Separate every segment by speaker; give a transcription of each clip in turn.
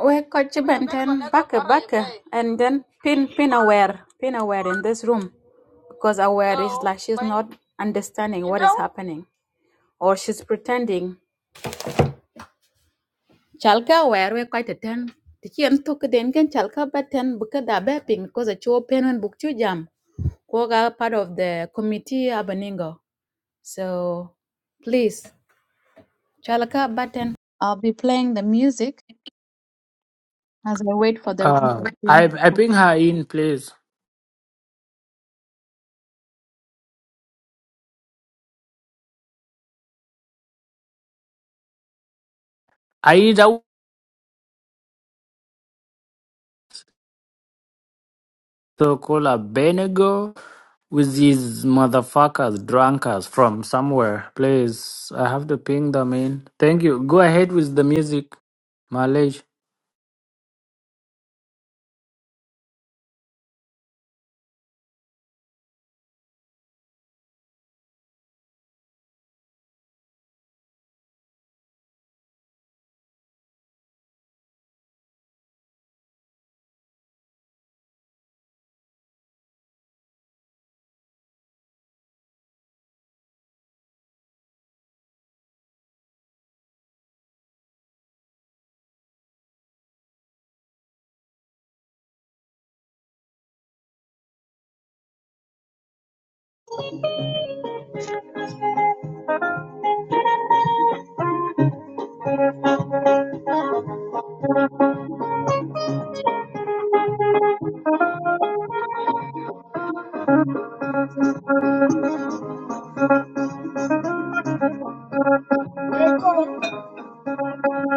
Speaker 1: We coach Benten back back and then pin pin aware pin aware in this room because aware is like she's not understanding what is happening or she's pretending. Chalka aware we quite a ten. Tiki and took den can chalka button buka da bepping because a chuo pen and book chu jam. Koga part of the committee abaningo. So please chalka button. I'll be playing the music as I wait for the room
Speaker 2: Uh,
Speaker 1: to
Speaker 2: I I
Speaker 1: begin.
Speaker 2: ping her in, please. I either to call a Benego with these motherfuckers, drunkards from somewhere. Please, I have to ping them in. Thank you. Go ahead with the music, Malage.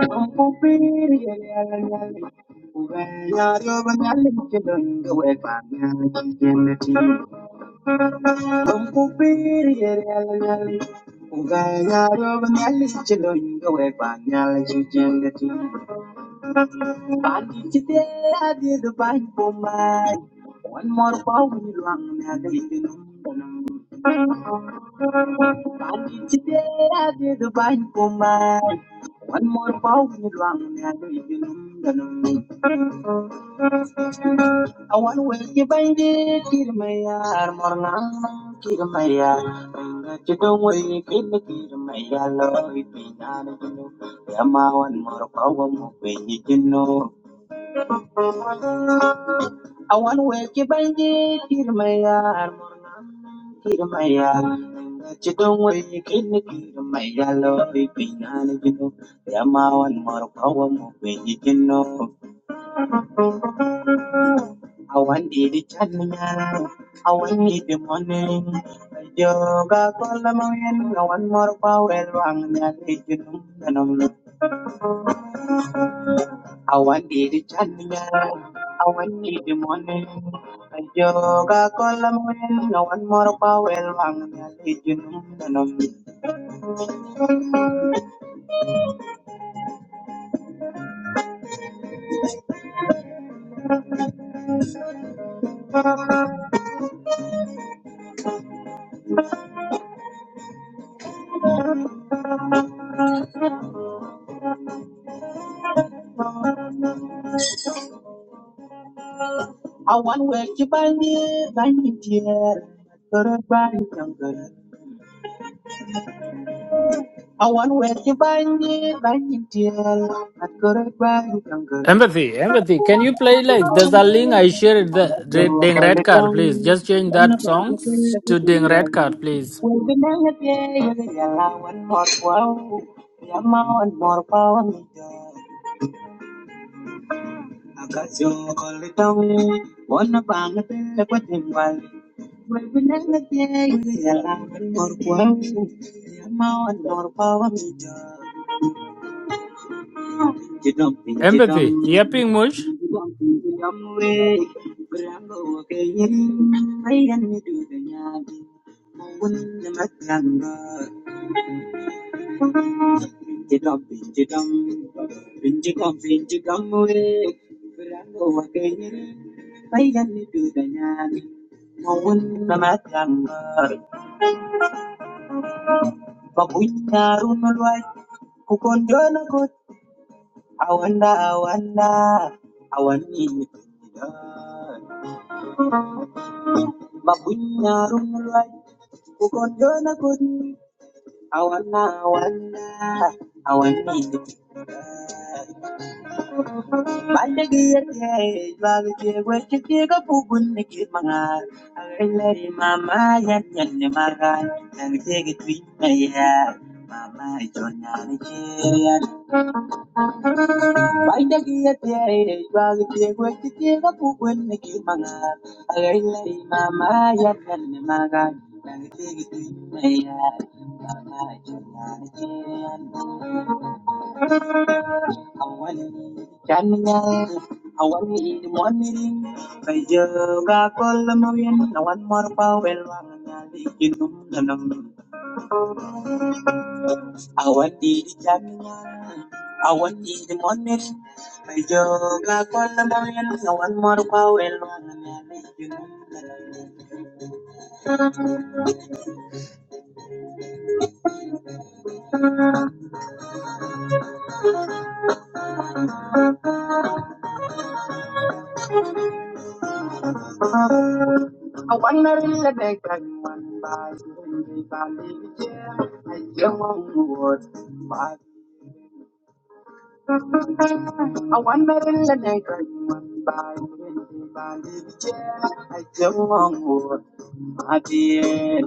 Speaker 1: One more power, Today I did the bind for my one more bow in wrong I want to wake you bind it, Kirmaya, Morna, Kirmaya, and you don't wake in the Kirmaya, love it, Pinana, Yama, one more power, you know. I want to wake you by the dear my yard, dear my yard. That you don't wake in the dear my yard, love it being an you know. They are my one more power moving, you can know. I want the channel, I want the morning. Yoga, call the morning, I want more power, wrong, that you know. and I'm I want the chanya, I want the money. I yoga colamin, no one more power, one religion. I want where you buy me, buy me dear. Good bye, I want where you buy me buy me deal. I could have buy you younger.
Speaker 2: Empathy, empathy. Can you play like there's a link I shared the, the
Speaker 1: Yo
Speaker 2: Ding
Speaker 1: call
Speaker 2: Red
Speaker 1: the
Speaker 2: Card,
Speaker 1: con,
Speaker 2: please. Just change
Speaker 1: one
Speaker 2: that
Speaker 1: of the
Speaker 2: song
Speaker 1: good at
Speaker 2: to
Speaker 1: the
Speaker 2: Ding Red
Speaker 1: well.
Speaker 2: Card, please.
Speaker 1: We'll be down at the end. yellow one more wow. Yama one more power me. deal. I got your call the tongue, one of the good at the well. We'll be down at the end. yellow one more wow. Yama one more power me. deal. Pinchum pinchum,
Speaker 2: Empathy. Yeah, ping Mush.
Speaker 1: pinchum pinchumwe. Berango wa kenyi, bayan ni dutanya, mawun na matanga. Pinchum pinchum, pinchum pinchumwe. Berango wa kenyi, bayan ni dutanya, mawun na matanga. Bogui ya runwa, kukonjo na kut awanda awanda awani. Mabunya rumrai, kukondona kuni, awana awana, awani. Bale giya tiye, jwaga ka pugun ne ki mangar. Agalari mama yan yan ne magan, nang tiye ki mama na ni Mama jona Baita kiete aire, ibagi tiegwe titiega kukwen niki mangar. Agari lai mama ya tani magar, nagi tiegi tiegi mayar. Mama jonyari jian, awani chanya, awani ini mwani ring. Bai joga kola mawin, nawan morpa welwang nyali kinum ganam. Our daily morning, our daily morning. My job, I call the morning, I want more power and one. I want to be the big one by the valley. I am on the word. I want to be the big one by the valley. I am on the word. My dear,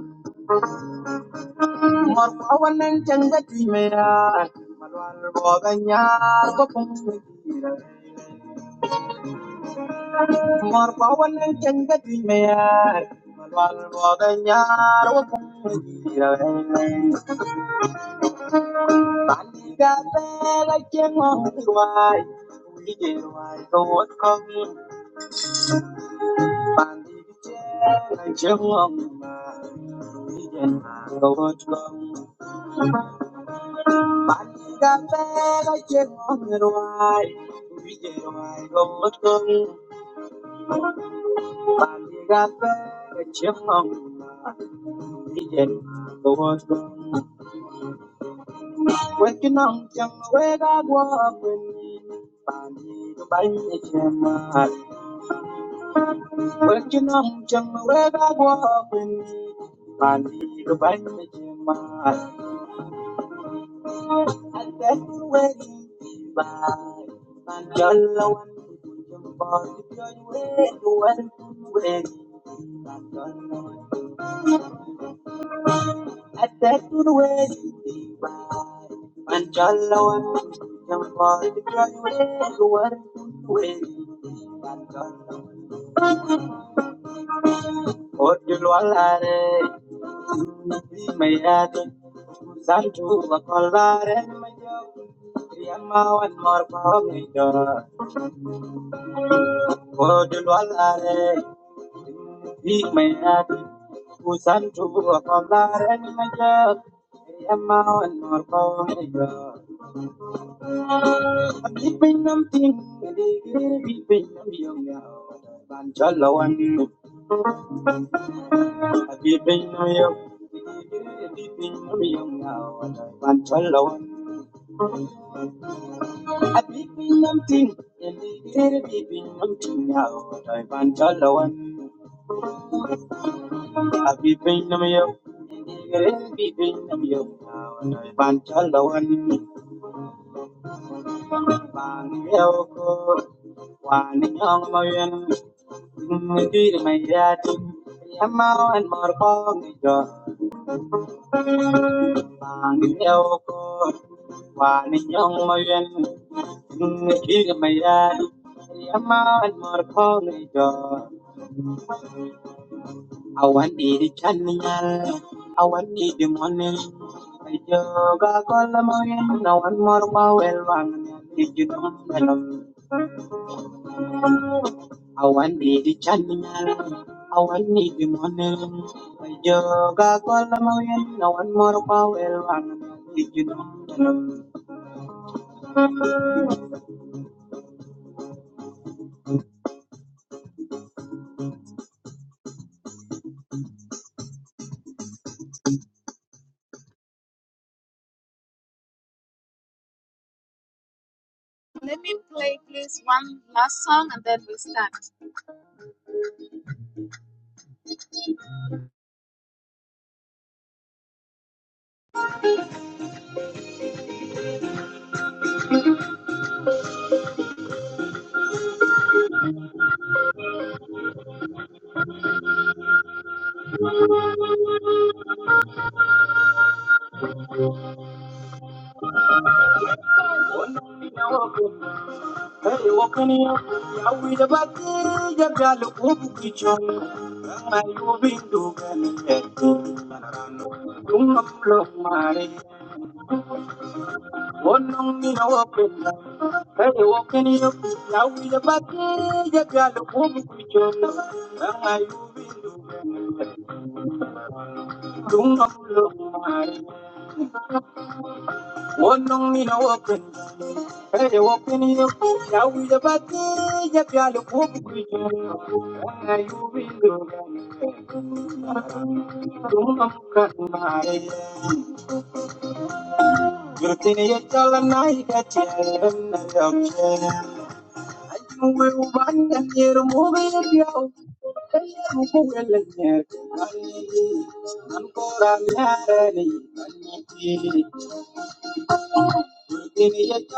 Speaker 1: Mor kawanan janga timera, malwal boganya gopung mira. Mor kawanan janga timera, malwal boganya gopung mira. Bandi gabela kemo tiwai, uli tiwai kawat kami. Bandi kecil kemo ma, uli kawat kami. Thank you. I've been waiting by my yellow and pink body, you're waiting, waiting, waiting. I've been waiting by my yellow and pink body, you're waiting, waiting, waiting. Oh, you know I love it. My heart is on to a collar and my young. Grandma, one more for me, Godul walare, ni mayadi, usan tubu akalare ni majab, yamma wan norko niga. Bipinam ting, digir bipinam yong ya, banjala wan, bipinam yong, digir bipinam yong ya, banjala wan. Bipinam ting, digir bipinam ting ya, banjala Abibinamyo, Ingere Bibinamyo, Banchalawan, Bangyoko, Waniyong Mayan, Ngiri Mayatin, Yamao and Marpong, Bangyoko, Waniyong Mayan, Ngiri Mayatin, Yamao and Marpong, jo. I want the channel. I want the money. I joga kola moyen. I want more power. one Did you know that? I want the channel. I want the money. I joga kola moyen. I want more power. one Did you know that? Let me play, please, one last song and then we start. Hey, wakani ya wida bakiri ya galu ubu kichon. Rangma yu bindu gani eti. Dumam lo mare. Wonong ni na wapenda. Hey, wakani ya wida bakiri ya galu ubu kichon. Rangma yu bindu gani eti. Dumam lo mare. Wonong ni na wapenda. Hey, walk in here. Now we the party, yeah, we are the poor people. When are you in the- Don't come cut my head. You're thinking you're telling I got you, I'm not okay. I think we're one that you're moving around. Hey, I'm going to let you go. I'm going to let you go. Thank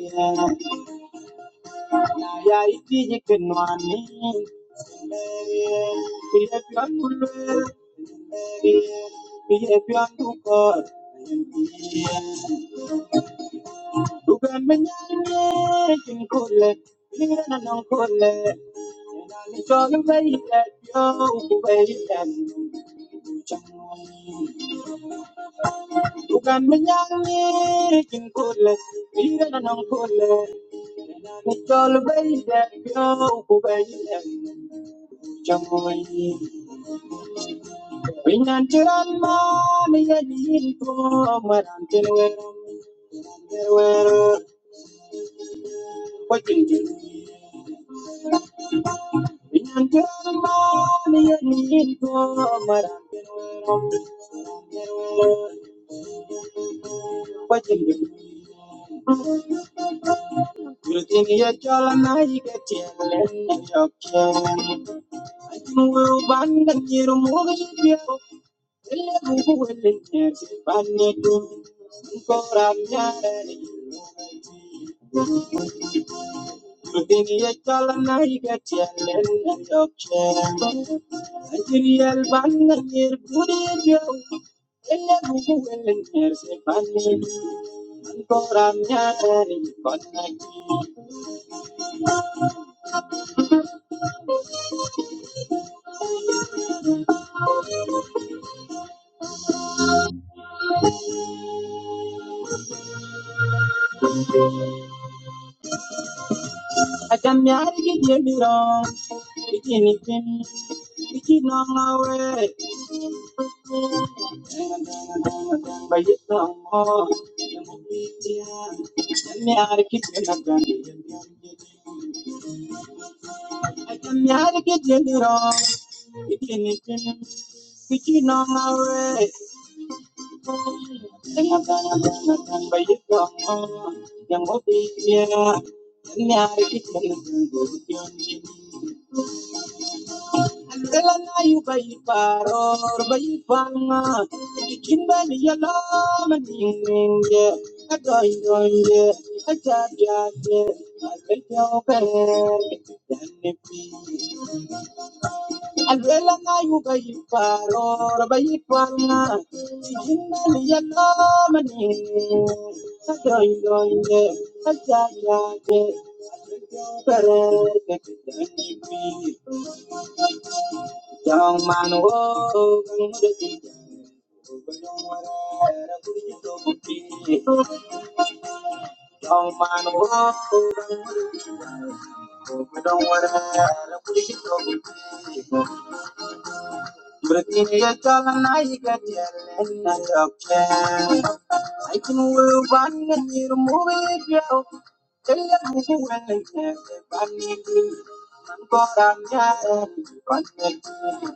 Speaker 1: you ya iti jikin wani iya biyan dulu iya biyan dukor dugan menyanyikin kule iya nanang kule nani cholu bayi lepiyo kubayi dan dugan menyanyikin kule iya nanang kule nani cholu bayi lepiyo kubayi dan Wingantiran mani yajin ko marantin werum antir weru pochin jin. Wingantiran mani yajin ko marantin werum antir weru pochin jin. Yurtin yajala na yiketin len yokchen. Ajin weru bangan yirum You're willing to find me too, But I'm not ready. Within the I didn't to Thank you. you're willing to find me my But in the I I can't get and don't don't I'm I Yang Elana yu bai paror bai panga ikin bai yala maning ringe adoy doye aja jaje albejo kare dani pi Elana yu bai paror bai panga ikin bai yala maning ringe adoy doye aja jaje albejo kare dani pi Young man, oh, come with it. Young man, oh, come with it. Don't worry, I'll put it over. Breaking a tall and I get yelling at your can. I can wear one and you move it, yo. Tell you who you are, everybody. I'm going to get it.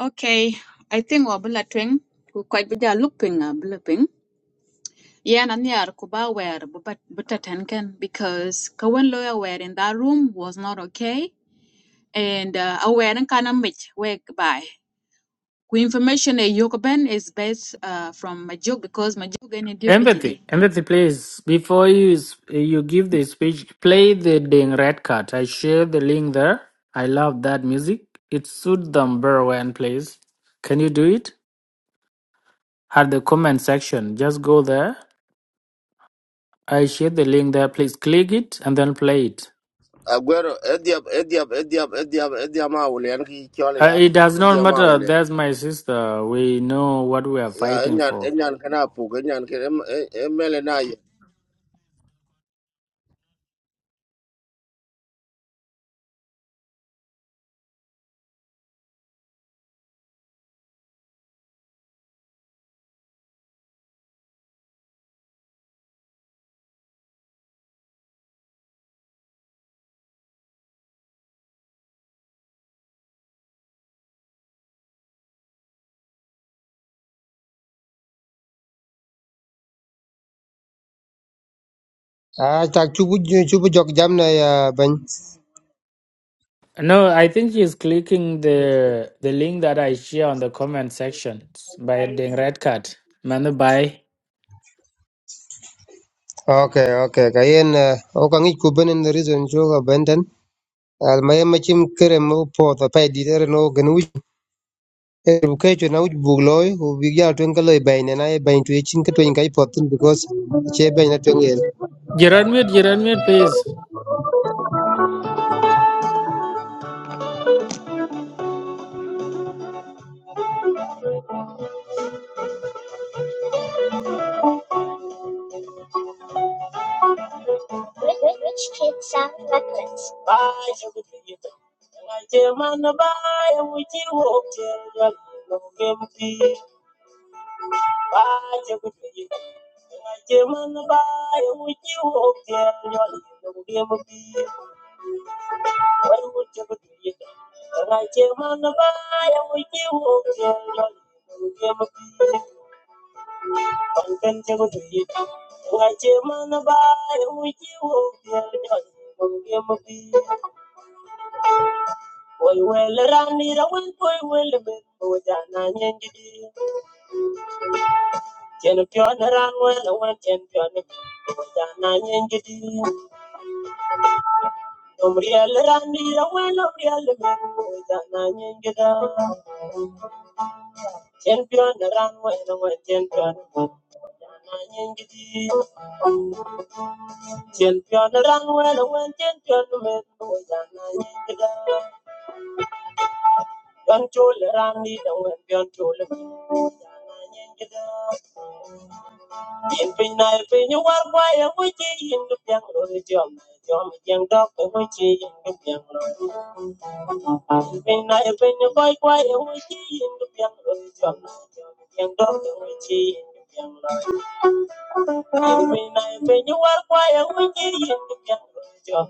Speaker 1: Okay, I think we're bulleting. We're quite busy looking, uh, bulleting. Yeah, and near Kuba were but Tenken because Kawan lawyer were in that room was not okay. And uh aware and kinda mitch wake by. Ku information a Yokoben is based uh from Majuk because Majuk any deputy
Speaker 2: Empathy,
Speaker 1: day.
Speaker 2: empathy, please. Before you s- you give the speech, play the Ding Red Cat. I share the link there. I love that music. It suits them very well, please. Can you do it? At the comment section, just go there. I share the link there. Please click it and then play it.
Speaker 3: Aguero, Ediab, Ediab, Ediab, Ediab, Ediab Maulian, he
Speaker 2: Uh,
Speaker 3: Cholia,
Speaker 2: it does not
Speaker 3: Ediab
Speaker 2: matter.
Speaker 3: Maulian.
Speaker 2: That's my sister. We know what we are
Speaker 3: Ya,
Speaker 2: fighting
Speaker 3: Enyan,
Speaker 2: for.
Speaker 3: Enyan Kanapuk, Enyan Melanayan.
Speaker 4: Ah, tak cubu cubu jok jam na ya ban.
Speaker 2: No, I think she's clicking the the link that I share on the comment section by Ding Red Cat. Manu, bye.
Speaker 4: Okay, okay. Kayen o kan ik kuben en reason cho ga benden. Al may machim kere mo po ta pay di der no gan wi. E bu kay cho na wi bu loy u bi ya twen ka loy bay na na bay tu chin ka twen kai potin because che bay na twen yel.
Speaker 2: Gerard Mute, Gerard Mute, please.
Speaker 1: Which which kid sound reckless? Bye, Yokoben. Why, dear man, a bye, would you walk there? No Bye, Yokoben. Why, dear man, a bye, would you walk there? No Why would you do it? Rajamanabai, we Can you we give up Why will run it be? Ojana nyengidi, champion run well, be. Ojana Champion the runway the way champion Nanyangiti Champion the runway the way champion the way the way Nanyangita Don't you let Randy the way beyond to live Nanyangita In Pinai Pinu are quiet which is in the young Rodium Jom Yang Dog which is in the young religion. Pinai Pinu quite quiet which is in the young Rodium Yang Dog which is in the young religion. Thank you.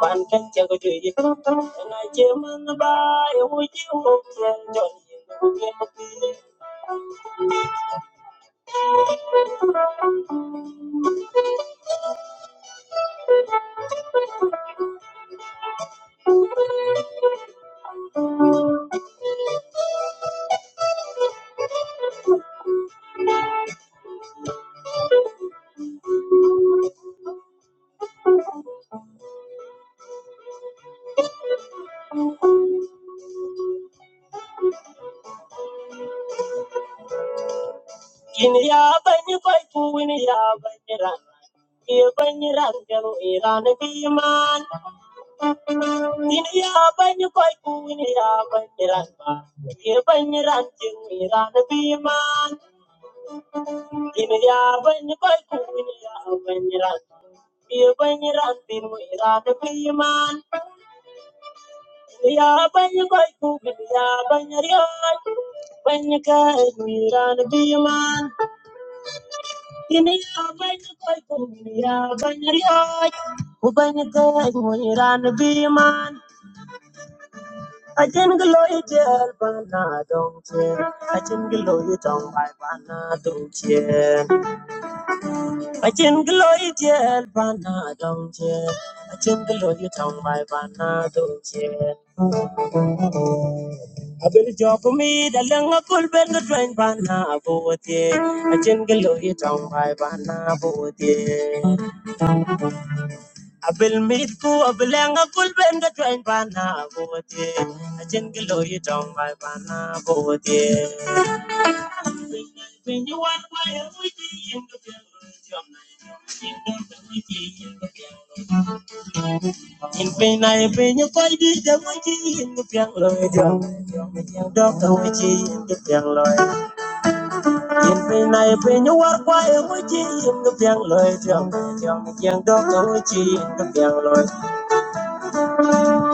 Speaker 1: Bạn cách chẳng có chuyện gì khác đâu, Ngày chiều mân ba Yêu quý chiếu không gian Chọn nhìn cuộc game bất kỳ Nhìn ra bên như quay phu Nhìn ra bên như ràng Kia bên như ràng Chẳng ý ra nơi kỳ man Nhìn ra bên như quay phu Nhìn ra bên như ràng Kia bên như ràng Chẳng ý ra nơi kỳ man Pini ya banyi koy kuni ya banyi ran. Pini ran pini mo iran pini man. Pini ya banyi koy kuni ya banyi riyan. Banyi kay mo iran pini man. Pini ya banyi koy kuni ya banyi bana dong chen. Ajin gelo bana dong I chin glory jail bana dong jail. A chin glory by bana dong jail. A bel job me the langa pull bell the train bana I ye. A chin glory tong by bana about ye. A bel meet ku a belanga pull bell the train bana I ye. A chin glory tong by bana about ye. When you want my emoji in the In pain I pain you fight it, the witchy in the piang loy drum. Doctor witchy in the piang loy. In pain I pain you work why a witchy in the piang loy Young doctor witchy in the piang loy.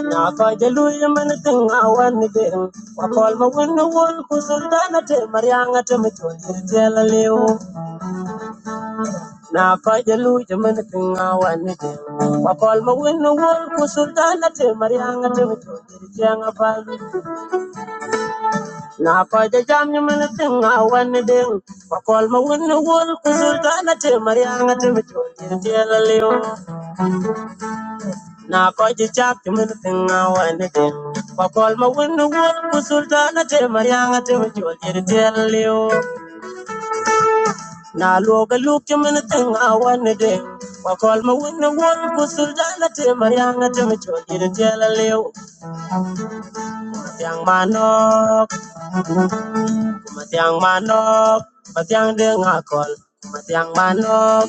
Speaker 1: Now fight the loo man a thing I want to be. I call my window wall, Kusultana to Marianga to me to tell a leo. Now fight the loo man a thing I want to be. I call my window wall, Kusultana Mariana, Marianga to me to tell a Na pa ja jam ni min ting a wan ding. Pa kol ma wun ni wul ku zul ka na te marianga te mi te la Na ko ji chap ni min ting a wan ding. Pa kol ma wun ni wul ku zul ka na te marianga te mi chul tin te la Na lu ga lu ki min ting a ding. Pa kol ma wun ni wul ku zul ka na te marianga te mi chul tin te la liu. manok, matiang manok, matiang deng akol. Matiang manok,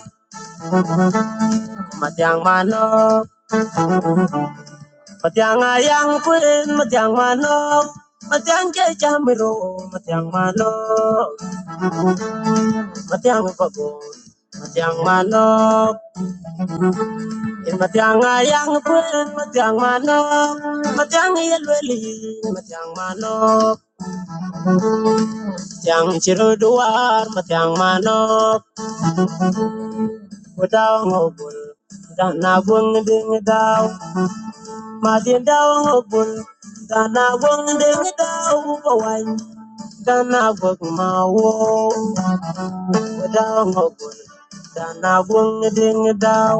Speaker 1: Matiang manok, matiang ayang kuin, matiang manok, matiang kecamiru, matiang manok, matiang pabon, matiang manok, in matiang ayang kuin, matiang manok, matiang yelweli, matiang manok, matiang ciruduar, matiang manok, udaw ngobul, dan nabung ding daw, madin daw ngobul, dan nabung ding daw, wawan Dana gwag ma wo wada ngogun Dana wong ding dao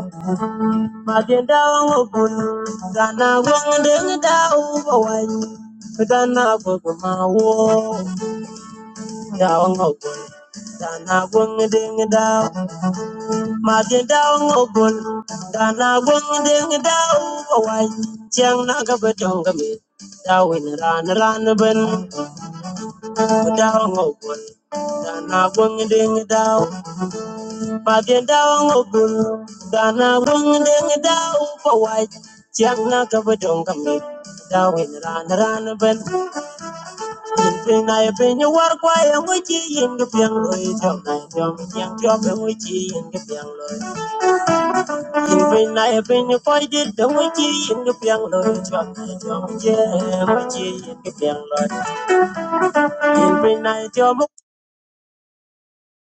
Speaker 1: ma ding dao ngogun Dana wong ding dao bawan Dana gwag ma wo dao ngogun Dana wong ding dao ma ding dao ngogun Dana wong ding dao bawan Chiang na ga ba jong ga Dawin ran ran ben dao ngogun Dana wong ding dao Pagenda ogun, dana wang ding dao pawai, chiang na kabadong kami, dawin ran ran ben, yin ping na yipin yu war kwa yang uchi yin ka piang loy, chok na yom yang chok yang uchi yin ka piang loy, yin ping na yipin yu koi dit dong uchi yin ka piang loy, chok na yom yang uchi yin ka loy, yin ping na tiang mo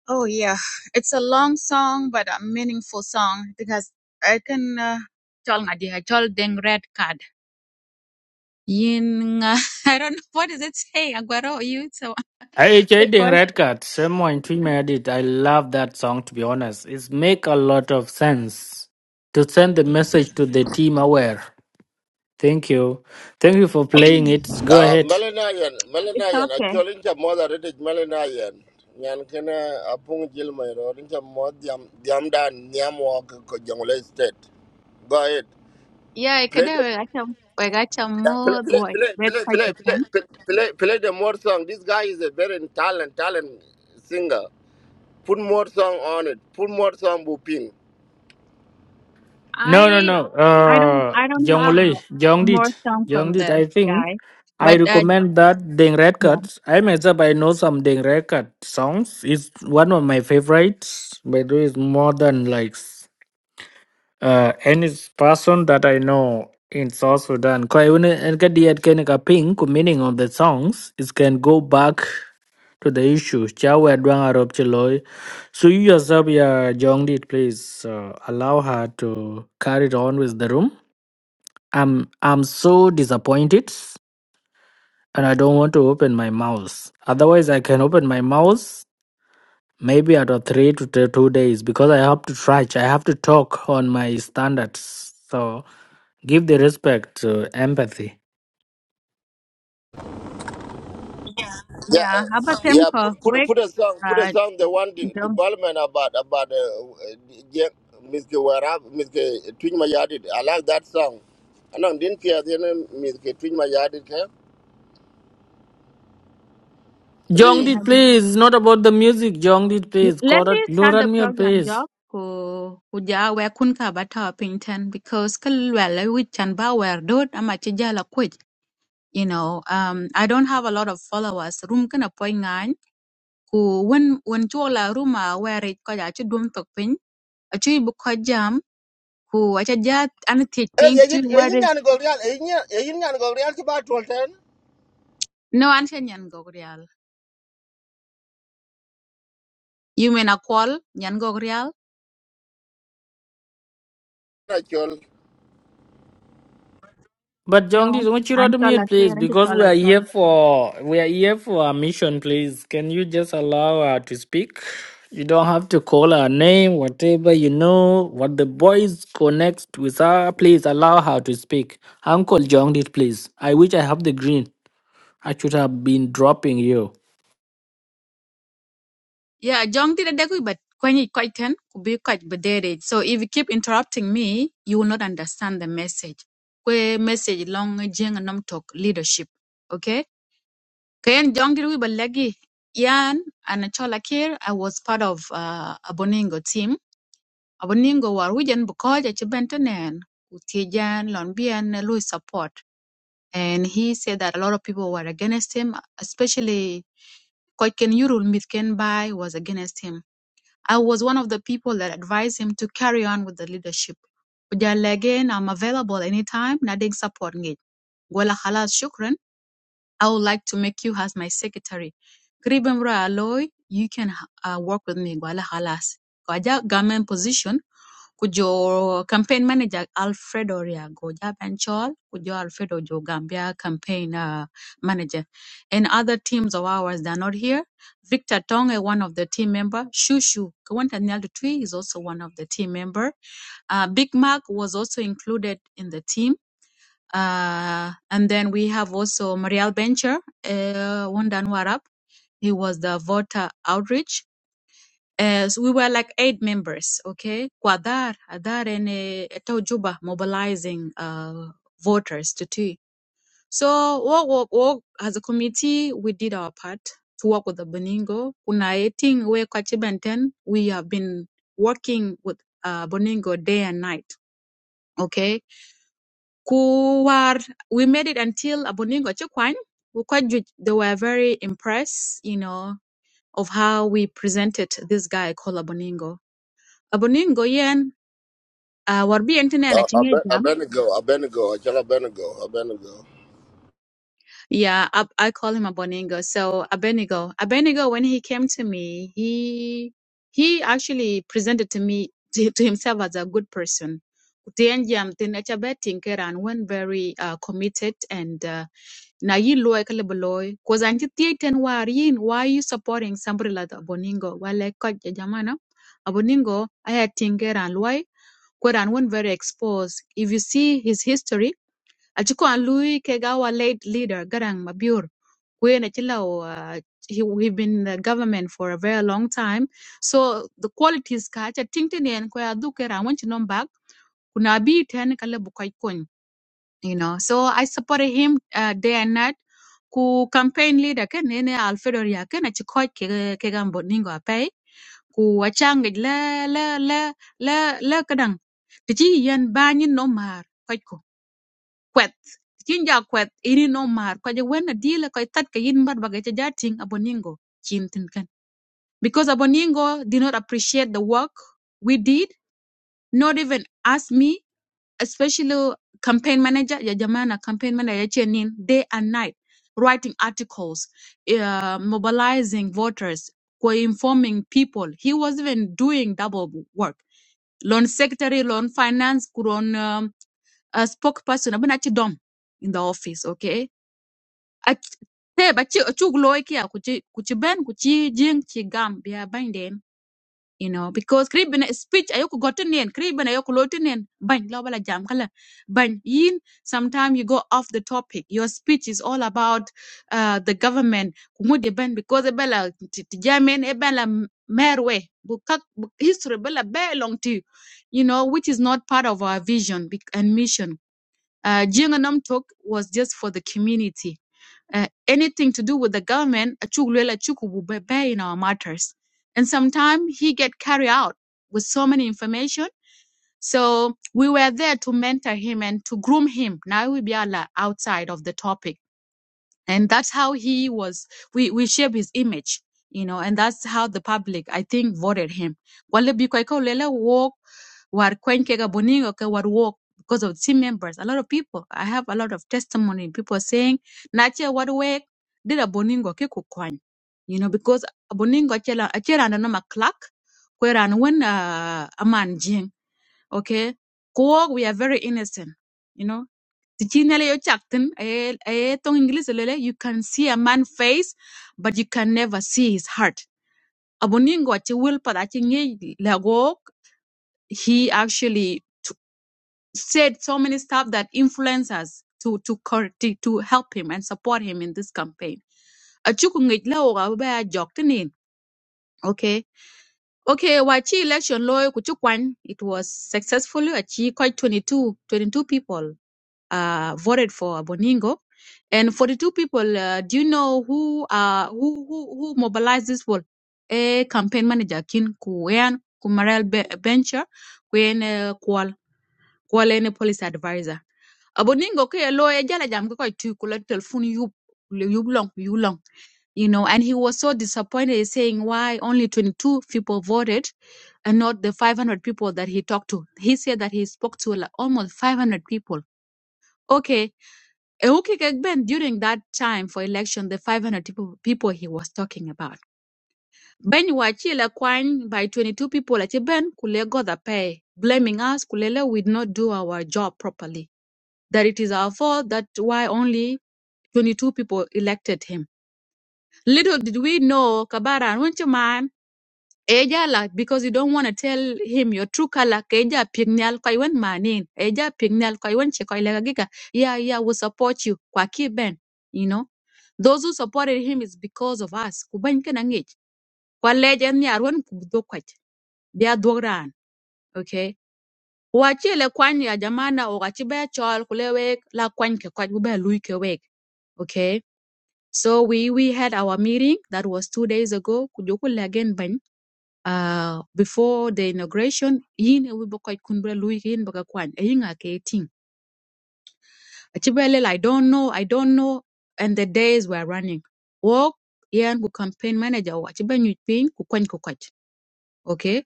Speaker 1: Oh yeah, it's a long song but a meaningful song because I can uh, tell my dear, I told them red card. Yin, uh, I don't know what does it say. Aguero, you so
Speaker 2: I Ding
Speaker 1: Because
Speaker 2: Red Card, someone tweet me at it. I love that song to be honest. It make a lot of sense to send the message to the team aware. Thank you. Thank you for playing it. Go
Speaker 3: Ah,
Speaker 2: ahead.
Speaker 3: Melanayan,
Speaker 1: it's
Speaker 3: Melanayan, a
Speaker 1: okay.
Speaker 3: Cholincha mother, it is Melanayan. Yan kana apung jilma ro rincha mod yam yam dan yam walk ko jangule state go ahead
Speaker 1: Yeah, I could
Speaker 3: play
Speaker 1: have.
Speaker 3: the
Speaker 1: I can. I got a
Speaker 3: yeah, play
Speaker 1: more
Speaker 3: play
Speaker 1: what
Speaker 3: play
Speaker 1: red
Speaker 3: play
Speaker 1: quite
Speaker 3: play
Speaker 1: a ten.
Speaker 3: play play play the more song this guy is a very talent talent singer Put more song on it. Put more song, Buping.
Speaker 2: No, no,
Speaker 1: I
Speaker 2: no.
Speaker 1: I don't
Speaker 2: Uh,
Speaker 1: I don't have
Speaker 2: Jongle,
Speaker 1: more
Speaker 2: Jongdit,
Speaker 1: song from
Speaker 2: Jongdit.
Speaker 1: the
Speaker 2: I think
Speaker 1: guy,
Speaker 2: I
Speaker 1: but uh,
Speaker 2: recommend that Deng Red
Speaker 1: yeah
Speaker 2: Card. I myself I know some Deng Red Card songs. It's one of my favorites. By the way, it's more than likes. uh, any person that I know in South Sudan. Kwa hiyo ni- ni kadi ya kene ka ping ku meaning of the songs, it can go back to the issue. Cha we adwang arop chi So you yourself, yeah, Jongdi, please uh, allow her to carry it on with the room. I'm I'm so disappointed, and I don't want to open my mouth. Otherwise, I can open my mouth maybe out of three to t- two days because I have to try. I have to talk on my standards. So. Give the respect, uh, empathy.
Speaker 3: Yeah,
Speaker 1: yeah. How
Speaker 3: uh,
Speaker 1: about
Speaker 3: yeah.
Speaker 1: Temko?
Speaker 3: Put put
Speaker 1: Wake
Speaker 3: put a song. Put a
Speaker 1: uh,
Speaker 3: song. The one de-
Speaker 1: don't.
Speaker 3: development about about uh, uh, yeah, Mr. Warab, Mr. Twin Mayadid. I like that song. I know didn't hear the name Mr. Twin Mayadid. huh? Please.
Speaker 2: Jongdit, please. It's not about the music. Jongdit, please.
Speaker 1: Let me
Speaker 2: Korat,
Speaker 1: start the
Speaker 2: Loranmir,
Speaker 1: program, Job.
Speaker 2: please.
Speaker 1: Ku kuja we kun ka bata wa pinten because kalwala which and ba wer dot ama chijala kwich. You know, um, I don't have a lot of followers. Room kana poi ngan ku when when chola ruma where it koja chu dum tok pin. Achu bu ko jam ku acha ja an tich
Speaker 3: Eh,
Speaker 1: pin
Speaker 3: eh, eh,
Speaker 1: to
Speaker 3: eh, eh,
Speaker 1: where
Speaker 3: nyan gol real, eh, nyan- eh, nyan gol real ki ba tol ten?
Speaker 1: no an chen nyan gogrial. You mean a call yan gogrial?
Speaker 3: Na chol.
Speaker 2: But
Speaker 1: No,
Speaker 2: Jongdit,
Speaker 1: an chola
Speaker 2: Uchirodmir, please,
Speaker 1: kere an
Speaker 2: because we are
Speaker 1: chola
Speaker 2: here for we are here for our mission, please. Can you just allow her to speak? You don't have to call her name, whatever you know, what the boys connects with her. Please allow her to speak. Uncle Jongdit, please. I wish I have the green. I should have been dropping you.
Speaker 1: Yeah, John did a degree, but when you quite can be quite bedere. So if you keep interrupting me, you will not understand the message. Kwe message long jeng nom talk leadership. Okay? Kayan John did we balagi yan and chola kir. I was part of uh, a Boningo team. Aboningo war wijan bukoja chibentenen utijan lombian Louis support. And he said that a lot of people were against him, especially Koiken Yurul Mitken Bai was against him I was one of the people that advised him to carry on with the leadership. Ujala again, I'm available anytime. Nading support ngi. Gwala halas shukran. I would like to make you as my secretary. Kribem aloy, you can uh, work with me. Gwala halas. Kaja government position kujo campaign manager Alfredo Riago Japan Chol, kujo Alfredo Jo Gambia campaign uh, manager. And other teams of ours that are not here. Victor Tonge, one of the team member. Shushu Kawanta Nyaldutwi is also one of the team member. Uh, Big Mac was also included in the team. Uh, and then we have also Marielle Bencher, uh, Wundan He was the voter outreach uh, so we were like eight members, okay? Kwadar, Adar and uh, Taujuba mobilizing uh, voters to tea. So work, work, work. as a committee, we did our part to work with the Boningo. Kuna eating we Kwachibenten, we have been working with uh, Boningo day and night, okay? Kuwar, we made it until a Boningo Chukwan. We quite ju- They were very impressed, you know, of how we presented this guy called Aboningo Aboningo yen uh warbi tene na
Speaker 3: Uh,
Speaker 1: chinge
Speaker 3: Abe-
Speaker 1: jam.
Speaker 3: Abednego, Abednego, Achal Abednego, Abednego.
Speaker 1: Yeah, I, I call him Aboningo. So Abenigo. Abenigo when he came to me, he he actually presented to me to, to himself as a good person. Kutie jam tene cha betting and when very uh, committed and uh, na yin loy kala beloy cause anti tieten war yin why you supporting somebody like Aboningo wale koj jamana Aboningo aya tingeran loy Koran one very exposed. If you see his history, Aci ko an lui keg our late leader Garang Mabior. Kuyen uh, he he been the government for a very long time. So the qualities ka aca tintini en ko dukera wanci nom kuna bi ten kala bukai kun. You know, so I supported him uh, day and night. Ku campaign leader ken nene Alfredo ya ken aci ke ke ningo apai. Ku achangit le le le le le kadang. Tiji yen banyin nomar kwɛth cïn jö akwëth ïnë nön mar köc ëwën na deal, lëkö ïthath kï in bad ba gïn ëcë atïng aboningo cin thïn kën. Because aboningo did not appreciate the work we did, not even ask me, especially campaign manager, ya jamana campaign manager ëcë nïn day and night writing articles, uh, mobilizing voters, co- informing people. He was even doing double work. Loan secretary, loan finance, loan um, a spokesperson, abin achi dom in the office, okay? a te ba ci cuk loy ki ku ci ku ci ben ku ci jing ci gam biya bany den you know because kri bina speech ayo ku gotin nen kri bina ayo ku lotin nen bany lo bala jam kala ban yin sometimes you go off the topic your speech is all about uh, the government ku ngudi ben because e bala ti ti jamen e bala merwe bu kak bu history bala be long to you know which is not part of our vision bec- and mission uh, Jiangnam talk was just for the community. Uh, anything to do with the government, Achugluela Chukubu Bebe in our matters. And sometimes he get carried out with so many information. So we were there to mentor him and to groom him. Now we be outside of the topic and that's how he was we we shape his image you know and that's how the public i think voted him wale biko ko lele walk war kwenke ga boningo ke war walk because of team members a lot of people i have a lot of testimony people saying nache war work dida a boningo ke kukwan you know because boningo achela chela no ma clock kweran when uh, a man jing okay kuwok we are very innocent you know Tichine le yo chakten eh eh tong English lele you can see a man's face but you can never see his heart. Aboningo achi will pa achi nge lagok he actually t- said so many stuff that influenced us to to cor- to to help him and support him in this campaign. Achi ku nge la o ga ba joktenin. Okay. Okay, wachi election loy kuchukwan it was successfully achi quite 22, 22 people uh, voted for Boningo, and 42 people. Uh, do you know who uh, who who who mobilized this vote? A campaign manager, Kin Kuyan Kumarel Be- Bencher, Kuyen eh, Kual Kualene police advisor. Aboningo ke lo e jala jam ko tu kula telephone you, you long you long you know and he was so disappointed He's saying why only 22 people voted and not the 500 people that he talked to he said that he spoke to like almost 500 people okay Euki Gekben, during that time for election, the 500 people, people he was talking about. Ben Wachila Kwan by 22 people at Ben Kule got the pay, blaming us, Kulele, we did not do our job properly. That it is our fault, that why only 22 people elected him. Little did we know, Kabara, were man? Eja la, because you don't want to tell him your true color, Keja Pignal Kaiwan Manin, Eja Pignal Kaiwan Chekoilega Giga, yeah, yeah, we support you, Kwaki Ben, you know. Those who supported him is because of us. Kubany kana ngich. Kwa leje ni arwen kubdo kwach. Bia dwogran. Okay. Wachi le kwany ya jamana o gachi be chol kulewek la kwany ke kwach bube lui ke wek. Okay. So we we had our meeting that was two days ago. Kujoku again bany. Uh, before the inauguration, yin e we bokoy kunbre lui yin baga kwany. Eyin Achibelel, I don't know, I don't know. And the days were running. Walk, yeah, and campaign manager, Achibelel Ping, kukwany kukwach. Okay.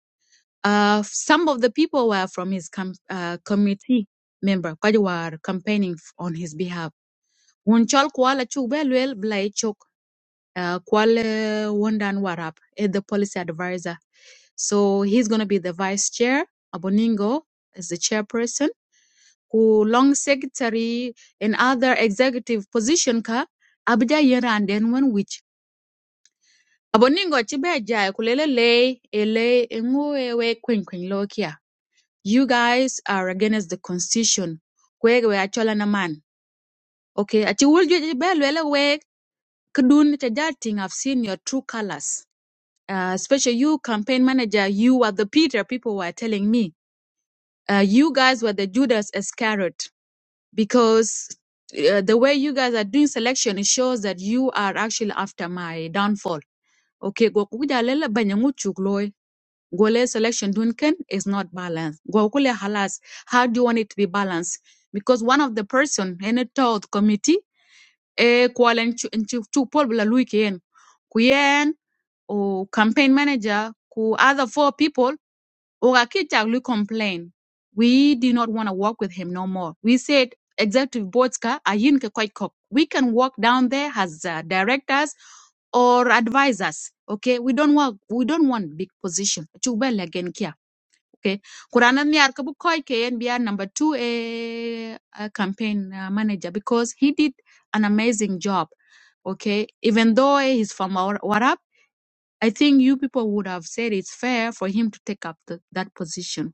Speaker 1: Uh, some of the people were from his com- uh, committee member, kwaji were campaigning f- on his behalf. Wunchal kwala chubelwel blai chok, uh, kwale wondan warap, eh, the policy advisor. So he's going to be the vice chair. Aboningo is the chairperson Ku long secretary and other executive position ka abja yera and then one which aboningo chibe jai kulele le ele ngwe we kwen kwen lokia you guys are against the constitution kwege we achola na man okay achi wulju chibe lwele we kdun chajating i've seen your true colors uh, especially you campaign manager you were the peter people were telling me uh, you guys were the judas iscariot because uh, the way you guys are doing selection it shows that you are actually after my downfall. Okay, go kuja lela banyangu chukloi. Gole selection dunken is not balanced. Go kule halas. How do you want it to be balanced? Because one of the person in a thought committee, eh, kuala nchu pol bila luiki Kuyen, or campaign manager, ku other four people. Ogakijaglu complained, we did not want to work with him no more. We said, Executive Boardska, ayin ke koi kok. we can work down there as uh, directors or advisors. Okay, we don't want we don't want big position. Chubel again kia. Okay, kurana ni arkabu koi ke NBR number two a, a campaign uh, manager because he did an amazing job. Okay, even though eh, he's from Warap, I think you people would have said it's fair for him to take up the, that position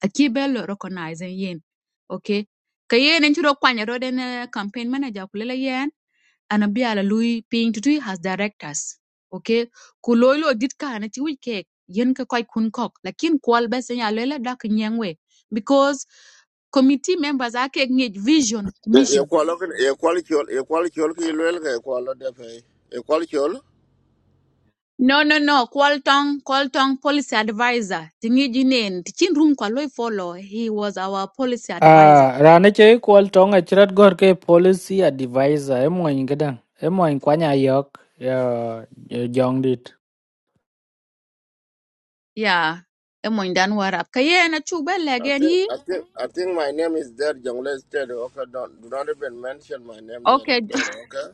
Speaker 1: aki belo recognizing yin okay kayen en chiro kwanya roden eh, campaign manager kulela yen ana bi ala lui ping to has directors okay kulolo dit kana ti wike yen ka koy kun kok lakin kwal bes ya lela dak nyangwe because committee members ake ngej vision
Speaker 3: Ye- ye
Speaker 1: commission
Speaker 3: kwalo kin- ye kwalo chol- ye kwalo chol ki lwel ke kwalo depe. Ye kwalo chol?
Speaker 1: no no no kwal tong kwal tong policy advisor tingi jinen tichin room kwa loy follow he was our policy advisor
Speaker 2: Ah, ra nó chơi qual tong a chrat gor ke policy advisor em moin gadan em moin kwa nya yok ya jong dit
Speaker 1: Yeah, emun dan warap. Kayen na chuba
Speaker 3: I
Speaker 1: legen
Speaker 3: think
Speaker 1: yi.
Speaker 3: I think I think my name is there, Jongle State. Okay, don't do not even mention my name there,
Speaker 1: Okay,
Speaker 3: Agbero. Okay.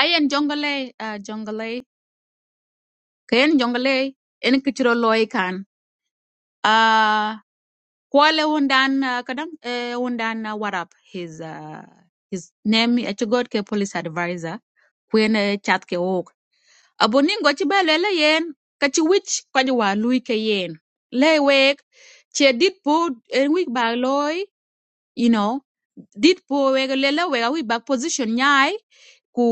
Speaker 1: ayen jongole, uh, jongole. Kayen jongole, en kichiro loy kan. Uh, kwale undan uh, kadang eh, undan uh, warap. His uh, his name achugod ke police advisor. Kwen uh, chat ke ok. Aboningo chiba lele yen. Kachi wich kwaji wa lui ke yen. Le wek, che dit po en wik ba loy. you know dit po wega lela wega we back position nyai ku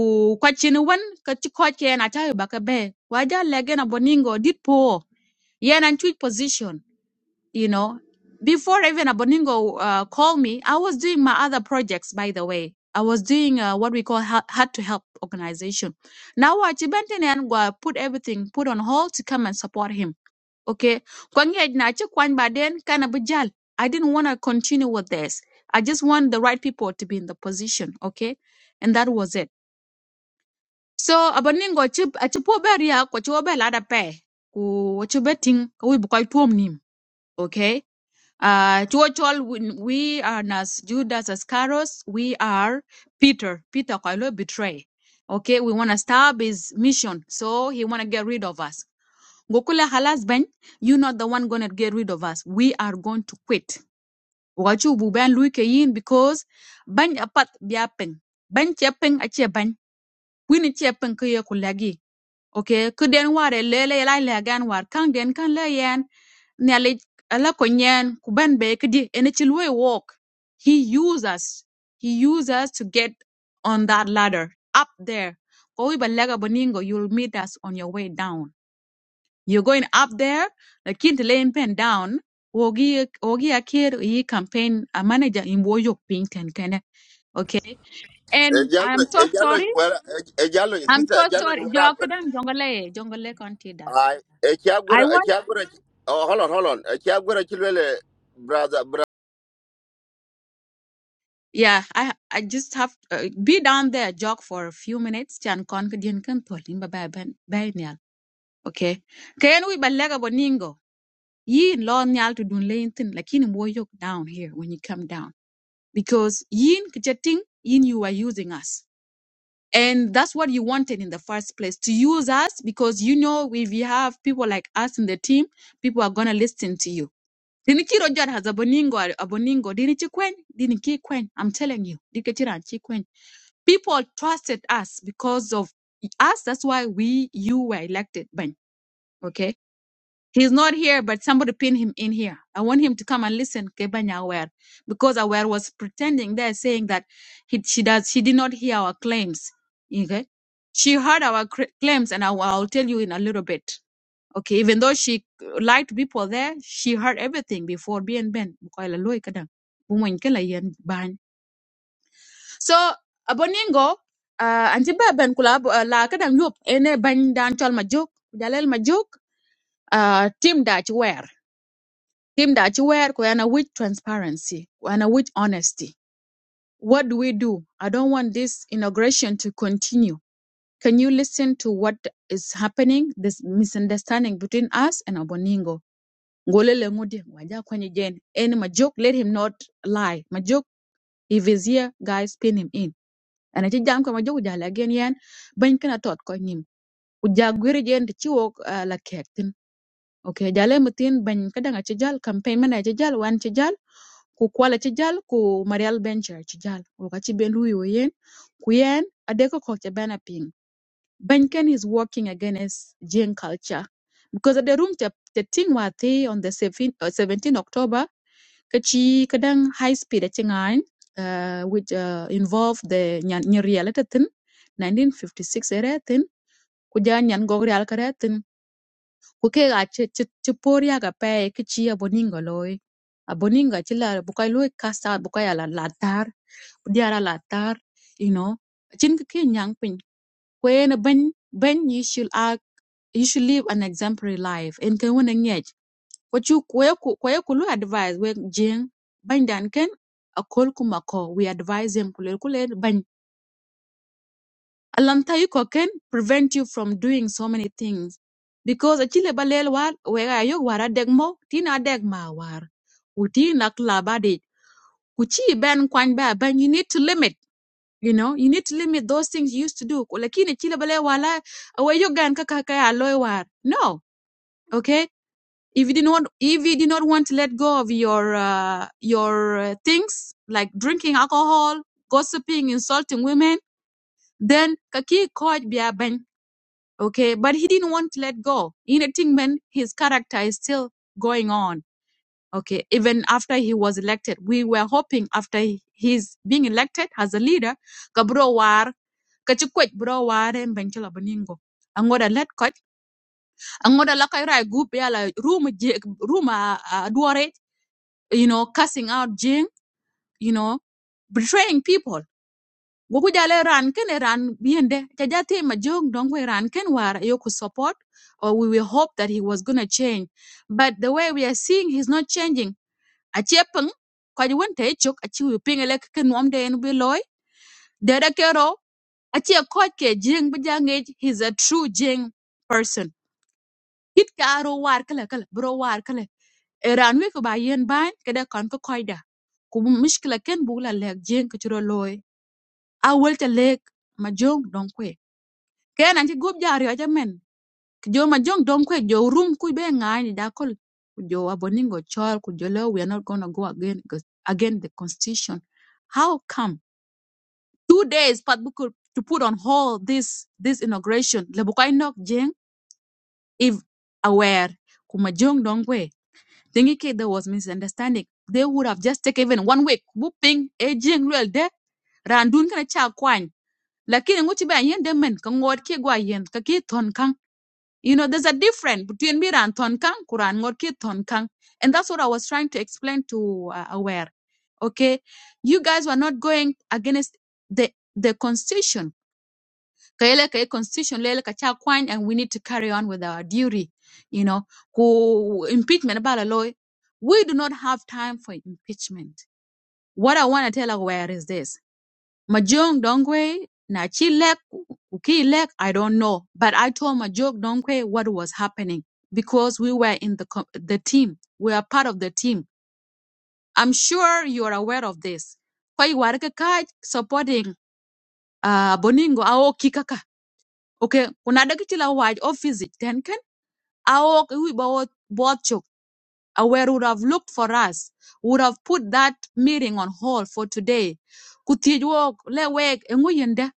Speaker 1: kwachin wan ka ti ko ke na tayo baka be waja lege na boningo dit po yen and tweet position you know before even aboningo uh, called me i was doing my other projects by the way i was doing uh, what we call had to help organization now what chibenten and put everything put on hold to come and support him okay kwang yet na che kwang ba den kana bu jal. i didn't want to continue with this i just want the right people to be in the position okay and that was it so abaningo chi achi po beria ko chi obe lada pe ku chi beting ko wi tuom nim okay uh to all we we are as judas Iscariot we are peter peter ko betray okay we want to stop his mission so he want to get rid of us Gokula halas ben, you not the one gonna get rid of us. We are going to quit. Wachu buban lui ke yin because ban apat biapeng. Ban chepeng ache ban. Wini chepeng ke ye kulagi. Okay, kuden ware lele la lagan war kang den kan la yan. Nyale ala konyen kuban be kedi ene chilwe walk. He used us. He used us to get on that ladder up there. Kowi balaga boningo, you'll meet us on your way down. You're going up there, lakini laying pen down, wogi wogi akir yi campaign a manager in woyok pinten kene. Okay. And
Speaker 3: Ejalo,
Speaker 1: I'm so
Speaker 3: Ejalo,
Speaker 1: sorry.
Speaker 3: Nwera- Ej- Ejalo,
Speaker 1: I'm
Speaker 3: sister,
Speaker 1: so
Speaker 3: Ejalo,
Speaker 1: sorry.
Speaker 3: Nwera Agbero.
Speaker 1: Jokadang jongole jongole kontida.
Speaker 3: I, Echiagbero,
Speaker 1: I want
Speaker 3: Echiagbero. Oh, hold on, hold on. Echiagbero, Chilwele, brother, brother.
Speaker 1: yeah, I I just have uh, be down there jog for a few minutes chan kon kdien kan tolin ba ba ban ba nyal. Okay. Kayen wi balega boningo. Yin lo nyal to dun lein tin lakini woyok down here when you come down because yin kjating yin you are using us and that's what you wanted in the first place to use us because you know if you have people like us in the team people are going to listen to you Tinikiroja has aboningo aboningo dinichikwen kwen. i'm telling you dikechira kwen. people trusted us because of us that's why we you were elected Ben. okay He's not here, but somebody pin him in here. I want him to come and listen, Kebanya Aware, because Aware was pretending there, saying that he, she does, she did not hear our claims. Okay, she heard our cr- claims, and I, will I'll tell you in a little bit. Okay, even though she lied to people there, she heard everything before being banned. Bukoy la loy kada. Bumuin kela yen ban. So aboningo, uh, anti ba ben kula ab- uh, la kada nyop ene ban dan chal majuk, dalel majuk, uh, team dach ware team that you wear kuyana with transparency kuyana with honesty what do we do i don't want this inauguration to continue can you listen to what is happening this misunderstanding between us and aboningo ngolele ngudi waja kwenye jen Any majuk? let him not lie Majuk. if he's here guys pin him in and ati jam ko majok uja again yan ban kana tot ko nim uja gwiri jen ti chiwo uh, la kektin okay jale mutin ban kadanga chijal campaign man a chijal one chijal ku kwala ci jal ku Marial Bencher ci jal woka ci ben luyo yen ku yen adeko ko ci bena ping Benken is working against Jane culture because at the room the thing wa the on the 17, uh, October kachi kadang high speed at ngain uh, which uh, involve the nyan reality at 1956 at tin ku ja nyan gogri Kukega ci ci por yaga pɛ ki ci aboningo loi aboningo ci la buka loi kasa buka ya la latar diara latar you know cin kikin kin yang pin kwen ben ben you should act you should live an exemplary life en ken wona ngej ko chu kwe ku kwe ku advise we jing ban dan ken a kol kumako. we advise him kulen kulen Alamtaiko can prevent you from doing so many things. Because a chile balel war wega ayok war degmo tina degma war. Uti nak labadi. Kuchi ben kwan ba ben you need to limit. You know, you need to limit those things you used to do. Lakini chile balel wala awayok gan kaka kaya aloy war. No, okay. If you did not, if you did not want to let go of your uh, your uh, things like drinking alcohol, gossiping, insulting women, then kaki coach biya okay but he didn't want to let go in a man his character is still going on okay even after he was elected we were hoping after he- he's being elected as a leader kabro war kachikwet bro war en benchila boningo angoda let koch angoda lakai rai group yala room je room a duore you know cussing out jing you know betraying people gogo jale ran ken e ran biende jaja te ma jong dong we ran ken war yo could support or we will hope that he was going to change but the way we are seeing he's not changing a chepeng ko ji won te chok a chi wi ping ele ken nom de en bi loy de da kero a che ko ke jing bi jange he's a true jing person kit ka ro war kala kala bro war kala e ran wi ko ba yen ban ke da kon ko koida ku mishkila ken bugla lek jing ko chro loy a wel te lek ma jong dong kwe ken anti gup jari aja men jo ma jong dom kwe jo rum ku be ngani da kol ku jo aboningo chol ku we are not going to go again because again the constitution how come two days pat buku to put on hold this this inauguration le bukai nok jeng if aware ku ma jong dom kwe thinking ke there was misunderstanding they would have just taken even one week bu ping e jeng lwel de randun kana cha kwany lakini nguchi ba yen de men ka ngot ke gwa yen ka ki ton kang You know, there's a difference between Mira and Tonkang, Kuran Ngorki Tonkang. And that's what I was trying to explain to uh, Aware. Okay. You guys were not going against the, the constitution. Kaele kae constitution lele kacha kwany, and we need to carry on with our duty. You know, who impeachment about a lawyer. We do not have time for impeachment. What I want to tell Aware is this. Majong Dongwe, Nachilek, Ukilek, I don't know. But I told Majong Dongwe what was happening because we were in the co- the team. We are part of the team. I'm sure you are aware of this. Kwa hiyo wareka kaj supporting uh, Boningo ao kikaka. Okay, kuna dakichila waj office it ten ken ao kiwi bawo uh, where would have looked for us, would have put that meeting on hold for today. Kutij wok, le wek, enguyende,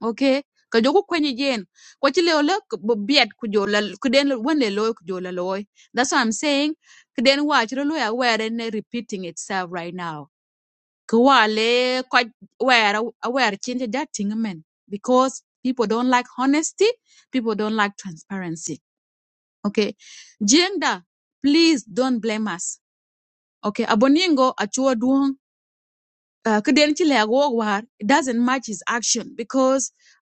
Speaker 1: okay? Ka kwenye jen, kwa chile ole biet kujola, kuden wende loy kujola loy. That's what I'm saying. Kuden watch lo loy aware and repeating itself right now. Kuwale kwa aware aware change that thing man because people don't like honesty, people don't like transparency. Okay, Jenda, please don't blame us okay aboningo achuwa duong uh, kiden ci lek war it doesn't match his action because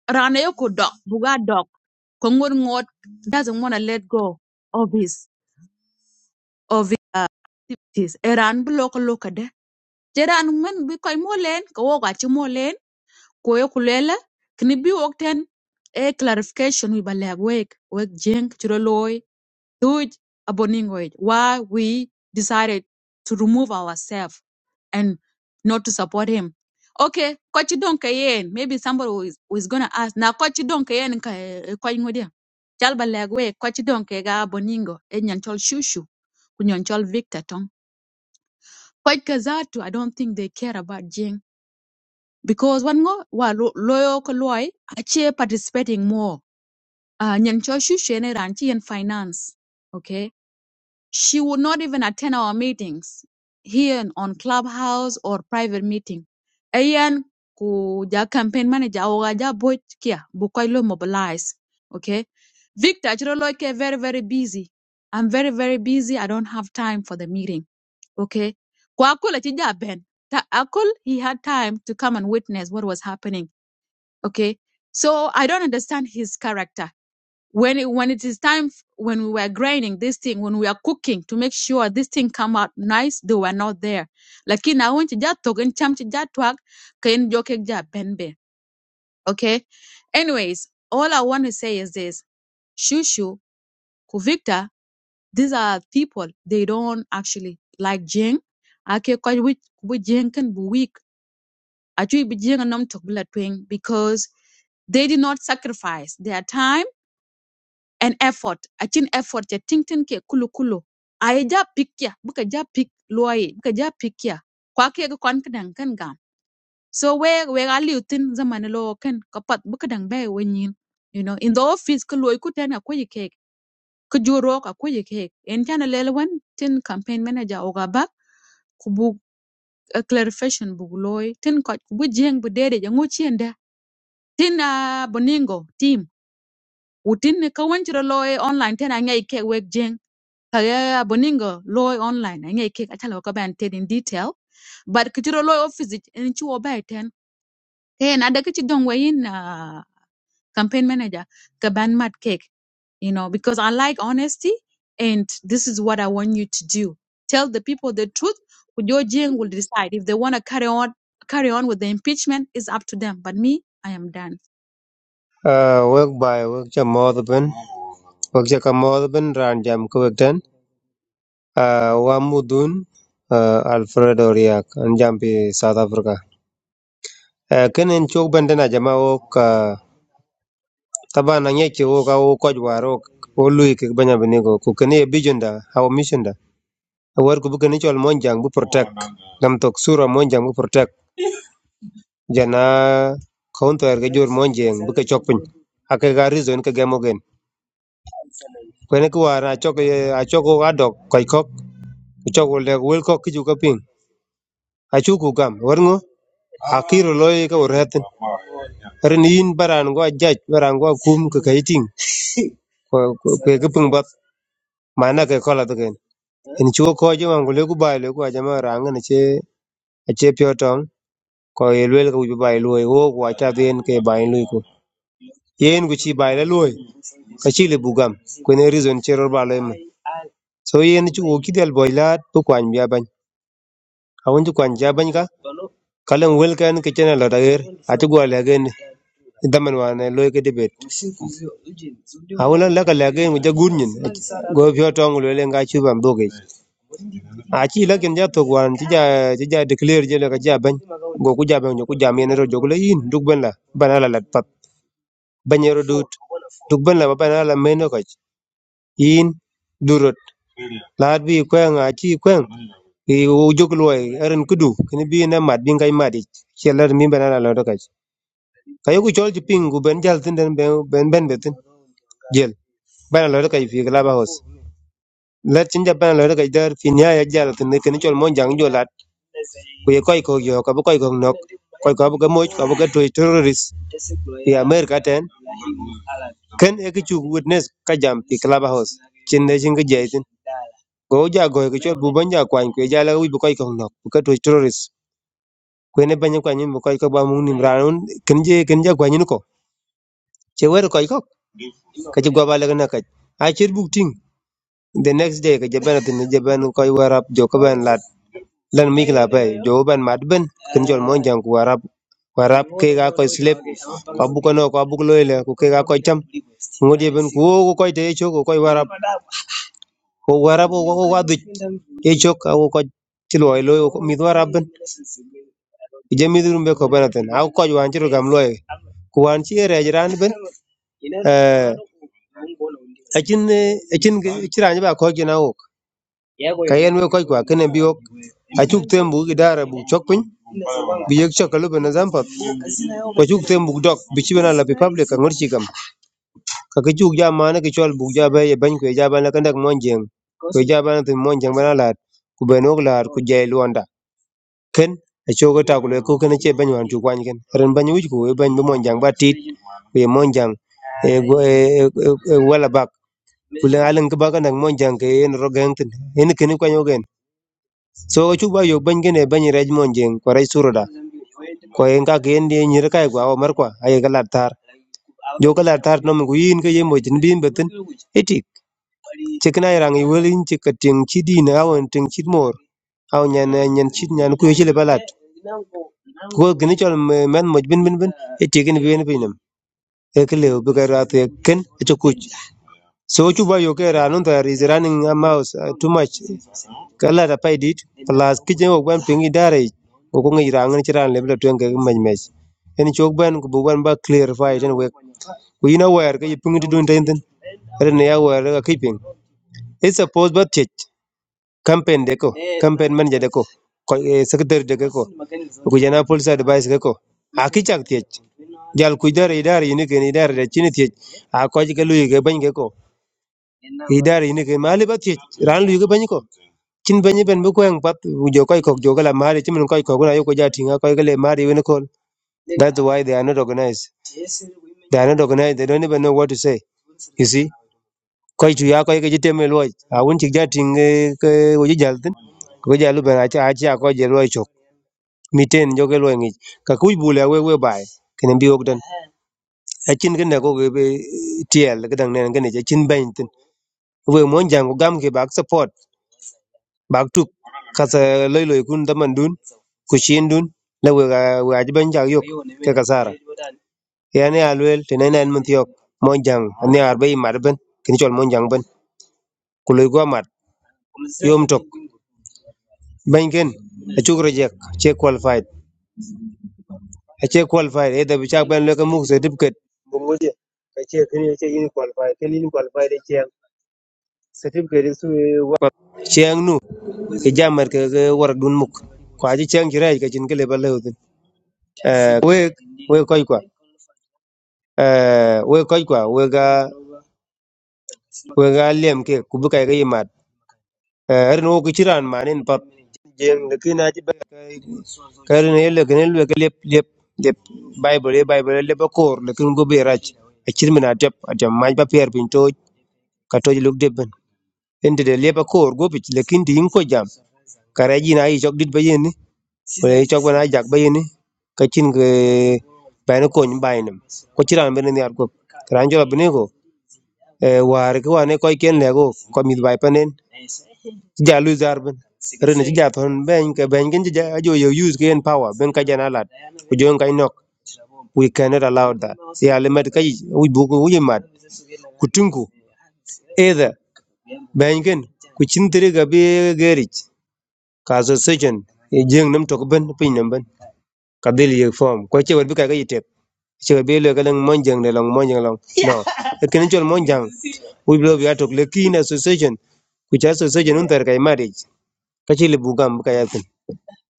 Speaker 1: rana yo ko buga dog, ko ngot doesn't want to let go of his of his uh, activities e ran loka de je ran men bi koy mo len ko wok achi mo ko yo lela kini bi wok ten e clarification wi ba lek wek wek jeng chiro loy do it abominate why we decided to remove ourselves and not to support him okay kochi don kayen maybe somebody who is who is gonna ask na kochi don kayen ka kochi ngodia chal balagwe kochi don ke ga boningo e shushu ku victor tong kochi kazatu i don't think they care about jing because one go wa lo- loyo ko ache participating more uh, nyanchol shushu ene ranchi and finance okay She would not even attend our meetings here on Clubhouse or private meeting. Ayan kuja campaign manager ogaja boy kia bukailo mobilize. Okay. Victor Chiroloke very, very busy. I'm very, very busy. I don't have time for the meeting. Okay. Kwa Akul achija Ben. Ta- Akul, he had time to come and witness what was happening. Okay. So I don't understand his character when it when it is time f- when we were grinding this thing when we are cooking to make sure this thing come out nice they were not there lakini awon ci ja tok en cham ci ja twak ka en jok ek ja ben be okay anyways all i want to say is this shushu ku victor these are people they don't actually like jing ake ko which which jing can be weak acu bi jing a nom tok bi la tweng because they did not sacrifice their time An effort achin effort ya tingtin ke kulu kulu ai ja pik ya buka ja pick luai buka ja pick ya kwa ke ga kon kadan kan gam so we we ga liutin zaman lo kan kapat buka dang bai wenyin you know in the office ka luai ku tan akoy ke ka juro ka akoy ke en tan lelwan tin campaign manager o ga ba ku bu a clarification bu loy tin ko ku bu jeng bu dede ja ngochi enda tin a boningo team utin ne ka wanchro loy online tin a ngai ke wek jeng Kagaya Boningo Loy online and ye kick achalo ko ban ted in detail but kichiro Loy office in chuo bay ten hey na da kichi dong way in uh, campaign manager ka ban mad cake you know because I like honesty and this is what I want you to do tell the people the truth your Jing will decide if they want to carry on carry on with the impeachment is up to them but me I am done
Speaker 4: Ah, work by work cha mo the ben. Work cha ka mo the ben ran jam ko ten. Ah, wa mudun ah, Alfredo Riak an jam pi South Africa. Eh, kenen chok benden a jama o Taban na nyɛ wo ka wo kɔc waar wo wo lui kik banya bini go ku keni ye vision da our mission da awar ku bu keni chol monjang bu protect dam tok sura monjang bu protect jana counter ga jor monjang bu ke chok pin ake ga reason ke gemo gen kweni ku war a chok ye- a chok ga dok koi kok ku chok wo le wel kok ki ju ka ping a chu ku gam war ngo a kiro loy ka wor hatin rin yin baran go jaj baran go kum ke kaiting ko ke ke pung bat mana ke kola to Eni chu ko je wan gule ku bai lo ku ajama rang ne che ache pyo tong ko yelwel ku ju bai lo wo ku acha den ke bai lo ku yen ku chi bai lo ka chi le bugam ku ne reason che ro ba lo em so yen chu ku kidel boy la bu kwan bia ban a won ju kwan ja ban ka kalan wel kan ke chen lo da ger a chu go le gen daman wa ne lo ke debet a won la ka le gen ku ja gun nyin go pyo tong lo le nga chu ban bo ke a ci la kin ja to wan ci ja ci ja declare je la ka ja ban go ku ja ban ku ja men ro jogo le yin duk ben la bana la lat pap ban yero dut duk ben la ba bana la men ko yin durot laat bi kwen a ci kwen i u jog loy eren kudu kini bi na mat bi ngai mat ci la mi bana la lat ka kayo ku chol ci ping gu ben jal tin den ben ben ben betin jel bana la lat ka fi la ba hos la cin ja bana la lat ka dar fi nya ya jal tin ne kini chol mon jang jo ku ye koy ko yo ka bu koy ko nok koy ko bu ga moch ko bu ga toy terrorist ya america ten ken e ki chu witness ka jam pi club house chin ne jing ge tin go ja go ke chol bu ban ja kwan ku ja la wi bu koy ko nok bu ga toy terrorist ku ne ban kwan ni bu koy ko ba mu nim raun ken je ken ja kwan ni ko che wer koy ko ka ji go ba la na ka a chir bu ting the next day ka je ben tin je ben koy warap jo ka ben lat Lan mikla bai jawaban madbin kin jol mon jang ku warab warab ke ga ko slip ko bu ko no ko bu lo ile ku ke ga ko cham ngodi ben ku wo ko te cho ko warab ko warab ko ko wadu e cho ka wo ko tilo lo ko mi warab ben je mi dum be ko banaten aw ko wan ci gam loy ku wan ci re jiran ben eh acin acin ci ranya ba ko gina wo kayen we koy kwa kene bi wok achuk tem bu idara bu chok piny bi yek chok alupe na zampap ko chuk tem bu dok bi chibena la pi public ka ngor chikam ka ki chuk ja mane ki chol bu ja ba ye ban kwe ja ban la kandak monjeng kwe ja ban tu monjeng bana lat ku ben wok lat ku jai luonda ken acho ko takule ko kene che ban wan tu kwan ken ren ban wuj ku ban bi monjang ba tit ku ye monjang e go- e e- e- e wala bak kulen alen ka bakan dak monjang ke en rogeng tin en kene kwanyo gen so ko chuba yo ban gene ban rej mon jeng ko rej suroda ko en ka gen de nyir kai gwa o mar kwa ay ga lar tar jo ka lar tar nom guin ke yemo jin bin betin etik chekna rang i welin che kating chi din awon ting chi mor aw nyan nyan chi nyan ku chi le balat ko gni chol me- men moj bin bin bin etik ni bin bin nam e ke le bu ga rat e ken e chu kuch so chuba yo ke ranun tar is running a mouse uh, too much Kala ta paidit palas kic eni wok bene piŋ idarei ko ko ŋic raŋ ën cï raŋ lebi lotweng keken mecmec ën cuk bene kubu bene ba clearify tën wek ku in awɛr ka yi piŋ tudwong tïnitïn ëntö nï awɛr ka kic piŋ ëc thapos ba tyec campaign dëkö campaign manager dëkö köc secretary dëkö ko ku jëna policy advice dëkö a kï cak tyec jal kuc dörö ïdarë yünö kën ïdarë rëc cïn tyec a köc ka luyi kebiny këkö idara ini ke mali ba ti ran lu ga banyi ko chin banyi ben bu ko yang pat jo koi kok jo gala mali chin koi kok na yo ko jati nga koi gale mali wen ko that's why they are not organized they are not organized they don't even know what to say you see koi chu ya koi ke jite me lo a won chi jati ke wo ji jaltin ko jalu ben a cha a cha ko je lo chok miten jo ke lo ngi ka ku bu le we we bai kene bi ok dan a chin ken ko ke tiel ke dang nen ken je chin ben tin we mon jang gam ke bak support bak tup kase loi loi kun daman dun ku shin dun la wega vừa ji bên jak yok ke kasara yani a luel tene nen mun tiok mon jang ani arbe i mar ben kin chol mon jang ben ku loi go mat yom tok ban ken chúc chuk rejek che qualified a che qualified e da bi chak ben le ka muk se dip ket cheng nu cái jammer cái ke war dun muk chỉ aji cheng jirai ka chin ke le ba le we we koy kwa eh we koy qua, we ga we ga lem ke ku bi kai ga yimat Eh, er no ku chiran manin pap jeng de kina ji ba kai kar ne le ken le ke lep lep lep bible e bible le ba kor le kin go be rach a chirmina tep a tem maj ba pier pin to ka to luk de ben ende de le ba kor go bi le kin din ko jam kare ji na i chok dit ba yen ni wala i chok ba na jak ba yen ni ka chin ge ba ne ko ni ba ni ko chiran ben ni ar ko ran jo ba ne ko e war ko ne ko ken le go ko mi ba panen jalu zar ben rene ci jaton ben ka ben gen ja ajo yo use gain power ben ka jana lat ku jon ka nok we cannot allow that ya le met kay u bu ko u mat ku tinku either ben gen ku chin tere ga be gerich ka so sejen e jeng nam tok ben pin nam ben ka del ye form ko che wer bi ka ga yitep che be le ka lang mon jang le lang mon jang lang no e ken chol mon jang we blow ya tok le kin association ku cha association un ter kay marriage ka chi le bugam ka ya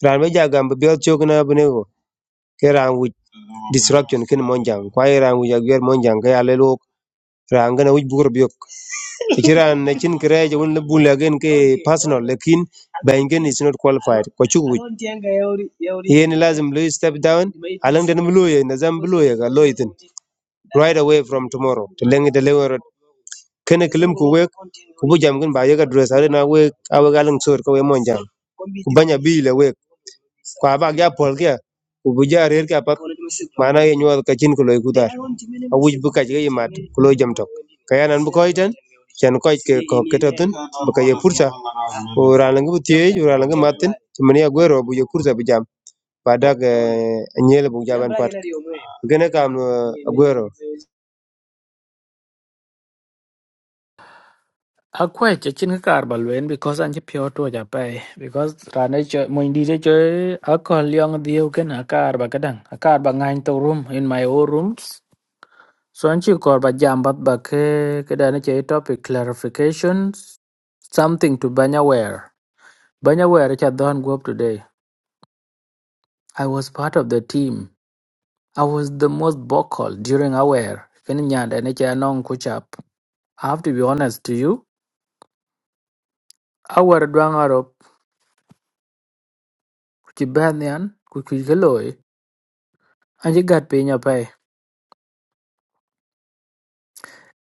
Speaker 4: ran be jagam be bel chok na abnego ke ran wuj disruption kin monjang kwa ran wuj agwer monjang ke ale lok ran gana wuj bugur biok ke ran na chin kre je won le bula gen ke personal lekin ben gen is not qualified ko chuk wuj yen lazim lo step down alang den mlo ye na zam blo ye ga lo right away from tomorrow to lengi de lewer kene kelim ku wek ku bu jam gen ba ye ga dress ale na wek awe galang sor ko we monjang ku banya bi le wek kwa ba gya pol kya ku bu ja rer kya pat mana ye nyuol ka chin ku loy ku dar a wuj bu kaj ga mat ku jam tok ka yanan bu koy ten chen koy ke ko ketatun bu ka ye pursa o ralang bu tiye o ralang matin chimani a gwero bu ye pursa bu jam badak anyele bu jaban pat gene kam eh, agwero
Speaker 2: a che chin kar balwen because an che pyo to ja pai because ra nó chơi moin di chơi a ko lyong dio ken a kar ba gadan a kar ba ngain to room in my own rooms so an chi kor ba jam bat ba ke ke da nó topic clarifications something to banya aware banya aware cha don go up today i was part of the team I was the most vocal during our Kenyanda and Chanon Kuchap. I have to be honest to you. Our Dwang Arab, Kuchibanian, Kuchikaloi, and you got paying your pay.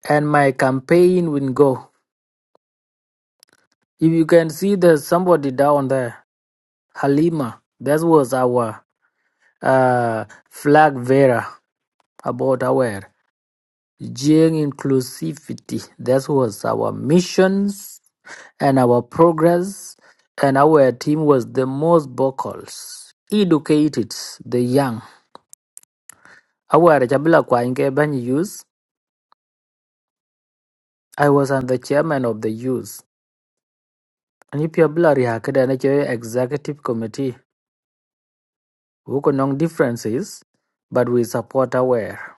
Speaker 2: And my campaign will go. If you can see there's somebody down there, Halima, that was our uh, flag bearer about our Jing inclusivity. That was our missions and our progress and our team was the most vocal. Educated the young. Our Chabila Kwainge Ban youth. I was on the chairman of the youth. And if you executive committee, we could know differences, but we support our.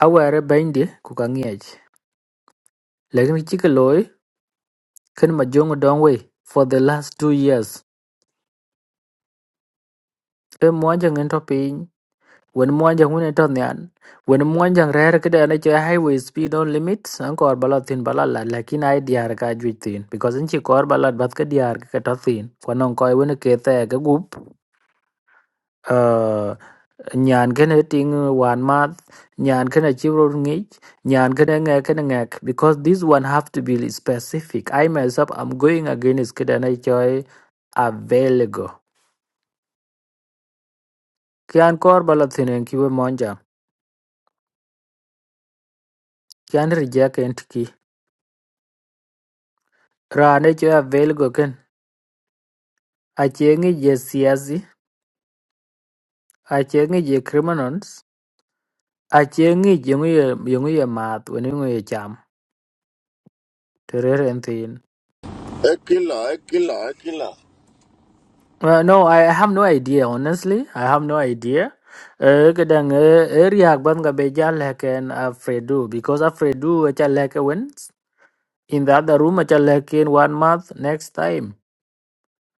Speaker 2: Our bindi kukangiej. Lakini chikaloi, ken majongo dongwe for the last two years. E mwanja ngento When Mwanjang win it on the an. When Mwanjang rare kida na cho highway speed on limits, ang kor balat thin balala, lakin ay diar ka juit thin. Because in chi kor balat bat ka diar ka ta thin. Kwanong koi win ke te ka gup. Uh, nyan kena ting wan mat, nyan kena chiro ngich, nyan kena ngek kena ngek. Because this one have to be specific. I myself, I'm going against kida na cho available. Kian kor balat thin en kiwe Mwanjang. Kian reject entity. Raane cho available achengi je siasi achengi je criminals achengi yenguye yenguye math wenenguye cham terere enthin
Speaker 3: Ekila, Ekila, Ekila.
Speaker 2: uh, no I have no idea honestly I have no idea uh, kadang uh, area ban ga beja like an afredu because afredu acha like wins in the other room acha like in one month next time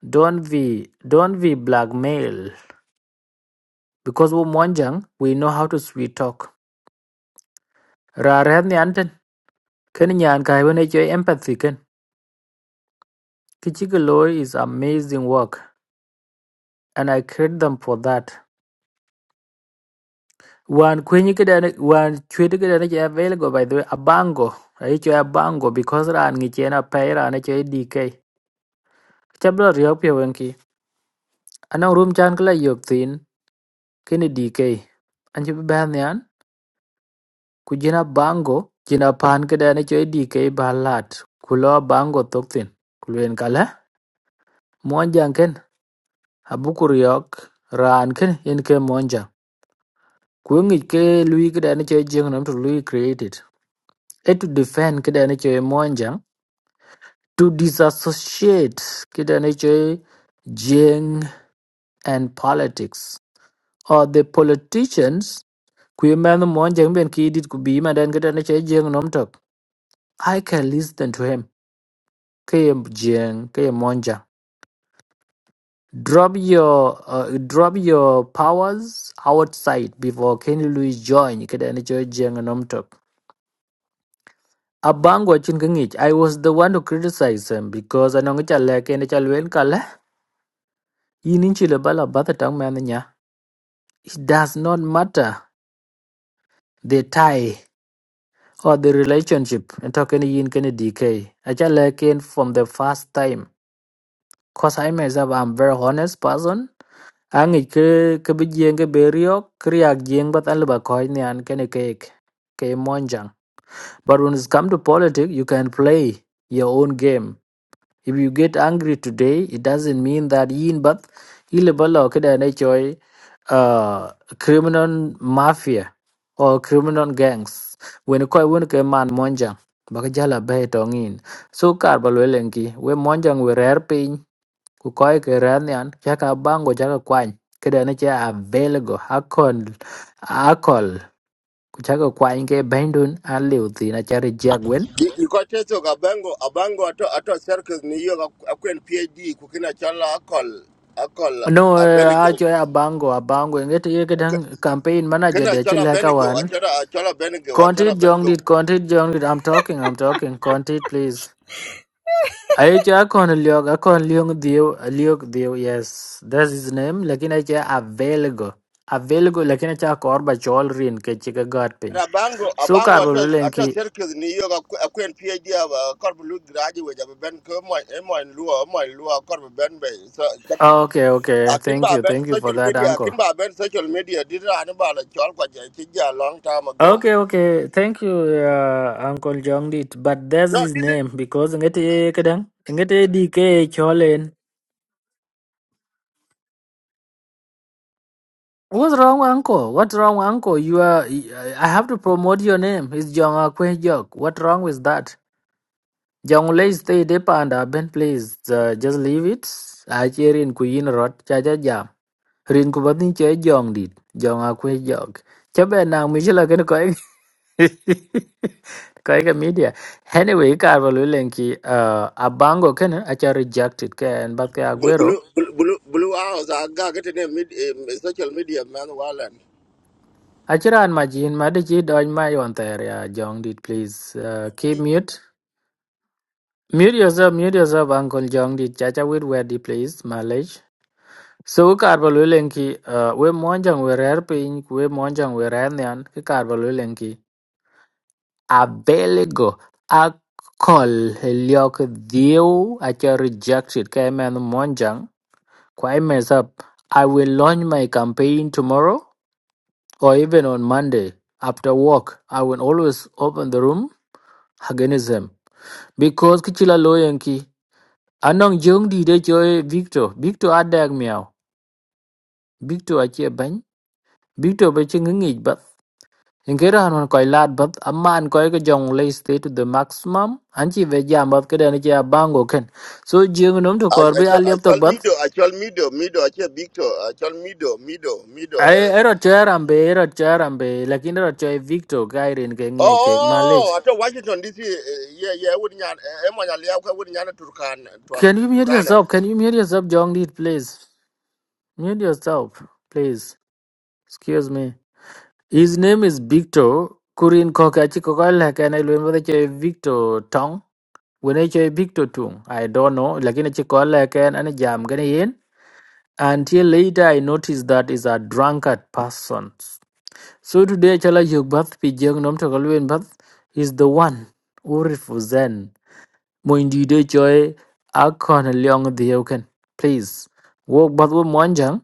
Speaker 2: don't be don't be blackmail because we monjang we know how to sweet talk ra rehni Ken Nyan Kaiwanichwe empathy Ken. Kichigalo is amazing work and I credit them for that. One kwenye one chwede kidane cha available by the way abango. Aicho abango because ran ngichena pay ran cho DK. Chabla riopya wenki. Anang room chan kala yok thin kini DK. Anchi ban yan kujina bango jina pan kidane cho DK balat. Kulo bango tok thin. Kulwen kala monjang ken abukuriok ran ken Inke ke Kuingik ke lui kidani che jeng nam to lui created. E to defend kidani che monjang. To disassociate kidani che jeng and politics. Or the politicians kui man monjang ben ki dit ku bi madan kidani che jeng nom to I can listen to him. Ke jeng ke monjang. Drop your uh, drop your powers outside before Kenny Louis join kidani che jeng nom to Abang watching ngich. I was the one to criticize him because anong chale kene chalwen kala. Yini chile bala bata tang man nya. It does not matter the tie or the relationship. And talking yin kene DK. Achale ken from the first time. Cause I myself am very honest person. Angich ke ke bijeng ke berio kriak jeng bat alba koi ni kene cake. Ke monjang. But when it's come to politics, you can play your own game. If you get angry today, it doesn't mean that yin but ilibalo kida na choi uh criminal mafia or criminal gangs. When koi wun ke man monjang baka jala bay tongin. So kar balwelenki we monjang we rare pin ku koi ke ranian chaka bango chaka kwany kida na cha available hakon akol ku chaka kwany ke bendun aliu tina chari
Speaker 3: Ikoteto kabango, abango ato ato circus ni yo akwen PhD kukina chala akol akol
Speaker 2: No, eh,
Speaker 3: abenigo.
Speaker 2: acho ya bango abango ngeti yeketan campaign manager
Speaker 3: Kena
Speaker 2: de
Speaker 3: chala
Speaker 2: chileka
Speaker 3: benigo,
Speaker 2: wan.
Speaker 3: achara achara benigo, achara
Speaker 2: Content jong
Speaker 3: benigo.
Speaker 2: did. content jong did. I'm talking I'm talking content please. Aicha akon liog akon liog dio liog dio yes that's his name lakini aicha available available lakini aicha korba chol rin ke chika gat pin.
Speaker 3: Abango,
Speaker 2: So
Speaker 3: abango
Speaker 2: karbo
Speaker 3: ata ata
Speaker 2: lulenki
Speaker 3: circus ni yo ka kwen PhD aba korbu lu graduate aba ben ko mo e mo en luo mo en luo korbu ben be so tapi
Speaker 2: okay okay
Speaker 3: akin
Speaker 2: thank
Speaker 3: ba
Speaker 2: you
Speaker 3: ben
Speaker 2: thank you for
Speaker 3: social
Speaker 2: that
Speaker 3: media
Speaker 2: uncle.
Speaker 3: akin ba ben social media didra an ba la chol kwa je chi ja long time ago
Speaker 2: Okay, okay. Thank you, uh, Uncle Jongdit. But that's
Speaker 3: no
Speaker 2: his
Speaker 3: this is
Speaker 2: name because ngete kadang ngete DK Cholen. What's wrong, Uncle? What's wrong, Uncle? You are. I have to promote your name. It's Jong Akwe Jok. What wrong with that? Jong Lay stay depa and Ben. please. Uh, just leave it. I cheer in kuyin rot cha cha jam. Rin kubatin che Jongdit. Jong Akwe Jok. Chabe nang michela kene Kaika media. Anyway, Carvalho Lenki, uh, Abango Ken, Acha rejected Ken, but
Speaker 3: blue
Speaker 2: Aguero.
Speaker 3: blue blue blue house aga get ne mid eh, social media man walan
Speaker 2: Achira and Majin, Madiji, Doin mayon on there, Jong did please. Uh, keep mute. Mute yourself, mute yourself, Uncle Jong did Chacha with where did please, Malage. So Carvalho Lenki, uh, we monjang we rare pink, we monjang we rare nyan, Carvalho Lenki. a belego, a call Heliok, Dio, Acha rejected, Came and monjang. Quite mess up. I will launch my campaign tomorrow or even on Monday. After work, I will always open the room against them. Because kichila loyanki. Anong jung di de joy Victor. Victor adag meow. Victor achie bany. Victor beching ngich bath. Inkera hanon koi lad bath. Amma an koi ke jong lay stay to the maximum. Anchi vejam bath kada ni chia bango ken. So jung num to
Speaker 3: I I
Speaker 2: korbe
Speaker 3: chol I
Speaker 2: aliap tok
Speaker 3: chol
Speaker 2: bath.
Speaker 3: mido I chol mido mido I chol Victor I chol mido mido
Speaker 2: Ay
Speaker 3: mido
Speaker 2: ero cherambe ero cherambe lakini ero choi Victor Gairin ke ngai ke malech.
Speaker 3: Oh, oh, at Washington DC, eh, yeah, yeah, wouldn't yan, Emmanuel Liao, wouldn't yan Turkan,
Speaker 2: Can you mute
Speaker 3: Turkana.
Speaker 2: yourself? Can you mute yourself Jong Lead please? Mute yourself please. Excuse me. His name is Victor Kurin koka chi can la remember the mbele choi Victor Tong. Wene choi Victor Tong? I don't know lakini chi koka la kana jam gane yen. Until later I noticed that is a drunkard person. So today, Chala Yogbath Pijang Nom Takalwin Bath is the one who represents Moindide Joy Akon Leong the Yoken. Please, walk Bath with Mwanjang.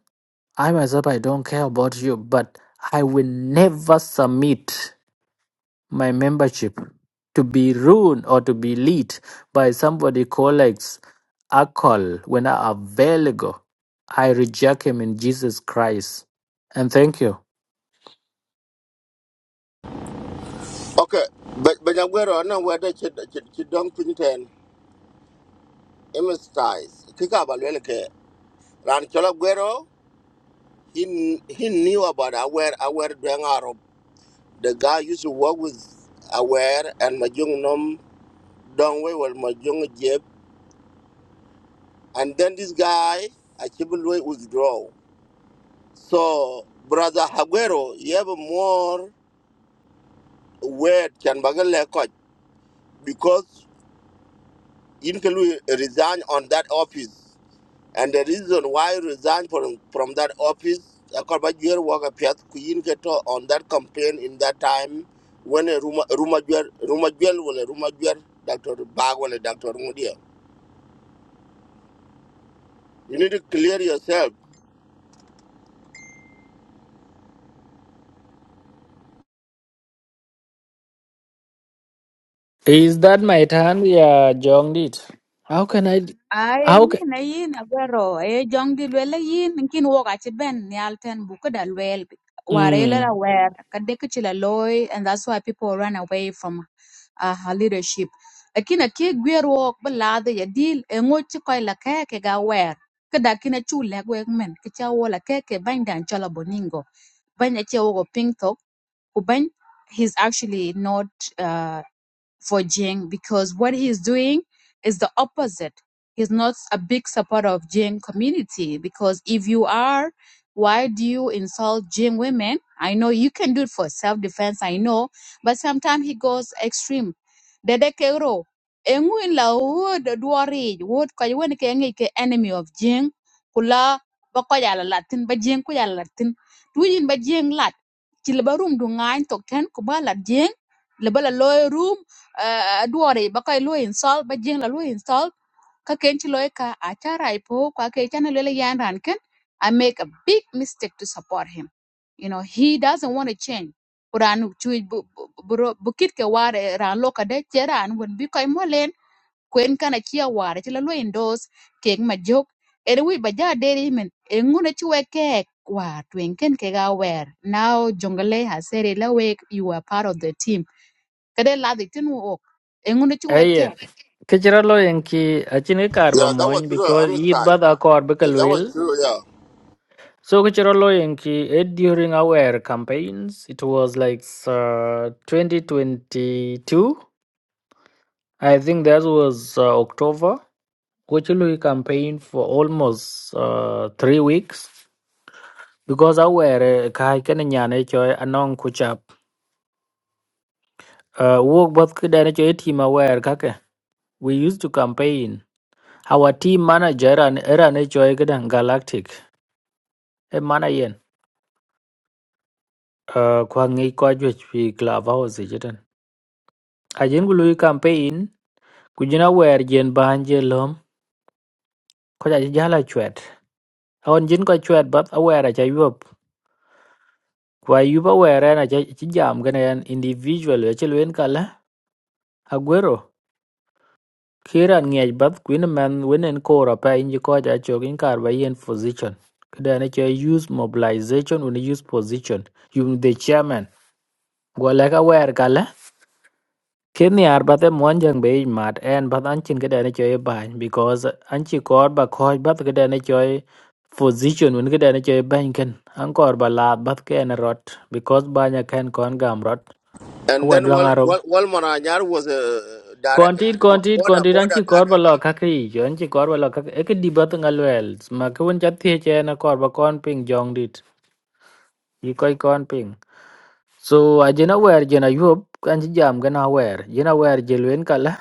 Speaker 2: I myself, I don't care about you, but I will never submit my membership to be ruined or to be lead by somebody collects alcohol when I available. I reject him in Jesus Christ. And thank you.
Speaker 3: Okay, but but I'm aware of no whether Chidong Pinten, Emma Styles, Kikabalelke, Ran Chola Guerrero, he, kn- he knew about Aware, Aware Dwang Arab. The guy used to work with Aware and Majung Nom Dongwe, well, Majung Jeb. And then this guy, Achibulwe, withdraw. So, Brother Haguero, you have more. where Chan Bagale got because Inkelu resigned on that office. And the reason why he resigned from, from that office, Akorbajwer Waka Piat Kuyinketo on that campaign in that time when a Ruma Rumajwer Rumajwer will a Rumajwer Dr. Bagwell Dr. Mudia. You need to clear yourself.
Speaker 2: Is that my turn? Yeah, John did. How can I?
Speaker 1: Ay
Speaker 2: How can?
Speaker 1: yin na yin agwero e jong di lwel yin kin wok aci ben nial ten bu ködë lwel war ëlëla
Speaker 2: Mm.
Speaker 1: wër ka dëkö cï loi and that's why people run away from uh, her leadership lakin ake gwer wok bï ladhï jadil engec cï köc lakëk ëga wër këdak kï na cu lëk wëk mën kï ca wo lakëk bany dan cölö boningo bany aci awoko pïny thon ku bany he's actually not uh, for Jing because what he's doing is the opposite. He's not a big supporter of Jing community because if you are, why do you insult Jing women? I know you can do it for self defense, I know, but sometimes he goes extreme. Dede Kero, Engwin la wood dwari wood kwa wen ke ngi ke enemy of Jing kula ba ko yala latin ba Jing ko yala latin tuyin ba Jing lat ci le ba room du tok ten ko ba Jing le ba la loy room uh, duwari ba koy luwa install ba jeng la luwa install ka ken ci loy ka a cara ipo ka ke chana lele yan ran ken i make a big mistake to support him you know he doesn't want to change kuran chu bukit ke ware ran loka de cheran won bi koy molen kwen kana chia ware ci la luwa indos kek ma jok ere wi ba ja deri men e ngune ci we kek wa twen ken ke ga wer now jongale has said it la you are part of the team kede ladhi tin wo ok engune ci wet ke
Speaker 2: Ayen. Kichira lo yenki achine karba
Speaker 3: Yeah, that was
Speaker 2: moin
Speaker 3: true.
Speaker 2: because
Speaker 3: I'm
Speaker 2: yid
Speaker 3: sorry.
Speaker 2: bad akor
Speaker 3: Yeah,
Speaker 2: bekal
Speaker 3: that was
Speaker 2: will.
Speaker 3: true, yeah.
Speaker 2: So kichira lo yenki it during our campaigns. It was like uh, 2022. I think that was uh, October. Kuchulu campaign for almost uh, three weeks because our uh, kai kan nyane choy anong kuchap Uh, work both kid team aware kake. We used to campaign. Our team manager and era HOA kidan galactic. E mana yen. Uh, kwa ngi kwa jwech fi clubhouse jitan. Ajen gului campaign. Kujina wer jen bahanje lom. Kwa jala chwet. Awan jin kwa chwet but aware acha yup. Kwa yupa where na cha chi jam gana yan individual. Achel wen kala. Aguero. Kira ngej bath kuin man winen kora pa inji koja chokin kar ba yen position. Kada na cho use mobilization when use position. You the chairman. Gwala ka wer kala. Kini ar bathe monjang be mat en bath anchin kada na cho bany because anchi kor ba koj bath kada na cho position when kada na cho bany ken. An kor ba la bath ken rot because banya ken kon gam rot.
Speaker 3: And
Speaker 2: Awa
Speaker 3: then Wal
Speaker 2: dwang
Speaker 3: Wal Walmaranyar was a uh, direct
Speaker 2: Kontit kontit
Speaker 3: border
Speaker 2: kontit an chi
Speaker 3: border
Speaker 2: kor ba lo ka ki jo an chi kor ba lo ka e ki di ba tu ngal wel ma ka won chat thie che na kor ba kon ping jong dit i koi kon ping so a jena wer jena yop an chi jam gana wer jena wer jelwen kala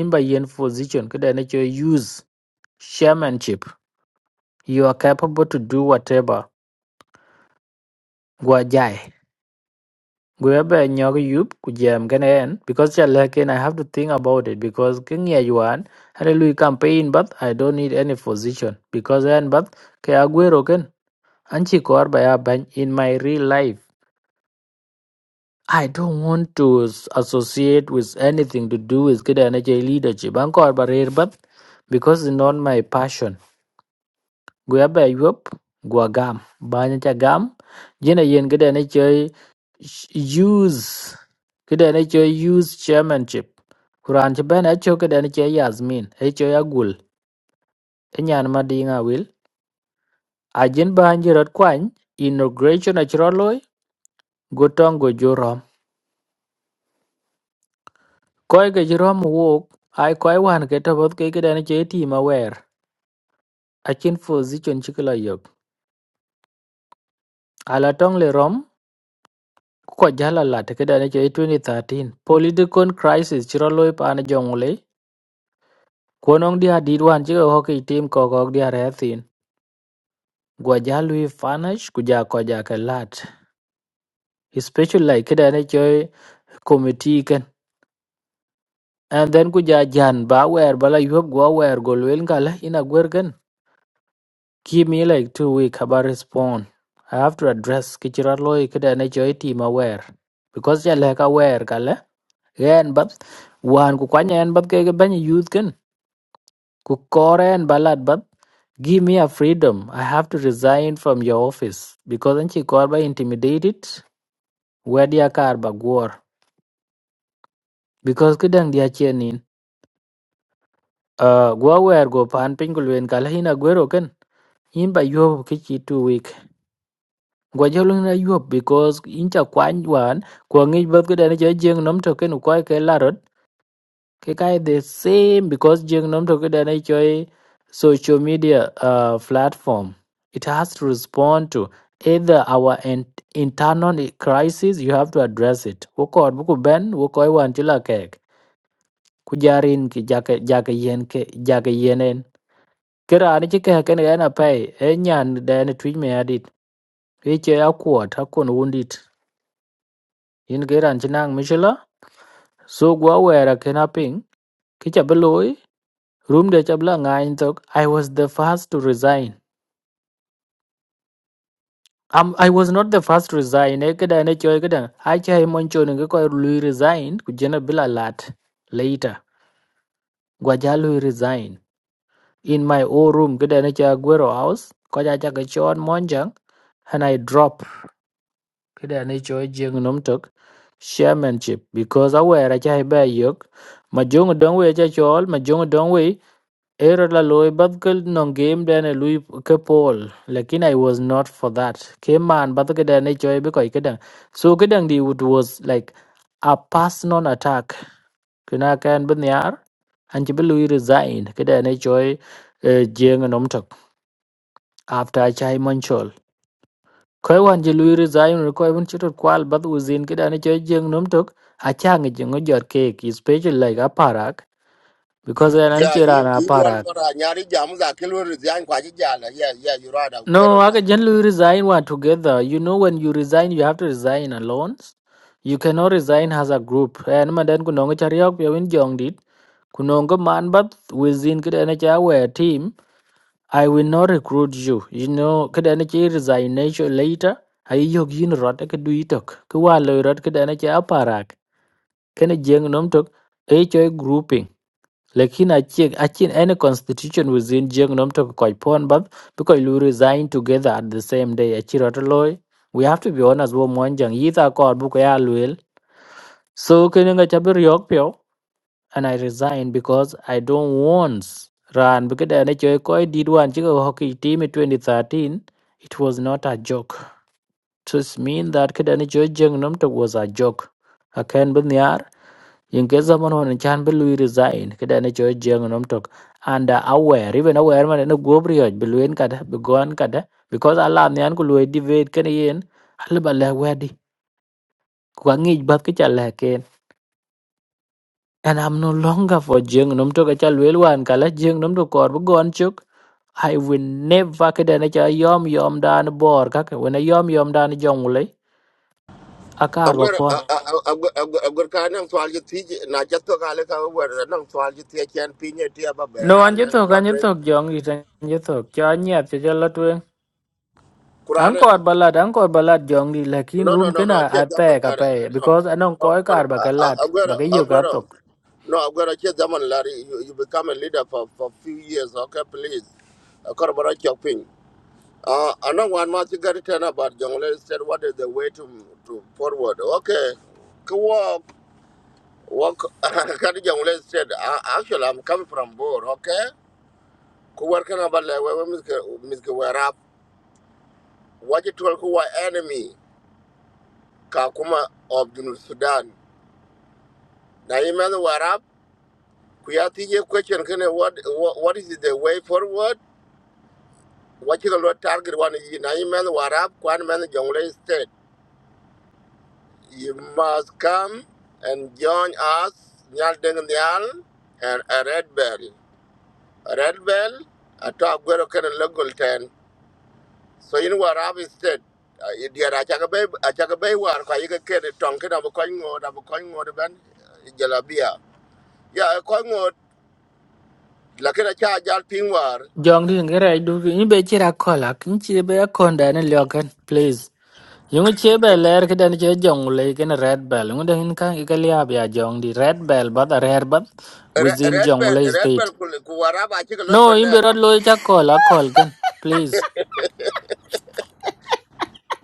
Speaker 2: in ba yen position ka da na cho use chairmanship you are capable to do whatever gwa jai Guebe nyok yup ku jam kene en because cha lekin I have to think about it because king ya yuan hare campaign but I don't need any position because en but ke aguero ken anchi kor ba ya ban in my real life I don't want to s- associate with anything to do with kid energy leadership. Ankor barir but because it's not my passion. gu ya bai yup gu gam ba ni cha gam jina yen gida ni chơi use gida ni chơi use chairmanship kuran ci ben acho gida ni chơi yasmin e chơi agul e nyan ma dinga nga wil a jin ba ni rot kwany inauguration a chro loy gu tong gu jurom koy ga jurom wok ai koy wan ke to bot ke gida ni chơi team aware a chin position chikla yok ala tong le rom Ko jala tikida ne chei 2013 political crisis chiro loi pan jongle konong dia didwan chiga hockey team ko kok dia rethin gwajalui fanash kuja koja ke lat especially like kida ne chei committee ken and then kuja jan ba wer bala yob go wer go lwel ngala ina gwer ken give me like two week haba respond I have to address kichira loi kida ne chei team aware because ya leka wer kala yen bat wan ku kwanya yen bat ke ban youth ken Kukore and ballad, but give me a freedom. I have to resign from your office because anchi korba intimidated. Where dia kar ba gwor because kidang dia chenin. Uh, gwa wer go pan pingulwen kala hina gwero ken. In ba yob kichi too weak. Gwa jolung na yob because incha kwany wan kwa ngich bat kidang ni jeng nom token ukwai ke cái cái the same because jeng nom to kada na choi social media uh, platform it has to respond to either our in, internal i- crisis you have to address it wo kod bu ku ben wo koi wan chila kek ku jarin ki jake jake yen ke jake yenen kera ni chike ken ena pay e nyan den twi me adit e che akwot akon wundit in geran chinang michila so gwa wera kenaping kicha Rumde chabla ngany tok. I was the first to resign. Um, I was not the first to resign. Ekada ne choy kada. Acha himon choni ko lui resign kujena bila lat later. Gwaja lui resign in my own room kada ne cha Aguero house. Koja cha kachon monjang and I drop kada ne choy jeng nom tok chairmanship because aware acha hebe yok. Majong dongwe acha chol majong dongwe Era la loy bad no game dane lui ke pol lakin I was not for that. Ke man bad ke dane joy be koi kedang. So kedang di it was like a pass non attack. Kuna can ben yar an jibe lui resign ke dane joy eh, jeng nom tok after a chai manchol. Koi wan je Louis resigned, ro koi wan chitot kwal bad uzin ke dane joy jeng nom tok. a jeng ojor cake is special like a parak because an
Speaker 3: Yeah,
Speaker 2: anchor and
Speaker 3: you
Speaker 2: a
Speaker 3: you
Speaker 2: parak.
Speaker 3: want more uh, nyari jamu za kilo resign kwa jijala. Yeah, yeah, you right Aguero.
Speaker 2: No, I
Speaker 3: Yeah.
Speaker 2: can generally resign one together. You know, when you resign, you have to resign alone. You cannot resign as a group. And madan kunong chariok ya win jong dit. Kunong ko man but within kada na cha team. I will not recruit you. You know, kada na resignation later. I yog yin rot ka du itok. Kwa lo rot kada na cha parak. Kana jeng nom talk. Ay choy grouping. Lakini achieng achieng any constitution within Jiang Nom to Koi Pon Bab because Lu resign together at the same day. Achirot loy. We have to be honest wo monjang yitha kor buko ya luel. So kininga chabir yok pyo and I resign because I don't want run. because I koi koi did one chico hockey team in 2013. It was not a joke. Just mean that kidani choi Jiang Nom to was a joke. I Akan bin in case someone on chan be lui resign kada ne cho jeng nom tok and uh, aware even aware man no go brio be luen kada be gon kada because allah ne an ku lui divide kan yen allah ba la wadi ku ngi bat ke chala ken and i'm no longer for jeng nom tok e cha lui wan kala jeng nom tok kor be gon chuk I will never kada ne cha yom yom dan bor kaka when a yom yom dan jong le akar ba
Speaker 3: Aguero
Speaker 2: pon
Speaker 3: Aguero Aguero ka nang twal ji ti na jato ka le ka Aguero nang twal ji ti chen pinye ti aba
Speaker 2: no
Speaker 3: bera
Speaker 2: an je
Speaker 3: le
Speaker 2: to kan je
Speaker 3: lotwing.
Speaker 2: to jong i san je to cha nyat cha la
Speaker 3: Kurane
Speaker 2: Angkor balat, angkor balat jongdi lakin
Speaker 3: no
Speaker 2: room
Speaker 3: no no no
Speaker 2: kena
Speaker 3: che jamu
Speaker 2: ate
Speaker 3: lare
Speaker 2: kape
Speaker 3: no
Speaker 2: because anong
Speaker 3: no
Speaker 2: koi
Speaker 3: no no
Speaker 2: kar bakalat
Speaker 3: Aguero
Speaker 2: bakayo
Speaker 3: Aguero
Speaker 2: katok.
Speaker 3: no Aguero che jamu lare you, you become a leader for for few years okay please. Akorbo chok ping. Uh, I know one much got it turn about Jongle said what is the way to to forward. Okay. Go walk walk Kadi Jongle said "Ah, actually I'm coming from Bor, okay? Ku work on about like where Miss Warap what you told who are enemy Kakuma of the Sudan. Now you man Warap Kuyati question can what what what is the way forward? What you got target one is now you man Warap, one man Jongle You must come and join us, Nyal Deng Nyal and a Red Bell. A Red Bell, a top Guru Ken Local 10. So you know what I've said. Idiot, I check a bay, I check a bay work. get a tonkin of a coin or of a coin or ban uh, Jalabia. Yeah, a coin or like a charge out war.
Speaker 2: Jongdi ngere du ni be chira kola kin chi be akonda ne lyokan please. Yung che be ler ke dan che jong le ken red bell ngun den kan ikalia bya jongdi red bell but a red but within
Speaker 3: Red
Speaker 2: jong
Speaker 3: Bell,
Speaker 2: le
Speaker 3: Red Bell,
Speaker 2: state.
Speaker 3: Kuwaraba, I check a look
Speaker 2: No
Speaker 3: on that.
Speaker 2: imbe rod lo cha kola kol ken please.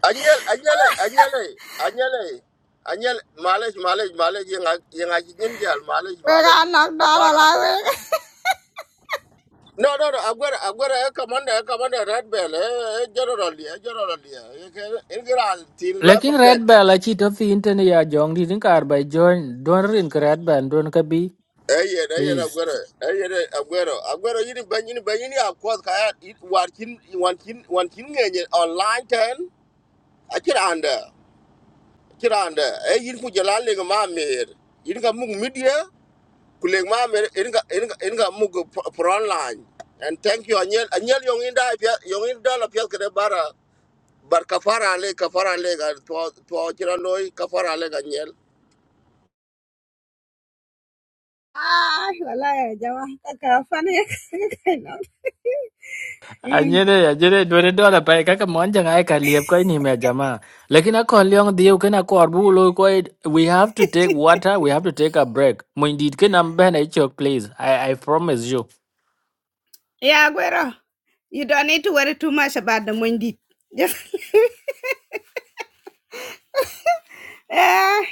Speaker 3: Anyel, anyele, anyele, anyele, anyele, malej, malej, malej, yenga, yenga jinyin jal, malej,
Speaker 5: we are
Speaker 3: malej,
Speaker 5: gonna knock down a
Speaker 3: Kafar, ale.
Speaker 5: lot.
Speaker 3: No, no, no, agwere, agwere, eh. commander, e commander, red bell, Eh, e general, dia, e general, dia. Eh, ke- e general, tin lwa
Speaker 2: Lakin red bell a chi to fi intene ya jongdi din kar by join don rin ke red bell don ka
Speaker 3: Eh, ye, eh, ye, yen
Speaker 2: please.
Speaker 3: Eh, ye, yen agwere, agwere, ini, ben, ini. ben, yini akwas kaya, it, war kin, wan kin, wan kin ngenye, online ten, akira anda, akira anda, e yin kujalali nga mamir, yin ka mung media, kuleg ma mer inga inga inga mug pro online and thank you anyel anyel yong inda pya yong inda la pya kre bara bar kafara le kafara le ga to to chira loy kafara le ga nyel
Speaker 5: ah, wallahi, Jawa, kaka funny. Kaka knocked. Mm.
Speaker 2: Anyere, anyere, dwere dola pae kaka mwanja ngae kaliep kwa ini mea jamaa. Lakini ako liong diyo kena kwa arbu ulo kwa it, we have to take water, we have to take a break. Mwindid kena mbena icho please, I, I promise you.
Speaker 5: yeah, Guero, you don't need to worry too much about the Mundi. Just eh,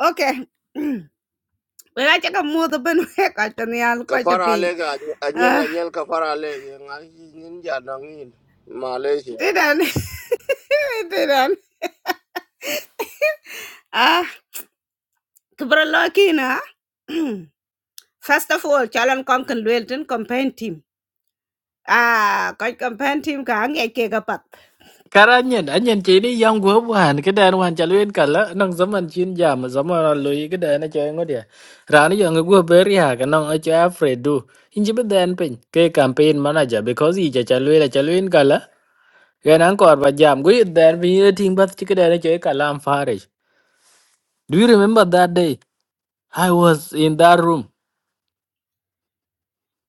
Speaker 5: okay. Mm. We got check a mother ben we got the quite a
Speaker 3: kafara le
Speaker 5: pin.
Speaker 3: ga anyel
Speaker 5: Ah,
Speaker 3: anyel kafara le ga ngai nin ja dang in malaysia
Speaker 5: didn't didn't. Ah, kubra lucky Mm. First of all, Chalan Konkan Wilton campaign team. Ah, quite campaign team kang a kega up.
Speaker 2: Kara anyen, anyen chini yang gua buhan, keda an wan chalwin kala, nang zaman chin jam, zaman aloi keda an acho engo dia. Rani yang gua beri ha, kanang acho afraid do. Inji beden pin, ke campaign manager, because ija chalwin, chalwin kala. When Angkor was jam, we there we eating but chicken and cake alarm farish. Do you remember that day? I was in that room.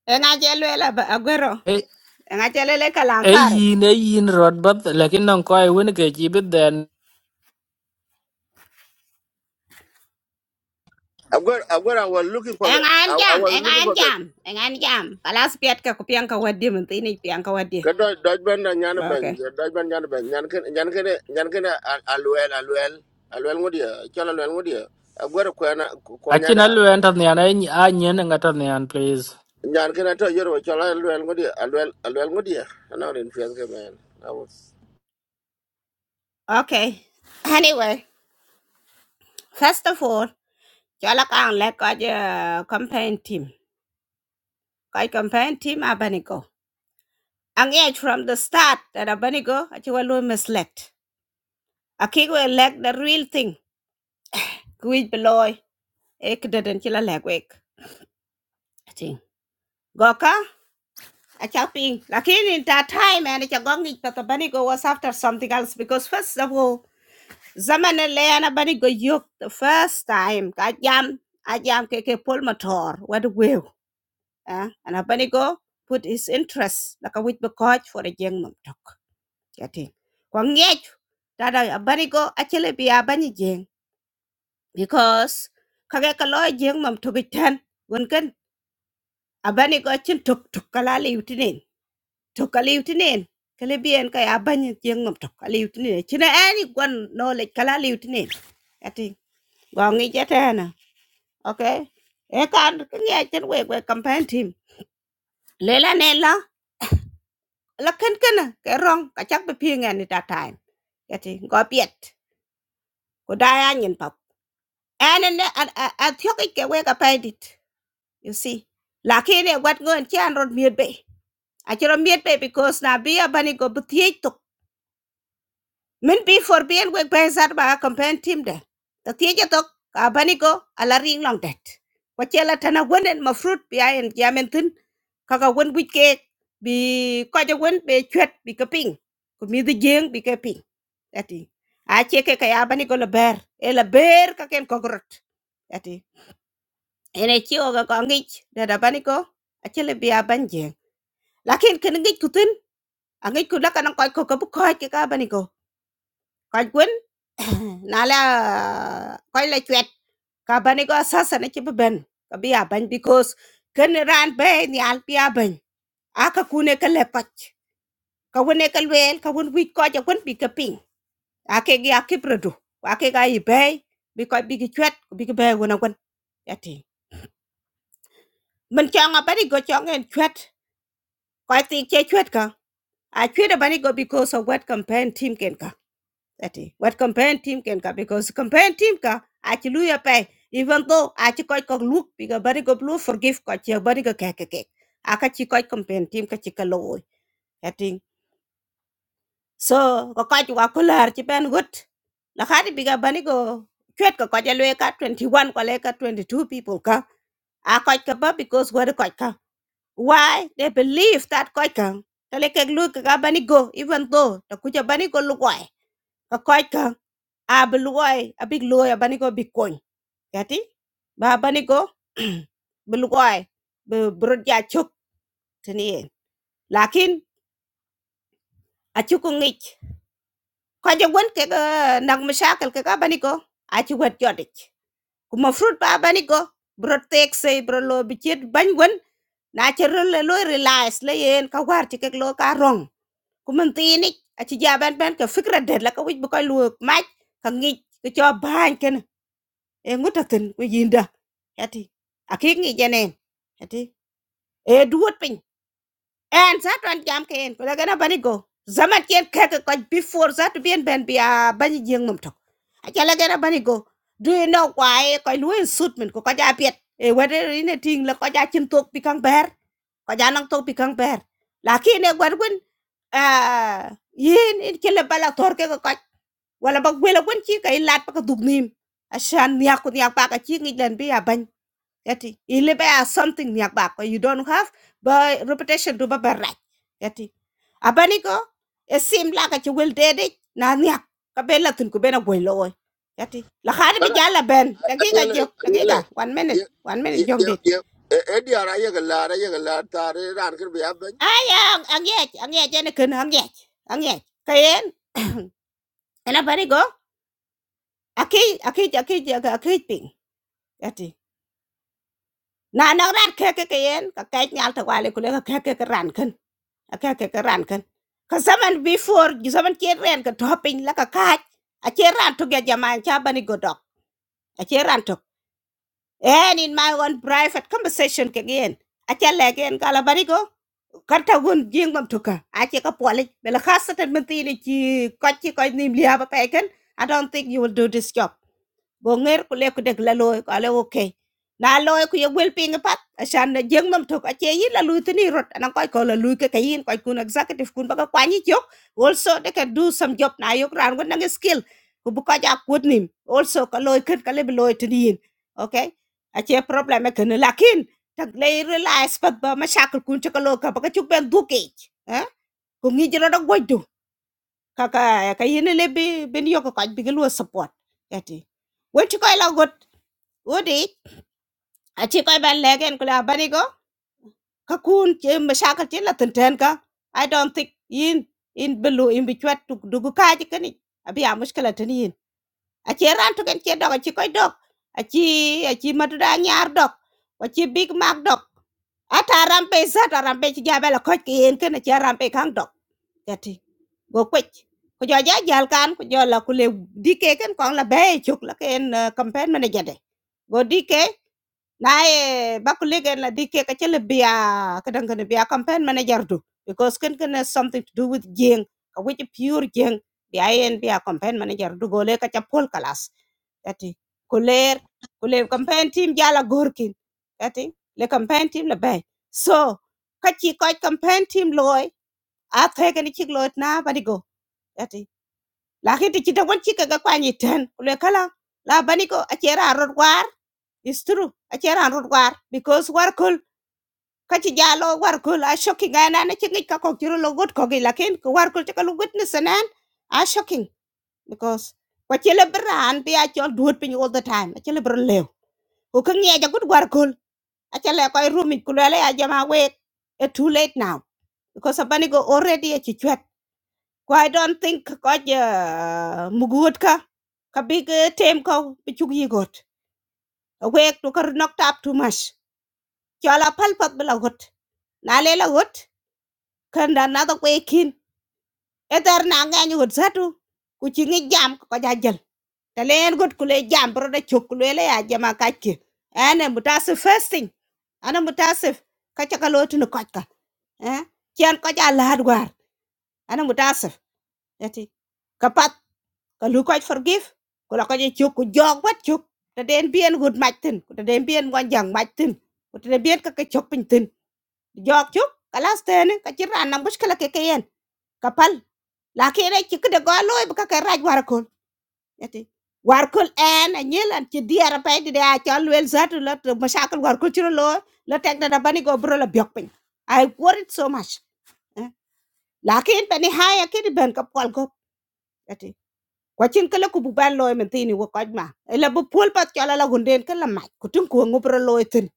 Speaker 5: And I tell you, Aguero,
Speaker 2: A
Speaker 5: and I tell you, like a lamb farrick.
Speaker 2: yin a yin rod but like in Angkor win a cake bit then.
Speaker 3: i've got i've got i was looking for
Speaker 5: en
Speaker 3: that i,
Speaker 5: an
Speaker 3: I
Speaker 5: jam
Speaker 3: was
Speaker 5: en
Speaker 3: looking
Speaker 5: an
Speaker 3: for that
Speaker 5: jam en an jam kalas piat ka ko pian ka waddi mun tini piang ka waddi
Speaker 3: kada Dutch band na nyana ban
Speaker 5: okay
Speaker 3: dodge ban nyana ban nyan ken nyan ken nyan ken aluel aluel aluel ngodia chala aluel ngodia i've got ko na ko
Speaker 2: Achinal went on the onion and got please.
Speaker 3: nyan kena to yoro chola lwel ngodi alwel alwel ngodi ana rin fias ke men i was
Speaker 5: okay anyway first of all jala kan le ka je uh, campaign team ka campaign team abanigo ang age from the start that abanigo achi walu misled aki we elect the real thing kuij beloy ek deden chila legwek ating goka achaping lakini in that time and cha gongi but abanigo was after something else because first of all Zaman le yana bari go yok the first time ka jam a jam ke ke pol motor what will eh ana bari go put his interest like a with the coach for a jeng mum tok yati ko ngej tada bari go a chele biya bani jeng because kage ka lo jeng mum tok ten gon ken a bani go chin tok tok kala le yutinen tok kala yutinen kale bien ka ya bani jeng mum tok kala yutinen china ani gon no le kala le yutinen yati gongi jete okay e kan ngia chen we we campaign team lela ne la la ken ken na, ke rong ka chak be pi ngan ni ta time ke ti go piet ko da ya nyin pap an ne a a a thyo ke ke we ka pa you see la ke ne wat ngon chan rod miet be a chro miet be because na bia bani go bthie min bi for bi el wek bai sat ba campaign team de ta tieje tok ka bani go ala ring long det ko chela tana wonen ma fruit bi ayen jamen tin kaka won wik ke bi ko je won be chwet bi ka ping ko mi de jeng bi ka ping ati a che ke ka ya bani go la ber e la ber ka ken ko grot ati ene chi o ga ko ngich de da bani go a chele bi a ban jeng lakin ken ngich kutin a ngich ku la kana ko ko ko ko ke ka bani Koch Gwen, Nala Koila Chwet, Kabanigo Assassin, Ben, Kabia Ben, because Ken ran bay in the Alpia Ben. Aka Kuneka Lepach, Kawuneka Well, Kawun Wheat Koch, a Gwen Big a Ping, Akegi Akibradu, Akegai Bay, because Big Chwet, Big Bear when I went at him. Menchanga Banigo Chong and Chwet, Koiti Chwet ka. I treat a Banigo because of what campaign team can Ati wat campaign team ken ka because campaign team ka achi lu ya pai even though achi koi kok look biga bari go blue forgive ko chi bari go keke ke aka chi koi campaign team ka chi ka lo ati so ko ka ju kular chi ben gut la khadi biga bani go chwet ko ko ja ka 21 ko le ka 22 people ka a koi ka ba because what koi ka why they believe that koi ka kale kek lu ka ga bani go even though ta ku ja bani go lu koi ka koi ka a bi lugoy a big loy a baniko big koñ yati ba baniko bi lugoy bi brod ya chuk tani yen lakin a chuku ngich ko je won ke ga nag mashakal ke ga baniko a ci wet jodich kuma fruit ba baniko brod tek sey bro lo bi chet bañ won na ci rel lo relax le yen ka war ci kek lo ka rong kuma tini a ci jaban ben ka fikra det la ka wij bu koy lu maj ka ngich ka cho bañ ken e ngota ten we yinda hati akik ngi jenen hati e duot pin en sa twan jam ke en kula gana bani go zamat ken ke ko before za to bien ben bia bani jeng mum to achala gana bani go do you know why ko luin suit min ko ka ja piet e wede ine ting la ko ja chin tok pi kang ber ko ja nang tok pi kang ber lakin e gwar gun ah yin in kele bala tor ke ko ka wala bak wela gun chi ka ilat pa ka dugnim ashan niya ko niya pa ka chi ngi den bia Yati ilebe as something niak bak you don't have but reputation to babarak. Yati abani ko e sim la ka chwel dede na niak ka bela tun ku bena gwel loy. Yati la khade bi
Speaker 3: ana
Speaker 5: jala ben dagiga
Speaker 3: anyele
Speaker 5: jok
Speaker 3: anyele
Speaker 5: dagiga one
Speaker 3: ye
Speaker 5: minute one minute
Speaker 3: ye
Speaker 5: jong
Speaker 3: ye
Speaker 5: dit.
Speaker 3: ye e ara ye gala ara ye gala tare ran ker biya ben
Speaker 5: Aya angyech angyech ene kun angyech angyech kayen ena bani go aki aki aki aki ping. Yati na nang rat keke kayen ka kait nyal ta wale kule ka keke ka ran kun okay okay ka ran kan ka zaman before you zaman che ran ka topping la ka ka a che ran to ga jama cha bani go dok a che ran to and in my own private conversation ke gen a che le gen ka la bani go karta gun jing mam tuka a che ka pole bela khasatan menti ni chi ko chi ko nim liya ba pe kan i don't think you will do this job go ŋer ku le ku dek la loy ko ale okay na loy ku ye gwel piny pat asan na jeng nom tok ache yin la luy tini rot anan koy ko la luy ke kayin koy kun executive kun baka kwanyi jok also they can do some job na yok ran gon nang skill ku bu ko ja kut nim also ka loy ket ka le loy tini yin okay ache problem e ken lakin tak le realize pat ba mashakul kun che ka loy ka baka chuk ben duke eh ku ngi jira da gwajo kaka kayin le bi ben yok ko bi gelo support eti wetu koy la got Udi, achi koy ban legen kula abani go, kakun chi mashakal chi la tinten ka. I don't think in in belu in bichwat tuk dugu kaji kani. Abi a mushkala tani yin. Achi ran tuken chi dog, achi koy dog. Achi, achi maduda nyar dog. Achi Big Mac dog. Ata rampe zat a rampe chi jabela koch ki yin kani chi rampe kang dog. Gati, go kwech. Ko jo ja jal kan, ko jo la kule dike kan kong la bay chuk la ken campaign manager de. Go dike naye bakulig en la dikke ka chele biya ka dang kana biya campaign manager do because ken ken has something to do with jeng ka which pure jeng biya en biya campaign manager do gole ka cha pol kalas kati kuler kuler campaign team jala gorkin kati le campaign team le bay so ka chi ko campaign team loy a the ken chi loy na bani go kati la khiti chi da wan chi ka ga kwani ten kule kala la bani go a chera It's true. I Achera and war because war cool. Kachi jalo war cool. I shocking and an aching ka kok chiro good. gut kogi lakin ko war cool chakalu witness and an I shocking because what you liberan be at your dude pin all the time. i tell A chilibra lew. Who can get a good war cool? I tell A chala koi room in kulele a jama wait. It's too late now because a banigo already a chichuet. I don't think God uh, mugutka kabig tem ko pichuk yigot. Awake to kar knocked up too much. cho là phật phật bê chola pal pat bila hot na lela hot kanda na to kwe kin eter na nga nyu hot satu ku chi ngi jam ko ja jal lên len cú kule jam bro đa chục cú da chok kule le ya jama kake ene mutasif first thing ana mutasif ka chaka lotu ni kotka eh kian ko ja lahad war ana mutasif yati kapat ka lu koch forgive ko la ko je chok ku jog wat chok ta den bien gut mạch tin ta den bien wan giang mạch tin ta den bien ka bình tin. jok chuk kalas tene ka ci ran na mushkala ke kayen kapal la ke re ci kede golo e ka raj war kol yati war kol en a nyel an ci diara pay di da ci al wel zatu la to mashakal war kol ci lo la tek da bani go bro la biok pin i worried so much eh. la ke en bani haya ke di ben ka pol go kwa chin kala ku bu ban loy men tini wo koj ma la bu pol pat kala la gunden kala ma ku tin ku ngo pro loy tin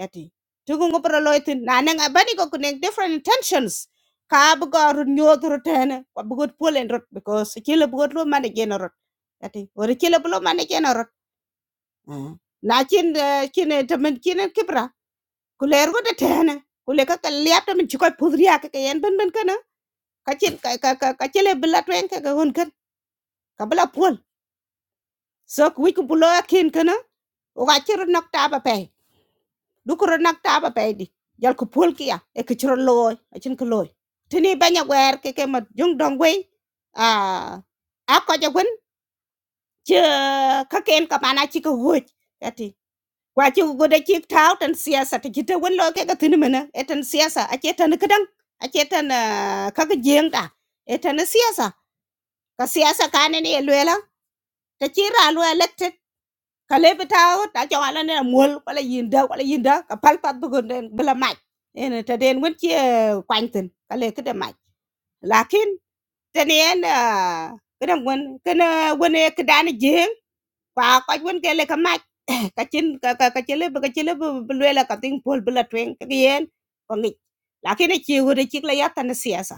Speaker 5: yati tin ku ngo pro loy tin na nang abani ko ku neng different intentions ka bu go ru nyot ru ten ko bu go pol en rot because kila bu go lo man gen rot yati wor kila bu lo man gen rot Ah. na chin eh, chin eh, tamen chin eh, kibra ku ler go de ten ku le ka ka liap tamen chiko pudriya ka yen ben ben kana ka chin ka ka ka chele bla twen ka ka hon kan ka bla pol so ku wic ku bu lo akin kana o ga chiro nok ta ba pe du ko nok ta ba pe di jal ku pul kia e ku chiro lo a chin ku lo tini banya wer ke ke ma jung dong we a a ko ja gun che ka ken ka mana chi ku hu ati kwa chi ku de chi tao tan siasa ti te chita wen lo ke ka tin mena e tan siasa a che tan ka dang a che tan e, ka ka jeng ta e tan siasa ka siasa ka ne ne lwela ta chi ra lwela kale bitaw ta cho ala ne mol wala yinda wala yinda ka pal pat bu den bla maj en ta den won ci kwantin kale kede maj lakin ten en kada won kana wone kedani je kwa ko won ke le ka ma ka chin ka ka ka chele ka chele bu le la ka ting pol bu la twen ka yen ko ngi la ke ne chi hu de chi la ya tan siyasa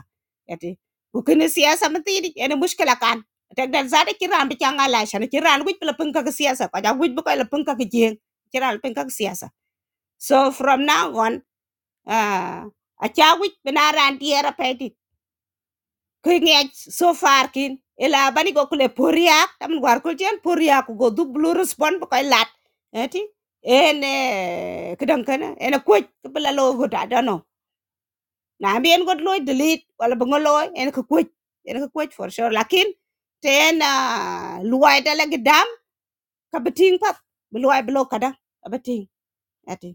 Speaker 5: ati ku ke ne siyasa ma ti di ene mushkila kan tek dal za de ki ram bi changa la shan ki ran wuj bu la pun ka siyasa ka ja wuj bu ka la pun ka jeng ki ran pun ka siyasa so from now on ah, a cha wuj bina ran di era Kingech so far kin ila bani go kule poriak tam war ko jen poriak go dublu respond bu koy lat eti en kedan kana en kuj ko bela lo go da no na bi en go lo delete wala bu ngolo en ko kuj en ko kuj for sure lakin ten luai da la gedam ka beting pat luai blo kada abeting eti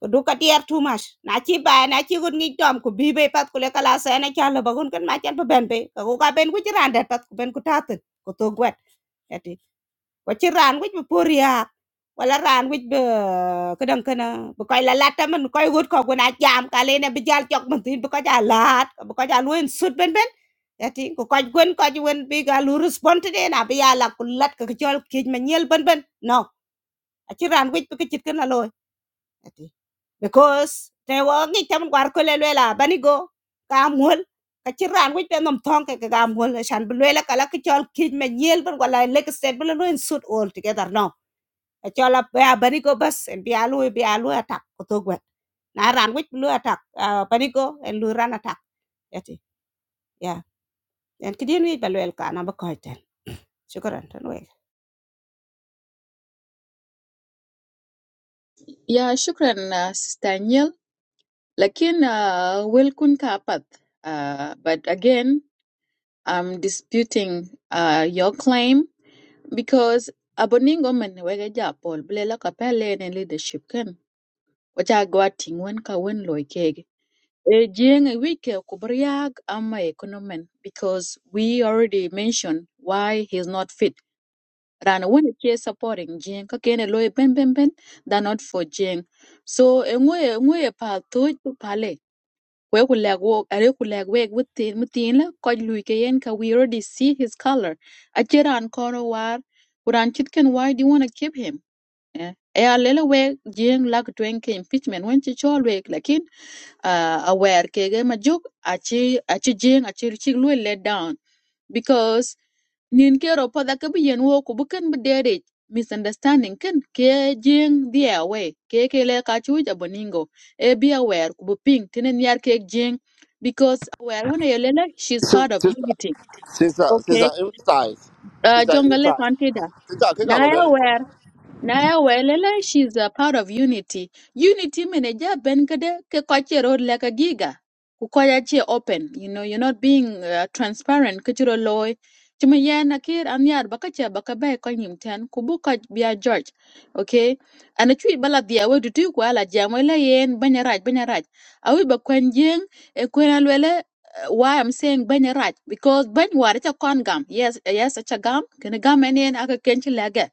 Speaker 5: ko du ka tier too much na chi ba na chi gun ngi tom ko bi be bay pat ko le kala sa na cha lo bagun kan ma chan pa ben be ka ko ka ben ku chi ran dat pat ko ben ku ta tin ko to gwet ati ko chi ran wi bu pur ya wala ran wi be ka dang kana bu kai la lata man ko gut ko guna jam ka le ne bi jal chok man tin bu ka ja lat bu ka ja luen sut ben ben ati ko ko gun ko ji wen bi ga lu respond de na bi ya la ku lat ka ka chol ki ma nyel ben ben no a chi ran wi bu ka chit kan la loy because te wo ngi tam war ko le lela bani go ka mol ka ci ran wi pe nom ton ke ka mol shan bu lela kala ki chol ki me nyel ban wala le ke set bu lo en suit all together no ka chola pe bani go bas en bi alu bi alu atak ko to gwe na ran wi lu atak bani go en lu ran atak yati ya en ki din wi ba lel ka na ba ko ten shukran tan we
Speaker 1: Yeah, shukran, uh, Sister Daniel. Lakin, uh, well kun kapat. Uh, but again, I'm disputing uh, your claim because aboningo man wega japol blela kapele ne leadership ken. Wacha gwa tingwen ka wen loy kege. E jieng e wike kubriag ama ekonomen because we already mentioned why he's not fit. Rana when it is supporting Jing, kakene loy ben ben ben, they're not for Jing. So eh, ngwe ngwe eh, pa to pale. Kwe kulag wok, are kulag wek within within la koj lui ke yen ka we already see his color. Acheran kono war, kuran chitken why do you want to keep him? Eh, eh, a lele wek Jing lak twenke impeachment when chichol wek, uh, aware kege majuk achi achi jing achi chik lu let down because nin kero pada ke bi yen wo ku bukan bedere misunderstanding ken ke jing the away ke ke le ka chu ja boningo e be aware ku bu ping tinen yar ke jing because aware when yelela she's part of
Speaker 3: sister
Speaker 1: unity
Speaker 3: sister
Speaker 1: okay
Speaker 3: sister inside
Speaker 1: uh,
Speaker 3: sister
Speaker 1: jongale
Speaker 3: inside
Speaker 1: kwantida
Speaker 3: sister ke ka
Speaker 1: na ya
Speaker 3: balwel
Speaker 1: aware Naya Welele, she's a part of Unity. Unity manager Ben Kade ke kwache road like a giga. Kukwaya che open. You know, you're not being uh, transparent. Kuchuro loy. Chuma ya nakir anyar bakacha bakabe kwa nyimten. Kubuka biya George. Okay. Ana chui bala dia we dutu kwa la jamwele yen banyaraj banyaraj. Awi bakwen jeng e kwen alwele uh, why I'm saying banyaraj because banyaraj cha kon gam. Yes, yes, cha gam. Kene gam enyen aka kenchi lege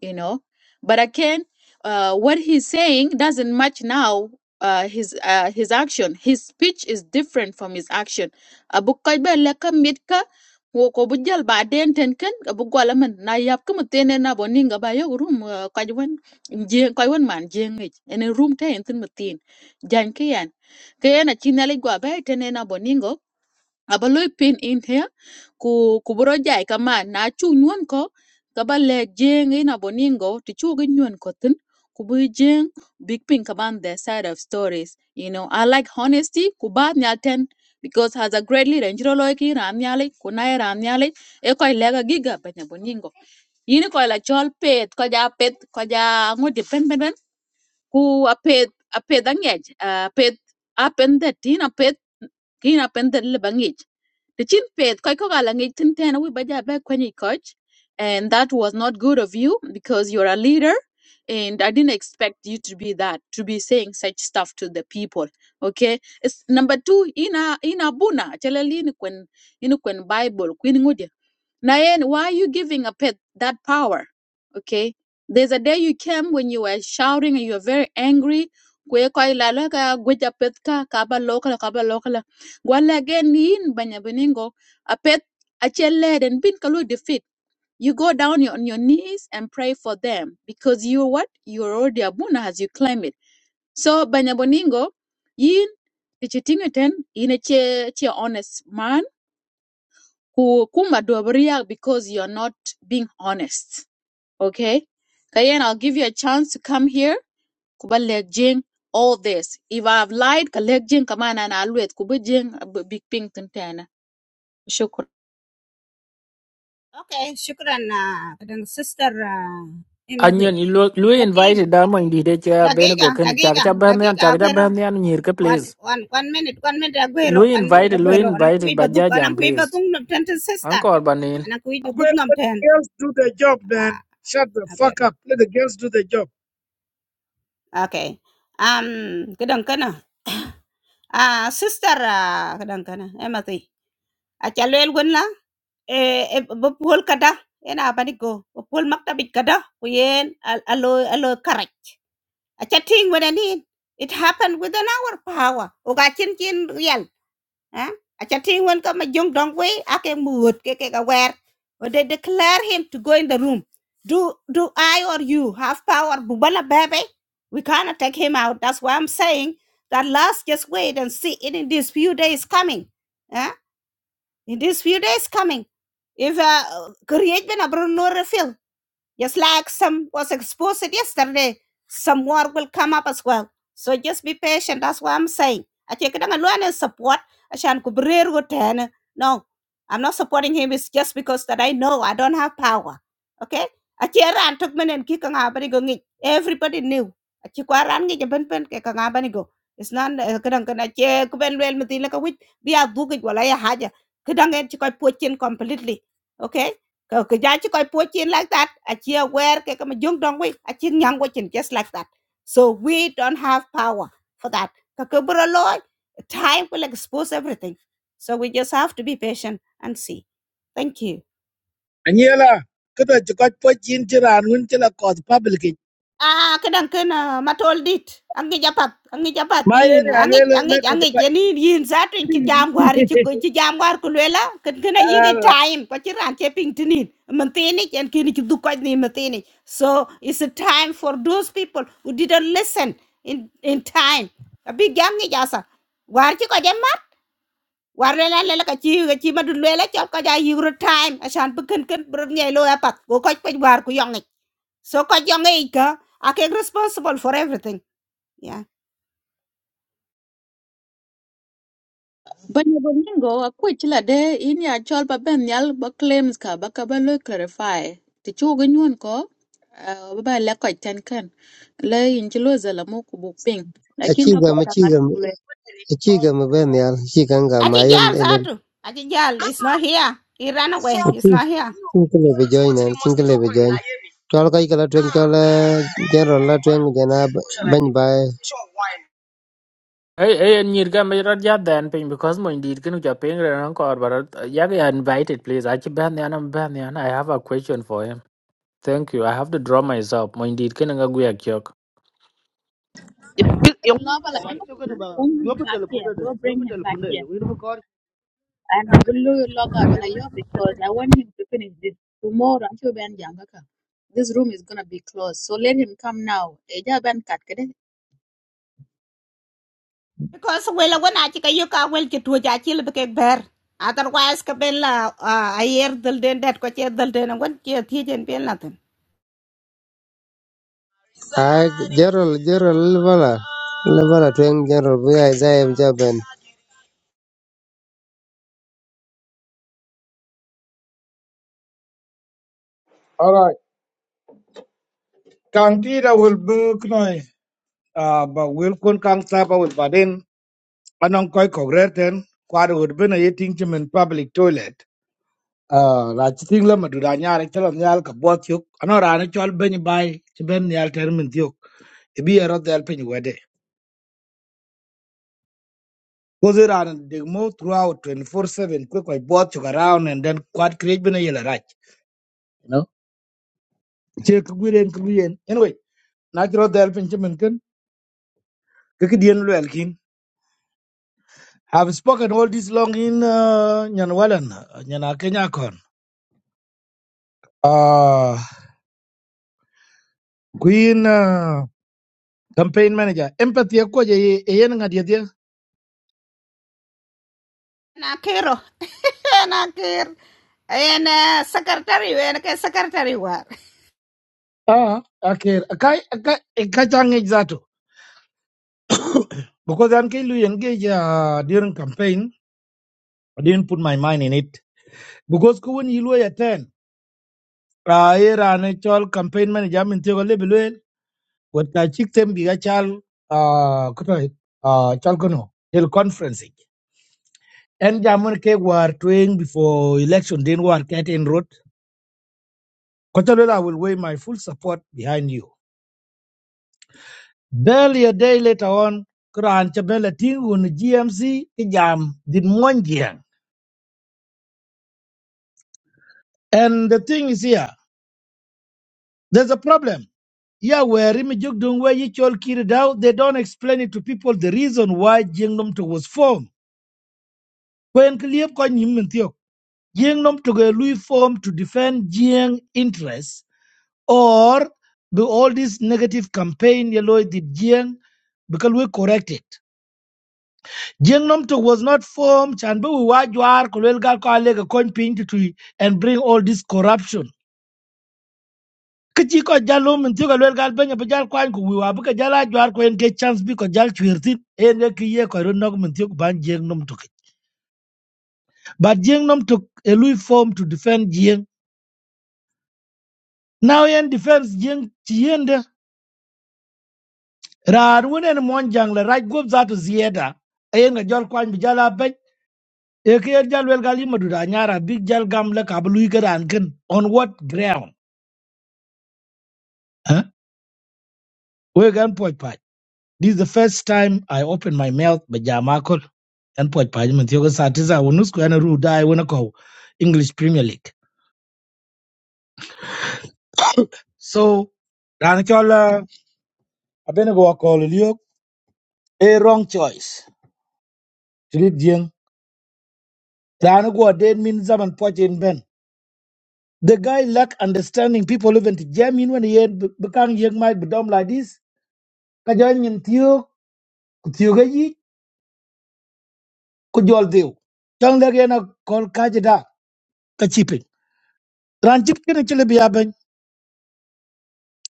Speaker 1: you know but again uh, what he's saying doesn't match now uh, his uh, his action his speech is different from his action abu kaiba leka mitka wo ko bujal ba den ten abu gwala man na yap kum tene na boninga ba yo room kajwan jeng kajwan man jeng ich ene room te entin mutin jan kiyan kayan a chinale gwa ba tene na boningo aba lwy pin in here ku ku buro jai kaman na chu nyuon ko kaba ba le jeng in aboningo ti chu gi nyuon ko tin ku bu jeng big pin kaman their side of stories you know i like honesty ku ba nyal ten because as a great leader in chiro loy ki ram nyali ku na ram nyali e koy lega giga ba boningo yini koy la chol pet ko ja pet ko ja ngodi pen pen pen ku a pet a pet angej a pet a pen that tin a pet kina pendet le the chin peth koi kokalangit tin ten we baja back when coach. And that was not good of you because you're a leader. And I didn't expect you to be that, to be saying such stuff to the people. Okay. It's number two, ina ina buna. Chalali ni kwen ina kwen Bible. queen Nayen, why are you giving a pet that power? Okay. There's a day you came when you were shouting and you were very angry. Kwe koi lala ka gweja pet ka kaba lokala kaba lokala. Gwala again yin banya beningo. A pet a led and bin kalu defeat. You go down your- on your knees and pray for them because you what? You're already a buna as you claim it. So banya boningo yin tichitingeten yin a che che honest man ku kuma dobria because you're not being honest. Okay? Kayen, I'll give you a chance to come here. Kuba legjing all this. If I've lied, ka legjing kaman and alwet kuba jing ab- big ping tentana. Shukr.
Speaker 5: okay shukran na kadan sister uh, imazi
Speaker 2: Onion, you look, Louis
Speaker 5: yati
Speaker 2: invited Damo in the chair,
Speaker 5: dagiga
Speaker 2: Benego can
Speaker 5: dagiga
Speaker 2: Chakacha Banyan,
Speaker 5: dagiga
Speaker 2: Chakacha
Speaker 5: agwero
Speaker 2: Banyan, Nirka,
Speaker 5: One,
Speaker 2: please.
Speaker 5: one, one minute, one minute, Aguero,
Speaker 2: Louis
Speaker 5: one minute,
Speaker 2: invited, Louis
Speaker 5: Aguero. Anak
Speaker 2: invited
Speaker 5: kuwi baduk, anak
Speaker 2: Bajajam,
Speaker 5: kuwi
Speaker 2: please.
Speaker 5: badung nom ten ten sister.
Speaker 2: Angkor Banin.
Speaker 5: Anak kuwi baduk
Speaker 6: Aguero,
Speaker 5: nom
Speaker 6: let
Speaker 5: ten.
Speaker 6: the girls do their job, man.
Speaker 5: Ah,
Speaker 6: Shut the fuck
Speaker 5: Aguero.
Speaker 6: up. Let the girls do their job.
Speaker 5: Okay. Um, kedang kana. Ah, sister, ah, kedang kana. Emati. Acha lel gun la. Eh, eh, bapul kada. Ena apa ni go? Bapul maktabit kada. Kuyen al- alo alo karak. Acha ting wena ni. It happened within our power. Oga chin chin real. Huh? Achating one come a young dong way, I can mood keke aware. When they declare him to go in the room, do do I or you have power? Bubala baby, we cannot take him out. That's why I'm saying that let's just wait and see it in these few days coming. Huh? In these few days coming. If uh create been a bruno refill. Just like some was exposed yesterday, some more will come up as well. So just be patient. That's what I'm saying. I take it alone and support. Ashan kubrir wo tena. No, I'm not supporting him. It's just because that I know I don't have power. Okay? Achera and took men and kika ngabani go ngi. Everybody knew. Achikwa ran ngi jaben pen ke ngabani go. It's not kadang kana che kuben wel mitin la kawit biya dugi wala ya haja. Kadang en chikoy pochin completely. Okay? Ko ko ja chi koi po like that. A chi aware ke kam jung dong we. A chin nyang we chin just like that. So we don't have power for that. Ka ko bro loy time will expose everything. So we just have to be patient and see. Thank you.
Speaker 6: Anyela, kada chikat po chin chira anwin chila kod public.
Speaker 5: Ah, kadang kena matol dit. Angi japat, angi japat
Speaker 6: My
Speaker 5: yin.
Speaker 6: any
Speaker 5: Angi
Speaker 6: alele le
Speaker 5: angi
Speaker 6: kada
Speaker 5: angi
Speaker 6: pa.
Speaker 5: jeni yin satu in kijam gwar in chigo kijam gwar kulela. Kan kena yiga
Speaker 6: Ala.
Speaker 5: time. Kachiran cheping tinin. Mantini and kini chidu kaj ni mantini. So it's a time for those people who didn't listen in in time. Tapi jam ni jasa. War chiko jemat. War lela lela kachi kachi madu lela chop kaja yigro time. Asan bukan kan bernyai lo apat. Go kaj kaj war kuyang so ka jong e I can responsible for everything. Yeah.
Speaker 1: But bolingo akwe chila de ini a chol ba ben yal ba claims ka ba ka ba lo clarify. Ti chugo nyun ko ah, ba ba le ko ten kan. Le in chilo zala mo kubu ping. Lakin
Speaker 4: Aci
Speaker 1: ka kwa
Speaker 4: gama gwero Achievement, achievement, achievement. Ben yal, achievement. Ma
Speaker 5: Achi jal
Speaker 4: yen
Speaker 5: zatu. Achi jal is not here. He ran away. He's not here.
Speaker 4: Kin kile bi join en, kin kile bi join. Chol kai kala tuen chol eh, general la tuen jana bany bai.
Speaker 2: Hey, hey, nyir ka mai rod ya dan ping because my indeed can you ping re ran kor but ya ga invited please. I keep ban yan am ban yan. I have a question for him. Thank you. I have to draw myself. My indeed kinu go guya kyok.
Speaker 7: Yung
Speaker 1: Loba
Speaker 7: hinipo
Speaker 1: like, "No,
Speaker 7: kari chokan ba?
Speaker 1: bring him
Speaker 7: Yopi
Speaker 1: back
Speaker 7: telepunde
Speaker 1: here.
Speaker 7: de.
Speaker 1: Go bring
Speaker 7: Yopi
Speaker 1: him back
Speaker 7: telepunde.
Speaker 1: here.
Speaker 7: Yung hinipo
Speaker 1: And I will log out like, yo, because I want him to finish this tomorrow. I'm sure Ben Yangaka. This room is gonna be closed, so let him come now. Eja Ben kat kede.
Speaker 5: Because well, when I ka yuka wel ki tuja achi libe kek ber. Otherwise ka ben la uh, a year dal den dat ko che dal den wan che thijen ben latin.
Speaker 4: Ai general general le bala le bala general bi ai zai am jaben.
Speaker 6: All right. Kang tida will book noy. Ah, but will kun kang tapa will badin. Anong koy kogreten. Kwada would be na yeting chim in public toilet. Ah, la chiting la madura nyari chalam nyal kabot yuk. Ano rani chol benyi bay. Chiben nyal termin yuk. Ibi erot del penyi wede. Because it and they move throughout 24 7, quick, like both took around and then quite create been a yellow right. You know, check good and clean. Anyway, natural help in Chiminkin, Kikidian Lelkin. Have spoken all this long in uh, Nyanwalan, uh, Nyana Kenya Uh, Queen uh, campaign manager, empathy, a quaja, a yen at yadia.
Speaker 5: Na kero. Na kero. And uh, secretary, and secretary war.
Speaker 6: Ah, okay, a kai, a kai, a kachang exato. Because I'm Kilu engage uh, during campaign, I didn't put my mind in it. Because when you were attend. ra irane chol campaign manager min tiyo le belwel wata chiktem giga chal ah kuto ah chal kono hil conference ik. en jamun ke war twing before election din war ket in road kochalo i will weigh my full support behind you barely a day later on kran chabela tingun gmc ki jam din monjiang and the thing is here there's a problem yeah, where Imijok Dungwe Yichol Kiridao, they don't explain it to people the reason why Jingdom was formed. When ki liep kɔc nyim nom toke lui form to defend jiëŋ interests or be all this negative campaign ye loi dhit because we correct it jiëŋ nom to was not formed chan bi wi waa jwaar ku luel gal ko and bring all this corruption ki ci kɔc jal lo benya bi jal kuany ku wi waa bi ka chance bi kɔc jal cuer thin en ye ki ye ban jiëŋ nom tokic but jiëŋ nom tok e lui form to defend jiëŋ Now yan defense jing tiende rar wunen mon jangle raj gob za to zieda. Ayen ga jol kwan bi jala ben. E ke jal wel gali madura nyara big jal gam le kablu garan kin. On what ground? Huh? We gan poj paj. This is the first time I open my mouth by Jamakol. And poj paj man tiyo satiza wonus ko yana ru dai wona ko English Premier League. So ran chol uh, abene go ko liyo a wrong choice. Tilit jing. Ran go dead min zaman poj in ben. The guy lack understanding. People even to jam in when he had become young might bedom like this. Kajan yin tiyo, kutiyo gayi, kujol dew. Tong lagi na kol kajida, kachipin. Ranchip actually be happen.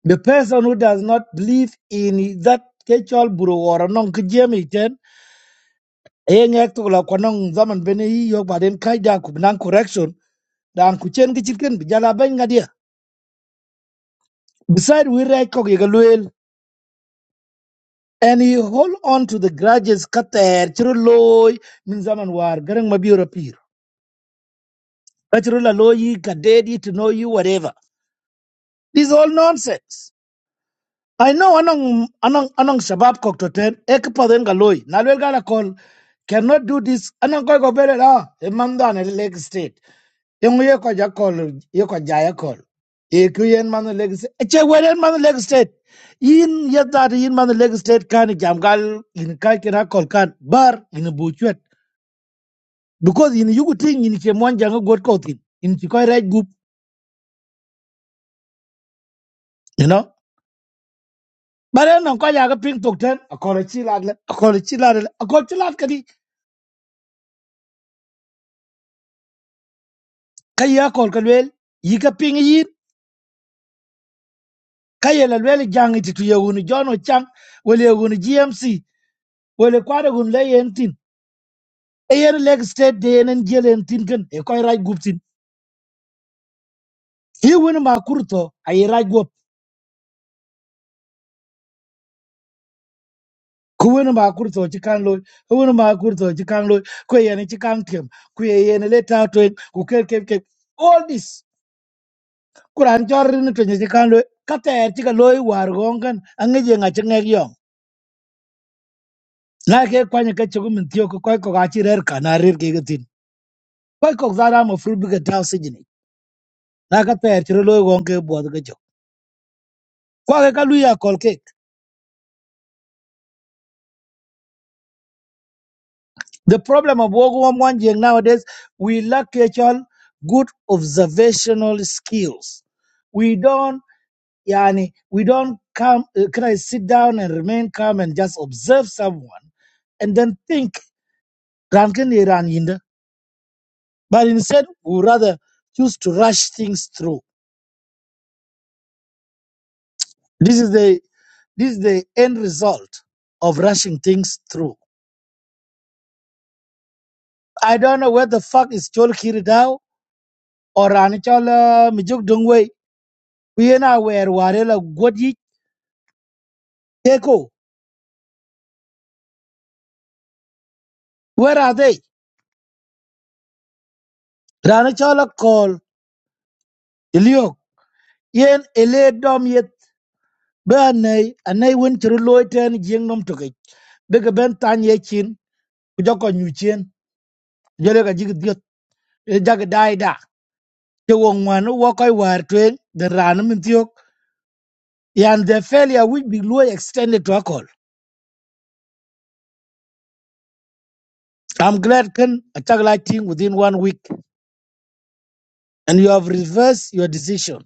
Speaker 6: The person who does not believe in that kechol buru or a non kujam iten, eh ngek to like kwanong zaman beni yi yok baden kajda kubnang correction, dan kuchen kichitkin bijala ben ngadia. Beside we right kog yigaluel and he hold on to the grudges kater chiro loy min zaman war garang mabiora pir kachiro la loyi kadedi to know you whatever this is all nonsense i know anong anong anong shabab koktoten ekpaden ga loy nalwel gala call cannot do this anong koy go bele la e manda na leg state Yung ye ko ja call ye ko ja call e ku yen man leg state e che weren man leg state yin yadda yin man leg state kan jamgal in kan kira call kan bar in buchwet because in yugu ting in che mon jang god ko tin in chi right group you know but then on ko Pink ga ping tok ten a ko chi lad le a ko chi lad le a ko chi lad kadi kay ya ko ko wel yi ka ping yi kay la wel jang ti tu yugu ni jono cham wel yugu gmc wel ko da gun le tin e yen leg state de yen en jelen tin ken e koy right group tin He won ma kurto ay right ku wen ma kur to ci kan loy ku wen ma kur to ci kan loy ku yen ci kan tem ku yen le ta to ku ke ke ke all this kuran jor ni to ci kan loy ka ter ci ka loy war gon kan an ge nga ci ngek yo na ke kwa ni ka ci ku min tiyo ku ko ko ga ci rer ka na rer ke ga tin ko ko za ra mo fru bi ga ta si ni na ka ter ci loy gon ke bo ga jo kwa ke ka lu ya kol ke the problem of wo gon wan jeng nowadays we lack actual good observational skills we don't Yani, we don't come, uh, can I sit down and remain calm and just observe someone and then think, "Ran kin ne ran yin but instead, we rather choose to rush things through. This is the this is the end result of rushing things through. I don't know where the fuck is Chol Kiridao or Ranichola Mijuk Dungwe. We are now where Warela Gwadi Teko. Where are they? Ranichola call Ilio. Yen Ele Dom be anei anei wen chiri loi ten jieng nom tokic bi ke ben tany ye chin ku jö ko nyu cien ku jö leka jiki dhiöt jaki dai da te wo ŋwan wo kɔc waar tueŋ dhi raan min thiök yan the failure will be loi extended to acol I'm glad ken achakla lighting within one week and you have reversed your decision.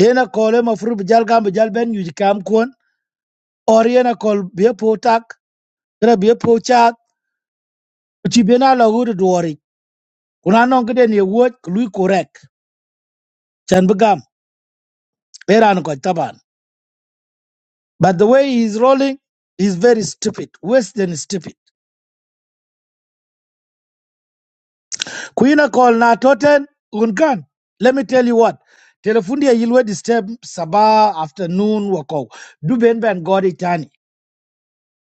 Speaker 6: Yena kol ema furu bijal gam bijal ben yuji kam kuon or yena kol be po tak kira bia po chat kuchi bina lagu du duwari kuna nong kiden ye wuot lui korek chan bi gam. Era kwa taban. But the way he's rolling is very stupid, worse than stupid. Kuina call na toten unkan. Let me tell you what. Telefundi ya yilwe disturb sabah afternoon wako. Do ben ben godi tani.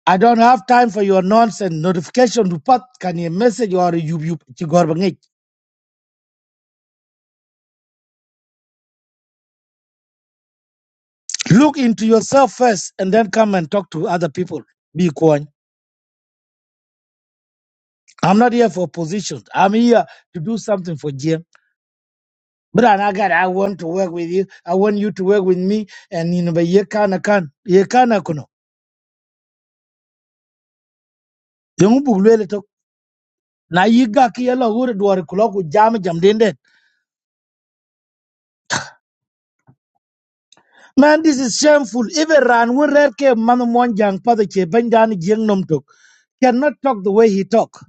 Speaker 6: I don't have time for your nonsense. Notification report can you message or you you you gorbangik. Look into yourself first and then come and talk to other people. Be kwan. I'm not here for positions. I'm here to do something for GM. Brother God, I want to work with you. I want you to work with me. And you know, but ye kana kan, ye kana kuno. Yung bugle to. Na yiga ki yala wure duwar kula ku jam jam den den. Man, this is shameful. Even ran when rare ke manu mon jang pada che benjani jeng nom tok. Cannot talk the way he talk.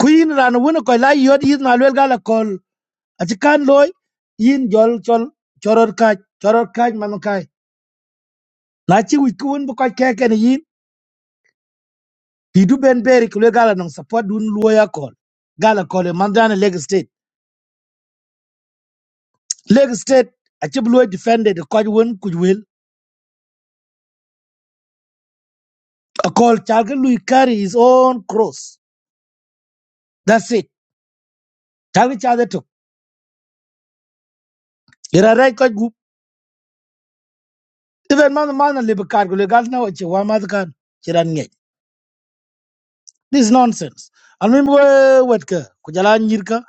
Speaker 6: Queen ran when ko la yod yid na lwel gala kol. Ati kan loy yin jol chol choror kaj choror kaj manu kaj. Na chi wikun bu kaj keken Pidu Ben Berry kule gala nang support dun lawyer call. Gala call e mandana Leg State. Leg State achieve lawyer defended the court win could will. A call Chalga Louis carry his own cross. That's it. Chalga Chalga took. Ira right court group. Even man man and labor card kule gala now achieve one mother can. Chiran ngay. This is nonsense. And when we wet ka kujala nyirka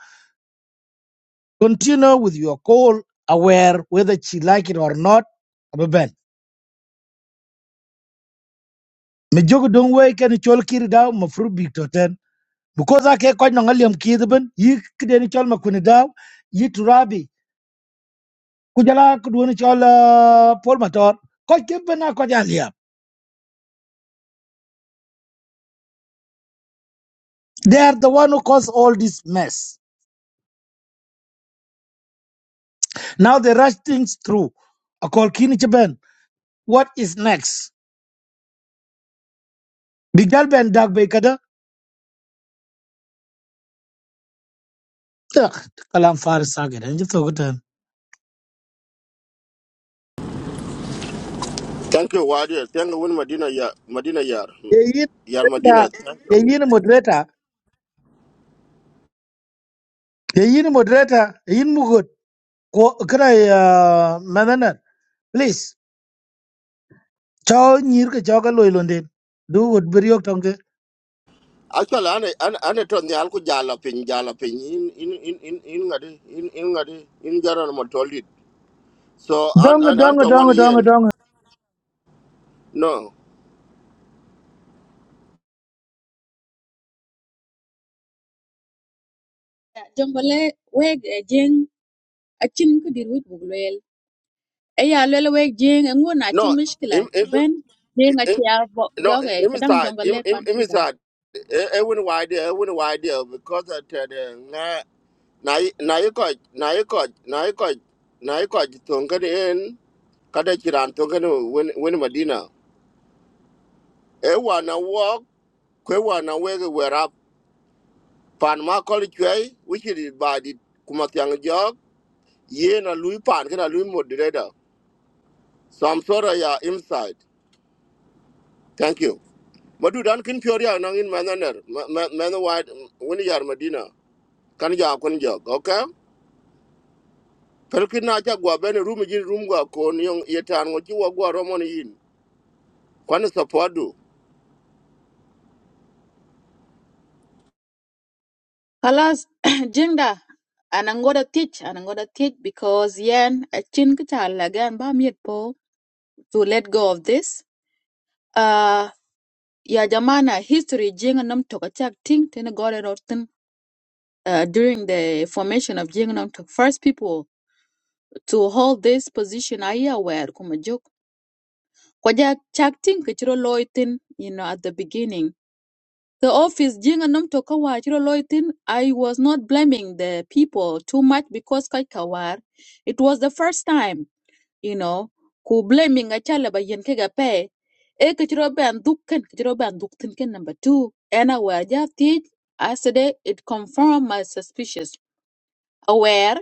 Speaker 6: continue with your call aware whether she like it or not. Abe Ben. Me jogo dong way kan chol kiri daw mafru big because ake ko no ngaliam kidben yi kden chol ma kunidaw yi turabi kujala kudwoni chol uh, pol mator ko kibena ko jalia they are the one who caused all this mess now they rush things through akol kini chben what is next bigal ben dag be kada Ugh, kalam faris saged en jito gutan
Speaker 3: thank you wadi thank you win madina ya Medina. yar
Speaker 6: ye
Speaker 3: yar Medina. thank you
Speaker 6: yin moderator, ye yin moderator ye yin moderator ye yin mugot ko kra uh, mananan please cho nyir ke cho ka loy londen du wot bir yok tong ke
Speaker 3: Actually, ane ane ane to ni alku jala pin jala pin in in in in in ngadi in in ngadi in jara na matolid. So an
Speaker 6: dong
Speaker 3: an an
Speaker 6: dong
Speaker 3: to one
Speaker 6: dong dong
Speaker 3: yen.
Speaker 6: dong
Speaker 3: No
Speaker 1: Jambale weg eh, jing achin kudir wit buglwel. Eya lwel weg jing engun achin
Speaker 3: no
Speaker 1: mishkila
Speaker 3: im im
Speaker 1: chiben.
Speaker 3: im
Speaker 1: Jing achi
Speaker 3: im-
Speaker 1: arbo
Speaker 3: no
Speaker 1: joge
Speaker 3: im
Speaker 1: kadang
Speaker 3: inside im
Speaker 1: jambale
Speaker 3: im im
Speaker 1: confida.
Speaker 3: inside. E win wide e win wide because at the na na yi- na yiko na yiko na yiko na yiko tongani en kada kiran tongani win win madina. E na walk kwe wa na wege pan ma kol which wichiri by the tiang job, ye na lui pan kana lui moderator sam sora ya inside thank you madu dan kin pyori ya nangin mananer man wide wini yar madina kan ja kun jog okay pelkin na ja gwa ben room jin room gwa kon yong yetan ngo jiwa gwa romon yin kwan support du
Speaker 1: Halas jing da. And I'm gonna teach, and I'm gonna teach because yen a chin kital again ba miet po to let go of this. Uh, yeah, Jamana, history Jing Nam Tok attack Ting Tin got it Uh, during the formation of Jing Nam Tok, first people to hold this position Aya were Kumajok. Kwaja Chak Ting Kichiro Loitin, you know, at the beginning. The office Jing Nam Tok Kawa Chiro Loitin, I was not blaming the people too much because Kaikawar. It was the first time you know ku blaming a chala ba yen ke ga pe e ke chro ban duk ken ke chro ban duk tin ken number 2 ana wa ja ti asade it confirm my suspicious aware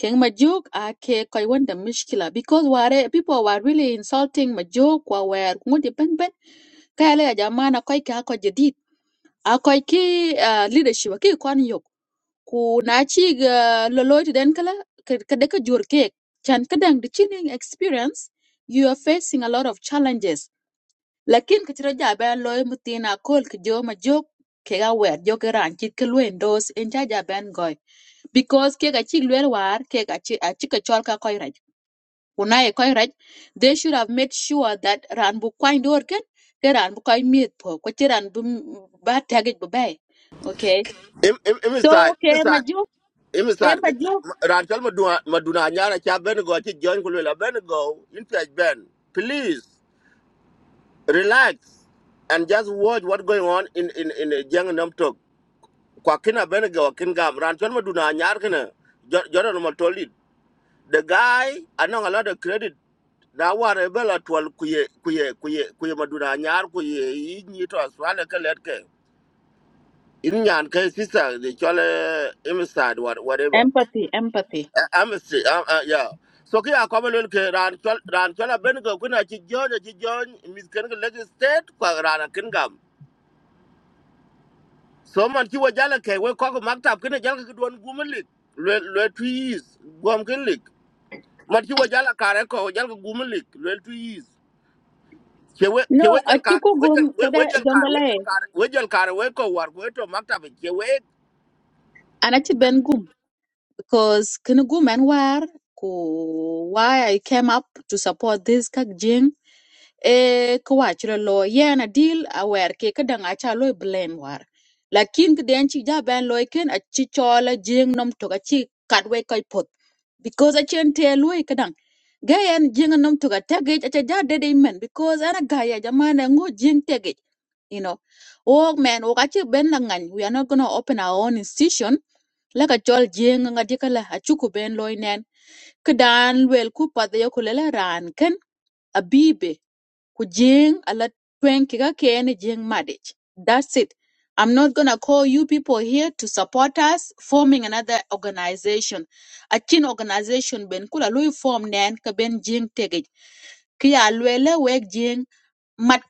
Speaker 1: ken majuk a ke koi wanda mishkila because ware people were really insulting majuk wa ware ngudi ben ben kaya le jamana koi ka ko jadid a koi ki ah, leadership ki kon yo ku na ci ga loloy ti den kala kada ka jur kek chan kadang the chilling experience you are facing a lot of challenges lakin ka tira ja ben loy mutina kol ka jo ma jok ke ga wer jo ke ran chit ka luen dos en ja ja ben goy because ke ga chi luen war ke ga chi a chi ka chol ka koy raj una e koy raj they should have made sure that ran bu kwain dor ken ke ran bu koy miet po ko ti ran bu m- ba tagich bu bay okay
Speaker 3: im im
Speaker 1: so
Speaker 3: inside
Speaker 1: ke ma
Speaker 3: inside im inside
Speaker 1: jok
Speaker 3: maduna maduna nyara cha ben go ti join in ben please relax and just watch what's going on in in in a young nam talk kwakina benega wakin gam ran chon maduna nyar kana jordan matolid the guy i know a lot of credit na ware bela twal kuye kuye kuye kuye maduna nyar kuye yi ni to aswale ka letke in nyan ka sister the chole inside what whatever
Speaker 1: empathy empathy
Speaker 3: i'm a, uh, yeah so ki akoba lel ke ran chol ran chola benega kuna chi jojo chi jon misken ke leg state kwa ran kin gam so man ci wo jala ke we ko ko maktab kene jal ko don gumalik le le tuis gom ken lik man ci wo jala kare ko jal ko gumalik le tuis ke we ke
Speaker 1: no
Speaker 3: we jal kar
Speaker 1: acuku
Speaker 3: we
Speaker 1: gum
Speaker 3: jal we
Speaker 1: kada
Speaker 3: we jal kar
Speaker 1: jongola
Speaker 3: we
Speaker 1: e
Speaker 3: jal kar we jal kar we ko war ko to maktab ke we
Speaker 1: anachi ben gum because kin gum and war ku why i came up to support this kak jing e kwachira lo yana deal aware ke kadang acha lo blame war lakin kden chi ja ben lo ken achi chola jing nom to achi kadwe kai pot because achen te lo kadang gayan jing nom to ka tagage acha ja dede men because ana gaya jamana ngo jing tege you know oh man o kachi ben la we are not going to open our own institution la a chol jeng nga dikala a chuku ben loy nen kedan wel ku pa de ko lela ran ken abibe ku jeng ala twen ki ken jeng madich that's it i'm not going to call you people here to support us forming another organization a chin organization ben kula loy form nen ka ben jeng tege ki ya lwele wek jeng mat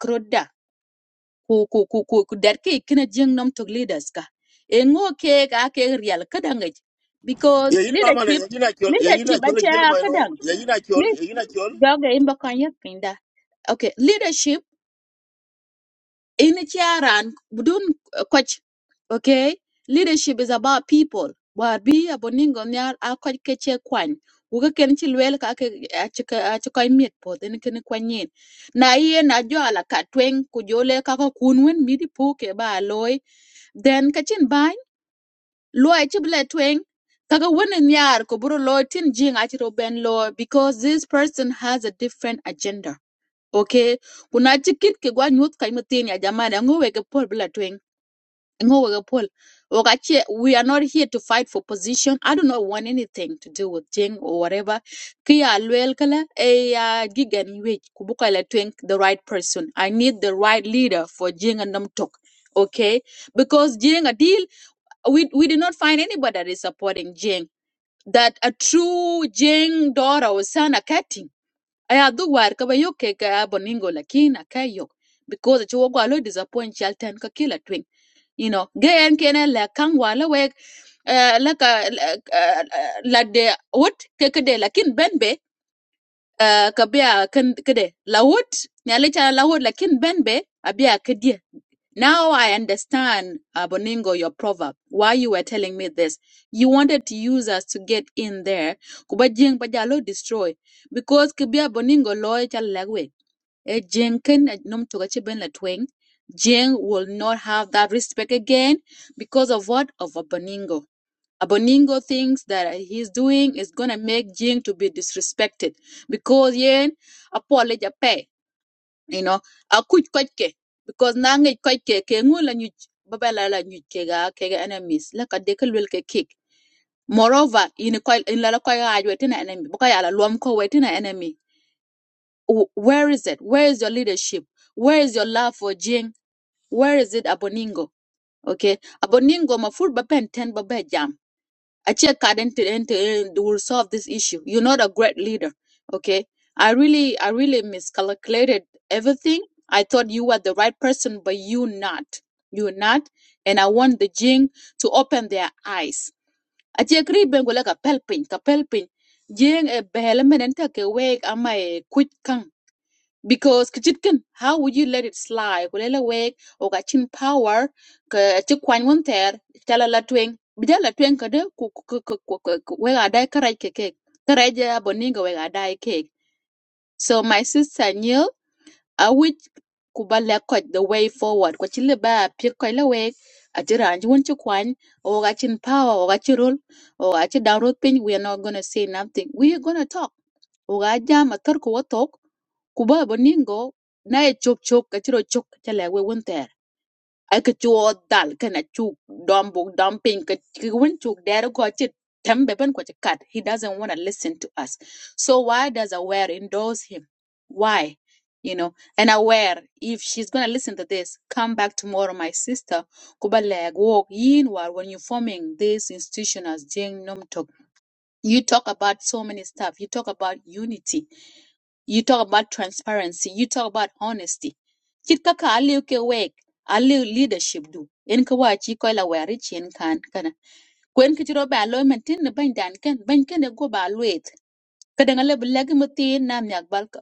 Speaker 1: ku ku ku ku ku det ki kine jeng nom tok leaders ka e ngo ke ka ke real kadang ej. because
Speaker 3: ye yin ma mane
Speaker 1: leadership
Speaker 3: ye yin a chol ye yin a
Speaker 1: leadership
Speaker 3: chol
Speaker 1: acha
Speaker 3: gil ma ro
Speaker 1: kadang
Speaker 3: ye yin a chol
Speaker 1: ni
Speaker 3: ye yin a chol
Speaker 1: joga imba kan yak pinda okay leadership in charan budun uh, coach okay leadership is about people war bi aboningo nyar a coach ke che kwan uga ken chi lwel ka ke a chi koy miet po den ken kwanyin na ye na jo ala ka tweng ku jole ka ko kun midi po ke ba loy then ka cin bany lo ai ci bula tweng kaga wannan yar ko buro lo tin jing ati ro ben lo because this person has a different agenda okay kuna ci kit ke gwa nyut kai mutin ya jamani ngo wege pol bula tweng ngo wege pol Wakache, we are not here to fight for position. I do not want anything to do with Jing or whatever. Kia luel kala e ya gigan wage kubuka la twink the right person. I need the right leader for Jing and Namtok. Okay? because jing a we we did not find anybody that is supporting Jing. That a true Jing daughter or son a cutting. I adu work kaba yo ke ka boningo lakin a kayo because it wogo alo disappoint Chalten ka kila twin. You know, gay and kena la kang wala weg uh, laka uh, la de what kekede lakin benbe uh, kabia kede la what nyale cha la what lakin benbe abia kedie now I understand, uh, Boningo, your proverb, why you were telling me this. You wanted to use us to get in there, kuba jing ba jalo destroy. Because kibia Boningo loy chal lagwe. E jing ken eh, num toga chi ben la tweng. Jing will not have that respect again because of what? Of a Boningo. A Boningo thinks that he's doing is gonna make Jing to be disrespected because yen apology pay you know akuc köc ke because na ŋic köc ke ke ŋo lanyuc ba ba la lanyuc kega kega enemies la ka de ka luel ke kik moreover in ko in la köc kaaj we tina enemy boka yala luom ko we tina enemy W- where is it where is your leadership where is your love for jing where is it aboningo okay aboningo mafur ba ben ten ba ba jam I Achia Kaden to end to end will solve this issue. You're not a great leader. Okay. I really I really miscalculated everything. I thought you were the right person, but you not. You're not. And I want the Jing to open their eyes. I Achia Kri Bengola ka pelpin, ka pelpin. Jing a behelemen and take away am I quick kang because kitchen how would you let it slide kulela wek o ka chin power ka ti kwan won ter tala la tweng bija la tweng ka de ku ku ku ku we ga dai karai ke ke karai ja boninga we ga dai ke so my sister knew awit ku ba lek koch the way forward ko ci li ba piet koch la wek ati ranj wun ci kwany o ga chin power o ga ci rol o ga ci down road piny we are not gonna say nothing we are gonna talk o ga jam a tar ko wa tok ku ba bo ningo na e chok chok ka ci ro chok ci le we wun ake chuo dal kana chuk dom buk dom ping ke win chuk dere ko chit tembe ben ko chit kat he doesn't want to listen to us so why does aware endorse him why you know and aware if she's going to listen to this come back tomorrow my sister kuba leg walk yin war when you're forming this institution as jing nom tok you talk about so many stuff you talk about unity you talk about transparency. You talk about honesty. Chit kaka aliu ke wek, aliu leadership du. En ka wa chi ko la wari chien kan kana. Kwen ki chiro ba lo men tin ni ban dan ken, ban ken e go ba luet. Ka dang le bulag mutin na myak bal ka-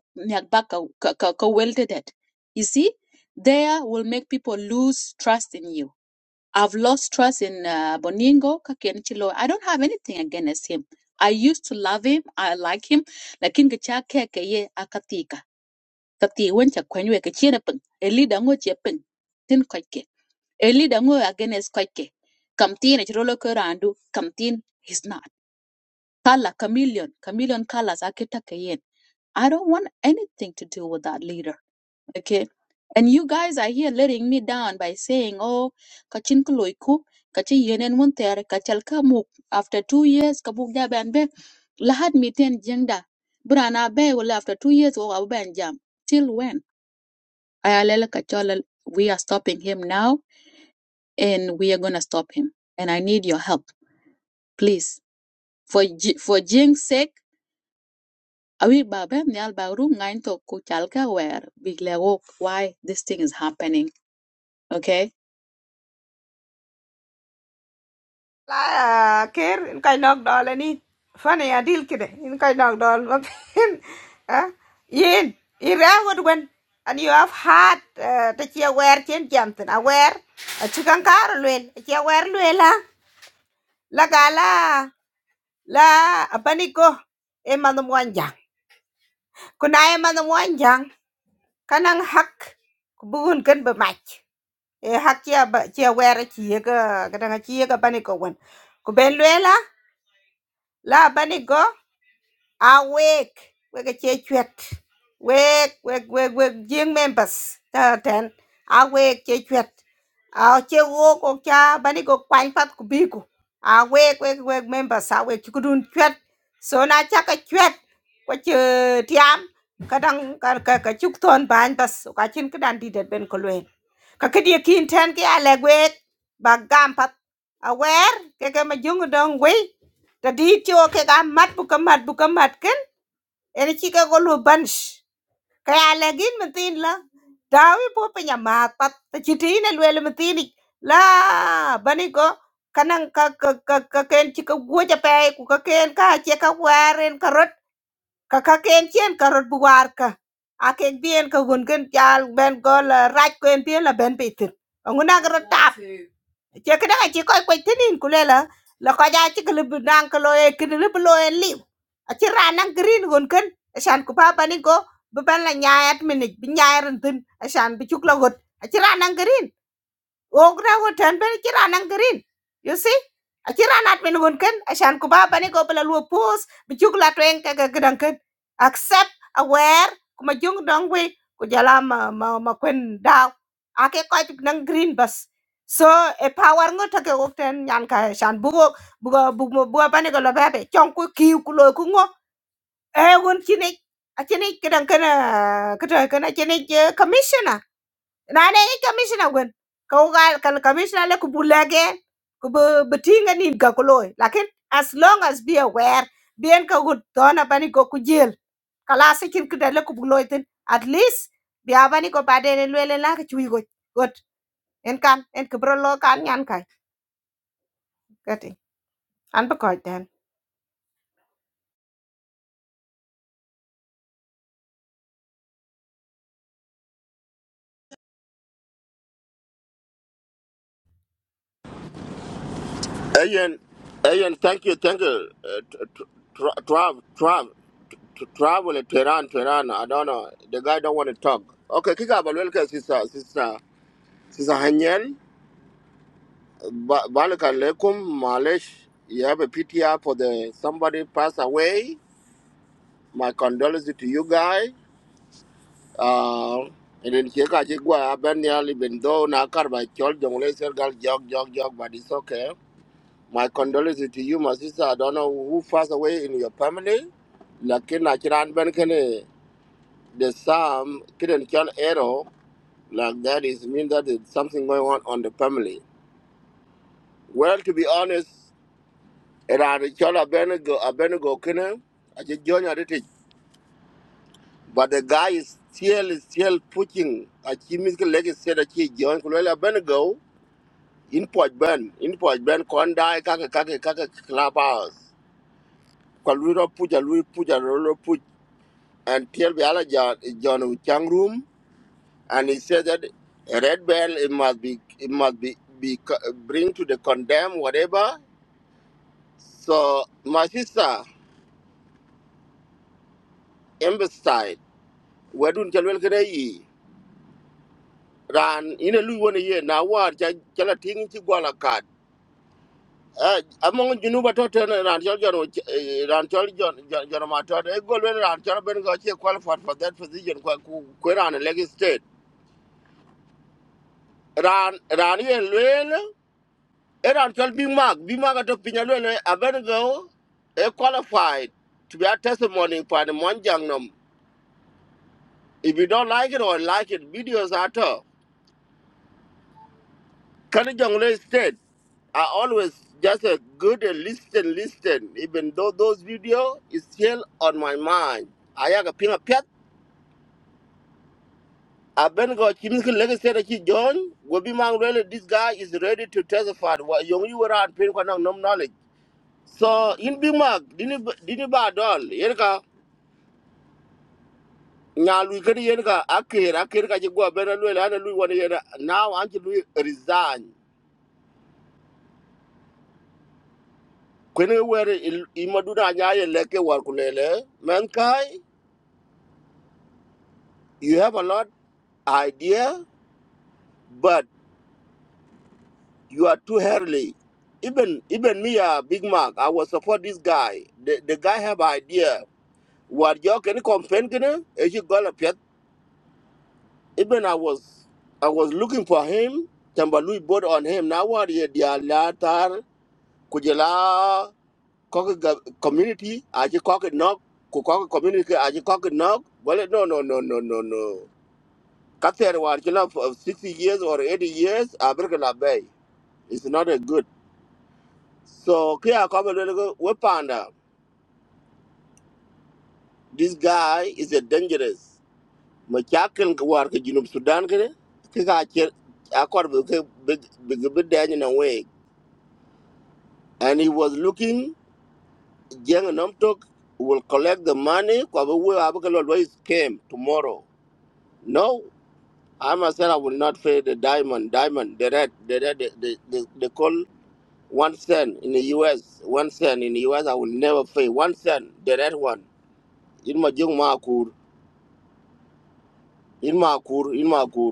Speaker 1: ba ka ka ka, ka welte det. You see, there will make people lose trust in you. I've lost trust in uh, Boningo Kakien Chilo. I don't have anything against him. I used to love him. I like him. Lakini kichake keye akatika ka ti wen cha kwen we ka chere pung e leader ngo che pung tin ko ke e leader ngo against ko ke kam tin e rolo ko randu kam is not kala chameleon chameleon colors za kita i don't want anything to do with that leader okay and you guys are here letting me down by saying oh kachin ko loy ku kachi yenen mun ter kachal ka muk after 2 years ka buk ja ban be lahat miten jengda brana be wala after 2 years wo ga ban jam till when Ayalele Kachola, we are stopping him now and we are going to stop him. And I need your help, please. For Ji- for Jing's sake, awi babe nyal baru ngain to kuchalka where big lego why this thing is happening, okay?
Speaker 5: لا كير إن كاي نوك دول أني فانا يا ديل كده إن كاي نوك دول ممكن ها ين يراود وين and you have had uh, the chia wear chen jamten aware a chikan kar luen chia wear luela la gala la abaniko e manum wanjang kuna e manum wanjang kanang hak kubugun kan be mach e hak chia ba chia wear chia ga kadang chia ga baniko wen ku ben apa la abaniko awake wega che chuet wake wake wake wake jing members ta ten awake che chuet aw che wo ko cha bani go kwang pat ku bi ku awake wake wake members awake chu dun chuet so na cha ka chuet ko che tiam ka dang ka ka ka chuk ton ban bas ka chin ka dan di det ben ko luen ka ke dia kin ten ke ale wek ba gam pat aware ke ke ma jung dong wei ta di cho ke ga mat bu ka mat bu ka mat Enichike golu bunch. Kaya lagin matin la. Dawi po pinya matpat. Tachitin alwele matini. La bani ko kanang ka ka ka ka ken chika guja pe ku ka ken ka che ka waren karot ka ka ken chen karot buwar ka akek bien ka gun ken chal ben ko la raj ko en la ben pitir anguna ka ta che kada ga chi ko ko tinin kulela la ko ja chi kle bidan ko loe kin le loe li a chi ranan green gon ken shan ku pa bani go bu ban la nyaayat minit bi nyaaran tin a shan bi chuk la got a chi ranan green ogra wo tan ben kira nan green you see a kira nat men gon ken ashan ku ba bani go bla lu pos bi chuk la twen ka ga gran ken accept aware kuma jung dong we ku jala ma ma ma kwen daw ake ko nan green bus, so e power ngo ta ke ok ten nyan ka shan bu go bu bua, bu bani go la ba be chong ku ki ku lo ku ngo e won chine a chine ke dan ken ka ta ken a chine commissioner rane i commissioner gwen ko gal kan commissioner le ku bulage ku betinga ni ga ko loy lakin as long as be aware bien ka gut dona bani go ku jel kala se kin kida le ku loy tin at least bi abani ko bade le le la ka chui go got en kan en ku bro lo kan nyan kai kati an ba ko den
Speaker 3: ayen ayen thank you thank you uh, t- t- tra- trav trav to travel it, Tehran, Tehran. I don't know. The guy don't want to talk. Okay, kick up a little sister, sister. Sisahanyan, Balaka Lekum, Malish, you have a PTR for the somebody passed away. My condolences to you guys. Uh, and then Cheka Chigwa Abanyal, even though Nakar by Chol Jongle Sergal Jog Jog Jog, but it's okay. My condolences to you, my sister. I don't know who passed away in your family. Lakin Achiran Benkene, the Sam, Kidden Chol Ero, like that is mean that there's something going on on the family. Well, to be honest, Iran called Abednego, Abednego Kene, I just joined at it. But the guy is still is still pushing. A chimical leg said that he joined Kulela Abednego in Port Ben, in Port Ben, Kondai, Kaka Kaka Kaka Clubhouse. Kalwira Puja, Lui Puja, Rolo Puj, and Tell Bialaja is John Chang room. And he said that a red bell, it must be, it must be, be co- bring to the condemn, whatever. So, my sister, Amber side, where do you tell ran ina lu wona ye na war ja jala ting ci gola kat among junu to ten ran jol jon ran jol jon jon ma to e gol wen ran jol ben go che qualified for that position ko ku ku ran leg state ran ran ye lwen e ran jol bi mag bi mag to pinya lwen a ben go e qualified to be a testimony for the monjang nom if you don't like it or like it videos at all Kanajong said, I always just a good and listen, listen, even though those video is still on my mind. I have a ping a pet. I been go chimney legacy said he John will be man really this guy is ready to testify what young you were on pin for no knowledge. So in Big Mac, didn't didn't bad all Yerka now we can Yerka Akir Akir Kajigua Benalwell and Louis one year now until we resign. Kwenye were imaduna nyaye leke wakulele. Menkai you have a lot idea, but you are too early. Even even me, uh, Big Mac, I will support this guy. The, the guy have idea. What you can complain kena? If you got a pet, even I was I was looking for him. Tambalui bought on him. Now what ye dia latar kujela koke ga- community aje koke knock ku koke community aje koke knock. Well, no no no no no no. Kather war chila for sixty years or eighty years. I break a bay. It's not a good. So kaya kama lele we panda. This guy is a dangerous. Machakel war ke Junub Sudan kere. Kika acher akor big big big dany na way. And he was looking. Jeng Namtok will collect the money. Kwa we abakelo always came tomorrow. No, I myself I will not pay the diamond. Diamond, the red, the red, the the, the, the call one cent in the U.S. One cent in the U.S. I will never pay one cent. The red one. in my jong ma kur in ma kur in ma kur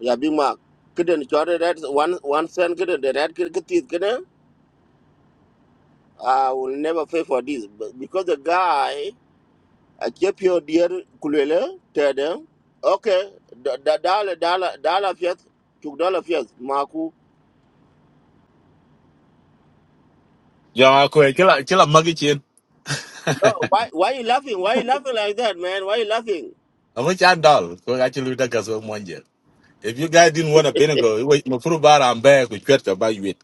Speaker 3: ya big mac kiden chore that one one cent kiden the red kid kitit kiden i will never pay for this but because the guy i keep your dear kulele tede okay da da dollar dollar dollar fiat two dollar fiat maku
Speaker 8: Yeah, kwe kila kila magi chin.
Speaker 3: no why why you laughing why you laughing like that man why you laughing
Speaker 8: I'm Amu chan dal kwe kachi luda kaso monje. If you guys didn't want a vinegar, wait, no furu bara ambe kuchwet kaba yuit.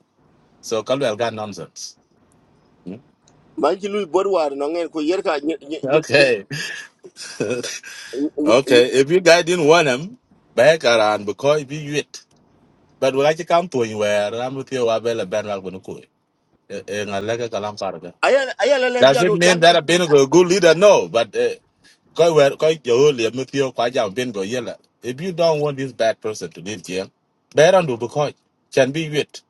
Speaker 8: So kalu elga nonsense. Hmm?
Speaker 3: man ki lui bor war I, ngen ko yer ka
Speaker 8: Okay. okay. If you guys didn't want him, back around because if you yuit. But we kachi come to anywhere. Ramu tiyo wabele ben wal bunu kui. Ngalega kalam farga.
Speaker 3: ayan ayan le
Speaker 8: Does it
Speaker 3: jado
Speaker 8: mean that a vinegar a good leader? No, but. uh, Koi wer koi jo le me pio kwa jam ben go yela. If you don't want this bad person to live here, bear on do because can be wit.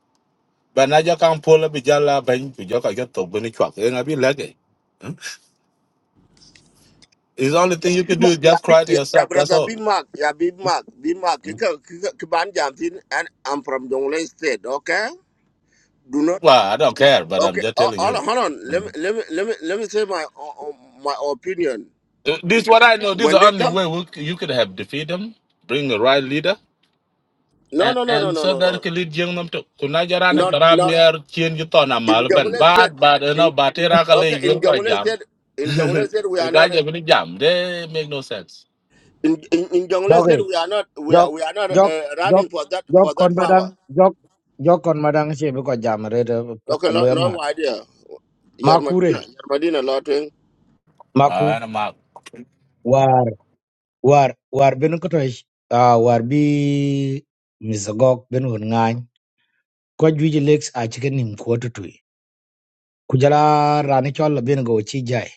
Speaker 8: But now you can't pull up with jala bang to joka get to bunny chuck. And I be lucky. It's the only thing
Speaker 3: ya
Speaker 8: you
Speaker 3: big,
Speaker 8: can do
Speaker 3: mak
Speaker 8: is
Speaker 3: ya
Speaker 8: just
Speaker 3: bi
Speaker 8: cry to
Speaker 3: ya ya
Speaker 8: yourself. That's
Speaker 3: brother bi
Speaker 8: all.
Speaker 3: mak ya big mak bi mak ke ke ke ke ban jam and I'm from Jonglei state okay do not
Speaker 8: Well, I don't care, but I'm
Speaker 3: okay
Speaker 8: just
Speaker 3: oh,
Speaker 8: telling
Speaker 3: hold on
Speaker 8: you.
Speaker 3: hold on let me
Speaker 8: Mm.
Speaker 3: let me let me let me say my uh, uh, my opinion
Speaker 8: Uh, This is what I know. This is
Speaker 3: when
Speaker 8: the
Speaker 3: they
Speaker 8: only
Speaker 3: come
Speaker 8: way we, c- you could have defeated them, bring the right leader,
Speaker 3: no
Speaker 8: and,
Speaker 3: no no no
Speaker 8: and
Speaker 3: no
Speaker 8: so
Speaker 3: no
Speaker 8: that
Speaker 3: no
Speaker 8: can lead young them to. Kunajaran and
Speaker 3: not not
Speaker 8: Taramier, Chin Yuton
Speaker 3: in
Speaker 8: Amalban.
Speaker 3: Jonglei state
Speaker 8: Bad, bad, you
Speaker 3: in
Speaker 8: know, Batira
Speaker 3: okay in Jonglei
Speaker 8: Kali,
Speaker 3: state in Jonglei state we
Speaker 8: The
Speaker 3: are
Speaker 8: guy
Speaker 3: not
Speaker 8: just been jam. They make no sense.
Speaker 3: in in, in Jonglei
Speaker 6: doge
Speaker 3: state we are not we are
Speaker 6: jok
Speaker 3: we are not
Speaker 6: jok
Speaker 3: uh, running
Speaker 6: jok
Speaker 3: for that
Speaker 6: jok
Speaker 3: for
Speaker 6: kon
Speaker 3: that
Speaker 6: madang
Speaker 3: power
Speaker 6: jok jok kon madang che bi ko jam re de
Speaker 3: okay lo
Speaker 6: loya ma
Speaker 3: lo idea
Speaker 6: makure
Speaker 3: Yarmadina, Yarmadina, Lord. eh?
Speaker 6: maku
Speaker 8: Ah, and I'm out.
Speaker 6: war war war ben ko toy ah war bi misgok ben won ngany ko juji lex a chicken nim ko to tuy ku jala rani chol ben go chi jai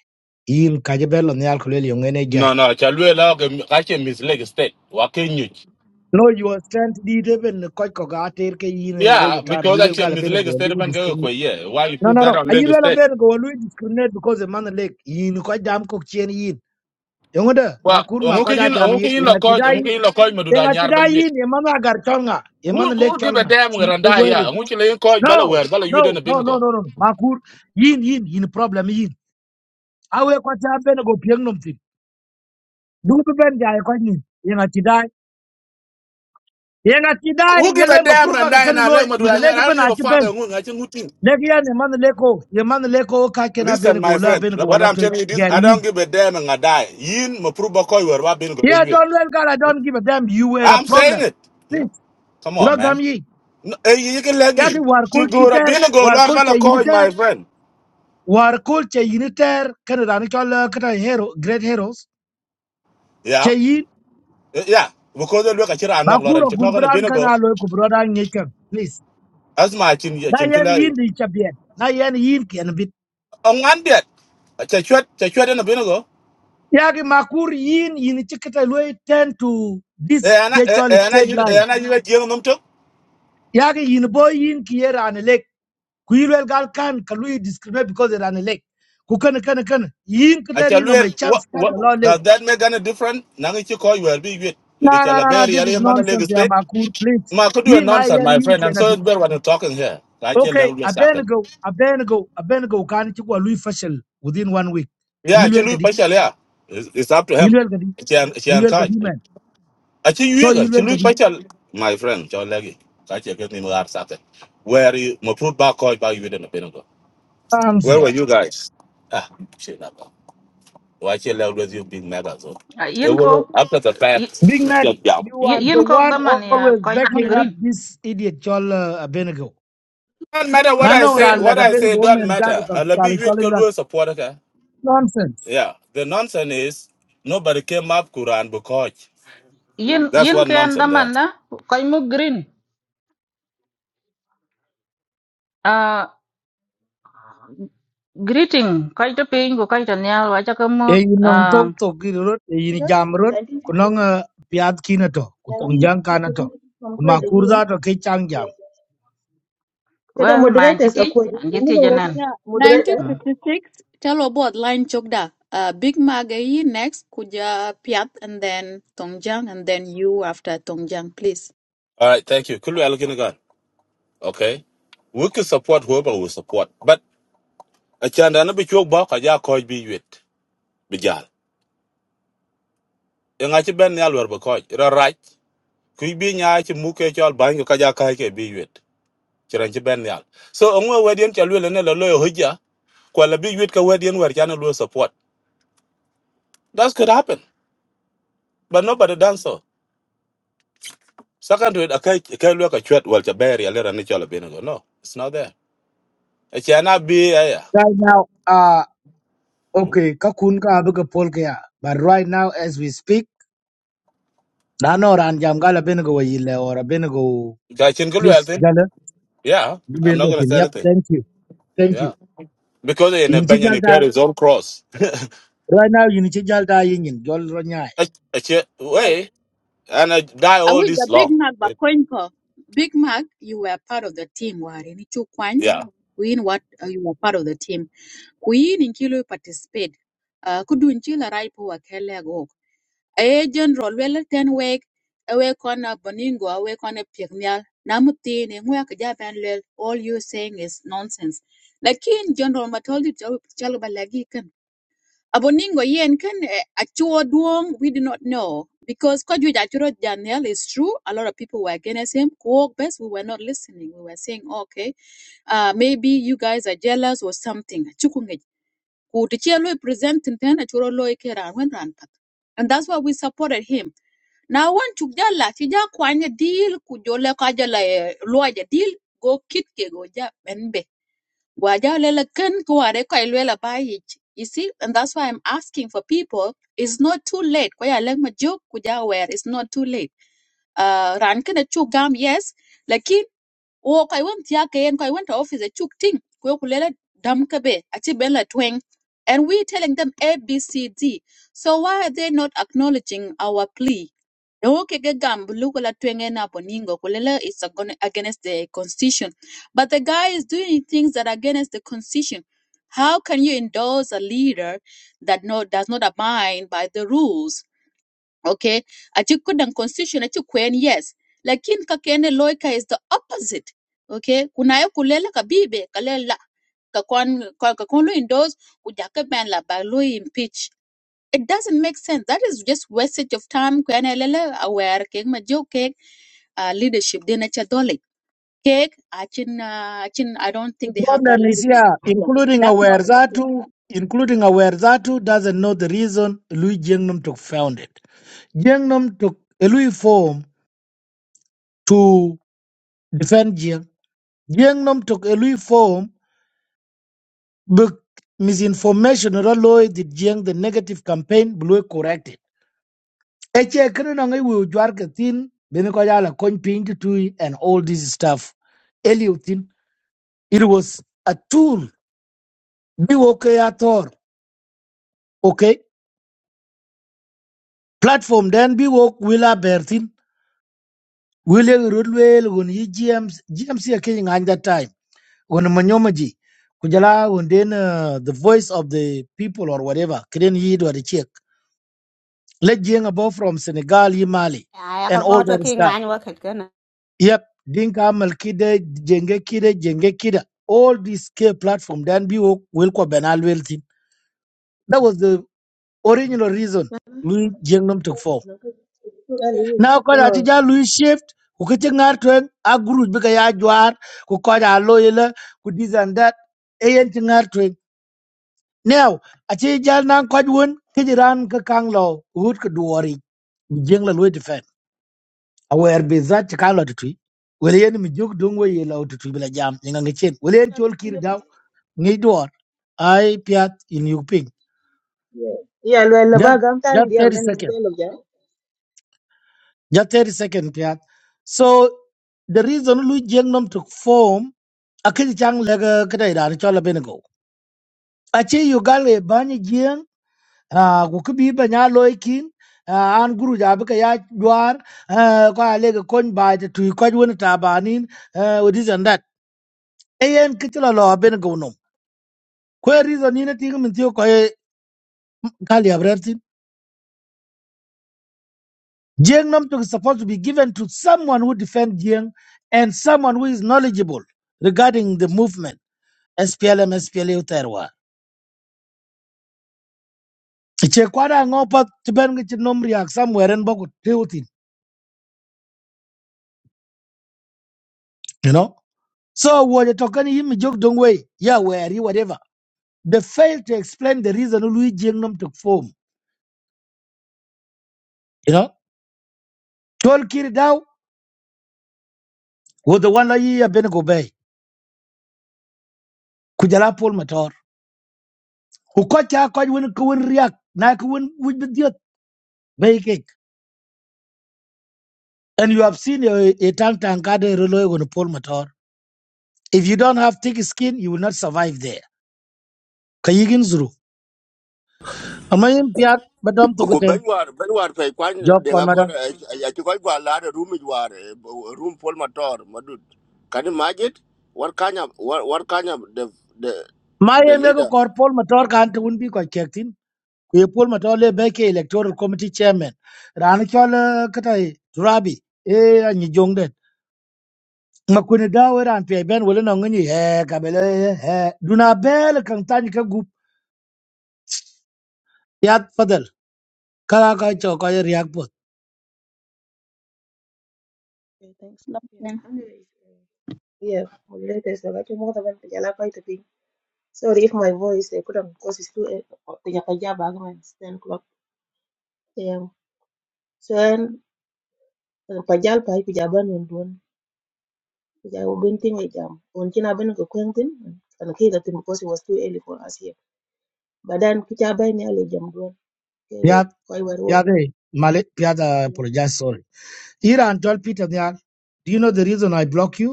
Speaker 6: yin ka je ben lo nyal ko le yo
Speaker 8: No, no. Chalwe la. Actually, Miss Leg State. Wakin you.
Speaker 6: No, you are stand lead even quite cogated all
Speaker 8: Yeah,
Speaker 6: the time.
Speaker 8: because
Speaker 6: You will got
Speaker 8: actually
Speaker 6: a
Speaker 8: Miss
Speaker 6: ben
Speaker 8: Leg
Speaker 6: go
Speaker 8: State ban go
Speaker 6: discriminate.
Speaker 8: kwe yeah. Why you
Speaker 6: No,
Speaker 8: put
Speaker 6: no,
Speaker 8: that
Speaker 6: no.
Speaker 8: on
Speaker 6: Are you
Speaker 8: Leg
Speaker 6: let a
Speaker 8: State?
Speaker 6: ben go discriminate because the man leg in quite damn cook chain in. Yongoda,
Speaker 8: Well,
Speaker 6: Makur
Speaker 8: unguke
Speaker 6: Makoda
Speaker 8: yin
Speaker 6: jam
Speaker 8: unguke
Speaker 6: yit,
Speaker 8: yin
Speaker 6: in a
Speaker 8: lokoj
Speaker 6: tidai,
Speaker 8: unguke yin lokoj
Speaker 6: in
Speaker 8: maduda
Speaker 6: a
Speaker 8: nyar ba
Speaker 6: tidai
Speaker 8: yuet.
Speaker 6: in, Yamana Gartonga,
Speaker 8: Who
Speaker 6: Yamana Lake
Speaker 8: who give a
Speaker 6: chonga.
Speaker 8: damn
Speaker 6: See,
Speaker 8: when
Speaker 6: they
Speaker 8: Randa
Speaker 6: were
Speaker 8: ya?
Speaker 6: it.
Speaker 8: Unguke le yin koj bala
Speaker 6: No,
Speaker 8: wer bala yuet
Speaker 6: no,
Speaker 8: na
Speaker 6: no, no,
Speaker 8: bingo.
Speaker 6: no, no. Makur, yin, yin, yin, problem yin. I will quite have ben go pianum thing. Do the ben die quite in a tidai. In a
Speaker 8: Who who
Speaker 6: tidai,
Speaker 8: give a
Speaker 6: Yelwen
Speaker 8: damn
Speaker 6: Mapurba
Speaker 8: Randa
Speaker 6: can
Speaker 8: na le
Speaker 6: loy, the
Speaker 8: maduda
Speaker 6: leg
Speaker 8: nyar? I don't
Speaker 6: ben
Speaker 8: give
Speaker 6: at
Speaker 8: a
Speaker 6: ben.
Speaker 8: fuck. Unguke ngachi ngutin.
Speaker 6: Legia man leko, ye man leko ka kena
Speaker 8: Listen, my
Speaker 6: la
Speaker 8: friend.
Speaker 6: benigo
Speaker 8: What
Speaker 6: wala
Speaker 8: I'm
Speaker 6: to
Speaker 8: telling you this, I don't give a damn and I die. Yin mapruba koj wer ba bingo ba
Speaker 6: Yeah,
Speaker 8: yuet.
Speaker 6: don't let God, I don't give a damn, you were a
Speaker 8: I'm saying
Speaker 6: problem.
Speaker 8: it. Yeah.
Speaker 6: Please,
Speaker 8: Come
Speaker 6: you
Speaker 8: on,
Speaker 6: know
Speaker 8: man.
Speaker 6: gam ye.
Speaker 8: No, eh, You can leggy.
Speaker 6: Yaki war
Speaker 8: To
Speaker 6: kul
Speaker 8: go to
Speaker 6: chiter,
Speaker 8: Bina go,
Speaker 6: war
Speaker 8: Lord
Speaker 6: kul che
Speaker 8: Balakoy,
Speaker 6: uniter,
Speaker 8: my friend.
Speaker 6: war kul che uniter, kana dani kala kana hero, great heroes.
Speaker 8: Yeah.
Speaker 6: Che yin,
Speaker 8: Eh, Yeah. Because they look at you, I'm not Lauren.
Speaker 6: bakuro
Speaker 8: You're not going to
Speaker 6: gurbran
Speaker 8: Bina go.
Speaker 6: kana alo kubroda ngekem. Please,
Speaker 8: That's my chin, your
Speaker 6: na
Speaker 8: chin
Speaker 6: yen
Speaker 8: killer.
Speaker 6: yin di chabien, na yen yin kian bit.
Speaker 8: On one bit. A chachuet, chachuet in a Bina go.
Speaker 6: Yaki makur yin yin chikita loy tend to this
Speaker 8: Eh, And I, eh,
Speaker 6: spiritual
Speaker 8: eh, and I,
Speaker 6: state
Speaker 8: you,
Speaker 6: life.
Speaker 8: eh, and I, you at young them too.
Speaker 6: yake in boy in ki yer an elek ku yirwel gal kan ka lui discriminate because it an elek ku kan kan kan yin
Speaker 8: I
Speaker 6: kder
Speaker 8: tell you,
Speaker 6: yin my
Speaker 8: eh, what,
Speaker 6: chance can the law
Speaker 8: what,
Speaker 6: late
Speaker 8: does that make any difference? Now that you call, you will be with.
Speaker 6: no
Speaker 8: It's
Speaker 6: no
Speaker 8: a
Speaker 6: no no
Speaker 8: very
Speaker 6: this is
Speaker 8: area man,
Speaker 6: nonsense
Speaker 8: Lagos
Speaker 6: ya
Speaker 8: State.
Speaker 6: makur please
Speaker 8: Ma, could do a
Speaker 6: yin ay
Speaker 8: nonsense,
Speaker 6: yan
Speaker 8: my
Speaker 6: yin
Speaker 8: friend.
Speaker 6: ki
Speaker 8: I'm
Speaker 6: a
Speaker 8: so it's
Speaker 6: bit
Speaker 8: better when you're talking here. I can't
Speaker 6: okay
Speaker 8: let you
Speaker 6: abenego abenego Can you go ko lui fashal within one week
Speaker 8: Yeah, she
Speaker 6: yilwel
Speaker 8: lose
Speaker 6: kadi
Speaker 8: partial. Yeah, it's, it's up to him.
Speaker 6: yilwel kadi
Speaker 8: She and she and
Speaker 6: yilwel kadi
Speaker 8: catch.
Speaker 6: man
Speaker 8: Achi
Speaker 6: so
Speaker 8: yuga, she
Speaker 6: yilwel
Speaker 8: lose
Speaker 6: kadi
Speaker 8: partial. My friend, John Leggy, catch you get me more upset. Where you my food back call back you didn't know, Pinnacle.
Speaker 6: thanks
Speaker 8: Where were
Speaker 6: yeah
Speaker 8: you guys? Ah, shit, that guy. Why she left with you big mega so?
Speaker 9: Ah,
Speaker 8: It
Speaker 9: yin
Speaker 8: was
Speaker 9: ko
Speaker 8: after the
Speaker 9: y-
Speaker 8: fact.
Speaker 6: big mac
Speaker 8: just yeah.
Speaker 6: you
Speaker 9: y-
Speaker 6: are the
Speaker 9: yin ko
Speaker 6: one
Speaker 10: मुद्रा
Speaker 9: daman ya
Speaker 6: always
Speaker 10: Prakash
Speaker 9: koy mu
Speaker 6: backing up
Speaker 9: green
Speaker 6: this idiot chol uh, abenego
Speaker 8: Don't
Speaker 10: का
Speaker 8: matter
Speaker 10: आपको
Speaker 8: what I
Speaker 6: Nanong
Speaker 8: say.
Speaker 10: जो
Speaker 6: ran la
Speaker 8: What I
Speaker 6: tapen
Speaker 8: say
Speaker 10: मिला है
Speaker 8: don't
Speaker 6: government da to
Speaker 8: matter. And the
Speaker 6: kapitali
Speaker 8: big weird
Speaker 6: soli
Speaker 8: girl
Speaker 6: la
Speaker 8: will support her.
Speaker 6: nonsense.
Speaker 8: Yeah, the nonsense is nobody came up Quran because
Speaker 9: yin
Speaker 8: that's
Speaker 9: yin
Speaker 8: what
Speaker 9: ken
Speaker 8: nonsense there.
Speaker 9: daman na koy mu green uh, greeting koy to pin ko koy to nyal wa cha ko mu
Speaker 6: E inong
Speaker 9: uh,
Speaker 6: tok tok rut, e in
Speaker 10: sir
Speaker 6: jam rut, kunong
Speaker 10: 1956
Speaker 6: uh, piat ki kutong jang ka na to.
Speaker 10: 1956 हमको
Speaker 6: Kuma
Speaker 10: देगी
Speaker 6: jam.
Speaker 10: kada
Speaker 9: well man chi
Speaker 10: moderators
Speaker 9: ti
Speaker 10: akwai
Speaker 9: an chi
Speaker 10: yanzu
Speaker 9: ti
Speaker 10: ban rasa
Speaker 9: janan
Speaker 1: Yeah,
Speaker 10: moderator
Speaker 9: hmm.
Speaker 1: 1956. Chalo bod line chokda. Uh, Big Magayi next, Kuja Piat, and then Tongjiang, and then you after Tongjiang, please.
Speaker 8: All right, thank you. Could we look in okay we can support whoever we support but a chanda na bi chok ba ka ja ko bi wet bi jal e nga ci ben yal wer ba ko ra raj ku bi nya ci mu ke chol ban ka ja ka ke bi wet ci ran ci ben yal so onwe wedien chal wele ne lo lo hoja kwa la big wit ka wedi wer chana luo support that could happen but nobody done so second to it akai akai luo ka chwet wal chaberi alera ni chola bino go no it's not there a chana be ya ya
Speaker 6: Right now, uh,
Speaker 8: Hmm?
Speaker 6: okay, ka ka abu ka But right now as we speak, nano ran jam gala benego yile or a benego,
Speaker 8: ga chin ko luo
Speaker 6: please gala,
Speaker 8: yeah i'm
Speaker 6: gubin
Speaker 8: not
Speaker 6: lo
Speaker 8: going to
Speaker 6: kin.
Speaker 8: say
Speaker 6: Yep,
Speaker 8: anything
Speaker 6: thank you, thank you.
Speaker 8: Yeah. because in a
Speaker 6: Inichi jal
Speaker 8: Benjamin carry his own cross.
Speaker 6: right now inichi jal yin jol ro
Speaker 8: Ach- achie-
Speaker 1: Like,
Speaker 8: Way and I die
Speaker 1: I
Speaker 8: all
Speaker 1: wish the
Speaker 8: this
Speaker 1: Big
Speaker 8: long.
Speaker 1: Mac
Speaker 8: It-
Speaker 1: Bakoinko. Big Mac, you were part of the team, Wari.
Speaker 8: Yeah.
Speaker 1: kuin what uh, you are part of the team kuin in kilo participate uh, kudun chila right po akele go a general well ten week awe kona boningo awe kona pigmial namuti ne ngwa kja ben lel all you saying is nonsense lakin general matoldi chalba lagi kan aboningo yen kan eh, achuo duong we do not know because kwaju achuro daniel is true a lot of people were against him kuok best we were not listening we were saying okay uh, maybe you guys are jealous or something. Chukungej. Ku tichelo present ten achuro loy kera wen ran pat. And that's why we supported him. Now one chukjala chija kwanya deal kujole kajala eh, luaja deal go kitke go ja benbe. Gwaja lele ken kuare kwa ilwela bayich. You see, and that's why I'm asking for people. It's not too late. Kwaya leng majuk kuja aware. It's not too late. Uh, ran kena chugam yes wo ko won tiya ke en won to office a chuk ting ko ku lele dam ka be a tweng and we telling them a b c d so why are they not acknowledging our plea the okay ke gam lu ko la tweng e na poningo ko is agon- against the constitution but the guy is doing things that are against the constitution how can you endorse a leader that no, does not abide by the rules okay ati kudan constitution ati kwen yes lakin ka kene loika is the opposite okay kunayo ye kulela ka bibe kalela ka kon ka ka kon lo indoors kuja ka ban la ba lo impeach it doesn't make sense that is just wastage of time kwen lele aware ke ma jo ke uh, leadership de na cha dole ke achin uh, achin i don't
Speaker 6: The
Speaker 1: think they have that
Speaker 6: problem is
Speaker 1: leadership
Speaker 6: here,
Speaker 1: yeah,
Speaker 6: including
Speaker 1: that's
Speaker 6: aware
Speaker 1: not okay
Speaker 6: Zatu, including aware Zatu doesn't know the reason Louis Jiangnam took found it. Jiangnam took a Louis form to defend Jiang. Jiangnam took a Louis form but misinformation or alloy the Jiang the negative campaign blue corrected. Eche kinunangai wi jwarka thin bene ko jala kony piny to tui and all this stuff. Eliutin, it was a tool. Be okay at all. okay. platform den bi wo wila bertin wile rudwel won yi GMC GMC ke ngan that time won manyomaji kujala won den uh, the voice of the people or whatever kiden yi do the check let jeng above from Senegal yi Mali
Speaker 5: ay ka
Speaker 6: and all
Speaker 5: go to
Speaker 6: that
Speaker 5: ki
Speaker 6: stuff
Speaker 5: ngan wa khet kana
Speaker 6: yep dinka malkide jenge kide jenge kida all this K platform then bi wo will ko benal weltin that was the original reason
Speaker 10: na
Speaker 6: we jeng took form
Speaker 10: general
Speaker 6: Now, ko da ti ja lu shift ku ke ti ngar twen a guru bi ka ya jwar ku ko da lo yele ku this and that e yen ti ngar twen now a ti ja nan ko won ti ji ran ka kang lo hut ka duori mi jeng la lo ti fen a wer bi za ti ka lo ti tui wele yen mi jog dong we ye ti tui bi la jam ni nga ngi chen wele yen chol kir daw ngi duor ai piat in you ping
Speaker 10: yeah yeah lo ba
Speaker 6: just
Speaker 10: gam time
Speaker 6: just
Speaker 10: Yeah.
Speaker 6: 30
Speaker 10: then you
Speaker 6: second
Speaker 10: dialogue yeah
Speaker 6: just 30 second piat so the reason Louis jeng took form akil chang lega kada iran chola benego ache yugal e bany jien a ku kibi banya loikin an guru jabe ka ya jwar ko alega kon ba tu ko wona tabanin with this and that ayen kitla lo benego no ko reason ni na tinga min tiyo ko e gali abrertin jien nam to is supposed to be given to someone who defend jien and someone who is knowledgeable regarding the movement SPLM SPLA che kwada ngo pat ngi nom riak somewhere en boku tiutin you know so wo je token yim jog dong way ya where you whatever they failed to explain the reason lui jing nom to form you know tol kir daw wo the one la yi ya ben go bay ku jala pol motor ku ko cha ko won ko won riak na ko won wuj bi diot bay cake and you have seen a, a tank tankade ka de relo go no pol motor if you don't have thick skin you will not survive there kayigin zuru amayin piat badam to
Speaker 3: ku ben
Speaker 6: guten
Speaker 3: war ben war pe kwan
Speaker 6: job
Speaker 3: de
Speaker 6: kon
Speaker 3: ga
Speaker 6: madam.
Speaker 3: kor a ti ko gwa la room mi war room pol motor madut can you imagine what kind of what, the the
Speaker 6: My
Speaker 3: the
Speaker 6: ye me ko
Speaker 3: leader
Speaker 6: kor pol motor kan to un bi ko chektin ku ye electoral committee chairman ran chol eh, kata eh, turabi e anyi jongde ma kuni dawe ran pe ben wala no ngani he ka bele he duna bel kan tani ka gup yat fadal kala ka cho ka ye riak pot
Speaker 10: okay thanks yeah and yeah moderators da kake mota ban ta yala kai tafi sorry if my voice they couldn't because it's too eh, ta ya kaja ba ga man 10 o'clock Yeah. so pajal pai kujaban on don kujai ubin tin e jam on kina ben ko kwentin an kila tin because it was too early for us here badan kujaban ni ale jam don ke we
Speaker 6: yat
Speaker 10: koi war wo
Speaker 6: yat e male yat eh, apologize sorry iran tol peter nyar do you know the reason i block you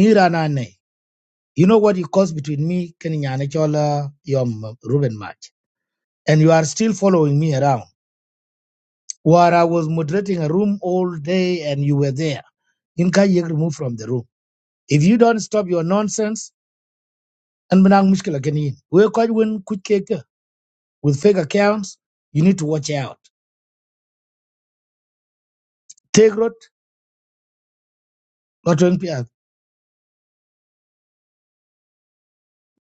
Speaker 6: iran ane you know what you caused between me kenya and chol eh, eh, ruben match and you are still following me around. Where I was moderating a room all day and you were there. Inka yek removed from the room. If you don't stop your nonsense, and benang mushkila kenin. We quite win quick cake with fake accounts. You need to watch out. Take road, not one pier.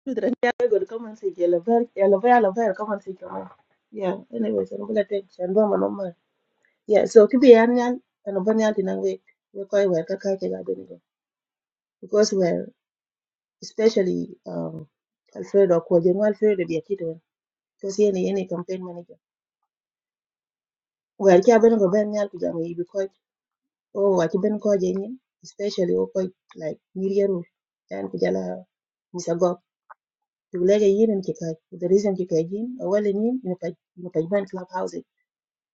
Speaker 10: tudra ni ale god come and say yellow ver yellow ver yellow ver come and say come yeah anyway so ngula tek chan do manom ma yeah so kibi yan yan an ban yan tin we we koi war ka ka ke ga ben go because we especially um Alfredo ko jeno Alfredo dia kitu because yeye ni yeye campaign manager Well, cha ben ko ben nyal pijama yi because oh wa ci ben ko je nyin especially o ko like nyiriyeru dan pijala misa go to lege yin en ci kay the reason ci kay jin wala ni ni pa ni pa ben club house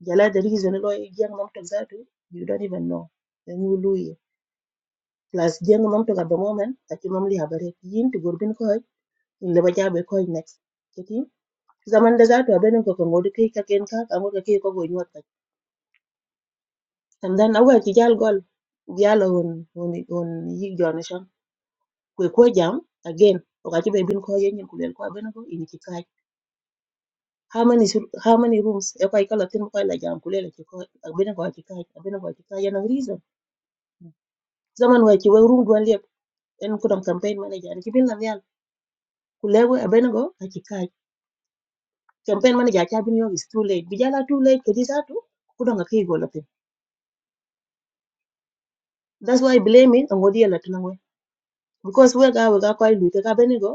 Speaker 10: jala the reason lo jeng mom tok zatu you don't even know then you lose plus jeng mom tok at the moment ati mom li habare yin to gor bin ko in le ba jabe ko next kiti zaman da zatu ben ko ko ngodi kay ka ken ka ka ngodi kay ko go nyot and then awer ci jal gol jalo won won won yi jona sham kwe ko jam again okachi be bin ko yen ku lel ko bena ko ini ci kaj how many sur- how many rooms e ko kala tin ko la jam ku lel ci ko bena ko ci kaj bena ko ci kaj yana reason zaman wa ci wa room don lep en ko dam campaign manager ni ci bin la yal ku lewo e bena go a ci kaj campaign manager cha bin yo is too late bi jala too late ko di satu ku dam ka kai go la tin that's why blaming and wodi la tin ngwe because we ga we ga ko lu te ka bena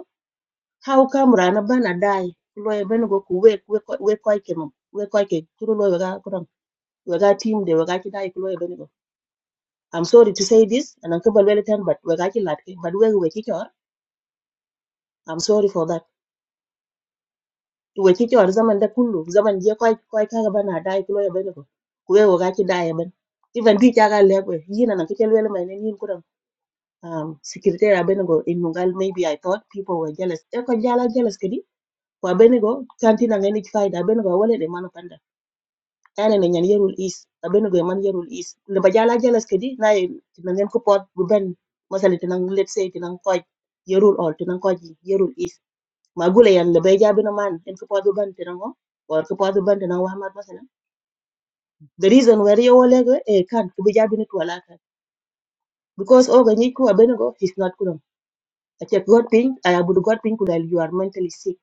Speaker 10: how come rana bana dai loye ben go wake, wake, wake, wake, wake, koy ke mum we koy ke kuro loye ga kuram we ga team de we ga ki dai ku loye ben go i'm sorry to say this and uncle bal weletan but we ga ki lat ke but we we ki chor i'm sorry for that To wake, ki chor zaman da kullu zaman je koy koy ka ga bana dai ku loye ben go ku we we ga ki dai ben even bi ta ga le we yina nan ke lele mai ne yin kuram um secretary abenego in mungal maybe i thought people were jealous e ko jala jealous kedi ko abenego kantina ngeni faida abenego wala de mano ene ne nyen yerul is abeno ge man yerul is le ba jala jelas kedi na na nyen ko pot bu ben masali tinan let's say tinan ko yerul all tinan ko yerul is ma gule yan le bay jabi na man en ko pot bu ben tinan ko or ko pot bu ben tinan wa mat masala the reason where you wole go e kan ko bu jabi na wala kan because o ga ni ko abeno go he's not kuno a check god thing i abu god thing ko dal you are mentally sick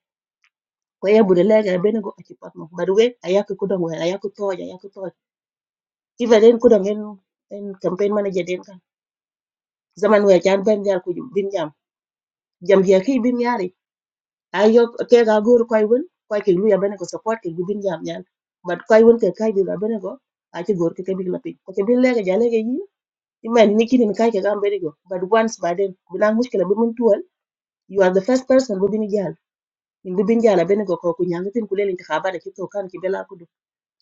Speaker 10: ko ya bu de le ga abeno go a check pot mo but we ayako kudo we ayako toja ayako toja even en kudo en en campaign manager den zaman we chan ben jal ku bin jam jam je ki bin yari ayo ke ga gur koy won koy ki lu ya ben ko support ki bin jam nyan but koy won ke kay dira ben ko a ci gor ke ke bi la pin ko ke bin le ga jale ga yi i man ni kinin kay ke gam be go but once by then bilang mushkila bi mun tuwal you are the first person bu bin jal min bi bin jala ben ko ko ku nyanga tin ku le lin khabara ci to kan ki bela ku du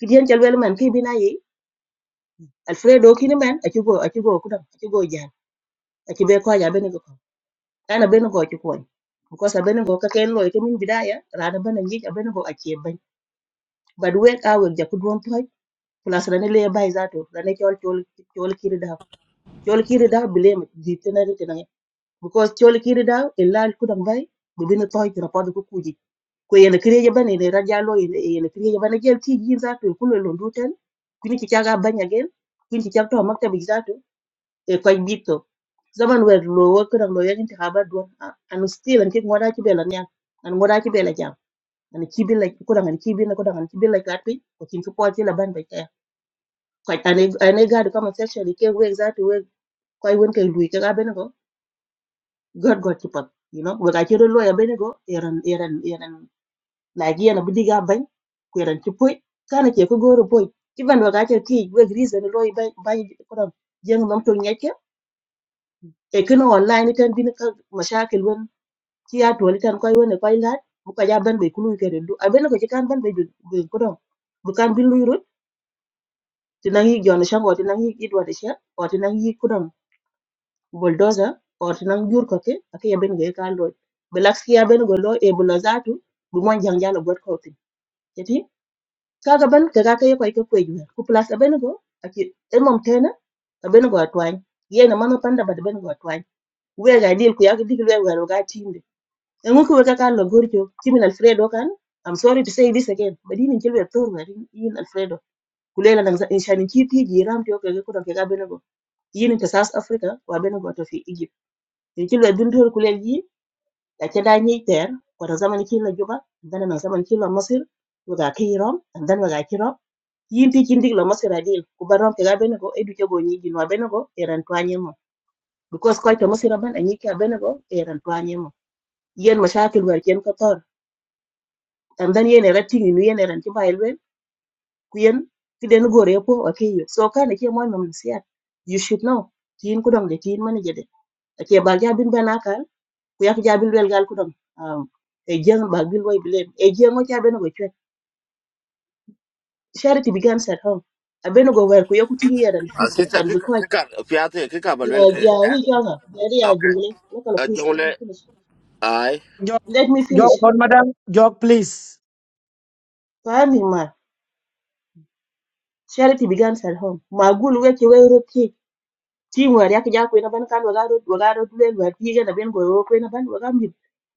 Speaker 10: ki dien jal wel man ki bina yi alfredo kini man a ci go a ci go ku dam a ci go jal a ci be ko ja ben ko ana bene go ci koñ because abene go ka ken loy min bidaya rana bana ngi abene go acie ban but we ka we ja don toy plus rane le bay zato rane chol chol chol kiri da chol kiri da bile mi di tenere tenere because chol kiri da e lal ku dang bay bu bene toy tira pod ku kuji ko yene kire je bane ne raja loy yene kire je bane gel ti gi zato ku lo lo duten kuni ci caga banya gel kuni ci cagto maktabi zato e koy zaman wer lo wo kran lo yak intikhabat don an still an kik ngoda ci bela nyang an ngoda ci bela jam an ci bil la ko dangan ci bil ko dangan ci bil la kat pi ko cin ko poti la ban ba kay ko ane ane gadu kama section ke we exact we ko won ke lui ke ga ben ko god god ci pat you know we ga ci lo ya ben ko eran eran eran la gi na budi ga ban ko eran ci poy kana ke ko goro poy ci ban we ga ci ti we reason lo ba ba ko dang jeng nam to nyake e kino online ten bin ka mashakil ci ya toli tan koy wone koy laaj bu ko ja ban be kulu ke rendu a ben ko ci kan ban be be ko don bu kan bin luy rut ti nang yi jona sha ngoti nang yi idwa de sha o ti nang yi ku don bulldozer o ti nang jur ko ke ak ya ben ge kan lo belax ya ben go lo e bu la zatu bu mon jang jalo got ko ti ti kaga ban ka ga kay koy ko koy ju ku place a ben go ak e mom tena a ben go atwan yena mano panda bad ben go atwan we ga dil ku ya ga dil we ga ga tin And we could work out the good job. Team in Alfredo can. I'm sorry to say this again, but in Kilwe Thorna in Alfredo. Kulela na in Shani Kiti Jiram Tioka Kuda Kega Benego. Yin into South Africa, Wabenego to Fi Egypt. In Kilwe Dundur Kulegi, the Cheda Ni Ter, Watazamani Kila Juba, and then Nazaman Kila Masir, with a Kiram, and then with a Kiram. Yin teaching Digla Masir Adil, Kubaram Kega Benego, Educabo Nijin Wabenego, Eran Twanyemo. Because quite a Masiraban and Yika Benego, Eran Twanyemo. Yen Mashakil were Jen Kator. and then yen era tingi ni yen eran ti bailwe ku yen ti den gore ko akeyo so kana ke mo mam siat you should know tin ku dong de tin man jede ake ba ja bin bana kan ku yak ja bin wel gal ku dong um e jeng ba bil way bilen e jeng o ja ben go chwe charity begins at home a ben go wer ku yaku tingi eran
Speaker 3: a
Speaker 10: fit
Speaker 3: sister
Speaker 10: chan
Speaker 3: ki
Speaker 10: bi ko
Speaker 3: ki ka fiate ki ka balwel
Speaker 10: ya
Speaker 3: ke
Speaker 10: ya
Speaker 3: eh?
Speaker 10: ri ja ga ya ri ya
Speaker 3: okay
Speaker 10: jungle lokalo
Speaker 3: a
Speaker 10: please let
Speaker 3: jongle
Speaker 10: me finish
Speaker 3: ai
Speaker 6: Jok,
Speaker 10: let me finish
Speaker 6: jok, on madam, jok, please.
Speaker 10: fami ma charity begins at home magul weke we Team wer yak ja kwena ban kan waga rot waga rot len wer pige na ben go yo kwena ban waga mi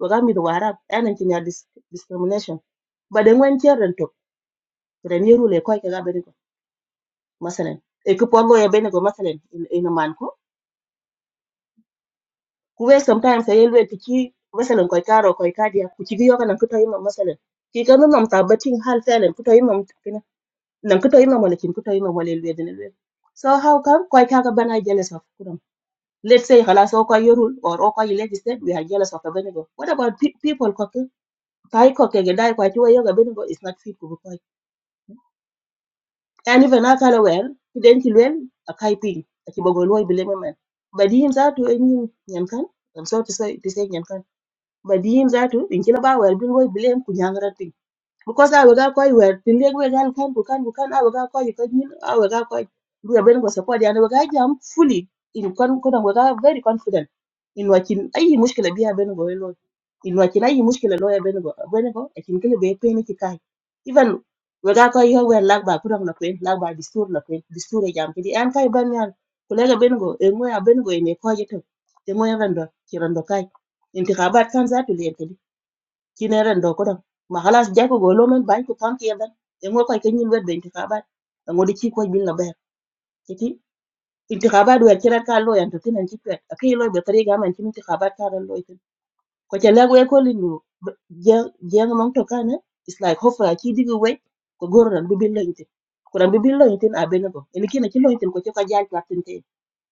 Speaker 10: waga mi wara enen tin ya dis, discrimination ba den wen cheren to reni rule ko ka ga beri ko masalan e ko pogo ya ben go masalan in in a man ko ku we sometimes e yelwe ti ki masalan ko karo ko ka dia ku ti yo kana ku to yima masalan ki kanu nam ta batin hal felen ku to yima kina nan ku to yima wala kin ku to yima wala elwe den elwe so how come ko ka ga bana jealous of Let's say halas oka yorul or okay yileti said we are jealous of a benigo. What about pe- people koke? Kai koke gedai kwa tiwa yoga benigo is not fit to be And even akala well, then kilwell a kai ping, a kibogoloi bilememen. But him that to any nyankan, I'm sorry to say to say nyankan. But him that to in kilabawa bilwoi bilem kunyangra because I ga koi wer pinde we gal kan ku kan ku kan I ga koi ko nyin I ga koi we ben ko support yani we am fully in kon kon we ga very confident in wakin ayi mushkila biya ben go lo in wakin ayi mushkila lo ya ben go ben go akin kile be pe ni kai even we ga koi ho we lag ba ku dang la kwen lag ba distur la kwen distur e jam kidi an kai ban yan kulega ben go e ngoya ben go e ne ko je to e ngoya ben do kiran do kai intikabat kan za tu le ci ne ren do ko don ma halas ja ko golo men ban ko pam ke ban e ngo koy kenyin wed be intikabat ngo de ci ko bil na ber kiti intikabat wer ci rat ka lo yan to tinan ci pet akay lo be tari ga man ci intikabat ka ran lo tin ko ci lag we ko linu je ngam to kana it's like hofra ci digi we ko gor ran du bil la intin ko ran du bil la intin a be na ko en kina ci lo intin ko ci ka jall platin te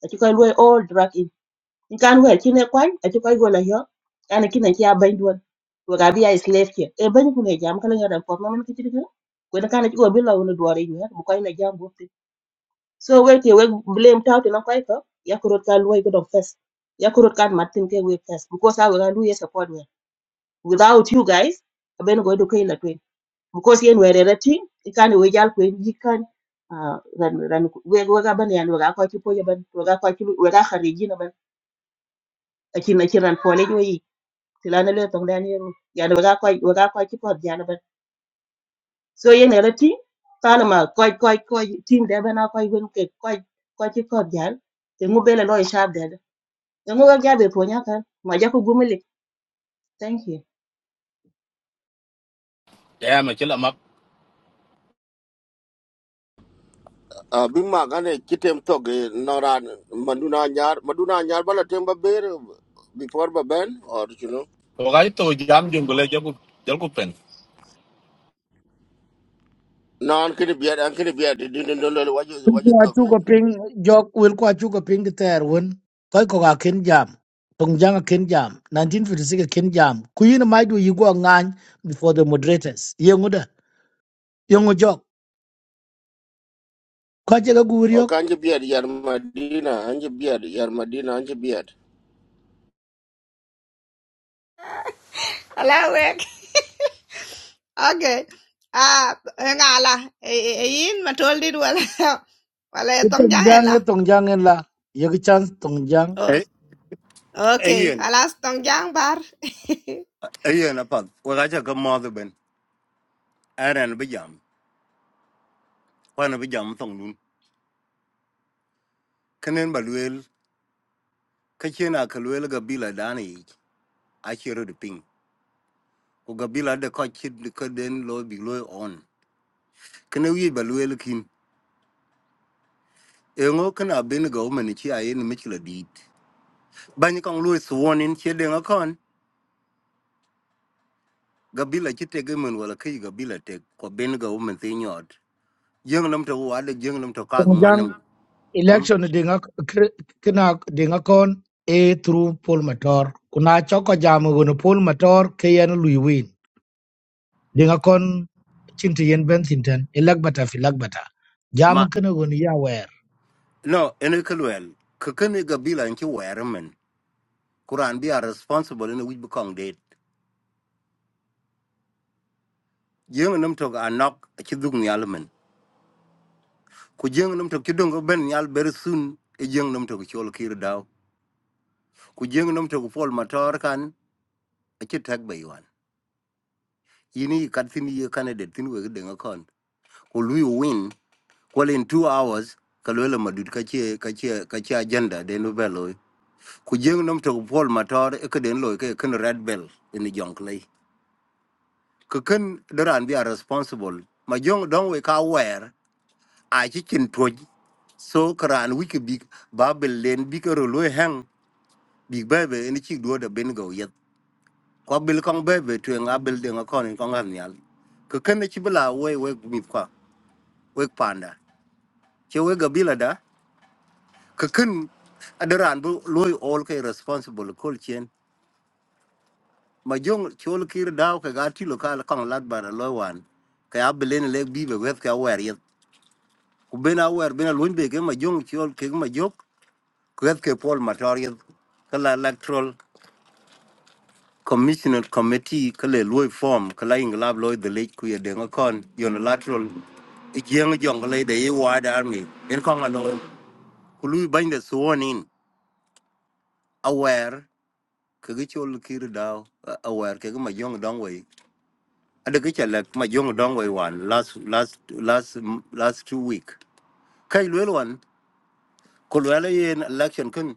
Speaker 10: ci koy lo all drug kan wer chin e kwany aci kɔc gol ayɔ an kin aci abany duol wek abi a slave cien e bany kun e ban ku ne jam kala ŋödɛn pɔt mamen kecit kene kuen kan aci ko bi lɔ wun duɔr inyuɛt bu kɔc na jam bup tin so wek ke wek blame tau tin akɔc kɔ yakurot kan luɔi kedɔŋ fes yakurot kan mat tin ke wek fes because I wek a lu support wer without you guys abeni ko edu kein latuen because yen wer ere tin ikan iwe jal kuen yikan ah, ran ran wek wek abani an wek akɔc ci poj aban wek akɔc wek akharijin aban aci na ban ci na ci ran pɔl ejuɔ tilane le tong lan yeru yana waga koi waga koi ki pot yana ban so ye ne lati kana ma koi koi koi tin de bana koi wen ke koi koi ki pot yan te ngu bele lo ishab de de ngu ga jabe po nya kan ma ja ko gumele thank you
Speaker 8: Yeah, my am a killer map.
Speaker 3: a bin ma kitem to noran maduna nyar maduna nyar bala tem ber before ba ben or you know
Speaker 8: Okay, to jam jungle jabu jabu pen.
Speaker 3: non kini biad an kini biad din din dole waju waju
Speaker 6: Kwa chuko
Speaker 3: to
Speaker 6: ping, jok, will kwa chuko ping the ter win. Koi koga ken jam. Tongjang a ken jam. 1956 ken jam. Kuyin a maidu yigo ngan before the moderators. Yenguda. Yung jok ko che ga gur
Speaker 3: O
Speaker 6: yok
Speaker 3: kan ji biyar yar Madina, an ji biyar yar Madina, an ji biyar.
Speaker 5: ala wek okay ah ngala e yin ma tol dit wala wala tong jang en
Speaker 6: tongjang e tongjang en la yeg chance tongjang
Speaker 5: la
Speaker 11: Ê-
Speaker 5: Okay,
Speaker 11: Ayen,
Speaker 5: alas tong jang bar.
Speaker 11: ayen apat. Wakacha ka mother ben. Aran bijam. Wana bijam thong dun. Kanen baluel. Kachena kaluel gabila dani. Achiro de ping. O gabila de kachid de kaden lo bi lo on. Kene wi baluel kin. Engo kana ben go manichi ayen michla dit. Banyakang lo sworn in chedeng akon. Gabila chitegemen wala kai gabila tek. Kwa ben go man thinyot. Jeng nam to wade jeng nam to kag
Speaker 6: tongjang
Speaker 11: mwanam.
Speaker 6: election dinga kina dinga kon e through poll mator kuna choko jam gono poll mator ke yan lui win dinga kon chinti yen ben tinten elag bata fi lag bata jam kana gono ya wer
Speaker 11: No, ene ke luel. Ke kene gabila inchi weremen. Kuran bi are responsible ene wij bukong date. Jeng nam tok anok achi dung nyalmen. Ku jeng nam tok chidung yalman. Could young num to Chidungo ben nyal very soon. E jeng nam tok chol kir dao. Ku jeng nam tok fol matar kan achi tag baywan. Yini kat thin ye candidate thin wege denga kon. Ku lui win. Well in two hours kalwela madud kachi kachi kachi agenda denu beloy. Ku jeng nam tok fol matar eke den loy red bell ene jonglei. kuken doran be are responsible ma jong don we ka wer a chicken toj so karan wiki big babel len big ro lo hang big baby bebe en chi do da ben go yet ko bil kong bebe to nga bil de nga kon ko ngan nyal kuken chi bla we we mi kwa we panda che we gabila da kuken adoran bu lo all ke responsible kol chen ma jong chol kir daw ka gati lo kal kong lat bara lo wan ka ya bilen le bibe wet ka wer yet ku ben awer ben alwin be ke ma jong chol ke ma jok kwet ke pol matoria kala electoral commissioner committee kala loy form kala inglab loy the late ku ye denga kon yon lateral jeng jong le de ye wada army en kon ano ku lui bany de suon in awer ke ge chol kir dao aware ke ma jong dong we ade ke chala ma jong dong we wan last last last last two week kai lwelwan ku lwela yen election kun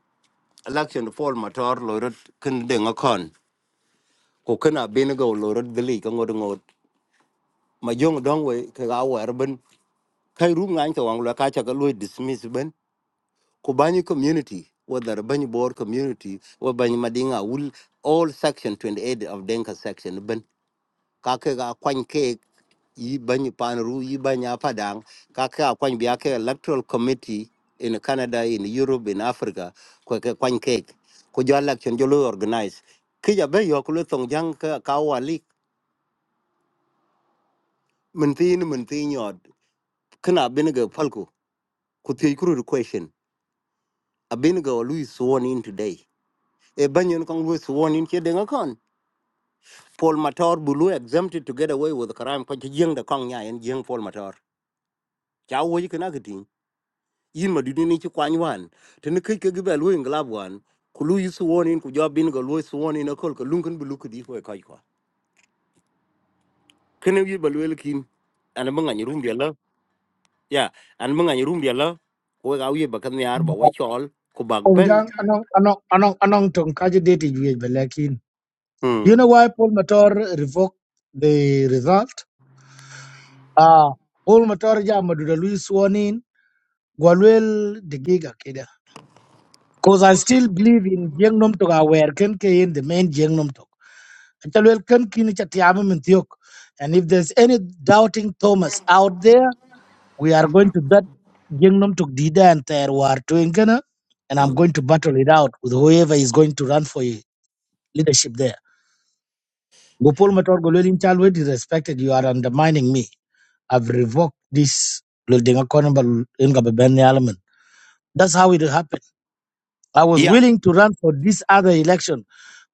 Speaker 11: election fall motor lorot kin de ngakon ko kana bin go lorot gili ka ngod ngod ma jong dong we ka ga wer ben kai rum ngan to wang la ka cha ka lo dismiss ben ko bani community whether bani board community or bani madinga will all section 28 of denka section ben kake ga kwany ke yi bany pan ru yi bany apadang kake ga kwany biya ke electoral committee in Canada in Europe in Africa ko ke kwany ke ko jo election jo lo organize ki ja be yo ko lo tong jang ka ka wali min tin min tin yod kana bin ga falko ku te kuru question abin ga lu is sworn in today e banyen kong lu sworn in ke denga kon Paul Matar bulu exempted to get away with crime ko jing da kong nya en jing Paul Matar cha wo yi kana gidi yin ma dudu ni ci kwany wan tini kai ke gibe lu yin glab wan ku lu yisu wonin ku jo bin go lu su wonin na kol ka lun kun bu lu ku di ko kai ko kene wi ba lu el kin an ma ngani rum biela ya an ma ngani rum biela ko ga wi ba kan yar ba wa chol ku bag ben
Speaker 6: tongjang anong anong anong anong tong kaje date ju yej balakin do you
Speaker 11: mm
Speaker 6: know why poll mator revoked the result Ah, Paul Matarja Maduda Luis sworn in Gwalwel de Giga Keda. Because I still believe in Jengnom Tok aware Ken in the main Jengnom Tok. Chalwel Ken Kini Chatiama Mintiok. And if there's any doubting Thomas out there, we are going to that Jengnom Tok Dida and Terwar Twinkana. And I'm
Speaker 11: mm.
Speaker 6: going to battle it out with whoever is going to run for leadership there. Gopol Matar Golwel in Chalwel, is respected, you are undermining me. I've revoked this. Lul Denga Kono Ba Lul Inga Ba Ben Yalaman. That's how it happened. I was
Speaker 11: ya
Speaker 6: willing to run for this other election.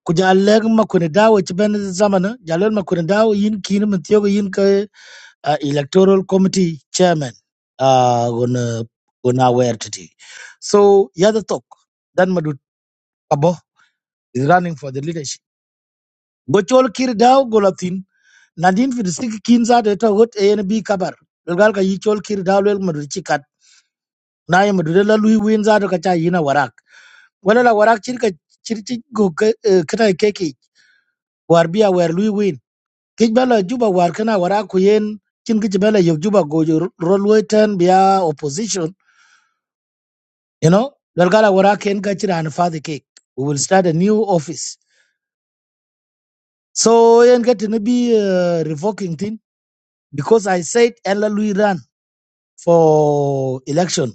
Speaker 6: Kuja leg ma kuni dawo ci ben zamana, jalel ma kuni dawo yin kini min yin ka uh, electoral committee chairman uh, gonna gonna wear today. So yada talk. Dan madut abo is running for the leadership. Gochol kiri dawo golatin. Nadin fi disiki kinza de ta ANB kabar. Lulgal ka yichol kiri dawo lel madut na yi mudu la lui win za ka cha yina warak wala la warak chir ka chir chi go ka eh, kana keke war biya war lui win kij bala juba war kana warak ku yen chin kij bala yo juba go jo rol wetan biya opposition you know dal gala warak yen ka chira an father cake we will start a new office so yen ka to be uh, revoking thing because i said ella lui ran for election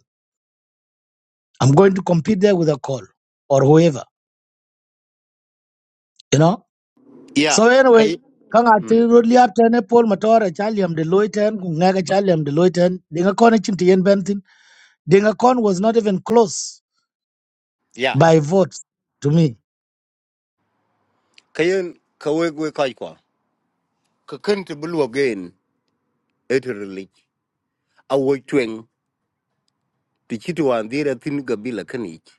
Speaker 6: i'm going to compete there with a call or whoever you know So
Speaker 11: ya
Speaker 6: anyway,
Speaker 11: kai
Speaker 6: kang ati
Speaker 11: mm.
Speaker 6: rodli ap tene pol matora chaliam de loiten kungaga chaliam de loiten dinga kon chinti yen bentin dinga kon was not even close
Speaker 11: ya
Speaker 6: by vote to me.
Speaker 11: kayen ka we we kai ko ka kan te bu lu gen eterli a wo twen ti ci to an dira tin ga bila kanich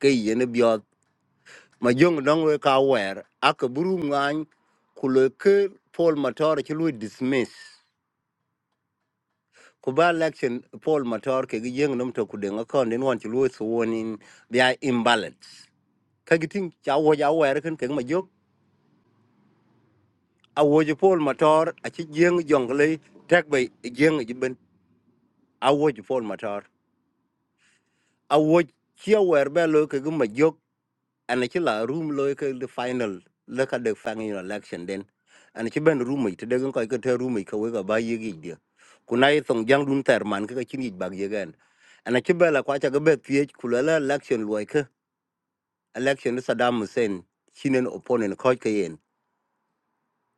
Speaker 11: kai yene biot ma jong dong we ka wer ak buru ngany ku le ke Paul Matar ki lu dismiss ku ba election Paul Matar ke gi jeng nom to ku de ngakon den wan ki lu so wonin dia imbalance ka gi ting cha wo ja wer ken ke ma jok a wo ji Paul Matar a ki jeng jong le tek be jeng ji ben a wo ji Paul Matar a wo ki wer be lo ke gi ma jok ana ci la room loy ke the final le ka de fang in election den ana ci ben room yi te de gon ko ke te room yi ka we ga ba yi gi de ku na yi tong jang dun ter man ke ka chin yi bag ye gan ana ci bela kwa cha ga be pye ku la la election loy ke election ni Saddam Hussein chinen opponent ko ke yen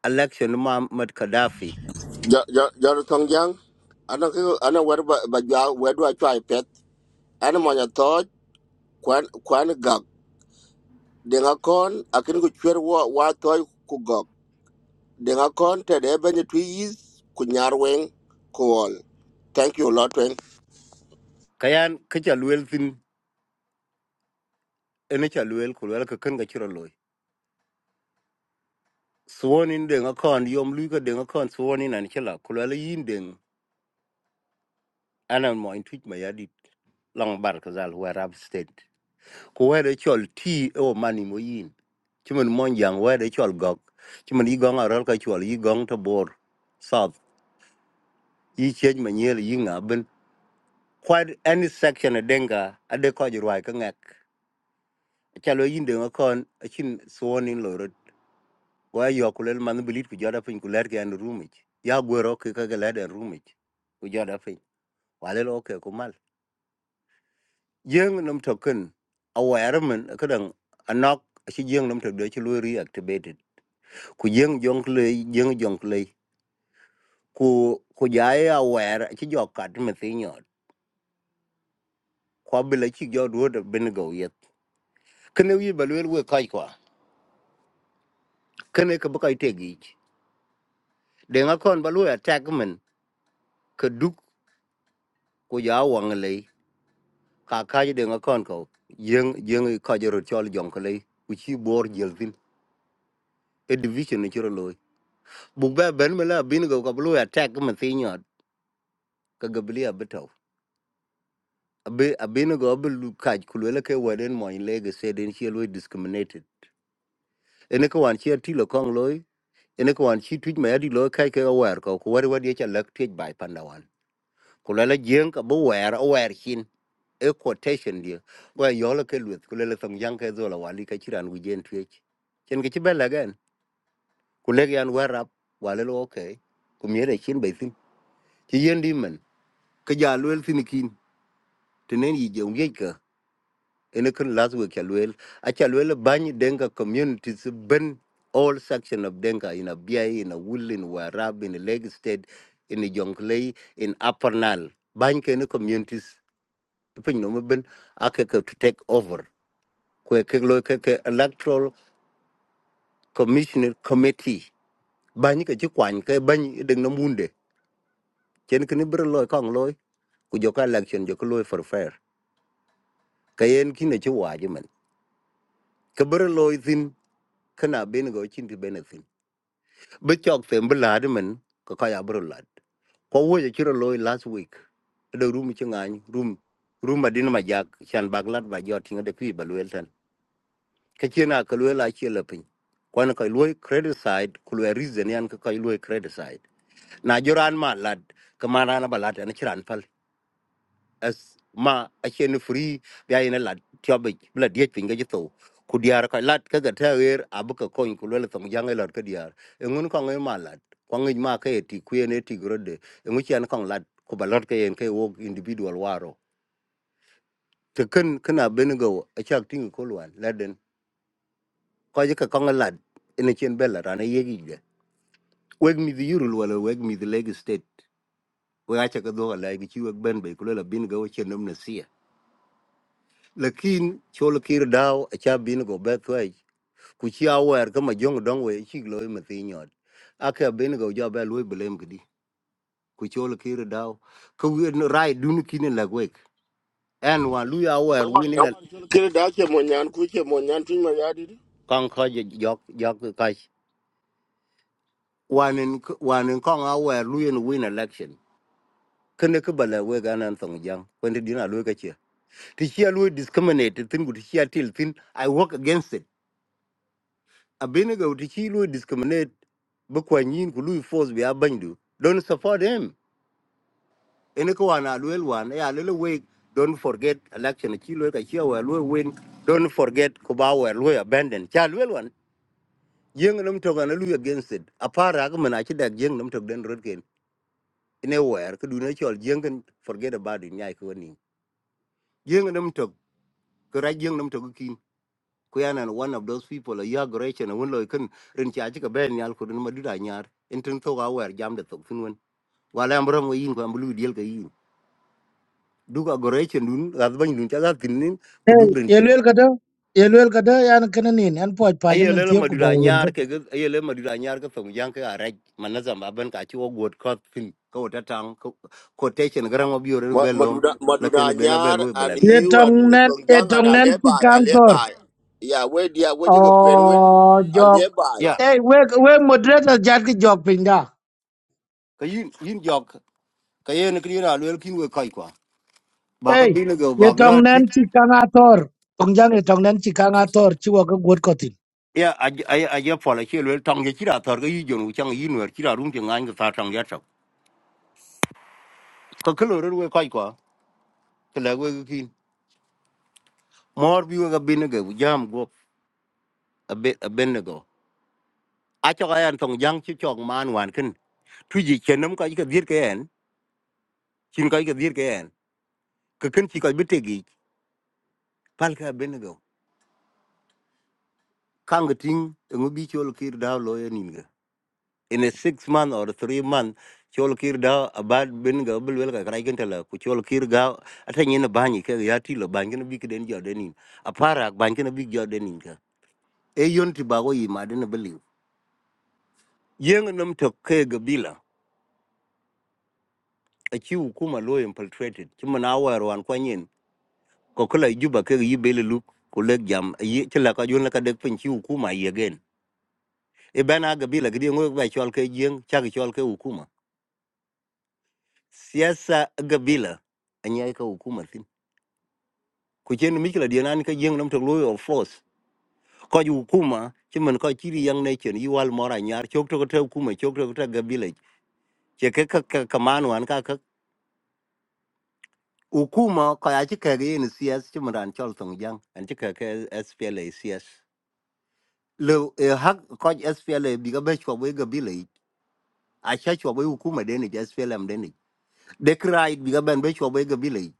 Speaker 11: election ni Muammar Gaddafi
Speaker 3: Jor tong jang, ana ko ana wer ba ba ja wer dua chwa pet. Ana mo nya to kwan kwan gak. De nga kon akin ku chwer wa wa to ku gak. De nga kon te de ben tu yis ku nyar weng ku ol. Thank you lot weng.
Speaker 11: kayan ke cha luel tin ene cha luel ku la ke ken ga chiro loy suwonin de ga kon yom lu ka de ga kon suwonin an ci la ku la yin de ana mo in tweet ma ya long bar kazal warab state ko wede chol ti e o mani mo yin chimen monjang wede chol gok chimen yi gong arol ka chol yi gong to bor south yi chej manyel yi ngaben quite any section adenga ade ko jirwai ka ngak chalo yinde ngakon achin suonin lorot wa yokulel man bilit ku joda pin kuler ke an rumich ya gwero ke ka galad an rumich ku joda pin walelo ke dương nằm thực cần aware mình cái đằng anok chỉ dương nằm thực để cho lui reactivated ku dương dòng lệ dương dòng lệ ku ku giải aware chỉ do cắt mình thấy nhọt qua bên lấy chỉ do đuôi được bên gầu yết cái này như balue lue kai qua cái này cái bắp cái tegi để ngã con balue attack mình cái đúc ku giải wang lệ cả cái để ngã con cậu dương dương kai giờ cho dòng lệ ku chỉ bor giờ tin a division này chưa rồi buộc bé bên mà là bên gầu cái balue attack mình thấy nhọt ka gabli abitaw abe abino go abe lu kaj kulwela ke waden mo in lege said in she lo discriminated ene ko wan chia tilo kong loy ene ko wan chi tuj ma yadi lo kai ke aware ko ko wari wadi cha lak tuj bai panda wan kulwela jeng ka bo wer aware hin e quotation dia wa yola ke luth kulwela thong yang ke zola wali ka chiran gu jen tuj chen ke chibela gen kulege an warap wale lo okay kumyere chin bai sin chi yen di men ka ja lwel sin kin tenen yi jeung ye ka ene kin last week ya luel acha luel bany denga communities ben all section of denga in a biai in a wool in warab in leg state in jonglei in upper nile bany ke ne communities pin no ben ake ke to take over kwe ke lo ke ke electoral commissioner committee bany ke ji kwan ke bany deng no munde chen kin bro loy kong loy ku joka election joka loy for fair kayen kine chi waji men ke bro loy thin kana ben go chin ti benefit ไม่จอกเสื่อมเปล่าที่เหมือนก็ขยับบริลดเพราะว่าจะเชื่อลอย last week รู้มีเชิงงานรู้รู้มาดีนมาอยากฉันบริลดมาจอดทีเงาเด็กพี่บริเวรเซนเขาเชื่อหน้ากลัวไล่เชื่อแล้วเพียงกว่านักไอ้รวยเครดิตไซด์กลัวริสเดนยันกับไอ้รวยเครดิตไซด์นายจราจรมาลาดก็มาหน้ามาบริลดอันเชื่อรันฟอล as ma a chen free ya ina la tiobe bla diet pinga jito ku diar ka lat ka ga ter abu ka kon ku le tong jang e lor ka diar e ngun ko ngai ma lat ko ngai ma ka e ti ku ne ti grode e ngu chen kon lat ku ba lor ka yen ka wo individual waro te ken kana ben go a chak ting ko lwan laden ko je ka kon lat ina chen bella rana yegi de weg mi di yurul wala weg mi di leg state we acha ka do la e gi chi weg ben be ku le bin go chen nam na sia lakin chol kir daw acha bin go bethwe ku chi awer kama jong dong we chi loy mathi nyot aka bin go jo be loy blem gidi ku chol kir daw ku wen rai dun kin la gwek en wa lu awer
Speaker 3: Yawa
Speaker 11: win
Speaker 3: yawa
Speaker 11: in
Speaker 3: chul kire da che mo nyan ku che mo nyan tin ma ya di.
Speaker 11: kon ko ja jok jok ka wanen wanen kon awer lu in win election kene ke bala we ga nan song jang when did you know ka chi ti chi a discriminate tin gut chi a til tin i work against it abin ga utiki lu discriminate bu kwan yin ku lu force be abandu don't support him ene ko wana lu el wana ya le we don't forget election ki lu ka ki wa lu win don't forget ko ba wa lu abandon cha lu el wan yeng nam to ga na lu against it apara ga mana ki da yeng nam to den rod ken ene wa er ku du na chol yeng forget about it nyai ko ni yeng nam to ko ra yeng nam to kuyan and one of those people a year duration and when lo kin rin cha chi ka ben nyal ko ma dira nyar in tin to ga wer jam de to fin wen wala am ram yin ko am lu diel ka yin du ka duration dun ga ban dun cha ga tin nin ku
Speaker 6: Hey,
Speaker 11: du rin cha
Speaker 6: yelwel kada yelwel kada yan kanenin yan poj pajam
Speaker 11: aye
Speaker 6: en
Speaker 11: le
Speaker 6: tiyo
Speaker 11: ma
Speaker 6: ku
Speaker 11: dira
Speaker 6: bayo wen ka.
Speaker 11: nyar ke ga aye le ma dira nyar ka song yang ka raj manazam ban ka chi wo god ko fin ko ta tang ko quotation garan wa biore
Speaker 3: Ma-
Speaker 11: be lom
Speaker 3: Maduna
Speaker 11: la
Speaker 3: Maduna
Speaker 11: ken be na be
Speaker 3: Nyar
Speaker 11: lo
Speaker 3: and
Speaker 11: black
Speaker 6: Ye
Speaker 11: me
Speaker 3: you and
Speaker 6: tong nen ye
Speaker 3: Tongjang and
Speaker 6: tong nen ti
Speaker 3: Alebai,
Speaker 6: kang tor.
Speaker 3: Alebai. Yeah, where dia where you can win?
Speaker 6: Oh, Jog.
Speaker 3: Alebai.
Speaker 11: ya
Speaker 6: Hey, we we moderator jat ki Jog pinda.
Speaker 11: ka yin yin jok ka yen kri na lo kin we kai kwa ba ka
Speaker 6: Hey,
Speaker 11: bin go
Speaker 6: ye
Speaker 11: ba la
Speaker 6: tong nen ti kang ator. Tong jang ye tong nen ti kang ator chiwa ka gwot
Speaker 11: ya a a ya pole che le tong ye chira tor ge yi jonu chang yi nwer chira rum che ngan ge sa tang ya chok ko klo ro we kai kwa te le we ki mor bi we ga bin ge jam go a be a ben go a chok ayan tong jang chi chok man wan kin tu ji chen nam ka ge dir ke en chin ka ge dir ke en ke kin chi ka bi te gi pal ka ben go kang ge ting ngo bi chol kir da lo ye nin in a six month or three month chol kir da abad bin ga bul wel ga krai kin tala ku chol kir ga atan yin banyi ke ya ti lo ban kin bi kiden jordanin a para ban kin bi jordanin ka e yon ti ba go yi ma den believe yen nam to ke ga bila a ki hukuma lo infiltrated ki mana war wan kwanyin ko kula juba ke yi bele lu ku le jam yi ti la ka yon la ka dek pin ki hukuma yi again e bana ga bila gidi ngo ba chol ke yen cha ga chol ke hukuma siyasa ga bila an yi ka hukuma ku chen mikla dia nan ka jeng nam tok loy of force ko ju kuma chi men ko chiri yang ne chen yual mora nyar chok tok tok kuma chok tok tok gabile che ke ka ka ka man wan ka ka ukuma ko ya chi ka ge ni cs chi men ran chol tong jang an chi ka ke spla cs le e hak ko spla bi ga be chwa we gabile a cha chwa we ukuma de ni spla m de ni de krai bi ga ben be chwa we gabile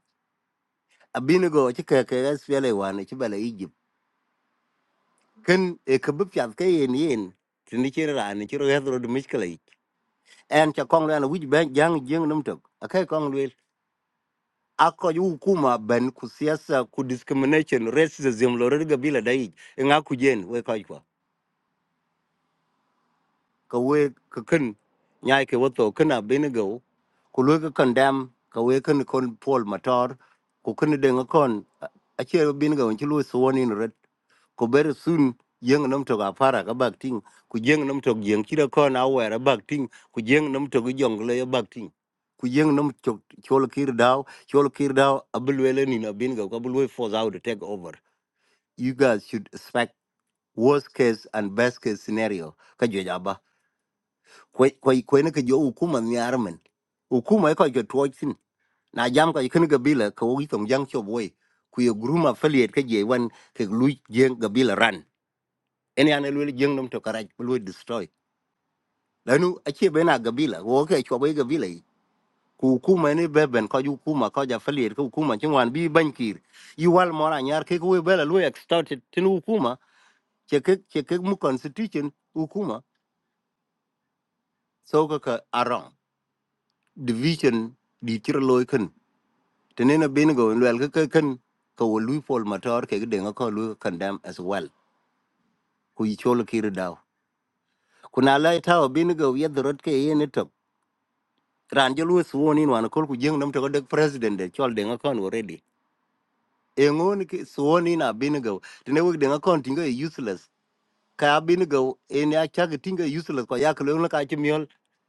Speaker 11: abinigo chi ka ke spla wan chi bele ken e kabu piat ke yen yen tini kira rani kira hedro de miskala ik en cha kong lana wij ben jang jing num tok akai kong lwel ako yu kuma ben ku siasa ku discrimination racism lore ga bila dai nga ku jen we kai kwa ka we ka ken nyai ke wato kana binigo ku lwe ka condemn ka we ken kon pol mator ku ken de nga kon a che binigo chi lwe suwoni ko ber sun jeng nam to apara ka bak ting ku jeng nam to jeng kira ko na wera bak ting ku jeng nam to jongle ya bak ting ku jeng nam to chol kir daw chol kir daw abulwele ni na bin ga abulwe force out to take over you guys should expect worst case and best case scenario ka jo jaba ko ko ko ne ka jo hukuma ni armen hukuma ko jo twojin na jam ka ikin gabila ka wogi tong jang chobwe ku ye group affiliate ka je wan ke lu jeng ga bila ran ene ane lwel jeng nom to karaj ko lwel destroy lanu achie bena gabila wo ke chwa be gabila yi ku kuma ne beben ko ju kuma ko ja falier ku kuma chingwan bi bankir yi wal mora nyar ke ku bela lwel extorted tin hukuma che ke che ke mu constitution hukuma so ka ka arong division di chiro loy kan tenena bin go lwel ka ka kan ka wo lui pol mator ke de ko lu condemn as well ku yi cholo kiri daw kuna lai tawo bin go yedrot ke yene to ran je lu suwon in wan kol ku jeng nam to ko dek president de chol de ngakon already e ngon ki suwon in abin go tene wek de ngakon tinga e useless ka abin go en ya chag tinga useless ko yak lo ka chimiol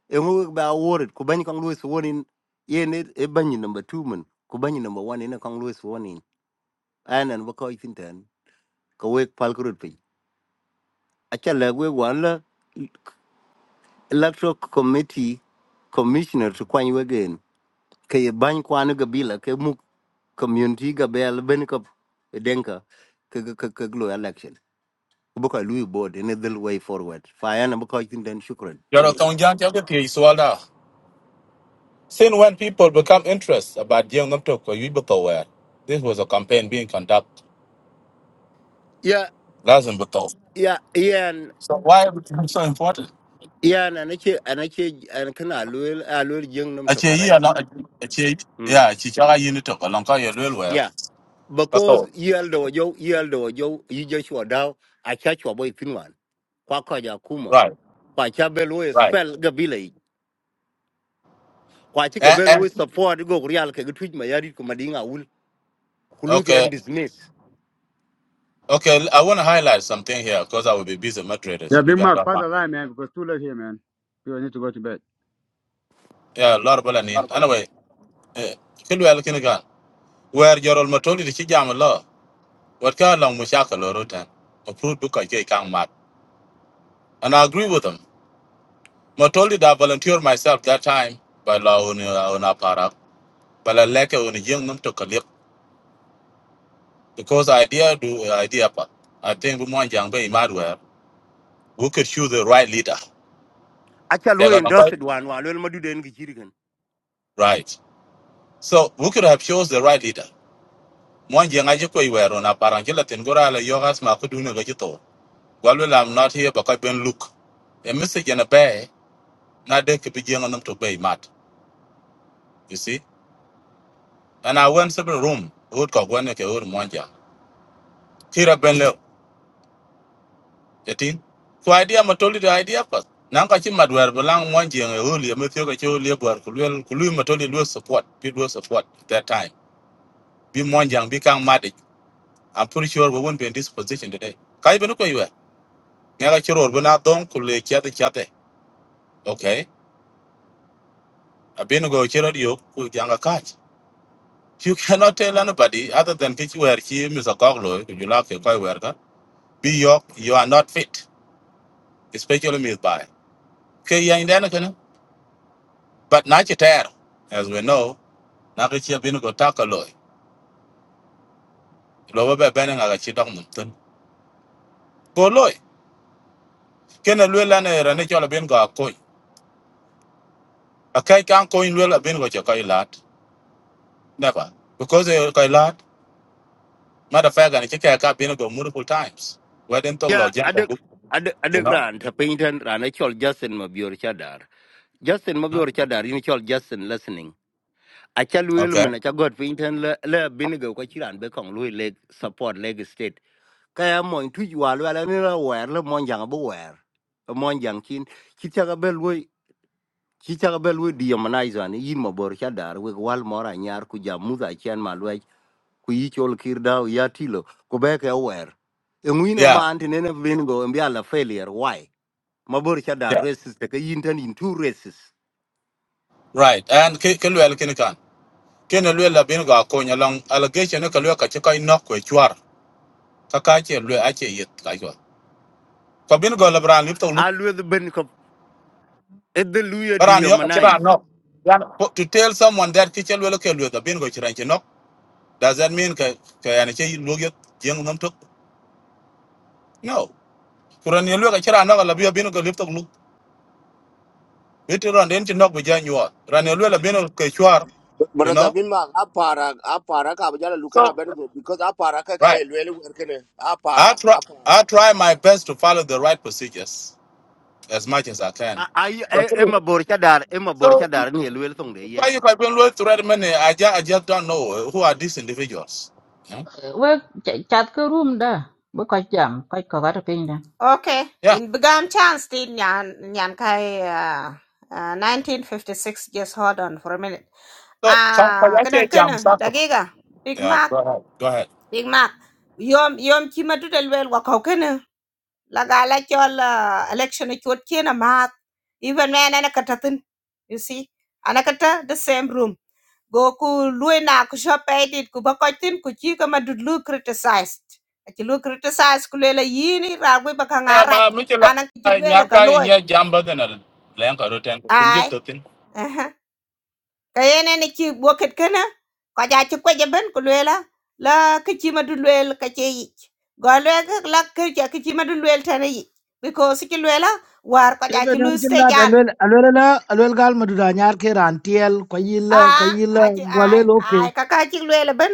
Speaker 11: e ngo wek ba worit ku ban kon lu suwon in yen e ban number two man, ku ban number 1 in kon lu suwon in anan ba ko itin ten ko wek pal kurut pin acha le wek wan la electoral committee commissioner to kwany wegen ke bany kwan ga bila ke mu community ga bel ben ka denka ke ke ke glo election bu ka lui board in the way forward fa yana bu ka tin den shukran
Speaker 8: Yoro
Speaker 11: thank you
Speaker 8: tong jam jabu pi swalda. Since when people become interested about young them talk or you beto where this was a campaign being conducted.
Speaker 11: ya
Speaker 8: That's in beto.
Speaker 11: ya yan
Speaker 8: So why it become so important?
Speaker 11: yan anake anake an kana loyal a loyal jing num to
Speaker 8: Achie ye
Speaker 11: correct
Speaker 8: along achie
Speaker 11: mm
Speaker 8: yeah, chichara unit talk along ka yelwel where.
Speaker 11: yeah
Speaker 8: That's
Speaker 11: because
Speaker 8: all.
Speaker 11: yel do yo yel do yo yi je shwa daw a cha shwa boy finwan kwa kwa ja kuma
Speaker 8: Right,
Speaker 11: kwa cha belo
Speaker 8: right.
Speaker 11: spell ga bilai kwa chi ga
Speaker 8: And, and
Speaker 11: belo support go real ke ga tuj ma yari kuma dinga kuluki
Speaker 8: okay.
Speaker 11: and dismiss
Speaker 8: Okay, I want to highlight something here because I will be busy moderators
Speaker 12: Yeah,
Speaker 8: if you
Speaker 12: Big
Speaker 8: guys
Speaker 12: Mac,
Speaker 8: don't
Speaker 12: pass the
Speaker 8: mind.
Speaker 12: line, man, because too late here, man. People need to go to bed.
Speaker 8: Yeah, Lord Balanin. Anyway, eh, Kilwe Alkinigan, where your old matoli the Chijam law, what kind of Mushaka Lorotan, approved Duka J. Kang Mat. And I agree with them. Matoli that I volunteered myself that time by law on our parak, but I like on a young num to collect because idea do eh, idea. pa. I think we want young Bay Madware, we could choose the right leader.
Speaker 11: acha
Speaker 8: They
Speaker 11: lu
Speaker 8: got no-
Speaker 11: endorsed wan wa lel madu den gi jirgen
Speaker 8: Right. So we could have chose the right leader. mon jeng aji ko iwero na parang ci latin gora la yogas ma ko dune ga ci to walu la am not here because ben look a message in a bay na de ke bi jeng to bay mat you see and i went to the room would ko gone ke or mon jang kira ben le etin so idea ma toli the idea pas nan ka ci mat wer belang mon jeng e holi me thio ga ci holi bor ku lu ku lu ma toli lu support bi lu support at that time Be mon jang bi kang mat i'm pretty sure we won't be in this position today kai ben ko iwe nga ga ci ror bena don ku le kiate kiate Okay. Abin go chero dio ku janga catch. You cannot tell anybody other than kichi where he Mr. Koglo, you like a koi where be yok, you are not fit, especially me by. Okay, yeah, in the but not your tear. As we know, Nakichi Abin go takaloy. Lower by banning a chidong mutton. Go loy. Can a lula a ranichola bin go a coin. A kai can't coin will have been go your koi lot. Never. Because a koi lot, matter of fact, and a chicken been go multiple times. Why didn't talk
Speaker 11: ya
Speaker 8: about
Speaker 11: adek
Speaker 8: jump,
Speaker 11: adek
Speaker 8: you
Speaker 11: adek
Speaker 8: know?
Speaker 11: ran ta pinten ran a chol justin mabior chadar justin
Speaker 8: Huh?
Speaker 11: mabior chadar in chol justin listening acha lu el
Speaker 8: Okay.
Speaker 11: men acha god pinten le le binigo ko chiran be kong lu leg support leg state kaya mo intuj wa lu ala ni la wer le mon jang bu wer mon jang kin kichaga be lu kichaga be lu diamanize an yin mabor chadar we wal mora nyar ku jamuza chian malwe ku yi chol kir dau ya tilo ku be ke wer ngwino
Speaker 8: Yeah.
Speaker 11: man tinene bin go mbi ala failure why mabor cha da
Speaker 8: Yeah.
Speaker 11: races te ka yin tan in two races
Speaker 8: Right. And ke ke luel kin kan. Ken luel la bin ga ko nya long allegation ne ka luel ka che ko nok ko chwar. Ka ka che luel a che yet ka yo. Ko bin go la bran lip to lu.
Speaker 11: a lwe the ben ko e de luya di
Speaker 8: Bran
Speaker 11: yo
Speaker 8: yo ka che
Speaker 11: manai
Speaker 8: to tell someone that ke che luel ke luel da bin go chran che nok. Does that mean ka ka ya ne che lu yo jeng nam to? No. Kuran ye luel ka chra nok la bi bin go lip to lu. It run den che nok bi jan yo. Ran ye luel la bin ko chwar, you
Speaker 3: Brother
Speaker 8: know.
Speaker 3: Bima, Apara, Apara, Kabajala looking up
Speaker 8: So,
Speaker 3: because Apara
Speaker 8: right.
Speaker 3: Kakai really working
Speaker 8: I
Speaker 3: Apara,
Speaker 8: try
Speaker 3: Apara.
Speaker 8: I try my best to follow the right procedures. as much as I can.
Speaker 11: ai e
Speaker 8: But,
Speaker 11: e
Speaker 8: uh,
Speaker 11: mabor cha dar e mabor cha
Speaker 8: so
Speaker 11: dar ni lwe song de
Speaker 8: why if I've been low thread many, I just I just don't know who are these individuals. Yeah.
Speaker 9: we chat ko room da bu koy jam koy ko ga to pin da
Speaker 5: okay,
Speaker 8: yeah.
Speaker 5: in begam chance tin nyan nyan kai uh, uh, 1956 just hold on for a minute.
Speaker 8: So can can
Speaker 5: Ah,
Speaker 8: I say
Speaker 5: kadang
Speaker 8: jam
Speaker 5: kana
Speaker 8: Saka?
Speaker 5: dagiga Big
Speaker 8: Yeah.
Speaker 5: Mac,
Speaker 8: Go ahead. Go ahead.
Speaker 5: Big Mac. Yom yom chima dudel wel wa kau kana. Laga la chol uh, election chot kena mat. Even man ana katatin. You see? anakata the same room. go ku luena ku shope edit ku bakoitin ku chi ka madudlu criticized achi lu criticized ku lela yini ra gwe bakanga
Speaker 8: Yeah,
Speaker 5: rach
Speaker 8: but Mitchell,
Speaker 5: nana chi
Speaker 8: I
Speaker 5: lela ka
Speaker 8: nyaka
Speaker 5: loy
Speaker 8: inye jam better than lenga roten. Can you
Speaker 5: ai
Speaker 8: tell me?
Speaker 5: aha kayene ni chi boket kana ko ja chi kweje ben ku lela la ka chi madulwel ka che yi go le la ka chi ka chi madulwel tane yi because chi lela war ko ja chi
Speaker 6: even
Speaker 5: lu
Speaker 6: an ci lat alwel alwel la alwel gal madura nyar ke ran tiel
Speaker 5: À, à chứ ai,
Speaker 6: gwalel okay
Speaker 5: ai ka ka chi lwel ben.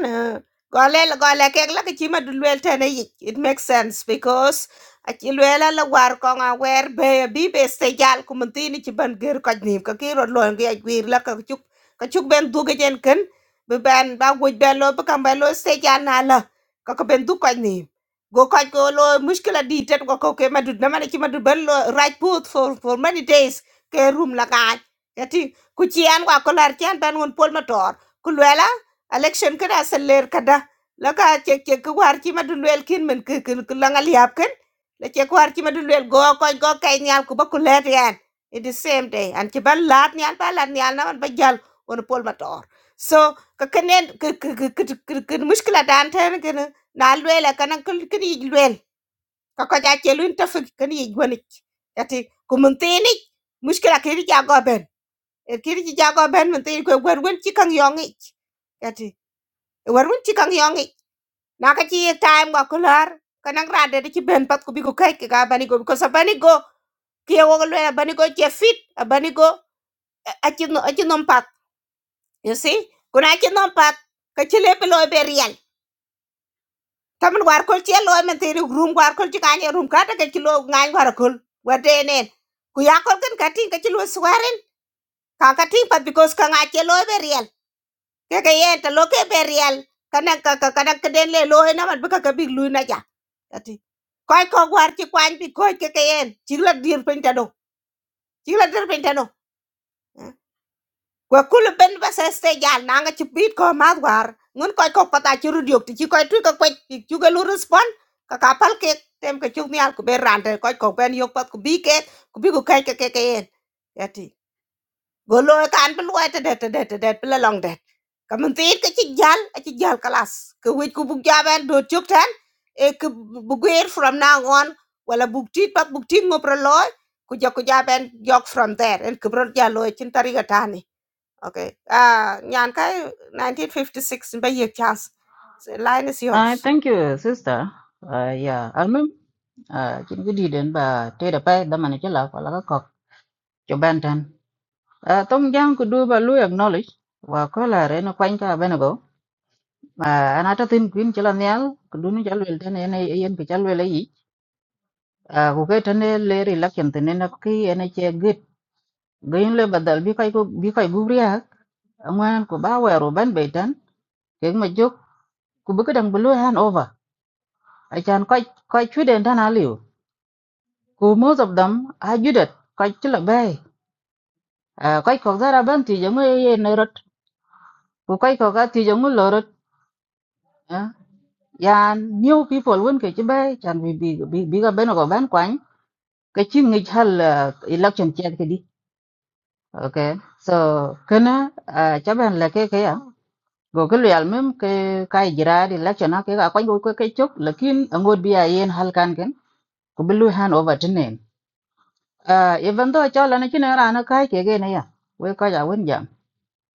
Speaker 5: Golel gole kek la ke chi ma lwel tane yik. It makes sense because a chi lwel la la war ko nga wer be bi be se jal ku mun tini chi ban ger ko ni ka ki ro lo ge ak wir la ka chuk ka chuk ben du ge jen ken. Be ben ba wuj ben lo be kam ben lo se jal na la. Ka ka ben du ko ni. Go ko ko lo mushkila di tet go ko ke ma dud na ma ni chi ma dud ben lo right put for for many days ke room la ka. ku ci an kwa kolar ci an ban won pol motor ku election kada seller kada la cek cek ku war ci madu lel kin men ke ke la ngal yap ken cek war ci go ko go kay nyal ku ba ku let the same day an ci ban lat nyal ba lat nyal na man ba jal won pol motor so ka kenen ke ke ke ke mushkila dan tan ken na lwel kan kan kan yi lwel ka ko ja celun tafik kan yi gwanik yati ku tini mushkila ke ri ja go ben er kiri ci jago ben men te ko gwer wen ci kang yongi kati wer wen ci kang yongi na ka ci time ga kular kanang rade de ci ben pat ko bi ko kay ka bani go ko sa bani go ki wo lo ya bani go ci fit bani go e, a no a ci pat you see kuna ci nom pat ka ci le lo be real tamen war ko ci lo e men te room war ko ci kanye room ka ta ka ci lo ngan war ko wate nen ku yakol kan kati ka ci lo swaren ka kati pat because ka ngache lo e be real ke ke ye ta lo ke berial kana ka ka kana ke den le lo he na man baka ka big lu na ja ati koy ko war ci kwany bi koy ke ke yen ci la dir pen ta do ci la dir pen ta do ko kul ben ba se ste jal na nga ci bit ko ma war ngun koy ko pata ci rudiok ti ci koy tu ka kwaj ti ci ga lu respond ka ka pal ke tem ka ci mi al ku be rante koy ko ben yok pat ku bi ke ku bi ku kay ke ke ke yen ati go lo kan pel wai te det te det te det pel long det kamen tit ke chi jal a chi jal kalas ke wit ku buk jaben do chuk tan e ke buguer from now on wala buk tit pat buk tit ngo pro loy ku jo ku jaben jok from there en ke bro jalo chin tari ga tani okay ah nyan kai 1956 ba ye chance The line is yours
Speaker 9: ah thank you sister uh, yeah almem uh, chin gudi den ba te da pa daman chi la ko la ko ko cho ban Uh, tong jang ku du ba lu acknowledge wa ko la re no kwan ka bena go ma ana ta tin kwin chila nyal ku du ni chal wel tene ene yen ku chal wel yi uh, ku ke tene le ri lak chen tene na ki ene che git gain le badal bi kai ku bi kai gu riak angwan ku ba wa ro ban be tan ke ma jok ku bu kadang bulu han over a chan kai kai chu den tan aliu ku most of them a judet kai chila bay uh, kai ko zara ban ti jangu ye ne rot ku kai ko ga ti jangu lo rot Yeah, new people win ke chibe chan bi bi bi bi ga beno go ban kwany ke chi ngi hal uh, election chat ke di okay so kana uh, chaban la ke ke ya go ke real mem ke kai jira di election ha ke ga kwany go ke chok lakin angod bi a yen hal kan ken ko bilu hand over to name uh, even though cha la na chin ra na kai ke ge na ya we ka ja win jam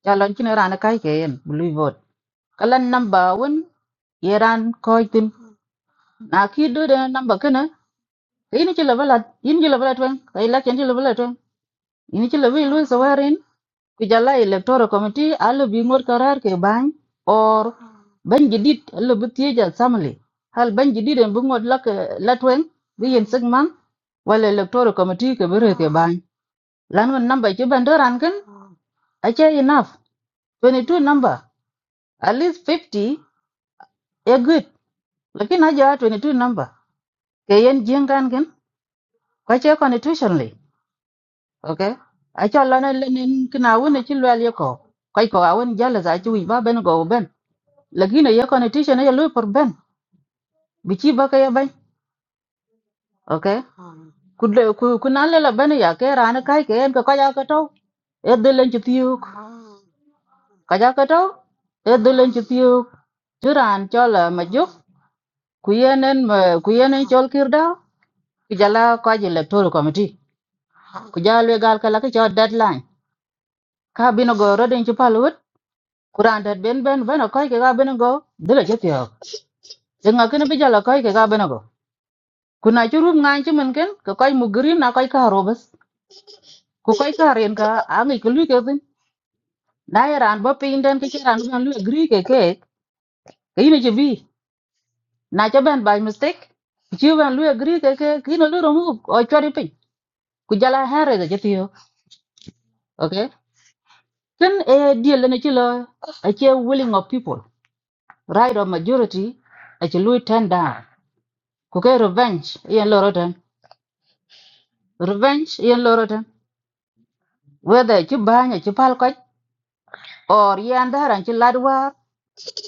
Speaker 9: cha la chin ra na kai ke yen blue vote kalan number 1 yeran ko tin na ki du de number ken ini ci level at ini ci level at wen ka election ci level at wen ini ci level lu sawarin ku jalla electoral committee allo bi ngor karar ke bany or ban jidit allo bi tieja samli hal ban jidit en bi ngor lak lat wen bi yen segman wala electoral committee ke bere ke bany lan wen number ci bandoran kan acha enough two number at least fifty, a good lakin twenty two number ke yen jengan kan kwache constitutionally ok ai cho la na lenin kina won ci lwel ye ko kai ko awon jala za ci wi ba ben go ben lagina ye ko ne tisha ne lo por ben bi ci ba ka ya ban ok ku le ku ku na le la ben ya ke ran kai ke en ko ka ya ka to e de len ci tiuk ka ja ka to e de len ci tiuk ci ran cho la ma juk ku yenen ma ku yenen chol kir da ku jala ko ji le tol committee ku jala gal ka la ka cho deadline ka bino go rodin ci palu Quran dat ben ben ben ko ke ga ben go de la chepio se nga ken bija la ko ke ga ben go kuna churu nga chi men ken ko ko mu green na ko ka robes ko ko ka ren ka a ngi ku lu ke tin na ya ran ba pin den ke chi ran ban lu agree ke ke ke ni che bi na che ben by mistake chi ban lu agree ke ke ki no lu ro mu o chori pin ku jala hare de chepio okay ken e die le ne chi lo a che willing of people right of majority a che lu turn down ku ke revenge yen lo revenge yen loroten whether ci banya ci pal koch or yan daran ci lad war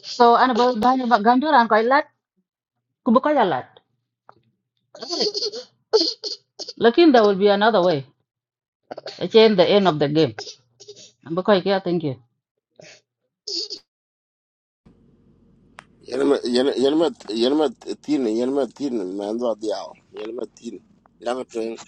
Speaker 9: so an ba banya ba gandoran koy lad ku bu koy lad lakin there will be another way it's in the end of the game bu koy yeah, thank you
Speaker 3: Yenma Yenma Yenma Tin, Yenma Tin, Mando Diao, Yenma Tin. Yang tuing.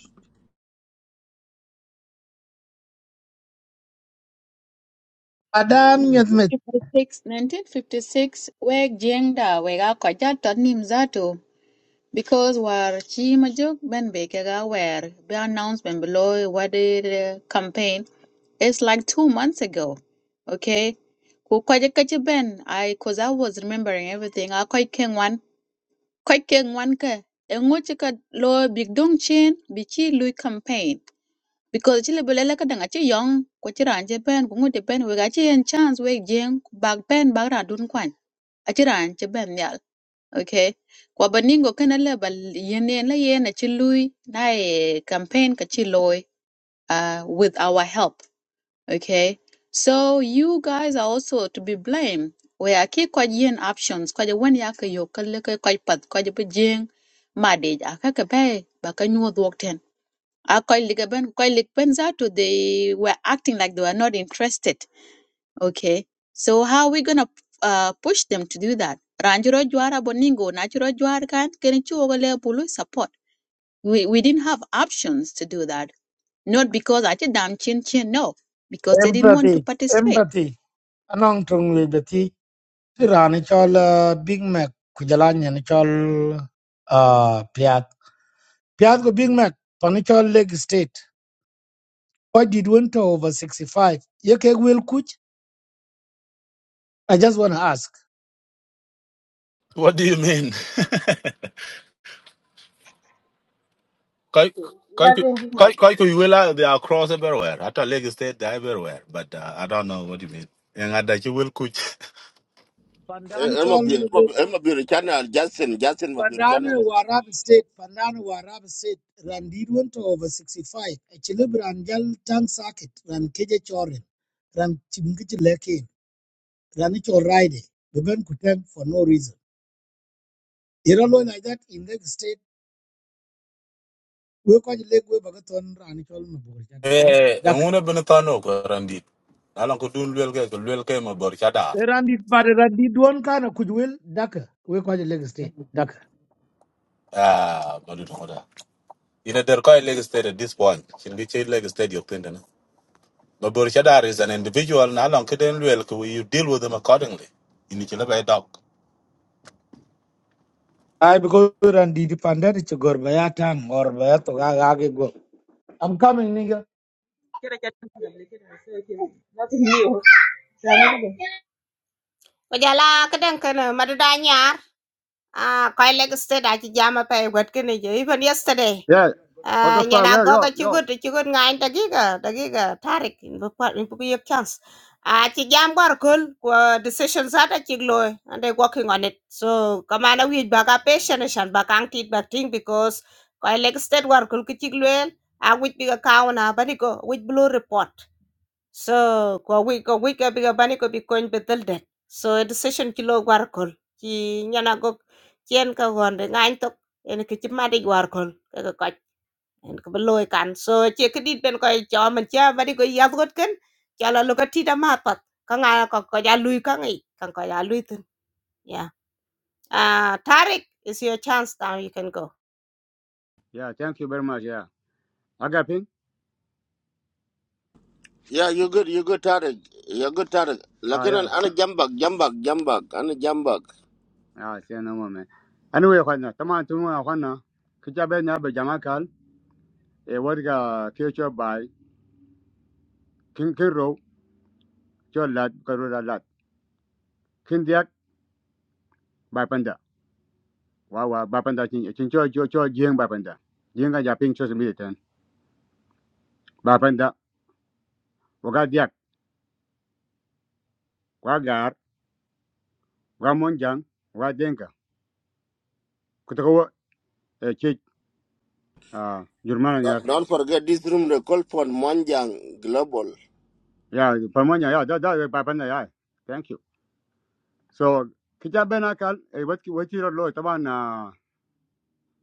Speaker 6: Adan nyet
Speaker 1: 1956 1956 we jengda we ga kwa jato nimzato Because war chi majuk ben be kaga where be announcement below what the campaign It's like two months ago. Okay. Ku kwaje kachi ben I cause I was remembering everything. I quite king one quite king one ka enguchi ka lo big dong chin bichi lui campaign. Because chile belela ka danga chi young kwachi ranje ben kungu de ben we gachi en chance we jing bag ben bag ra dun kwan. Achi ranje ben okay kwa baningo kana la bal yene la yena ci lui na ye campaign ka ci loy uh, with our help okay so you guys are also to be blamed we are ki kwa yen options kwa wen ya ka yo ka le ka kwa pat kwa bu jing ma de ja ka ka pe ba ka nyu dog ten a kwa li ka ben kwa li ben za to they were acting like they were not interested Okay. So how are we gonna uh, push them to do that? Ranjiro Juara Boningo, Natural Juara can Kenichi Pulu support. We we didn't have options to do that. Not because I did damn chin chin, no, because they didn't want to
Speaker 6: empathy,
Speaker 1: participate.
Speaker 6: empathy. Anong tung le beti tirani chol uh, Big Mac kujalanya ni chol uh, piat. Piat ko Big Mac pani chol leg state. Why did winter over 65? Ye keg will kuch? I just want to ask.
Speaker 8: What do you mean? Quite. Quite,
Speaker 10: latin dik ma
Speaker 8: quite, quite, You will they are across everywhere. At a leg state, they're everywhere. But uh, I don't know what you mean. And I that you will coach.
Speaker 6: Pandani
Speaker 3: Emma Bill,
Speaker 6: chol
Speaker 3: Emma Bill Channel, Justin, Justin
Speaker 6: Pandana
Speaker 3: Bill
Speaker 6: Warab State, Pandana Warab State, Randid went to over 65, a Chilibran Jal Tang Circuit, Ran Keja Chorin, Ran Chimkichi Lekin, Ranicho Ride, Beben Kutem for no reason. Iralo like that in Lake State, we call Lake We Bagaton Ranichol Maburjada.
Speaker 8: Eh, eh,
Speaker 6: Daka.
Speaker 8: ngune bini kano ko randi. Alan ko dun luel ke, ko luel ke ma bor chada.
Speaker 6: Randid, but Randid one kind of could will Daka. We call Lake State. Daka.
Speaker 8: Ah, ma dun koda. Ina der koi leg state at this point. Shin gi chay leg state yok tinda na. Ma bor chada is an individual na alan ko den luel ko you deal with them accordingly. Ini chila bay dog.
Speaker 6: I because Randid Pandana a Bayatang or Bayato Gagagi go. I'm coming, nigga.
Speaker 10: kira ja tin kana le kira so ke latin yo sana de
Speaker 5: ko jala ka den kan madada nyar ah koy leg state I jam up a chi jama pe wat kene je even yesterday
Speaker 12: Yeah. What
Speaker 5: Ah,
Speaker 12: the fuck?
Speaker 5: nyana
Speaker 12: Yo, yo,
Speaker 5: goga
Speaker 12: yo.
Speaker 5: chugut chugut ngain dagiga dagiga tarik in bupat in buku yek chance ah ci jam gor kul ko decision zata ci loy and they working on it so kamana wi baga patient shan bakang tit bating because ko leg state war kul ki ci loyel a wi biga kauna baniko wi blue report so ko wi ko wi ka biga baniko bi coin betel det so a decision ci lo war kul ci nyana gog cien ka gonde ngain tok en ki ci madi war kul ka ko en ko loy kan so che kedit ben ko cho man cha bari ko yas got ken cha la lo ka ti da ma pat ka nga ko ko ja lui ka ngi kan ko ja lui tin yeah ah tarik is your chance now you can go
Speaker 12: Yeah, thank you very much. Yeah. I got ping?
Speaker 3: Yeah, you good, you good Tarek. You good Tarek.
Speaker 12: Ah,
Speaker 3: Lakini
Speaker 12: yeah.
Speaker 3: ana jambak, jambak, jambak, ana jambak.
Speaker 12: Ah, see you no more, man. Anyway, Juana, come on, to me, Juana. Kicha na be jamakal. kal. E what future by King kiro cholat cho lat, karo da lat. King Diak, by Panda. Wow, wow, by Panda, chin, chin, cho, cho, cho, jing by Panda. Jing ga japing cho simi ten. By waga Diak, wagar, wamonjang, wadenka. Kutakawa, Ah, Germany, yeah,
Speaker 3: Don't don't forget this room they call for Mwanjang Global.
Speaker 12: yeah, Palmonia, yeah, that, that, Papanda, yeah. Thank you. So, kita bena kal, eh, what, what you lo, taban na,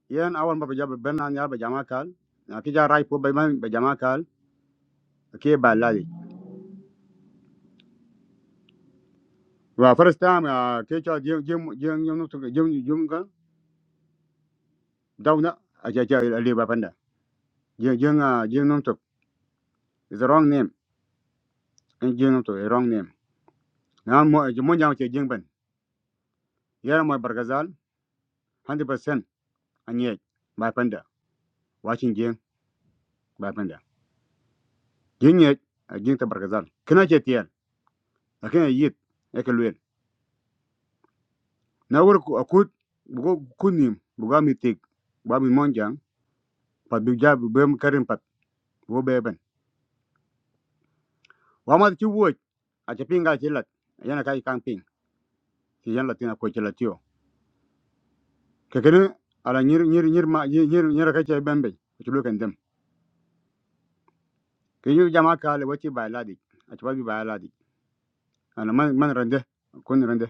Speaker 12: yan awan ba pajab bena niya ba jama kal, na kita rai po ba man ba jama kal, ke ba lali. Wa first time, ah, ke cha jing jing jing jing nung tuk jing jing ka, daw a cha cha ali Papanda, jing jing ah jing nung tuk is the wrong name, and jing nung tuk is wrong name. Na mo mo nyam che jing ben, yara mo bargazal 100% anye ba panda. watching jing Papanda. jin ye a jin ta barkazal kina ce tiyan a kina yit ya ka luen na wuri ku a kut bugo kunim bugo mi tik ba mi monjang pat bi ja bi bem karin pat bo beben wa ma ci wuoj a ce pinga ci lat yana kai kan ping ci yan latina ko ci latio ke kene ala nyir nyir nyir ma nyir nyir nyir ka ce bembe ci lu kan dem ke yu jama ka ana man man rande kun rande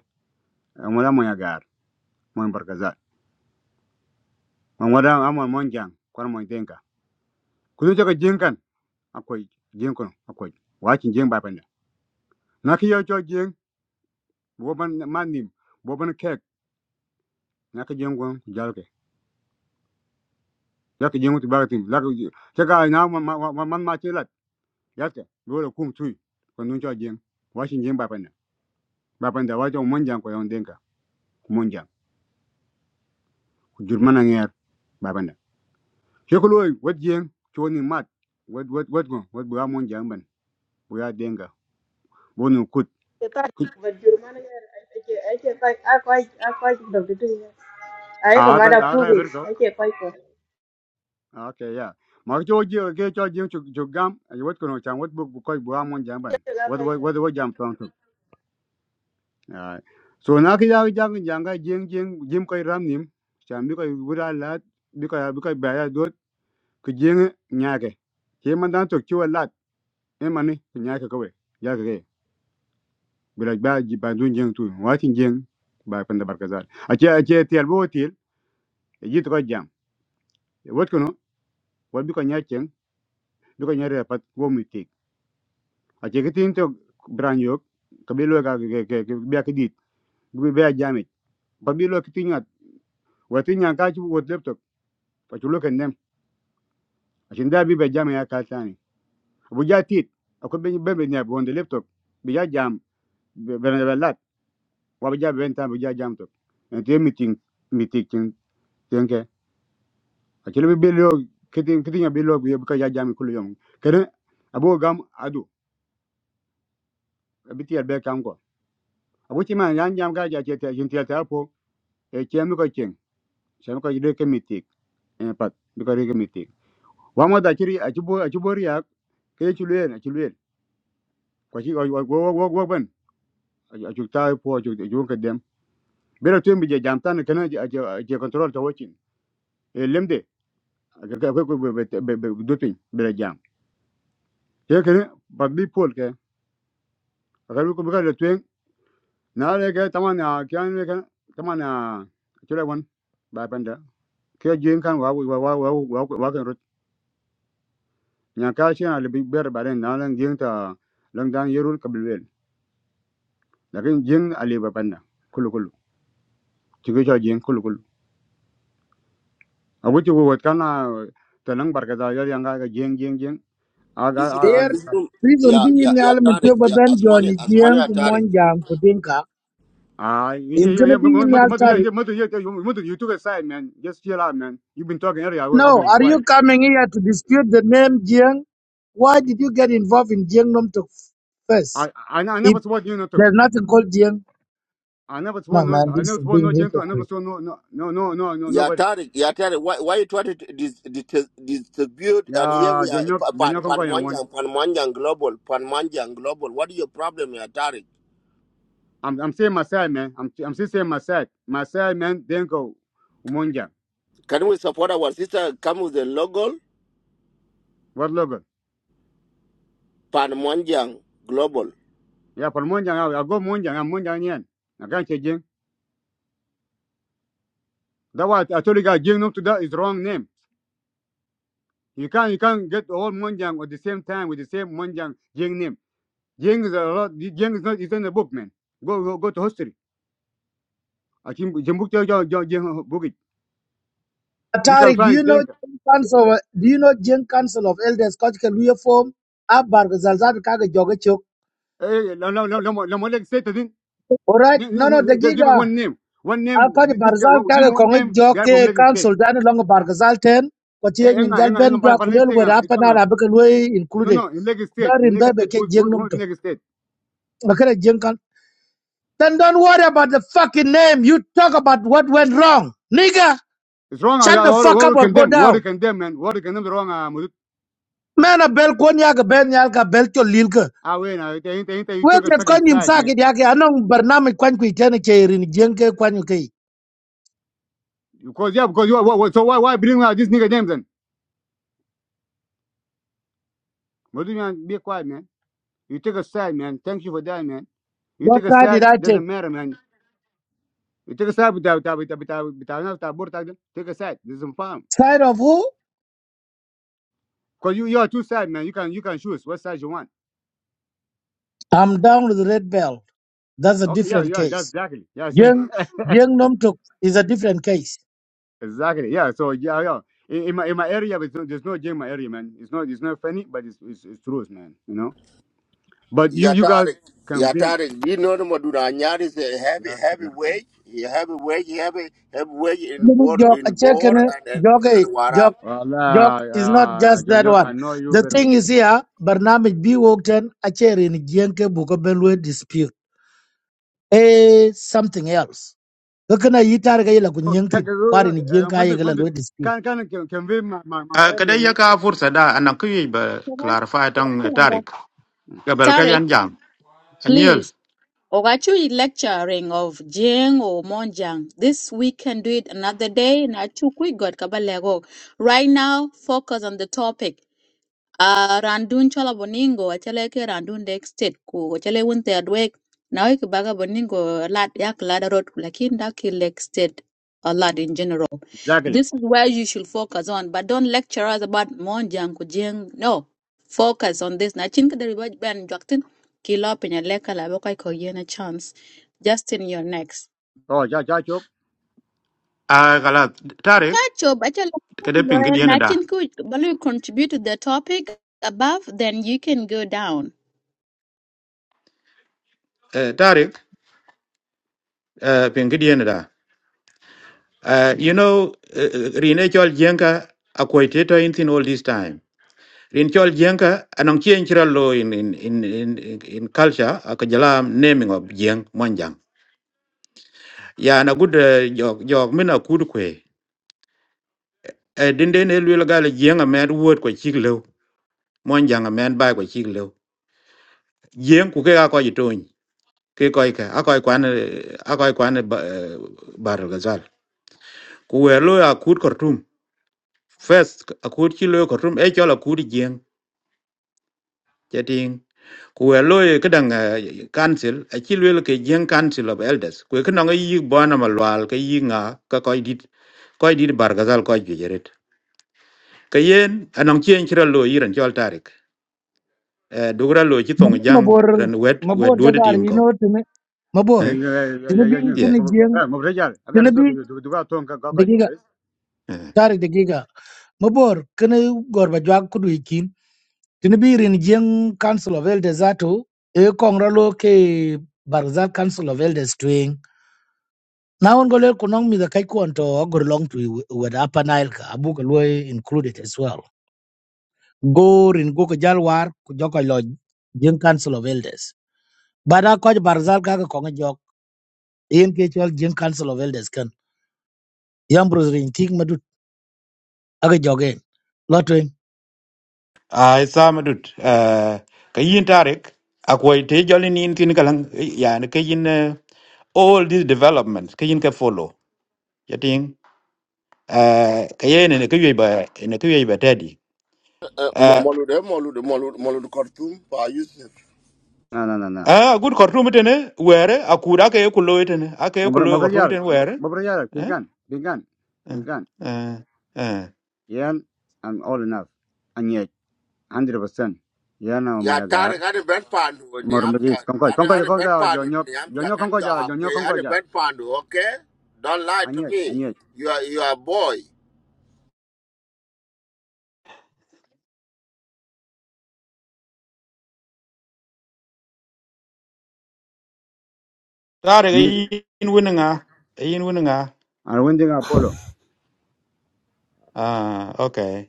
Speaker 12: amala mo ya gar mo barkazal mo wada amon monjang kon mo denka kunu ce ka akwai jeng kono akwai wakin jeng bai panda na ki yo cho jeng bo ban man nim bo ban kek na ki jeng kono jal ke ya ki jeng tu ba tim la ga na ma ma ma- man ma che lat ya ke lo lo kum tui ko nun cho jeng wakin jeng bai panda bai panda wa cho mon jang ko yon denka mon jang jur mana nger bai panda ke ko loy wat jeng cho ni mat wat wat wat ko wat bu mon jang ban bu ya denka bo kut
Speaker 10: te ta ba jurmana ya ake ake koi a koi a koi do de ai
Speaker 12: a ga
Speaker 10: kamada
Speaker 12: a ga
Speaker 10: pubi
Speaker 12: gar
Speaker 10: ake koi
Speaker 12: okay yeah ma cho ji ke cho ji chu chu gam ai wat kono chan wat bu ko bu amon jam ban wat wat
Speaker 10: ko
Speaker 12: wat wat jam tong tu ai so na ki ja ja ja ga jing jing jim ko ram nim chan bi ko wura lat bi ko bi ko ba ya dot ku jing nya ke ke man dan to chu lat e man ni ku nya ke ko we ya ke ke bi la ba ji ba dun jing tu wa tin jing ba pan da barkazal a che a che tiel bo tiel ji to ko jam wat kono wat bi ko nya chen bi ko nya re pat wo mi ache ke tin to bran yo ke ka ke ke ke bi ke dit bi be jami pa bi lo ke tin at wa tin yan ka chu wo laptop pa chu lo be jami ya ka tani bu ja tit be be be ne bo on the laptop bi ja jam be be be lat wa bi ja be tan bi ja jam to en te meeting meeting tin ten ke be lo ke tin ke tin bi lo bi ka ja jami kulu yom kere adu bi ti be kam ko abo ti man yan jam ka ja che te jin e shan ko yide kemitik e pat bi ko kemitik wa mo da chiri a chubo a chubo riak ke chuluen a chuluen ko chi go go go go ben a chu ta po a chu ju ka dem bi ra tem bi je jam tan kana je je control to wachin e lemde ga ga ko be do pin bi ra jam ye kene ba bi pol ke ga ko bi ka le tuen na le ke taman a kyan le ke taman a chule won ba panda ke jin kan wa wa wa wa wa nya ali big ber bare na jing ta lang dan yerul kabilwel lakin jing ali ba kulu kulu chigi jing kulu kulu agu chugo wat kana ta lang yar yang ga jing jing jing aga
Speaker 3: This room,
Speaker 6: Here,
Speaker 12: alu
Speaker 3: this room.
Speaker 6: reason
Speaker 3: Yeah,
Speaker 6: being
Speaker 3: yeah,
Speaker 6: in the
Speaker 3: yeah,
Speaker 6: element
Speaker 3: Tarek.
Speaker 6: of
Speaker 3: Yeah,
Speaker 6: Ben
Speaker 3: Asmani,
Speaker 6: Johnny
Speaker 3: Asmani,
Speaker 6: Jiang
Speaker 3: yeah, Tarek.
Speaker 6: Kumonjang Kudinka
Speaker 12: Ah, you
Speaker 6: is
Speaker 12: you
Speaker 6: gonna
Speaker 12: you
Speaker 6: be in the
Speaker 12: mother mother yeah
Speaker 6: altari.
Speaker 12: yeah mother yeah you mother you took a side man just chill out man you've been talking earlier I will I'll
Speaker 6: No,
Speaker 12: be
Speaker 6: are
Speaker 12: quiet
Speaker 6: you coming here to dispute the name Jiang? Why did you get involved in Jiang Nom Tok
Speaker 12: I
Speaker 6: first?
Speaker 12: I I
Speaker 6: If
Speaker 12: never saw you no took
Speaker 6: there's nothing called Jiang,
Speaker 12: I never saw
Speaker 6: no
Speaker 12: no
Speaker 6: man,
Speaker 12: I
Speaker 6: this
Speaker 12: never
Speaker 6: is
Speaker 12: saw
Speaker 6: being
Speaker 12: no gentle I never
Speaker 6: hypocrite.
Speaker 12: saw no no no no no no
Speaker 3: Yeah,
Speaker 12: nobody
Speaker 3: Tarek, yeah, Tarek. Why, why you try to dis, dis, distribute? And here
Speaker 12: yeah
Speaker 3: we are,
Speaker 12: Jonyok
Speaker 3: pa- pan,
Speaker 12: Jonyok kong
Speaker 3: pan
Speaker 12: kong yang
Speaker 3: Mwanjang, pan Mwanjang Global, pan Mwanjang Global. What is your problem, yeah, Tarek?
Speaker 12: I'm I'm saying Masai man. I'm I'm still saying Masai. Masai man then go Munja.
Speaker 3: Can we support our sister? Come with the logo,
Speaker 12: What logo?
Speaker 3: pan Mwanjang Global.
Speaker 12: Yeah, for Munja I, go Munja, I'm Munja I can't change. it. That what I told you guys Jing name to that is wrong name. You can't you can't get all Munjang at the same time with the same Munjang Jing name. Jing is a lot Jing is not It's in the book, man. Go go go to history. I think Jim book tell you you- you book it. You can
Speaker 6: Tariq, do
Speaker 12: find
Speaker 6: you know
Speaker 12: Denka.
Speaker 6: Jiang Council? of- Do you know Jiang Council of Elders Kochika Luya form? Abar Zalzad Kaga Jogachok.
Speaker 12: Hey, hey, no no no no more- no more like say to this.
Speaker 6: All right,
Speaker 12: No, no,
Speaker 6: no,
Speaker 12: no,
Speaker 6: no, the
Speaker 12: no, Give me
Speaker 6: giga.
Speaker 12: one name. One name.
Speaker 6: akɔc
Speaker 12: This, this guy,
Speaker 6: barzal
Speaker 12: give
Speaker 6: tage
Speaker 12: me one
Speaker 6: kɔŋi
Speaker 12: name.
Speaker 6: jɔ
Speaker 12: Guy from Lagos State.
Speaker 6: council dani lɔŋi bargazal ten ko
Speaker 12: Eh,
Speaker 6: nyin
Speaker 12: Enga,
Speaker 6: jal
Speaker 12: enga,
Speaker 6: ben
Speaker 12: enga,
Speaker 6: jwa
Speaker 12: pan,
Speaker 6: ku
Speaker 12: pan,
Speaker 6: lel
Speaker 12: next
Speaker 6: wer
Speaker 12: enga, it's
Speaker 6: apanal
Speaker 12: enga.
Speaker 6: abike luoi
Speaker 12: No,
Speaker 6: included
Speaker 12: no, in Lagos State, in
Speaker 6: jarin be
Speaker 12: Lagos
Speaker 6: be
Speaker 12: State, who's,
Speaker 6: jeng
Speaker 12: who's,
Speaker 6: num
Speaker 12: who's in
Speaker 6: tok
Speaker 12: Lagos State?
Speaker 6: bakere jeng kan then don't worry about the fucking name you talk about what went wrong nigga
Speaker 12: It's wrong, Ah,
Speaker 6: shut
Speaker 12: I,
Speaker 6: the
Speaker 12: what
Speaker 6: fuck
Speaker 12: what
Speaker 6: up
Speaker 12: we
Speaker 6: or go
Speaker 12: condemn, what
Speaker 6: down
Speaker 12: we condemn, man, what we condemn the wrong, Ah, Mudut.
Speaker 6: man a bel kon ya ga ben yal ka bel to lil ka
Speaker 12: Ah, wait, now, it ain't, it ain't, you
Speaker 6: wer
Speaker 12: took a
Speaker 6: det ko
Speaker 12: second
Speaker 6: nyim
Speaker 12: side, man.
Speaker 6: sakit yake anong barnamij kwan ku itene ke rin jeng ke kwan yu ke
Speaker 12: Because, yeah, because you, are- what, what, so why, why bring out this nigga names then? Mudut, man, be quiet, man. You took a side, man. Thank you for that, man. You
Speaker 6: what
Speaker 12: took a
Speaker 6: side
Speaker 12: side,
Speaker 6: did i take
Speaker 12: doesn't matter, man. You took a side with that, with that, with that, with that, with that, with that, with that, take a side, doesn't farm.
Speaker 6: side of who
Speaker 12: Because you, you are two sides, man. You can, you can choose what side you want.
Speaker 6: i'm down with the red belt. that's a
Speaker 12: Okay, yeah,
Speaker 6: different
Speaker 12: yeah,
Speaker 6: case
Speaker 12: that's exactly. Yeah, see.
Speaker 6: Jeng Jeng Nom Tuk is a different case.
Speaker 12: Exactly. Yeah. So yeah, yeah. In, in my in my area, it's not, there's no gym in my area, man. It's not it's not funny, but it's it's, it's truth, man. You know. But you you guys
Speaker 3: Yatarik,
Speaker 12: can bring.
Speaker 3: Yatarik, do you know the Maduna Anyar is a heavy,
Speaker 12: Yeah,
Speaker 3: heavy
Speaker 12: salam. man.
Speaker 3: wage, heavy wage, heavy, heavy wage in Bor,
Speaker 6: Jok
Speaker 3: in Bor
Speaker 6: Achekene
Speaker 3: and, and,
Speaker 6: Jok
Speaker 3: and,
Speaker 6: a
Speaker 3: and
Speaker 6: Jok
Speaker 3: Warab.
Speaker 6: Jok is not
Speaker 12: Wallah, uh,
Speaker 6: just
Speaker 12: John
Speaker 6: that
Speaker 12: York, I
Speaker 6: one.
Speaker 12: know you
Speaker 6: The
Speaker 12: very good.
Speaker 6: thing is here, Barnamij B Wokten Acherin Jenke Bukobenwe dispute. Eh something else. Kakana yitar gay la
Speaker 12: Oh, can-
Speaker 6: kunyangtin,
Speaker 12: can-
Speaker 6: kwarin
Speaker 12: uh,
Speaker 6: jenka
Speaker 12: Madud,
Speaker 6: yegala
Speaker 12: Madud,
Speaker 6: lo dispute.
Speaker 12: can can can convey my, my my
Speaker 13: Uh,
Speaker 12: area,
Speaker 13: kada ya
Speaker 12: man.
Speaker 13: ka fursa da anan kuyi ba clarify tan tarik gabal ka
Speaker 1: Tarek,
Speaker 13: yan jam anyel
Speaker 1: please. Ogachu lecturing of Jing or Monjang. This we can do it another day. Nachu quick God Kabalego. Right now, focus on the topic. a randun chola boningo achele ke randun dek state ku achele wunte adwek na wiki baga boningo lad yak lada road lakin daki lake state a lot in general
Speaker 12: Exactly.
Speaker 1: this is where you should focus on but don't lecture us about monjang kujeng no focus on this na chin kada ribaj ben jaktin kilo penya leka la bokai ko yen a chance justin you're next
Speaker 12: Oh, ja ja chop.
Speaker 13: a galat tarik
Speaker 1: kacho achele
Speaker 13: kada pingi
Speaker 1: loyal
Speaker 13: diena
Speaker 1: I
Speaker 13: da
Speaker 1: think ku balu contribute to the topic above then you can go down
Speaker 13: Eh, tarik eh, pingi diena da Eh, you know eh, rine chol jenka akwai teto in thin all this time rin chol jenka anan chien chira lo in in in in, in in culture akajala naming of jeng monjang ya na good eh, jog jog mina kud kwe Eh, dinde ne lwel gala jeng a med word ko chik lew mon jang men bai ko chi lo yen ku ke ga ko ji ton ke ko ka a ko kwan a ko kwan bar gazal ku we lo ya kut kortum first a kut chi lo kortum e chola kut yen chating ku we lo ke dang council a chi lo ke yen council of elders ku ke no yi bona malwal ke yi nga ka ko dit ko dit bar gazal ko ji jeret ke yen anong chien chira lo yiran chol tarik dugra lo chi tong
Speaker 6: Mari
Speaker 13: jang
Speaker 6: Mabor
Speaker 13: ran wet wet
Speaker 6: Mabor
Speaker 13: duod tim
Speaker 6: Jadar, you
Speaker 13: ko
Speaker 6: know to me. Mabor,
Speaker 12: Yeah
Speaker 13: eh
Speaker 12: yeah yeah
Speaker 6: Tinabi
Speaker 12: yeah. yeah.
Speaker 6: Kini
Speaker 13: yeah
Speaker 12: Mo- mo-
Speaker 6: Jeng,
Speaker 12: eh, Mobrejal, I got to talk to
Speaker 6: Tinabi
Speaker 12: you. Do do got to talk to you,
Speaker 6: Degiga,
Speaker 12: guys.
Speaker 6: Tari Degiga. Mabor, Kene Gorba Jwak Tin birin jeng Council of Elders atu e kongra lo ke Barzal Council of Elders twing. Na on gole kunong mi the kai kuan to ogor long to with Upper Nile ka abu ka lo included as well. Go rin go ka jalwar ku joko lo jeng Council of Elders. Bada ko Barzal ka ka konga jok yen ke chol jeng Council of Elders kan. Yam bros rin tik madut aga jogen. Lotwing.
Speaker 13: ai sa ma dut eh, ka yin tarik akwai te jolin yin tin kalang eh, yani ka yin eh, all these developments ka yin ka follow ya ting eh, ka ye ne ka yoy ba ne ka yoy ba tadi
Speaker 3: Uh, uh, Mo-
Speaker 13: ah
Speaker 3: Molude, Molude, Molude, Molude Khartoum, Pa Yusuf.
Speaker 12: No no no no.
Speaker 13: ah, good kortum tene were akura ka ye kulo tene aka ye kulo kortum
Speaker 12: Mobrejal,
Speaker 13: tene were
Speaker 12: Mobrejal,
Speaker 13: eh
Speaker 12: pingan, pingan,
Speaker 13: eh
Speaker 12: pingan.
Speaker 13: eh eh.
Speaker 12: Yeah, I'm old enough. And yet, 100%. Yeah, no, my agar.
Speaker 3: Yatarik, I didn't Pandu,
Speaker 12: more Mormidis,
Speaker 3: Niamsha,
Speaker 12: concoy,
Speaker 3: I
Speaker 12: concoy,
Speaker 3: didn't
Speaker 12: concoy,
Speaker 3: Pandu,
Speaker 12: jonyo,
Speaker 3: Niamsha,
Speaker 12: jonyo,
Speaker 3: can
Speaker 12: concoy,
Speaker 3: you have,
Speaker 12: jonyo,
Speaker 3: I
Speaker 12: concoy, ja.
Speaker 3: did Pandu, okay? Don't lie
Speaker 12: And
Speaker 3: to
Speaker 12: yet, and
Speaker 3: me.
Speaker 12: yet.
Speaker 3: You are, you are a boy.
Speaker 13: tare ka
Speaker 12: And
Speaker 13: yin wina nga eh, yin wina nga
Speaker 12: winding Apollo.
Speaker 13: ah okay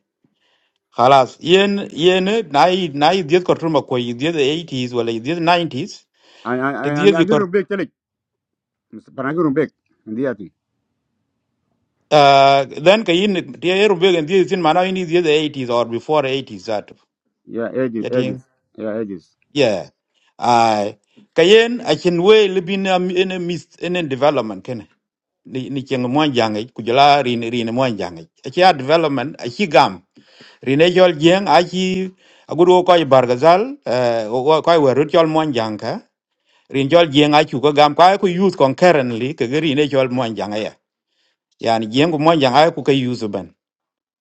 Speaker 13: Khalas, yen yen na i na i diet ko truma ko i diet 80s wala i diet 90s.
Speaker 12: And
Speaker 13: Te diet
Speaker 12: and and the
Speaker 13: ko
Speaker 12: Rubik, tell it. Parangi Rubik. And the other thing.
Speaker 13: uh, then ka yin te yeru be gen diet sin mana yin diet 80s or before 80s that.
Speaker 12: Yeah, ages, ages.
Speaker 13: Yating.
Speaker 12: Yeah, ages.
Speaker 13: Yeah. Ai ka yen a chen we libin am in a mis in a development ken. Ni ni cheng mo jangai ku jala rin rin mo jangai. A chia development a chi gam. Rin e jol jeng a chi a guru ko i bargazal eh ko ko werut jol mo rin jol jieng a chu ko gam kwa ku use concurrently ke gari ne jol mon jang ya yani jieng ku mon jang a ku ka use ban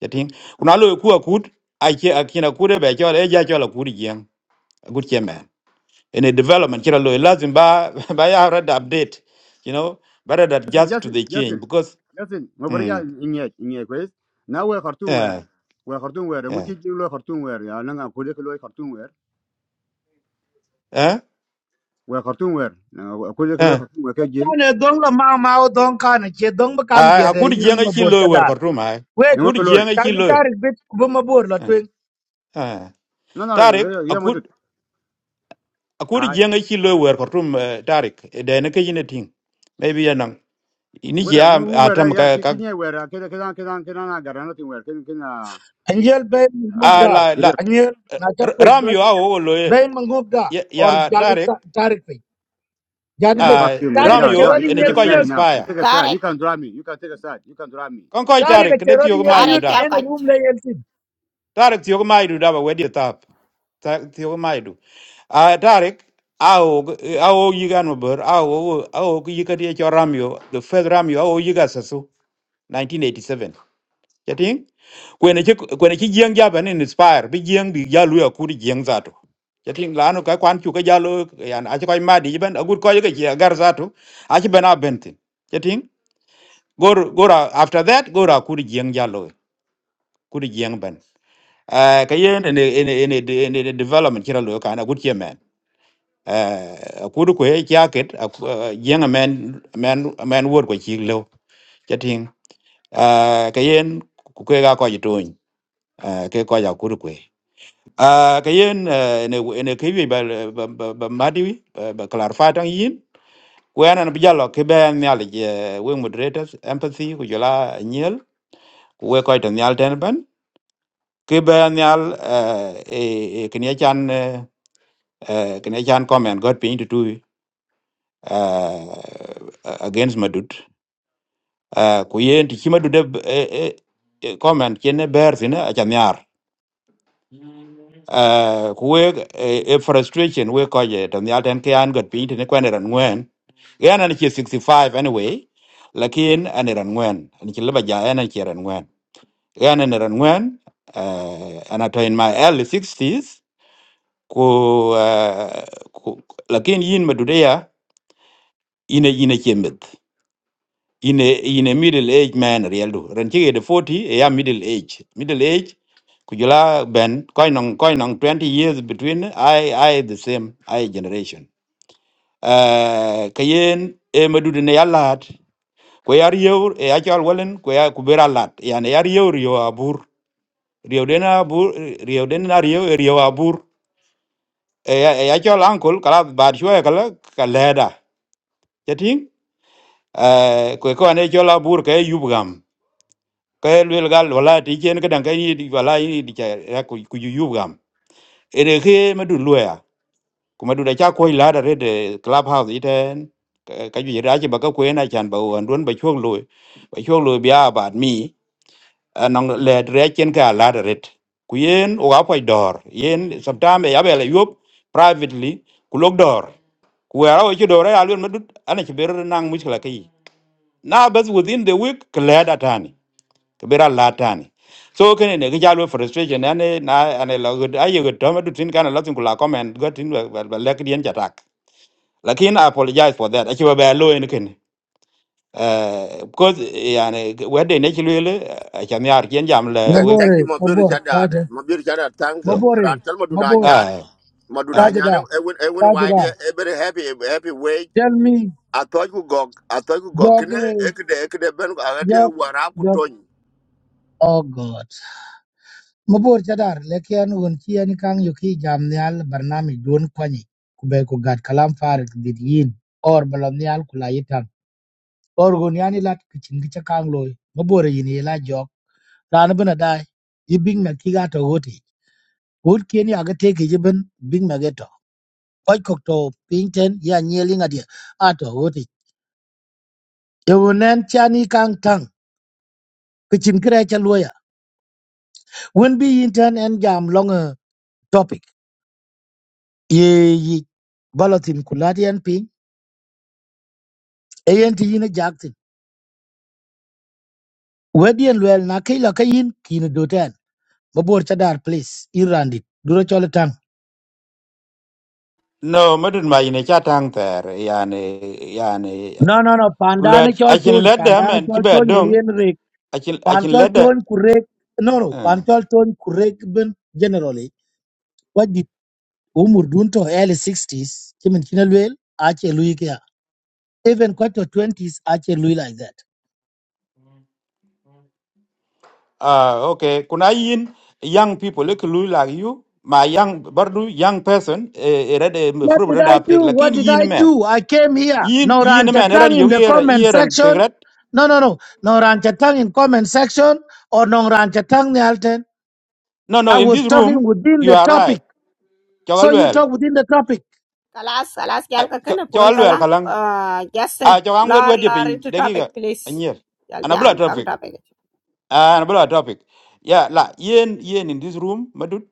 Speaker 13: yatin kuna lo ku akut a ke a kina ku de be jol e ja jol ku jieng Good chairman. in a development kira lo e lazim ba ba ya read update you know better that just to
Speaker 12: Justin,
Speaker 13: the change
Speaker 12: Justin,
Speaker 13: because
Speaker 12: Justin. Mabaria
Speaker 13: mm
Speaker 12: in yet, in yet, quiz. Now we're cartoon wear.
Speaker 13: yeah
Speaker 12: We're cartoon wear. And which
Speaker 13: yeah
Speaker 12: is you cartoon wear. Yeah, Nanga, Kudekalo cartoon wear.
Speaker 13: eh
Speaker 12: We're cartoon wear. Now, Kudekalo
Speaker 13: eh
Speaker 12: cartoon
Speaker 6: Dong la mau mau dong kan che dong ba kang
Speaker 13: a
Speaker 6: bia
Speaker 13: a
Speaker 6: de
Speaker 13: ku jieng
Speaker 6: yin
Speaker 13: a chi
Speaker 6: mabur
Speaker 13: lo e wer ko rum a
Speaker 6: Wait,
Speaker 13: ku
Speaker 12: wear.
Speaker 13: jieng a chi
Speaker 6: kalki
Speaker 13: lo e,
Speaker 6: tarik bit kubu mabor la
Speaker 13: eh
Speaker 6: twing.
Speaker 13: eh
Speaker 12: no no ye ye mo dut
Speaker 13: tarik akuri
Speaker 12: ai
Speaker 13: jeng e chilo wer kortum tarik de ne ke yine ting maybe yanang ini
Speaker 12: wera
Speaker 13: ya
Speaker 12: mu wera
Speaker 13: atam
Speaker 12: Where?
Speaker 13: ka
Speaker 12: ki
Speaker 13: ka
Speaker 12: ki nye wera ke ke dan ke Where? ke dan agara nothing wera ke ke na
Speaker 6: Anjel bay mangub
Speaker 12: ah
Speaker 13: a
Speaker 6: da.
Speaker 13: la la
Speaker 12: dire
Speaker 6: Anjel
Speaker 13: eh,
Speaker 6: not a
Speaker 13: r-
Speaker 6: quick.
Speaker 13: ram
Speaker 6: but
Speaker 13: yo awo lo ye
Speaker 6: bay mangub da
Speaker 13: ya
Speaker 6: or
Speaker 13: ya
Speaker 6: jadi
Speaker 13: tarik
Speaker 6: ta- tarik pe. Jadi
Speaker 12: yeah
Speaker 6: pe.
Speaker 12: fuck
Speaker 13: a
Speaker 12: you man
Speaker 6: Tarik
Speaker 13: ram
Speaker 6: a
Speaker 12: yeah
Speaker 13: yo
Speaker 12: yeah
Speaker 6: cherari
Speaker 12: you
Speaker 13: ene
Speaker 12: take a
Speaker 6: yeng
Speaker 13: chiko
Speaker 12: side
Speaker 6: nyut.
Speaker 12: now you
Speaker 13: inspire
Speaker 12: take a side you
Speaker 5: tarik
Speaker 12: can drive me you can take a side you can drive me
Speaker 13: kon ko
Speaker 6: Tarik
Speaker 13: tarik
Speaker 6: a
Speaker 13: de
Speaker 6: cherari
Speaker 13: tiyo
Speaker 6: yeng
Speaker 13: ma idu
Speaker 5: tarik
Speaker 6: nyut
Speaker 13: da
Speaker 5: chal
Speaker 6: in
Speaker 5: ka
Speaker 6: a room lay elsin.
Speaker 13: tarik tiyo ma idu da ba wedi tap Ta- tiyo ma idu a tarik awo awo yigan mabur awo awo yikati e cho ram yo the first ram yo awo yiga sasu 1987 chating kwene chi kwene chi jieng ja ben inspire bi jieng bi ja lu ya ku di jieng za to chating la no ka kwan chu ka ja lu yan a chi ko ma di ben agur ko ye ke gar za to a chi ben a ben tin chating gor gor after that gor a ku di jieng ja lu ku di jieng ben eh ka ye ne ne ne ne development kira lu ka na gut ye men eh a ku du ko ye ja ket a ku- eh, jieng men men men wor ko chi lo chating eh ka yen ku ke ga ko ji to ke ko ja ku du à cái yên ne ne cái gì bà bà bà bà mà đi bà clarify tăng yên quên anh bây giờ là cái bên nhà là cái quên moderators empathy của giờ là nhiều quên coi tăng nhà trên bên cái bên nhà ờ, ờ, ờ, cái này chan ờ, ờ, cái nhà chan comment God pin to do ờ, against madut quên thì khi madut ờ, ờ, comment trên bear thì nó chan nhà uh, we a, a frustration we ko je to nyal ten ke an got pin ne kwen ran ngwen yan an che 65 anyway lakin an e ran ngwen an che leba ja an che ran ngwen yan an ran ngwen uh, an to in my early 60s ko uh, ko- lakin yin madudeya ine ine chembet in a in a middle age man real do ran chi de 40 a ya middle age middle age ku jula ben koi nong koi nong 20 years between i i the same i generation uh kayen e madu de ya lat ko yar yew e ya chal walen ko ya ku bera lat ya ne yar yew yo abur Rio den abur Rio den na riyo e riyo abur e ya e ya chal ankol kala bar shwa kala kaleda chating eh ko ko ne chal abur ke yubgam ka el wel gal wala ti chen ka dan ka ni di- wala ni di cha ra ku ku yu yu gam ere ke ma du lo ya ku ma du da cha ko la da red club house iten ka ka ju ra chi ba ka ko na chan ba wan don ba chok lo ba chok lo bia ba mi anong le re chen ka la da r e ku yen o ga poi dor yen sometime ya bele yop privately ku lok dor ku ara o chi dor ya lun ma du ana chi ber nang mu chi la kai na bas within the week ka la da tani ke bera latani so kene ne ga jalo frustration ane na ane la good ayo good to madu tin kana latin kula comment got in ba ba lek dien jatak lakin i apologize for that achi ba ba lo en ken eh because yani wede ne chi lele acham yar kien jam le
Speaker 3: Okay,
Speaker 13: we
Speaker 3: thank
Speaker 6: Mabore,
Speaker 3: you, Mabir
Speaker 6: mabor, kaja.
Speaker 3: Chadad. Mabir Chadad, thank you.
Speaker 13: yeah
Speaker 6: Mabore,
Speaker 3: Rantel Maduna
Speaker 6: mabor,
Speaker 3: Nyar,
Speaker 13: ah
Speaker 3: Maduna
Speaker 13: ah
Speaker 6: kaja
Speaker 3: Nyar,
Speaker 6: da,
Speaker 3: Ewan, Ewan
Speaker 6: kaja da.
Speaker 3: Wadi, every happy, happy wage.
Speaker 6: Tell me,
Speaker 3: I thought you go, I thought you go,
Speaker 6: yok,
Speaker 3: can I,
Speaker 6: eh,
Speaker 3: Ekde, Ekde Ben, I had to
Speaker 6: yok,
Speaker 3: Waraku
Speaker 6: yok.
Speaker 3: Tony.
Speaker 6: Oh God. mabor chadar leke an won chi kang yuki ki bernami nyal barnami don kwani ku gad kalam farik dit yin or balonial nyal ku or gon yani lat ki chin loy mabor yin la jok ran bena dai yi bing na ki gato hoti gut kien ya ga te ki jiben bing na geto kwaj kok to pinten ya nyeli ngadi ato hoti ye chani kang tang ki chin kre cha loya wen bi yin tan jam long topic ye yi balatin kulati ping. ayen ti yin jakti wedien luel na ke la kayin kin do ten mabor chadar please irandi duro chol tang
Speaker 13: no madu ma ine chatang ter yani yani
Speaker 6: no no no pandane
Speaker 13: let
Speaker 6: chol
Speaker 13: i can
Speaker 6: ton
Speaker 13: let them
Speaker 6: pandane
Speaker 13: and chi
Speaker 6: chol
Speaker 13: ba
Speaker 6: ton
Speaker 13: dong
Speaker 6: welien rek
Speaker 13: i can i
Speaker 6: pan
Speaker 13: can
Speaker 6: chol
Speaker 13: let that
Speaker 6: ton kurek no no pan chol ton kurek ben generally what did umur dun to early 60s kimin kinel wel ache lui kya even kwato 20s ache lui like that
Speaker 13: Uh, okay, kuna yin young people like lu like you, my young barnu young person, eh, eh, red eh,
Speaker 6: What
Speaker 13: fruit
Speaker 6: did
Speaker 13: red
Speaker 6: I
Speaker 13: uptake,
Speaker 6: do?
Speaker 13: like
Speaker 6: What
Speaker 13: in
Speaker 6: did I
Speaker 13: yin man.
Speaker 6: do? I came here.
Speaker 13: Yin
Speaker 6: No
Speaker 13: yin man red
Speaker 6: Ranchatang in
Speaker 13: you
Speaker 6: the
Speaker 13: ear
Speaker 6: comment
Speaker 13: ear and
Speaker 6: section.
Speaker 13: tegret.
Speaker 6: No, no, no. No Ranchatang in comment section or no Ranchatang Nialten.
Speaker 13: No, no,
Speaker 6: I
Speaker 13: in
Speaker 6: was
Speaker 13: this
Speaker 6: talking
Speaker 13: room,
Speaker 6: within
Speaker 13: you
Speaker 6: the
Speaker 13: are right.
Speaker 6: topic. So
Speaker 13: Chogal
Speaker 6: you
Speaker 13: well.
Speaker 6: talk within the topic.
Speaker 5: kalas kalas chal ka ken pol
Speaker 13: Chogal well
Speaker 5: kala
Speaker 13: kalang.
Speaker 5: ah jasen
Speaker 13: Ah, chogang wet
Speaker 5: lor
Speaker 13: wet
Speaker 5: lor
Speaker 13: dipping,
Speaker 5: into
Speaker 13: degiga,
Speaker 5: topic please
Speaker 13: and yes.
Speaker 5: jal
Speaker 13: And a
Speaker 5: jam
Speaker 13: blood
Speaker 5: kang
Speaker 13: traffic.
Speaker 5: topic
Speaker 13: Ah, and a blood topic. Yeah, la yin yin in this room, madut.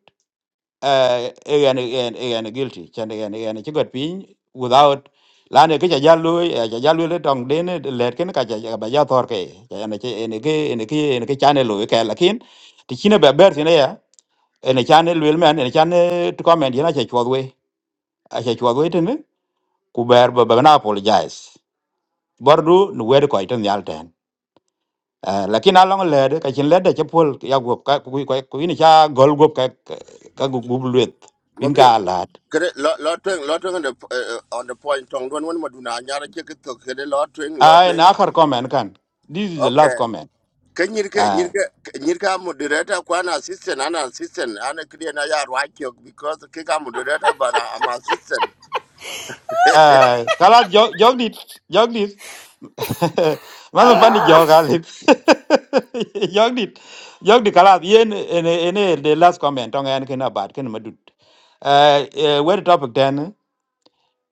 Speaker 13: eh en en en guilty chan en en ci got pin without la ne ke ja jalu ja jalu le tong den le ken ka ja ba ja thor ke en ke en ke en ke en ke chane lu ke lakin ti chine be ber tine ya en chane lu men en chane to comment yana che chwodwe a che chwodwe tene ku ber ba ba na apologize bordu nu wer ko iten yal ten Eh, lakin along le de ka chin le de che pol ya gop ka ku ku ku ni cha gol gop ka ka gup gup luet bin ka
Speaker 3: Mabir,
Speaker 13: lat
Speaker 3: can lot Lotting, Lotting on the, uh, on the point, Tong, one, one Maduna Nyar, check it, okay, Lotting,
Speaker 13: Uh, and
Speaker 3: Lotting.
Speaker 13: akhar comment kan. This is the
Speaker 3: Okay.
Speaker 13: last comment.
Speaker 3: Can you get, you
Speaker 13: Uh,
Speaker 3: get, you get moderator, one assistant, an assistant, and a clear Naya Rakio, because the kick moderator, but I'm assistant.
Speaker 13: uh, kalat jog jog dit jog dit. Mana fani
Speaker 5: ah
Speaker 13: jog alit. Jog dit jog dit kalat yen ene ene the last comment tong en kena bad kena madut. Uh, uh, where the topic then?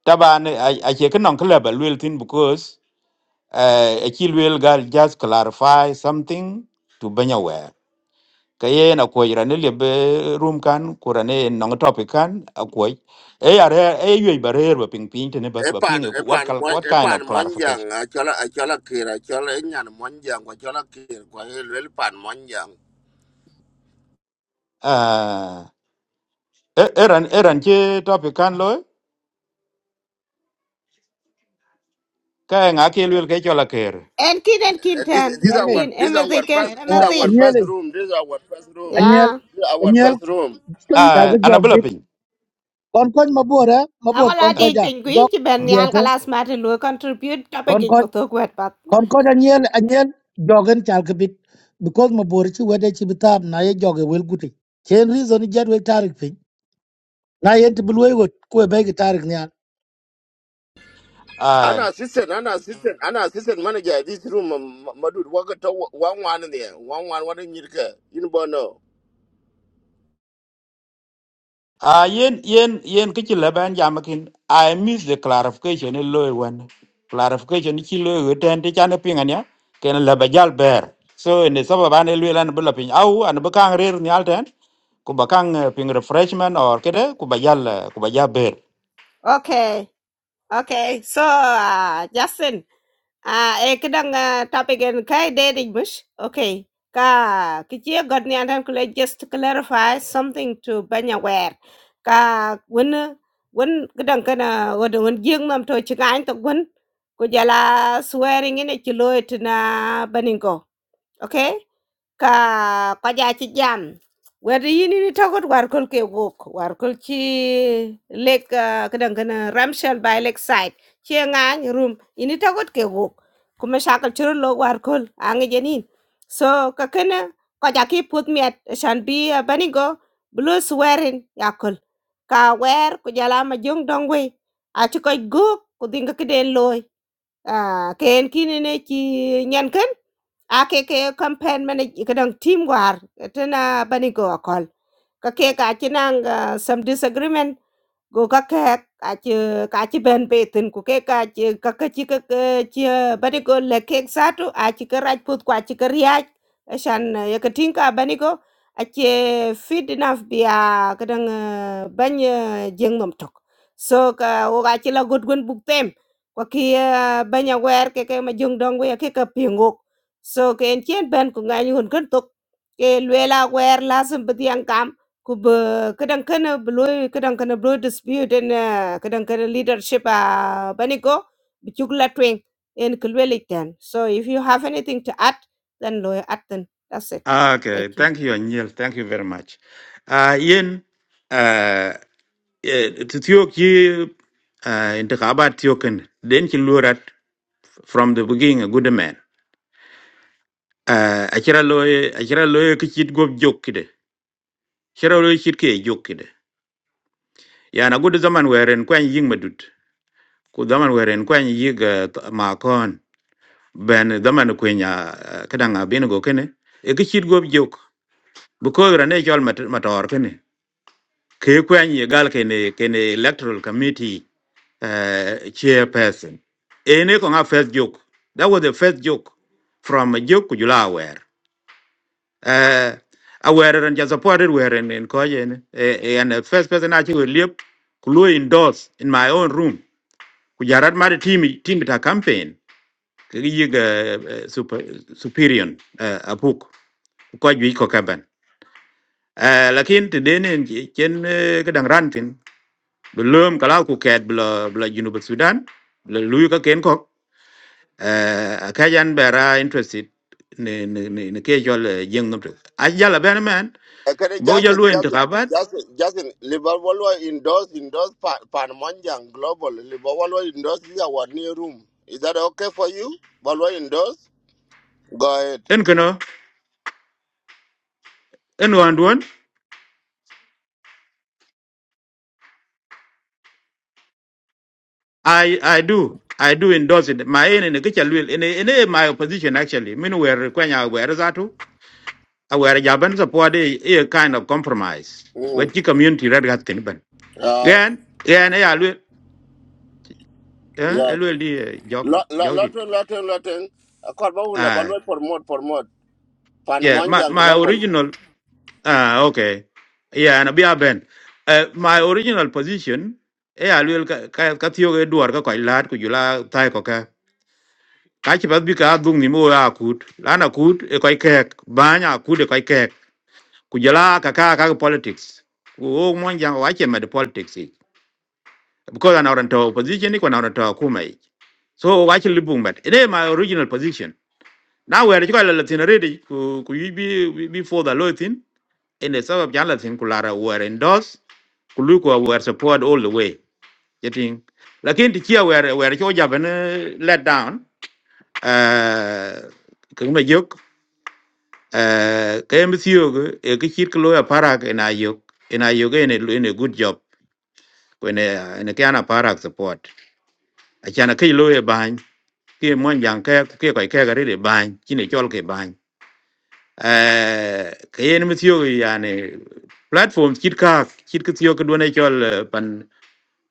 Speaker 13: Taban I I check nong club a little thing because uh, a chill will gal just clarify something to be aware. kaye na ko ira ne lebe room kan kurane no topic kan ko e are e yoy barer ba ping ping te ne bas ba ping
Speaker 3: epan
Speaker 13: ku- what
Speaker 3: epan
Speaker 13: kal-
Speaker 3: mo
Speaker 13: what kind of
Speaker 3: epan
Speaker 13: clarification
Speaker 3: monjang achola achola kira achola enyan monjang achola kira ko el pan monjang
Speaker 13: uh eran eran che topic kan lo ka nga ke lwel ke chola ker
Speaker 5: en kin en kin
Speaker 3: Eh, this
Speaker 5: ten
Speaker 3: this
Speaker 5: en
Speaker 3: our
Speaker 6: Okay.
Speaker 5: kin
Speaker 3: this
Speaker 5: empathy
Speaker 3: our
Speaker 5: ken
Speaker 3: first this
Speaker 6: Uh,
Speaker 5: empathy
Speaker 3: our first
Speaker 6: anyele,
Speaker 3: room this our first room
Speaker 6: anyel,
Speaker 5: yeah
Speaker 3: this our
Speaker 6: anyel,
Speaker 3: first room
Speaker 13: ah
Speaker 1: Punchan
Speaker 6: tawag job
Speaker 13: anabela
Speaker 6: bit.
Speaker 13: ping
Speaker 6: Konkoj mabor, eh?
Speaker 5: Ang
Speaker 6: Mabor,
Speaker 5: wala
Speaker 13: ah
Speaker 6: konkoj
Speaker 5: di
Speaker 6: ja. Jog
Speaker 5: penguin ci ben
Speaker 13: mm.
Speaker 5: nyal
Speaker 6: theater.
Speaker 5: kalas mati lu contribute topic ik
Speaker 6: Konkoj,
Speaker 5: ko tok wet pat.
Speaker 6: konkoj anyel, anyel, jogen chalka bit. Because mabor chi wede chi bitab na ye joge wel guti. Chen reason ijad wel tarik piny. na yet bul we ko be ga tarik ne
Speaker 3: an assistant an assistant an assistant manager this room um, ma- madud waka to one one there one one what in yirka you know
Speaker 13: À, yên yên yên cái chuyện là bạn giảm cái I miss the clarification in lawyer one clarification ấy chỉ lawyer người trên thì chán ping anh nhá cái này là bây giờ bear so in the sabab anh lawyer anh bula ping au anh bê kang rear ni alten cũng bê kang ping refreshment or cái đấy cũng bây giờ là cũng bây giờ bear
Speaker 5: Okay. Okay. So uh, Justin, uh, eh kedang uh, topic en kai dating mush. Okay. Ka kichi god ni antan kule just to clarify something to banya aware. Ka wen wen kedang kana wad wen jing mam to chikan to wen ko jala swearing in a chiloit na baningo. Okay? ka kwa ja ci jam wer yini ni togot war kol ke wok war kol ci lek kadan kana ramshel by lek side ci ngan rum ini togot ke wok kuma shakal churu lo war kol ange jenin so ka kana kwa ja ki put miat shan bi ah, bani go blue swearing yakol ka wer ku jala ma jong dongwe a ci koy go ku dinga kiden loy Ah, ken kinene ci nyen ken a ke ke campaign mane ke dang team war tena bani go akol ka ke ka ci nang ah, some disagreement Gu kakek ache kache ben beten ku ke kache kakache kakache bani go le kek satu ache karaj put kwa ache kariaj shan yakatinka bani go ache feed enough bia kadang banya jeng nom tok so ka o ache la god gun buk tem kwa ki banya wer ke ke ma jong dong we ke ka pingok so ke en chen ben ku ngai hun kan tok ke luela wer lazim bediang ku bu kadang kana bloy kadang kana bloy dispute and ah, kadang kana leadership a banigo bichugla twing in kulweli ten so if you have anything to add then loy add then that's it
Speaker 13: Ah, okay
Speaker 5: thank you
Speaker 13: thank you Neil thank you very much à yên à tiyo ki intikhabat tiyo kin den ki lurat from the beginning a good man Ah, acira loye acira loye ki chit gop jokide acira loye chit ke jokide yana gudu zaman weren kwen ying madut ku zaman weren kwen yig ma kon ben zaman kwen ya kadanga bin go kene e ki chit gop jok bu ko rane chol mat mator kene ke kwen ye gal kene kene electoral committee uh, chairperson ene ko nga first joke that was the first joke from a joke ku jula wer uh, awere and just supported were in in koyen and the first person I actually liep kulu indoors in my own room kujarat mari team team ta campaign kiyiga super superior uh, apuk ko jwi ko kaban uh, lakin te denen chen eh, kadang rantin belum kalau ku ket bla bla junub sudan bla luyu ka ken kok uh, kajan bera interested ne ne ne ne ke jol jeng nomto ajala ben man
Speaker 3: Ekere
Speaker 13: bo jol
Speaker 3: Justin,
Speaker 13: lu
Speaker 3: Justin,
Speaker 13: intikabat
Speaker 3: Justin, Justin, Liverpool were endorsed, endorsed Pan, Panmonjang Global. Liverpool were endorsed is our new room. Is that okay for you? Balwa endorsed? Go ahead.
Speaker 13: en kono en wan duon i i do i do endorse it my in in kicha lwel in in my opposition actually min wer kwenya wer zatu a wer jaban support a, a kind of compromise wet
Speaker 3: Mm.
Speaker 13: ki community red gat tin ban
Speaker 3: Uh,
Speaker 13: yen yen e ya lwel eh e
Speaker 3: yeah.
Speaker 13: lwel di eh, joked it joked it
Speaker 3: Lotting, lotting, lotting. Akwaba wunda
Speaker 13: ah
Speaker 3: balwa promote, promote.
Speaker 13: yeah my
Speaker 3: Panmonjang
Speaker 13: my
Speaker 3: Global.
Speaker 13: original ah okay yeah na bia ben uh, my original position eh alwel ka ka ka tiyo ge duar ka ko lat ku jula tai ko kachi pat bi ka dung ni mo ya kut lana kut e kai kek banya kut e kai kek kujala ka ka ka politics wo mon jang wa che med politics i. because an oranto opposition ni ko na oranto kuma i. so wa che libung bet ide my original position now we are chiko la tin ready ku ku yi bi before the law tin in the sabab jan la tin kulara were endorse kuluko were support all the way getting lakini tikia were were cho jaben let down eh kuma Eh, KMCO go e ke chit ko ya parak en ayok en ayok en en a good job when en ke ana parak support a chana ke lo e ban ke mon jang ke ke ko ke gari de ban chine chol ke ban eh ke en mthio go yani platform chit ka chit ke thio ke do ne chol eh, pan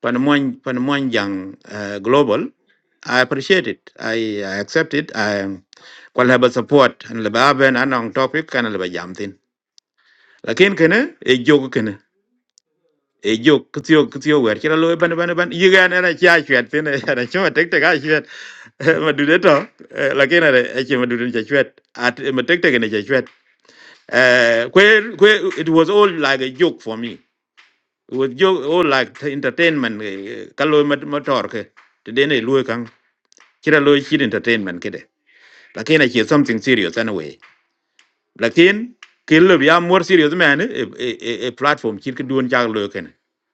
Speaker 13: pan mon pan mon jang eh, global I appreciate it. I, I accept it. I kwal haba support and leba ben anong topic kan leba jam thin. lakin kene e jogo kene e jog kitiyo kitiyo wer kira loy ban ban ban yiga na na cha chwet tin na chuma tek tek a chwet ma dude to eh, lakin are e chuma dude cha chwet at eh, ma tek tek ne cha chwet eh kwe kwe it was all like a joke for me it was joke all like entertainment kaloy motor ke tedene loy kan kira loy chid entertainment kede lakin a chi something serious anyway lakin kin lo ya more serious man e e e e platform chir ki duon chak lo ken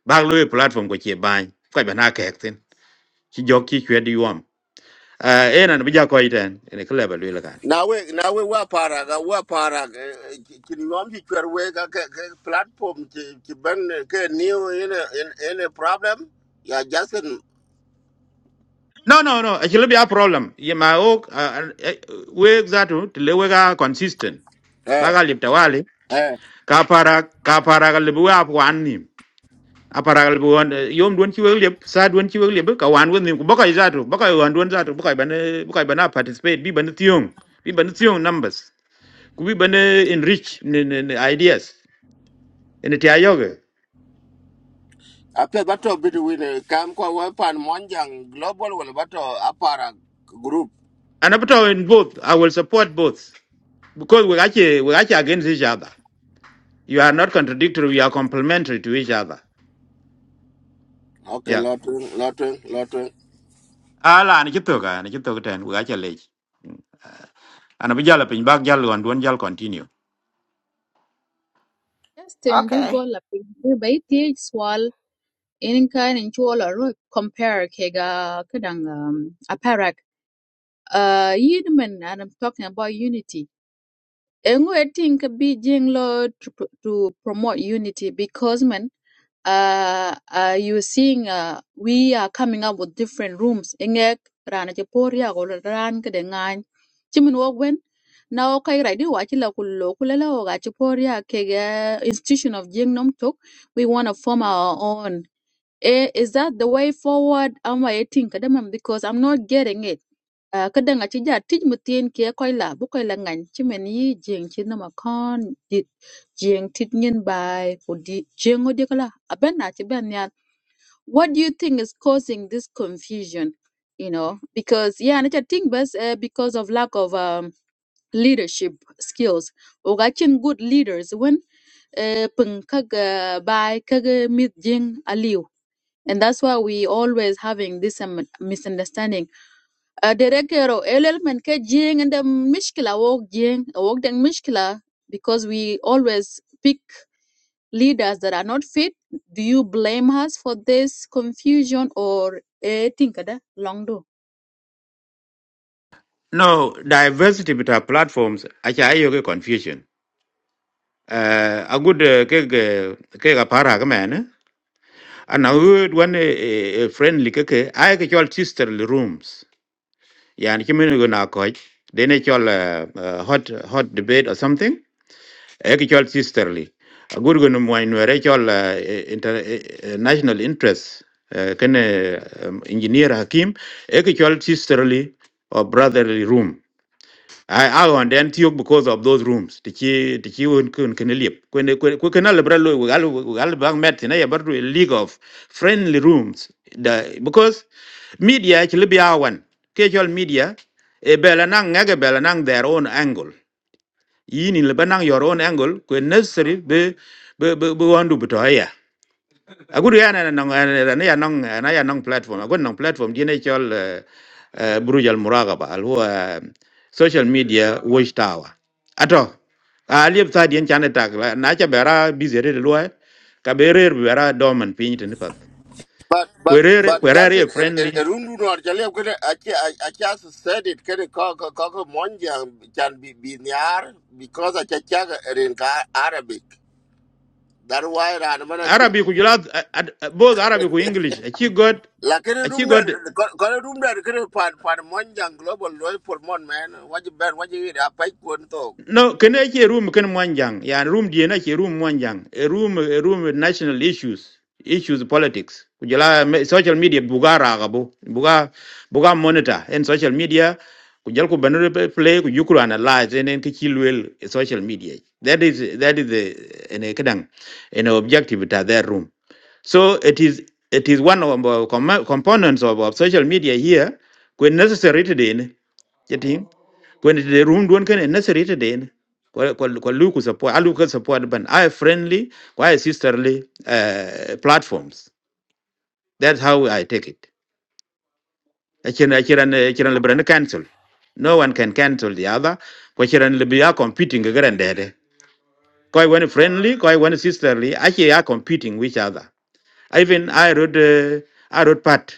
Speaker 13: bag lo e platform ko che ban ko ba na kek tin chi jok chi chwe di yom e nan bi ja ko iten ne kle ba lo la kan
Speaker 3: Now we, now we were parag, uh, we are parag. Kinyomji kwerwe ka ka- ka platform ki ki ben ke new in a, in, in a problem. Yeah, Justin.
Speaker 13: no no no a chi lo ya problem ye ma o we exactly le we ga consistent
Speaker 3: uh,
Speaker 13: baga lip tawali
Speaker 3: Eh,
Speaker 13: ka para ka para ga le bu ap wan aparal bu wan yom duan ci wëg lepp sa duan ci wëg lepp ka wan wën nim ko bakay zatu bakay wan duan zatu bakay ban bakay bana participate bi ban tiong bi ban tiong numbers ku bi ban enrich ne- ne- ne ideas en ti ayoge
Speaker 3: ape bato bidi wile kam kwa wepan monjang global wala bato apara group.
Speaker 13: and up to in both i will support both because we actually we actually against each other you are not contradictory you are complementary to each other
Speaker 3: Okay,
Speaker 13: yeah
Speaker 3: lotwing, lotwing, lotwing.
Speaker 13: ala ni ci toga ni ci toga ten we actually lech ana bi jala pin bak jal wan duan jal continue
Speaker 1: Justin
Speaker 5: okay
Speaker 1: Dugo la pinky ba iti swal in kan in chola ru compare ke ga kadang um, aparak uh yidman and I'm talking about unity. And we think be jing lo to, pro- to promote unity because man uh, uh, you seeing uh, we are coming up with different rooms engek rana che poria ko ran ke de ngan chimin wo gwen na o kai rai wa chi la kullo kulala o ga che poria ke ga institution of jing nom tok we want to form our own Eh, is that the way forward? Am I eating kadamam because I'm not getting it. Uh, kadang achi ja tij mutin kia koi la bu koi la ngan chimen yi jeng chin nama kon dit jeng tit ngin bai ko di jeng o dikala aben na chi ben yan. What do you think is causing this confusion? You know, because yeah, and I think best uh, because of lack of um, leadership skills. Oga chin good leaders when uh, pung kag uh, bai kag uh, mit jeng aliu and that's why we always having this um, misunderstanding. Uh, director or element ke jing and the mishkila walk jing walk the mishkila because we always pick leaders that are not fit. Do you blame us for this confusion or eh, think ada long do?
Speaker 13: no diversity between platforms acha ayoge confusion uh, a good uh, ke ke ke ga para ga man ana good one uh, friendly ke ke ai ke chol sisterly rooms yani ke men go na ko de ne chol uh, uh, hot hot debate or something ai ke chol sisterly a good go no mo no re chol uh, inter, uh, national interest uh, ken uh, um, engineer hakim ai ke chol sisterly or brotherly room I I on then tiok because of those rooms. Tiki tiki un kun kun lip. When when kun al brallo we al we al bang met na ya bardu a league of friendly rooms. The because media actually be awan. Casual media e bela nang ngage bela nang their own angle. Yini le banang your own angle. Kun necessary be be be wandu beto agur ya na nong na ya nong na ya nong platform agur nong platform di ne chol eh, eh, buruj al muraqaba al huwa eh, social media watch tower ato aliep sa dien chane tak la- na cha bera busy re lwa ka bere bera dormant pin tin pas
Speaker 3: But but
Speaker 13: kwerere
Speaker 3: but just it
Speaker 13: kwerere friendly
Speaker 3: erundu no arjale kene achi I just said it kene kaka kaka monjang can be be niar because achi chaga erin ka Arabic. That's why ran mana
Speaker 13: arabi ku jula both arabi ku english a chi
Speaker 3: lakini room der
Speaker 13: god
Speaker 3: kone room there. kene pan pan monjang global loy for mon man What waji ben waji apa ikon
Speaker 13: No, can I hear room can Mwanjang? Yeah, and room DNA hear room Mwanjang. A room, a room with national issues, issues politics. Kujala me- social media bugara ragabo, buga buga monitor and social media. Kujala ku banner play ku yukuru analyze and then kichilwell social media. That is that is the in a kadang in objective ta that room. So it is it is one of the com- components of, of social media here. When necessary today, ne, getting when the room don't can necessary today. ne, kwa kwa kwa luku support aluku support ban I friendly kwa sisterly uh, platforms that's how I take it achira achira achira liberal cancel no one can cancel the other kwa achira liberal are competing again there kwa one friendly kwa one sisterly actually are competing with each other even I wrote uh, I wrote part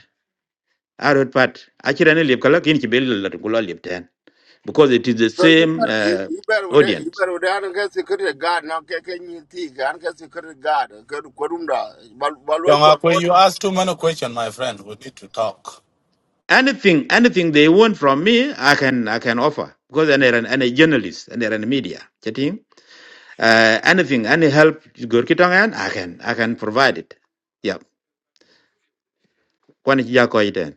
Speaker 13: arot pat achiran liep kala kin ci bel la ko liep ten because it is the
Speaker 3: So you
Speaker 13: same
Speaker 3: better you,
Speaker 13: uh,
Speaker 3: you better with that you
Speaker 13: audience
Speaker 3: better with that and get security guard now can can you think and get security God, good kurunda balway
Speaker 8: Young
Speaker 3: for
Speaker 8: up
Speaker 3: what
Speaker 8: you ask too many questions, my friend, we need to talk.
Speaker 13: anything anything they want from me i can i can offer because and an and a journalist and an media chatting uh, anything any help gor ki i can i can provide it yeah kwan ci ja ko iten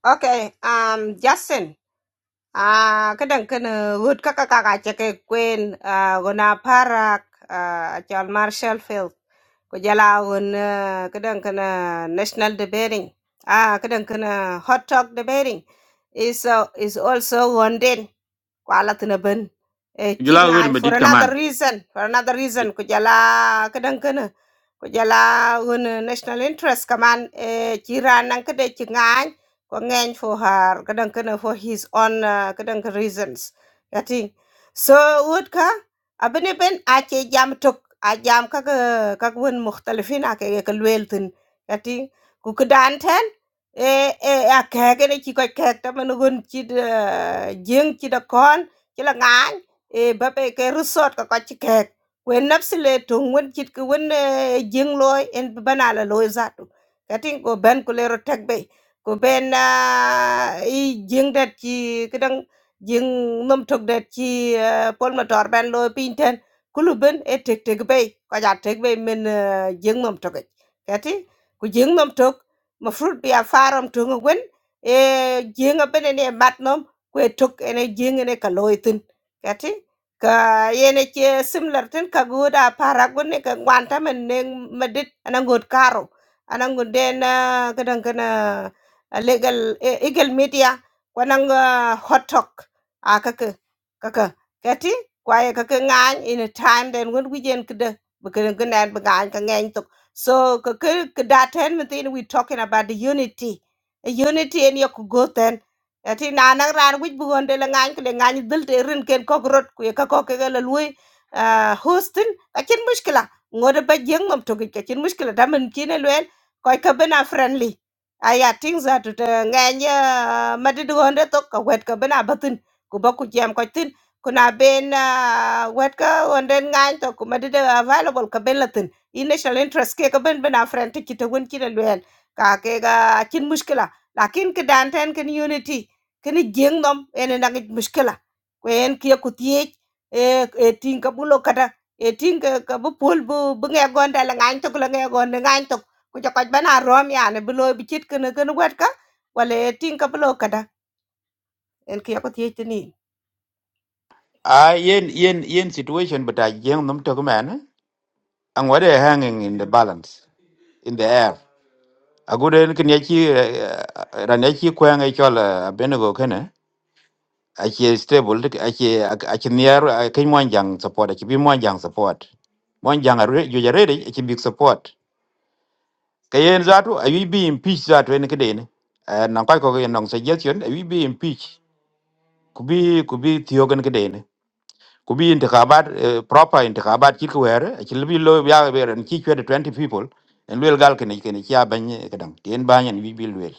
Speaker 5: okay um justin Ah, kadang kena hut kakak kakak cakap kuen ah guna parak ah John Marshall Field. Ko jala un ah, kadang kena national debating. Ah, kadang kena hot talk debating. Is uh, is also one day. kwala tina ben e
Speaker 13: jula wor
Speaker 5: chingan
Speaker 13: me
Speaker 5: for
Speaker 13: dit
Speaker 5: another
Speaker 13: kaman
Speaker 5: reason for another reason ko jala kadan kana ko jala un national interest kaman e chiran nan kade chingan ko ngeng for her kadan kana for his own uh, kadan ka reasons yati so wood ka abene ben a che jam tok a jam ka ka ka won mukhtalifin a ke ka lweltin yati ku kedan ten Ê, ê, à, kẹt cái đấy chỉ có kẹt đó mà nó gần chỉ đờ- giếng chỉ là con chỉ là ngán ê bà bê cái resort có có chỉ kẹt quên nắp xí lệ trùng quên chỉ cái quên ờ, giếng lôi em bà nà là lôi ra tụ cái tiếng của bên của lê rô thạc bê của bên à, ý giếng đẹp chỉ cái đăng giếng nông thực đẹp chỉ ờ, bốn mà trọt bên lôi pin thân cú lúc bên ê trịch trịch bê có giả trịch bê mình ờ, giếng nông thực ấy. cái tiếng của giếng nông thực mafrut biya faram tunga gwen e jinga bene ne matnom kwe tuk ene jinga ne kaloitin kati ka yene che similar tin ka goda para gunne ka gwanta men ne madit anangot karo anangun den kadan kana ah, legal eh, eagle media kwanang ah, hot talk a kaka kaka kati kwaye kaka ngany in a time den gun wijen kada bakadan kana bagain ka ngany to So kakel kadaten metin we talking about the unity. A unity in your kugoten. Ati na nang ran wich bugon de la ngany kule ngany dil te rin ken kok rot kuye ka kok ke la lui uh, hostin akin mushkila ngode ba jeng mam togi ka chin mushkila da men kine luen koy ka bena friendly aya things that to ngany madid gonde to ka wet ka bena batin ku ba ku jam ko tin kuna ben ah, wet ka onden ngany to ku madid available ka ben i national interest ke ka ben ben afren ti kita wen kita luen ka ke ga chin muskila lakin ke dan ten ken unity ken jeng nom en na ngi muskila ko en kia ku tie e e tin ka bulo kada e tin ka ka bu pol bu bu nge gon da la ngan to la nge gon ngan to ku ja ka ben a rom ya ne bulo bi chit ken ken wet ka wala e tin ka bulo kada en kia ku tie tini
Speaker 13: Ah, yen yen yen situation but i jeng num to man and what they hanging in the balance in the air agudo en kin yachi ran yachi kwang e chol benego kene achi stable dik- achi achi niar kin mon jang support achi bi mon jang support mon jang are ju jare ri achi big support kayen zatu ayi bi impeach zatu en kidene nan kai ko en nong suggestion ayi bi impeach kubi kubi thiogen kidene kubi intikabat eh, proper intikabat chik wer achi bi lo ya wer en chi chwede twenty people en wel gal kene kene chi abanye kedang tien banyen wi bi wel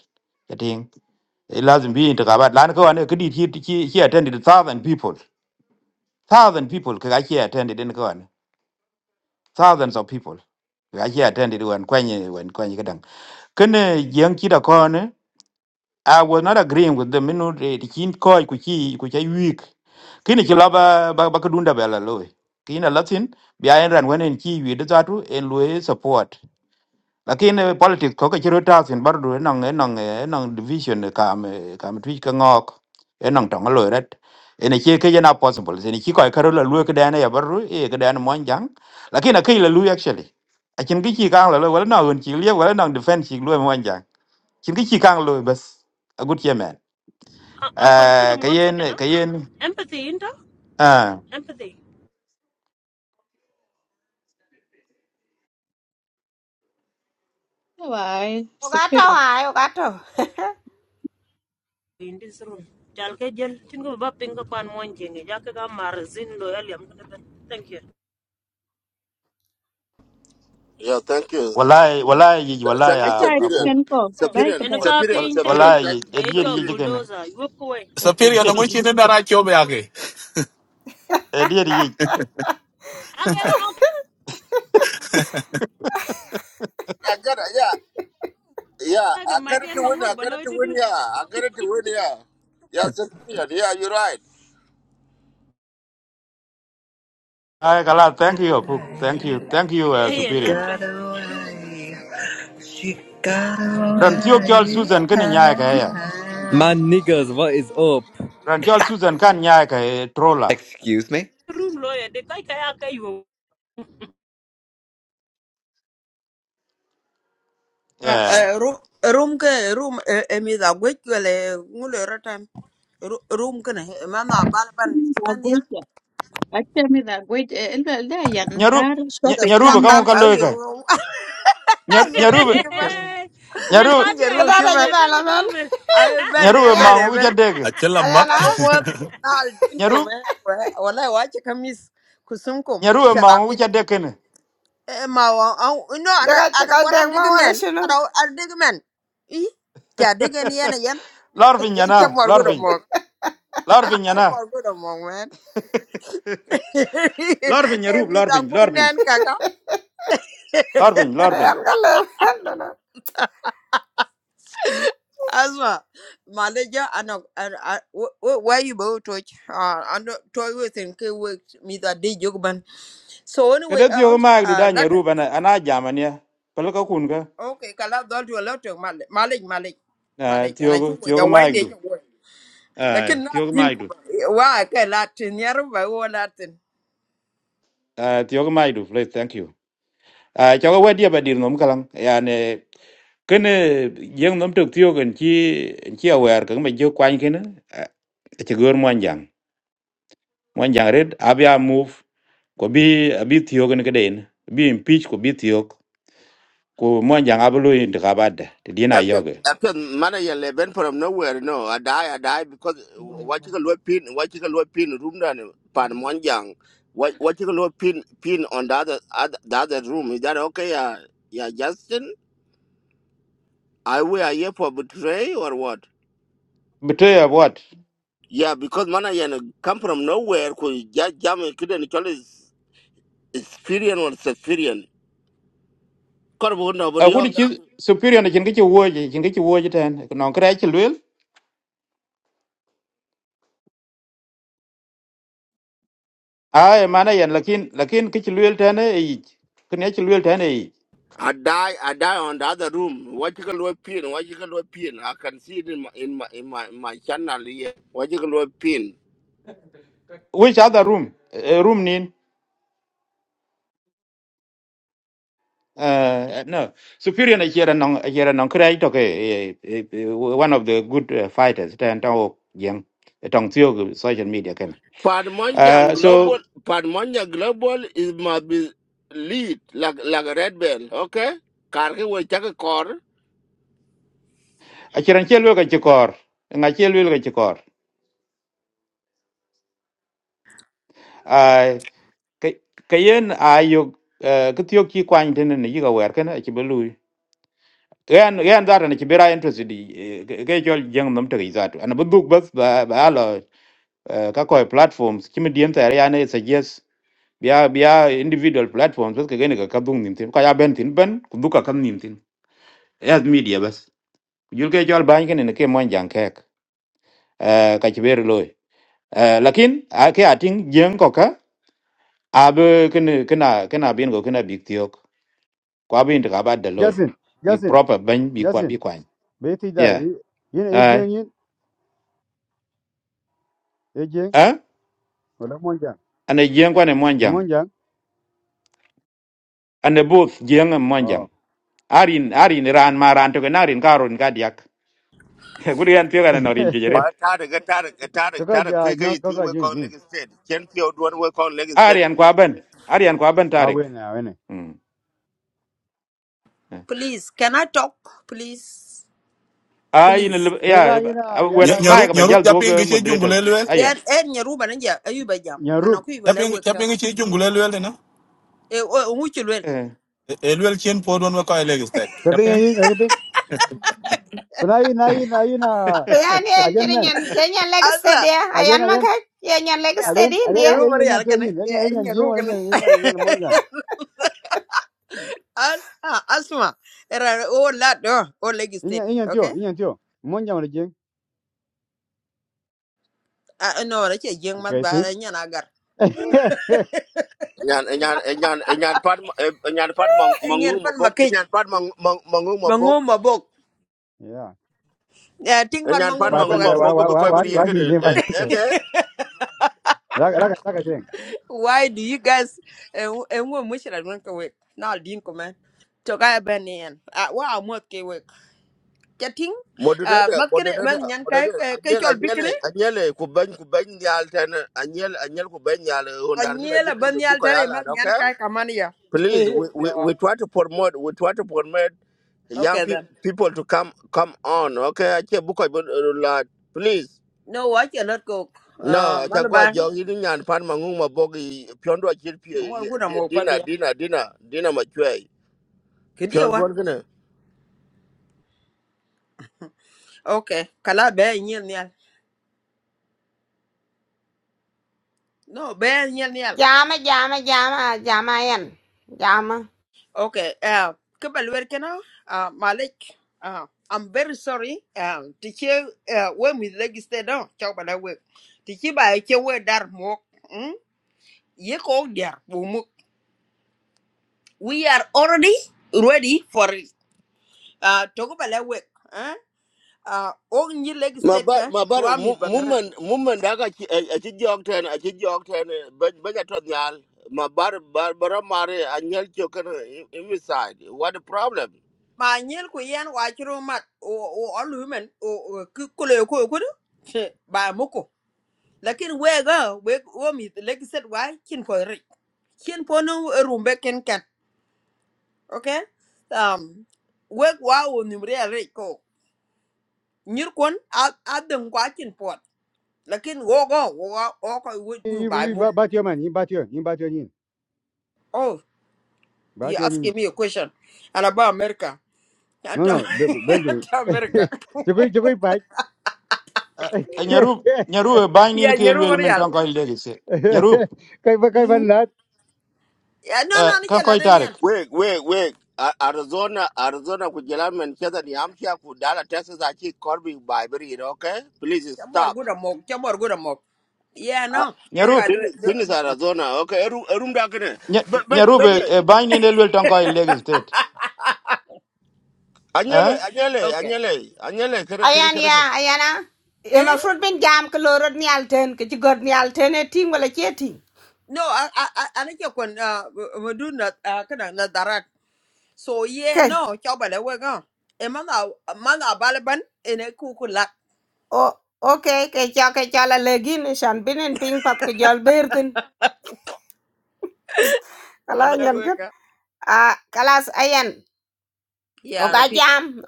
Speaker 13: yating Eh, lazim bi intikaba lan ko ane kidi he he he attended thousand people thousand people ka he attended in ko ane thousands of people ka he attended when kwenye when kwenye kadang kene jeng chida kone i was not agreeing with them you know the chin ko ku chi ku chi week kini chi laba ba ba kudunda bela loe kina latin bi ayan ran when en chi wi de zatu en loe support lakini politics ko kachiro tasin bardu enang enang enang division kam kam twich ka ngok enang tong loiret ene che ke jena possible ene chi ko karo la luek dane ya bardu e ke dane mon jang lakini ke la lu actually a chin gi chi kang la wala na un chi lie wala nang defense chi lu mon jang chin gi chi kang lo bas a good year man
Speaker 14: Uh, Uncle
Speaker 13: eh
Speaker 14: Gooding, one second,
Speaker 13: kayen
Speaker 14: huh?
Speaker 13: kayen
Speaker 14: Empathy, into
Speaker 13: ah
Speaker 14: Empathy.
Speaker 1: Why
Speaker 5: o ga to
Speaker 1: superior?
Speaker 5: ha o ga to
Speaker 14: In this room. Jalke jel, tingo baba pingo pan monjingi, jake ka marzin lo yali am kana ben. Thank you.
Speaker 3: yeah thank you
Speaker 13: wallahi wallahi yij-
Speaker 3: Th-
Speaker 13: wallahi
Speaker 3: thank you
Speaker 13: a
Speaker 3: Sapirian
Speaker 13: pu
Speaker 1: Oh,
Speaker 3: Sapirian
Speaker 14: Eno ka
Speaker 3: Sapirian Sapirian
Speaker 14: painten,
Speaker 13: wallahi
Speaker 3: thank
Speaker 13: yij,
Speaker 3: you
Speaker 13: e dier
Speaker 14: echo
Speaker 13: yij
Speaker 3: Sapirian
Speaker 13: kene
Speaker 14: bulldozer, you walk away.
Speaker 13: e
Speaker 8: Superior na
Speaker 13: dier
Speaker 8: ngwichi ni
Speaker 13: yij-
Speaker 8: dara chobe ake.
Speaker 13: e dier yij.
Speaker 14: Ake ka
Speaker 3: I got it yeah yeah
Speaker 14: ake ka
Speaker 3: I got
Speaker 14: maki
Speaker 3: it to
Speaker 14: en
Speaker 3: win
Speaker 14: mango
Speaker 3: I got it
Speaker 14: baloy
Speaker 3: to win
Speaker 14: dudu.
Speaker 3: yeah I got it to win yeah yeah Sapirian yeah you're right
Speaker 13: Ai kala, thank you, Cook. Thank you, thank you, uh,
Speaker 15: She
Speaker 14: Eh, en
Speaker 13: Superior.
Speaker 14: latre.
Speaker 15: got away. She got
Speaker 13: Ran tiyo kyal
Speaker 15: away.
Speaker 13: Susan kini nyaya ka ya.
Speaker 16: Man niggas, what is up?
Speaker 13: Ran kyal Susan kan nyaya ka eh, trola.
Speaker 14: Room lo ya de kai kai ake yo.
Speaker 13: Yeah.
Speaker 17: Eh, room room ke room eh, eh, mi da gwech wele ngule rotan Ru- room kene man na bal ban
Speaker 1: the
Speaker 17: man yel
Speaker 1: great. Actually, the great. Eh, eh, yan
Speaker 13: Nyaru,
Speaker 1: bar
Speaker 17: shut
Speaker 13: ny-
Speaker 17: the
Speaker 1: topic
Speaker 13: nyaruba
Speaker 1: kan
Speaker 17: fuck
Speaker 1: ya.
Speaker 13: kamo
Speaker 17: up au
Speaker 13: kaloy ka.
Speaker 17: you?
Speaker 13: Nyar-
Speaker 17: yer gi
Speaker 13: Nyaruba,
Speaker 17: ki man
Speaker 14: Nyan
Speaker 13: nyaruba,
Speaker 14: pandi
Speaker 17: yer
Speaker 5: ta
Speaker 17: ru
Speaker 5: da
Speaker 14: ayen
Speaker 17: ki
Speaker 5: da je
Speaker 17: man
Speaker 5: ba
Speaker 14: leben
Speaker 5: la
Speaker 14: de
Speaker 5: non
Speaker 14: nomer.
Speaker 17: ay ben eh,
Speaker 13: nyaruba
Speaker 5: ayan
Speaker 17: ben eh,
Speaker 13: mangu
Speaker 17: ben
Speaker 13: kuchadeke.
Speaker 8: Achela
Speaker 5: ayan
Speaker 8: mak.
Speaker 17: wa
Speaker 5: ah
Speaker 17: mo dal din ko
Speaker 13: Nyaruba,
Speaker 17: men wa- wala wa ki kamis kusum kum
Speaker 13: nyaruba mangu
Speaker 17: sharamit
Speaker 13: kuchadeke ne.
Speaker 17: Eh, ma wa au no ana ana
Speaker 5: Jaga-jaga
Speaker 17: gora
Speaker 5: deng
Speaker 17: dig
Speaker 5: mau wala
Speaker 17: men
Speaker 5: sino.
Speaker 17: ana ana dig i ta dig en yen yen
Speaker 13: Larvin
Speaker 17: ce
Speaker 13: yana, larvin, larvin yana.
Speaker 17: Asma good among man.
Speaker 13: Larvin nyarub,
Speaker 17: Everything
Speaker 13: larvin,
Speaker 17: with
Speaker 13: larvin,
Speaker 17: nan kaka.
Speaker 13: larvin, larvin.
Speaker 5: Ayan kalau lang. Ano
Speaker 17: Asma, Malaysia and where you both touch. Uh, and toy with and key with me that day jugman. So anyway,
Speaker 13: Kada tiyo
Speaker 17: uh,
Speaker 13: ka maag du
Speaker 17: uh,
Speaker 13: da
Speaker 17: like
Speaker 13: nyaruba na ana jamania. Palaka kunka.
Speaker 17: okay, kala don't do a lot of Malay, Malay, Malay, Malay, and
Speaker 13: Tiyo
Speaker 17: I
Speaker 13: ka,
Speaker 17: took what
Speaker 13: tiyo
Speaker 17: your
Speaker 13: ka
Speaker 17: wine
Speaker 13: maag
Speaker 17: is.
Speaker 13: du.
Speaker 17: Lakin
Speaker 13: Tiyo ka
Speaker 17: Latin
Speaker 13: maag
Speaker 17: kuma. Wa kai Latin, yarba wa Latin.
Speaker 13: Uh, tiyo mai du, please, thank you. Uh, cho cái wedia ba dir nom kalang. Yani kene yeng nom tuk tiyo gen chi chi aware kang ba jo kwany kene. Uh, chi gor mwan jang. Mwan jang red abia move ko bi abi tiyo gen keden. Bi impeach ko bi tiyo ko mwan jang abulu intikabad. Ti dina
Speaker 3: After
Speaker 13: yoge.
Speaker 3: after manager eleven from nowhere, no, I die, I die because uh, what you can look pin, what you can look pin room down pan one young, what what you can look pin pin on the other, other the other room. Is that okay? Yeah, yeah, Justin, I we are here for betray or what?
Speaker 13: Betray what?
Speaker 3: Yeah, because manager no come from nowhere, cause just jam couldn't call his experience or experience. Corbo
Speaker 13: A
Speaker 3: nobody.
Speaker 13: kuni chi superior na chin kichi woje, chin kichi woje ten. Non kre chi lwel. Ay mana yan lakin lakin kichi lwel ten e ich. Kene chi lwel ten e ich.
Speaker 3: I die, I die on the other room. What you call pin? What you call pin? I can see it in my in my in my, my channel here. What you call pin?
Speaker 13: which other room Eh, eh, room nin uh, no superior na chera nong chera nong kray to ke eh, eh, eh, one of the good uh, fighters tan to yang eh, tong tio gu social media ken
Speaker 3: Padmonjang
Speaker 13: uh, so
Speaker 3: Global, Padmonjang Global is my be lead like like a red bell. Okay, Karki will check a car.
Speaker 13: a chera chelo ka chikor nga chelo ka chikor ai kayen ayo ka tio ki kwang den ne yiga wer ken a chibelu yan yan dar na chibira interest di eh, ke jol jeng nam te izatu ana buduk bas ba ba lo uh, ka koy platforms kimi diem ta yana suggest biya biya individual platforms bas kagene ka kadung nim tin ka ya ben tin ben kuduka kan nim tin as media bas jul ke jol ban ken ne ke mon jang kek eh ka chiber loy eh lakin a ke ating jeng ko ka ab ken kena kena bin go kena big tiok kwa bin ka ba de loy
Speaker 12: Justin,
Speaker 13: bi
Speaker 12: Justin,
Speaker 13: proper ben bi kwa bi
Speaker 12: Justin.
Speaker 13: kwa
Speaker 12: Beti da.
Speaker 13: yeah
Speaker 12: Yin
Speaker 13: ai
Speaker 12: ejeng yin ejeng.
Speaker 13: eh
Speaker 12: Wala monjang.
Speaker 13: ane jeng kwa ne mon
Speaker 12: Ni
Speaker 13: jang
Speaker 12: monjang.
Speaker 13: ane both jeng and mon jang
Speaker 12: Oh.
Speaker 13: arin arin ran maran to ke narin karun ka diak gudian tiok ana norin jeret
Speaker 3: But Tarek, Tarek, Tarek,
Speaker 12: Kaka
Speaker 3: Tarek,
Speaker 12: ja
Speaker 3: quick,
Speaker 12: nyo
Speaker 3: you see
Speaker 12: kaka
Speaker 3: we
Speaker 12: yin
Speaker 3: call
Speaker 12: yin.
Speaker 3: Lagos State. Chen Pio, do one we call Lagos State.
Speaker 13: Aryan kwa ben. Aryan kwa ben Tarik.
Speaker 12: Awen awen.
Speaker 13: Mm.
Speaker 17: Please, can I talk? Please,
Speaker 13: Ay
Speaker 17: please.
Speaker 13: in ya
Speaker 12: Kela yin a yan
Speaker 13: where
Speaker 12: a da.
Speaker 8: Nyarup,
Speaker 13: my ba
Speaker 8: nyarup
Speaker 13: jal dog
Speaker 8: japing gichi jungule
Speaker 13: moderators.
Speaker 8: luel.
Speaker 13: Aya.
Speaker 17: Yan en nyaruba na ja ayuba jam. Ana
Speaker 12: Nyarup.
Speaker 17: ku yuba
Speaker 8: Japing,
Speaker 17: wekta.
Speaker 8: japing gichi jungule luel na.
Speaker 17: E o nguchu lwen.
Speaker 13: Eh.
Speaker 8: Elwel Chin Pod one Wakai Legistat.
Speaker 12: Tapi
Speaker 8: Captain?
Speaker 12: yin yin. Kuna yin na yin na yin a
Speaker 5: Bayan yan,
Speaker 12: ajan
Speaker 5: kini nyan, kini nyan leg steady
Speaker 17: Asa.
Speaker 5: ya. Ayan
Speaker 12: men.
Speaker 5: man kay, kini nyan leg
Speaker 17: Ya.
Speaker 12: Ayan,
Speaker 5: steady
Speaker 12: ayan,
Speaker 5: hindi ya.
Speaker 12: ayan,
Speaker 17: Nyaruba
Speaker 12: ayan, ayan,
Speaker 17: ri
Speaker 12: ayan, ayan, ayan,
Speaker 17: alkana.
Speaker 12: ayan,
Speaker 17: E
Speaker 12: ayan,
Speaker 17: en nyaruba kana.
Speaker 12: ayan, ayan, ayan, monjan.
Speaker 17: Asa asma. Era o la do o Lagos state.
Speaker 12: Ayan, ayan, tio,
Speaker 17: Okay?
Speaker 12: ayan, tio. Monjan wala jeng.
Speaker 17: A no ra che jeng mat
Speaker 12: Okay,
Speaker 17: ba
Speaker 12: ting.
Speaker 17: ra nyana gar.
Speaker 3: Nyan, nyan, nyan, nyan, pad, nyan, pad,
Speaker 17: E nyer
Speaker 3: mangu,
Speaker 17: fan
Speaker 3: mabok,
Speaker 17: makej.
Speaker 3: nyan, pad, mangu,
Speaker 17: Mango mabok.
Speaker 12: Yeah.
Speaker 17: Ya ting fan
Speaker 3: Enyan
Speaker 17: mango
Speaker 3: pan
Speaker 12: Ba
Speaker 3: mang
Speaker 17: mabok
Speaker 12: panda,
Speaker 17: akira.
Speaker 12: wa,
Speaker 3: bogo
Speaker 12: wa,
Speaker 3: be
Speaker 12: wa,
Speaker 3: koy
Speaker 12: wa,
Speaker 3: bari yer
Speaker 12: wa, jeng,
Speaker 3: kede.
Speaker 12: jeng, ba panda.
Speaker 3: Eke
Speaker 12: Raga, raga, raga, jeng.
Speaker 17: Why do you guys e ngo mushra gwen ka wek? Na din ko man. To ga ben yen. Wa amot ke chatting uh
Speaker 3: moderator
Speaker 17: matkene
Speaker 3: moderator
Speaker 17: man nyan kai
Speaker 3: moderator
Speaker 17: ke
Speaker 3: anyel
Speaker 17: chol
Speaker 3: anyel
Speaker 17: bikne
Speaker 3: anyel ku ben ku ten anyel anyel ku ben undar kede
Speaker 17: anyela
Speaker 3: chukur
Speaker 17: ban
Speaker 3: be bi
Speaker 17: yal
Speaker 3: koy
Speaker 17: tare
Speaker 3: ala
Speaker 17: man nyan
Speaker 3: okay?
Speaker 17: kai kamania
Speaker 3: Please we,
Speaker 17: yo
Speaker 3: we we try to promote we try to promote young
Speaker 17: okay
Speaker 3: pe-
Speaker 17: then
Speaker 3: people to come come on okay? Ache bu koy la please.
Speaker 17: no what you not go uh
Speaker 3: No, chagua
Speaker 17: malaba
Speaker 3: jong ini nyan pan mangung mabogi piondo achir
Speaker 17: more
Speaker 3: pie
Speaker 17: good am
Speaker 3: dina
Speaker 17: opadia
Speaker 3: dina dina dina machwei
Speaker 17: kidi wa
Speaker 3: piondo kene.
Speaker 17: okay kala be nyel nyal no be nyel nyal
Speaker 5: Jama, jama, jama, jama ayan. Jama.
Speaker 17: okay uh kebal wer kana uh malik uh I'm very sorry. Um, to hear uh, when we legislate down, talk bala we. work. To hear we dar mo. where that more, mm, ye called there, we are already ready for it. Uh, talk about that work. Eh? Uh, all new leg
Speaker 3: ma
Speaker 17: state
Speaker 3: bar
Speaker 17: ka
Speaker 3: ma bar
Speaker 17: wa mi
Speaker 3: mu-
Speaker 17: bangare.
Speaker 3: mumen mumen da ka ci a ci jog ten a ci jog ten ba ba ja tot nyal ma bar bar bar mare a nyal ci kan inside what the problem
Speaker 17: Ma nyel ko yan wa chiro mat o o all women o o ku ko le ko ko do. Ba moko. Lakin we ga we o mi leg state wa kin ko re. Kin po no eh, rumbe ken kan. Okay? Um we wa o ni mre re ko. Nyir kon a a den kwa kin pot. Lakin wo go wo go- wo ko wo
Speaker 12: I,
Speaker 17: bu
Speaker 12: i, i,
Speaker 17: ba
Speaker 12: ba,
Speaker 17: moko.
Speaker 12: ba tio man, i, ba tio, i, ba tio, i, ba
Speaker 17: You're
Speaker 12: tio, i.
Speaker 17: asking me a question and about America.
Speaker 12: No,
Speaker 17: Anti
Speaker 12: no, be- be- bendu.
Speaker 17: America.
Speaker 12: Jukui, jukui, pai.
Speaker 13: Eh, Nyarup nyaru ba
Speaker 17: Yeah,
Speaker 13: ni ke
Speaker 17: Nyeru
Speaker 13: lwel men
Speaker 17: Marial.
Speaker 13: ton ko le gise. Nyarup
Speaker 12: Kai, ba, kai, ban
Speaker 17: Mm.
Speaker 12: lat.
Speaker 17: Yeah, no,
Speaker 13: eh
Speaker 17: no,
Speaker 13: kan
Speaker 17: Nichel, I
Speaker 13: ko
Speaker 17: don't
Speaker 13: Tarik.
Speaker 17: yan.
Speaker 3: wait wait wait A- Arizona Arizona ku jela men ke da yam ci ku dala Texas a ci Corby Bible you know, okay please
Speaker 17: Chamor
Speaker 3: stop
Speaker 17: good amok, chamor good amok. Yeah,
Speaker 3: Uh,
Speaker 17: no. Look, I
Speaker 13: Nyarup
Speaker 17: do.
Speaker 3: finish
Speaker 17: do-
Speaker 3: finish Arizona okay rum rum da kan
Speaker 13: Nya-
Speaker 3: ba ba
Speaker 13: nyarup
Speaker 3: ba
Speaker 13: ba ni ne lwel ton ko le gise.
Speaker 3: anyele
Speaker 13: Eh?
Speaker 3: anyele
Speaker 17: Okay.
Speaker 3: anyele anyele kere
Speaker 5: Ayan
Speaker 3: kere
Speaker 5: ya, ayan ah. Ya
Speaker 17: Eh?
Speaker 5: fruit bin jam ke ni alten, ke jigod ni alten e ting wala cie ting.
Speaker 17: No, I, I, I, I think you can, uh, we do not, uh, kind of, not direct. So, yeah,
Speaker 5: Kay,
Speaker 17: no, chabale, we go. A man, a man, a balaban, in a cuckoo lap.
Speaker 5: o, oke, kay cia kay cia la lagi ni shan binin ping pat ku jual bertin.
Speaker 17: And
Speaker 5: Kalau
Speaker 17: I
Speaker 5: nyan
Speaker 17: work,
Speaker 5: kan. Ah, kalas ayan.
Speaker 17: yeah, and a
Speaker 5: Oka
Speaker 17: pig.
Speaker 5: jam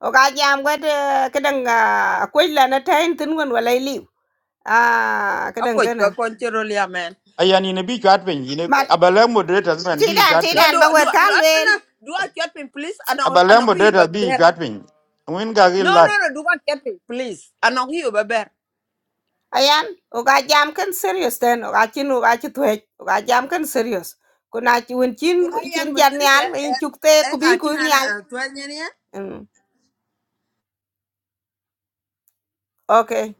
Speaker 5: oka jam cái cái đằng kadang là nó na tain tin và lấy liu à cái cái
Speaker 17: I
Speaker 5: đằng ah kadang
Speaker 17: put a
Speaker 5: thi
Speaker 17: control, yeah, man.
Speaker 13: Aya ni ne bi chat pin ni
Speaker 5: mat
Speaker 13: abala moderators man bi
Speaker 5: tidan
Speaker 13: chat
Speaker 17: No,
Speaker 13: pin.
Speaker 17: do
Speaker 5: tidan ba
Speaker 17: do do
Speaker 5: wet
Speaker 17: no,
Speaker 5: kan
Speaker 17: no, no.
Speaker 5: lwel
Speaker 17: do I get me, please? I know I
Speaker 13: Abala
Speaker 17: know you
Speaker 13: moderators
Speaker 17: but
Speaker 13: bi chat pin. Win ga gi
Speaker 17: No, no,
Speaker 13: lat.
Speaker 17: no, do I get me, please? I know you but bear.
Speaker 5: ayan oka jam kan serious ten oka chin oka chi twech oka jam kan serious kuna chi wen chín
Speaker 17: Could I yan
Speaker 5: chin
Speaker 17: man
Speaker 5: jan
Speaker 17: can
Speaker 5: nyal in chukte
Speaker 17: I
Speaker 5: ku bi
Speaker 17: got
Speaker 5: ku
Speaker 17: you
Speaker 5: nyal
Speaker 17: uh twelve
Speaker 5: Mm, okay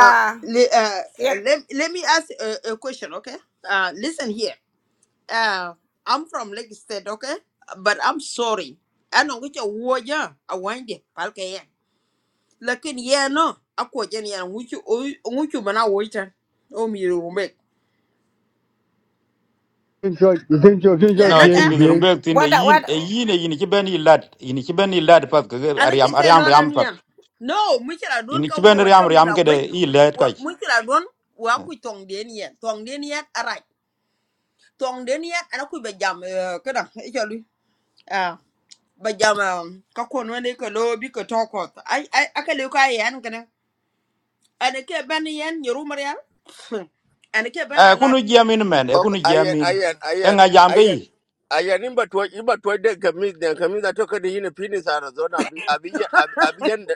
Speaker 17: Uh, le- uh,
Speaker 5: kya-
Speaker 17: let, let me ask a, a question, okay? Uh, listen here. Uh, I'm from Lake State, okay? But I'm sorry. I know which a warrior, a windy, Palkayan. Lakin, yeah, no. I quote Jenny and which you, which you, man, I wait. Oh, me, you make.
Speaker 12: Jeng, jeng, jeng,
Speaker 17: Yeah,
Speaker 12: jeng,
Speaker 13: no
Speaker 17: like,
Speaker 12: jeng,
Speaker 13: chin
Speaker 17: eh?
Speaker 13: mi
Speaker 12: jeng.
Speaker 13: rumbek tin e
Speaker 5: wada
Speaker 13: yin
Speaker 5: wada
Speaker 13: e yin e yin ki ben i lad yin ki ben i pat ke
Speaker 17: ana ke
Speaker 13: ariam
Speaker 17: kai
Speaker 13: ariam
Speaker 17: loran
Speaker 13: ariam pat
Speaker 17: yam no mukira don
Speaker 13: yin
Speaker 17: ka
Speaker 13: ki
Speaker 17: wo
Speaker 13: ben
Speaker 17: wat ka
Speaker 13: ariam
Speaker 17: mi da
Speaker 13: ariam ke
Speaker 17: gwe
Speaker 13: de i lad kai
Speaker 17: mukira don wa ku tong den yen tong den yen ara tong den yen ana ku be jam eh, ka da e jalu ah ba jam ah, ka ko no ne ka lo bi ka to ko ai ai aka le ka yan kana ana ke ban yen yoru mariya ana ke ban
Speaker 13: e
Speaker 17: Alat.
Speaker 13: kunu jamin men e
Speaker 3: Okay,
Speaker 13: kunu
Speaker 3: ayan,
Speaker 13: jamin
Speaker 3: ayan,
Speaker 13: e
Speaker 3: ayan,
Speaker 13: nga jam ke
Speaker 3: ayan.
Speaker 13: yi
Speaker 3: Ayan, in ba tuwa, in ba tuwa da kamis, da kamis da toka da yin finis Arizona, abi, abi, abi abi yan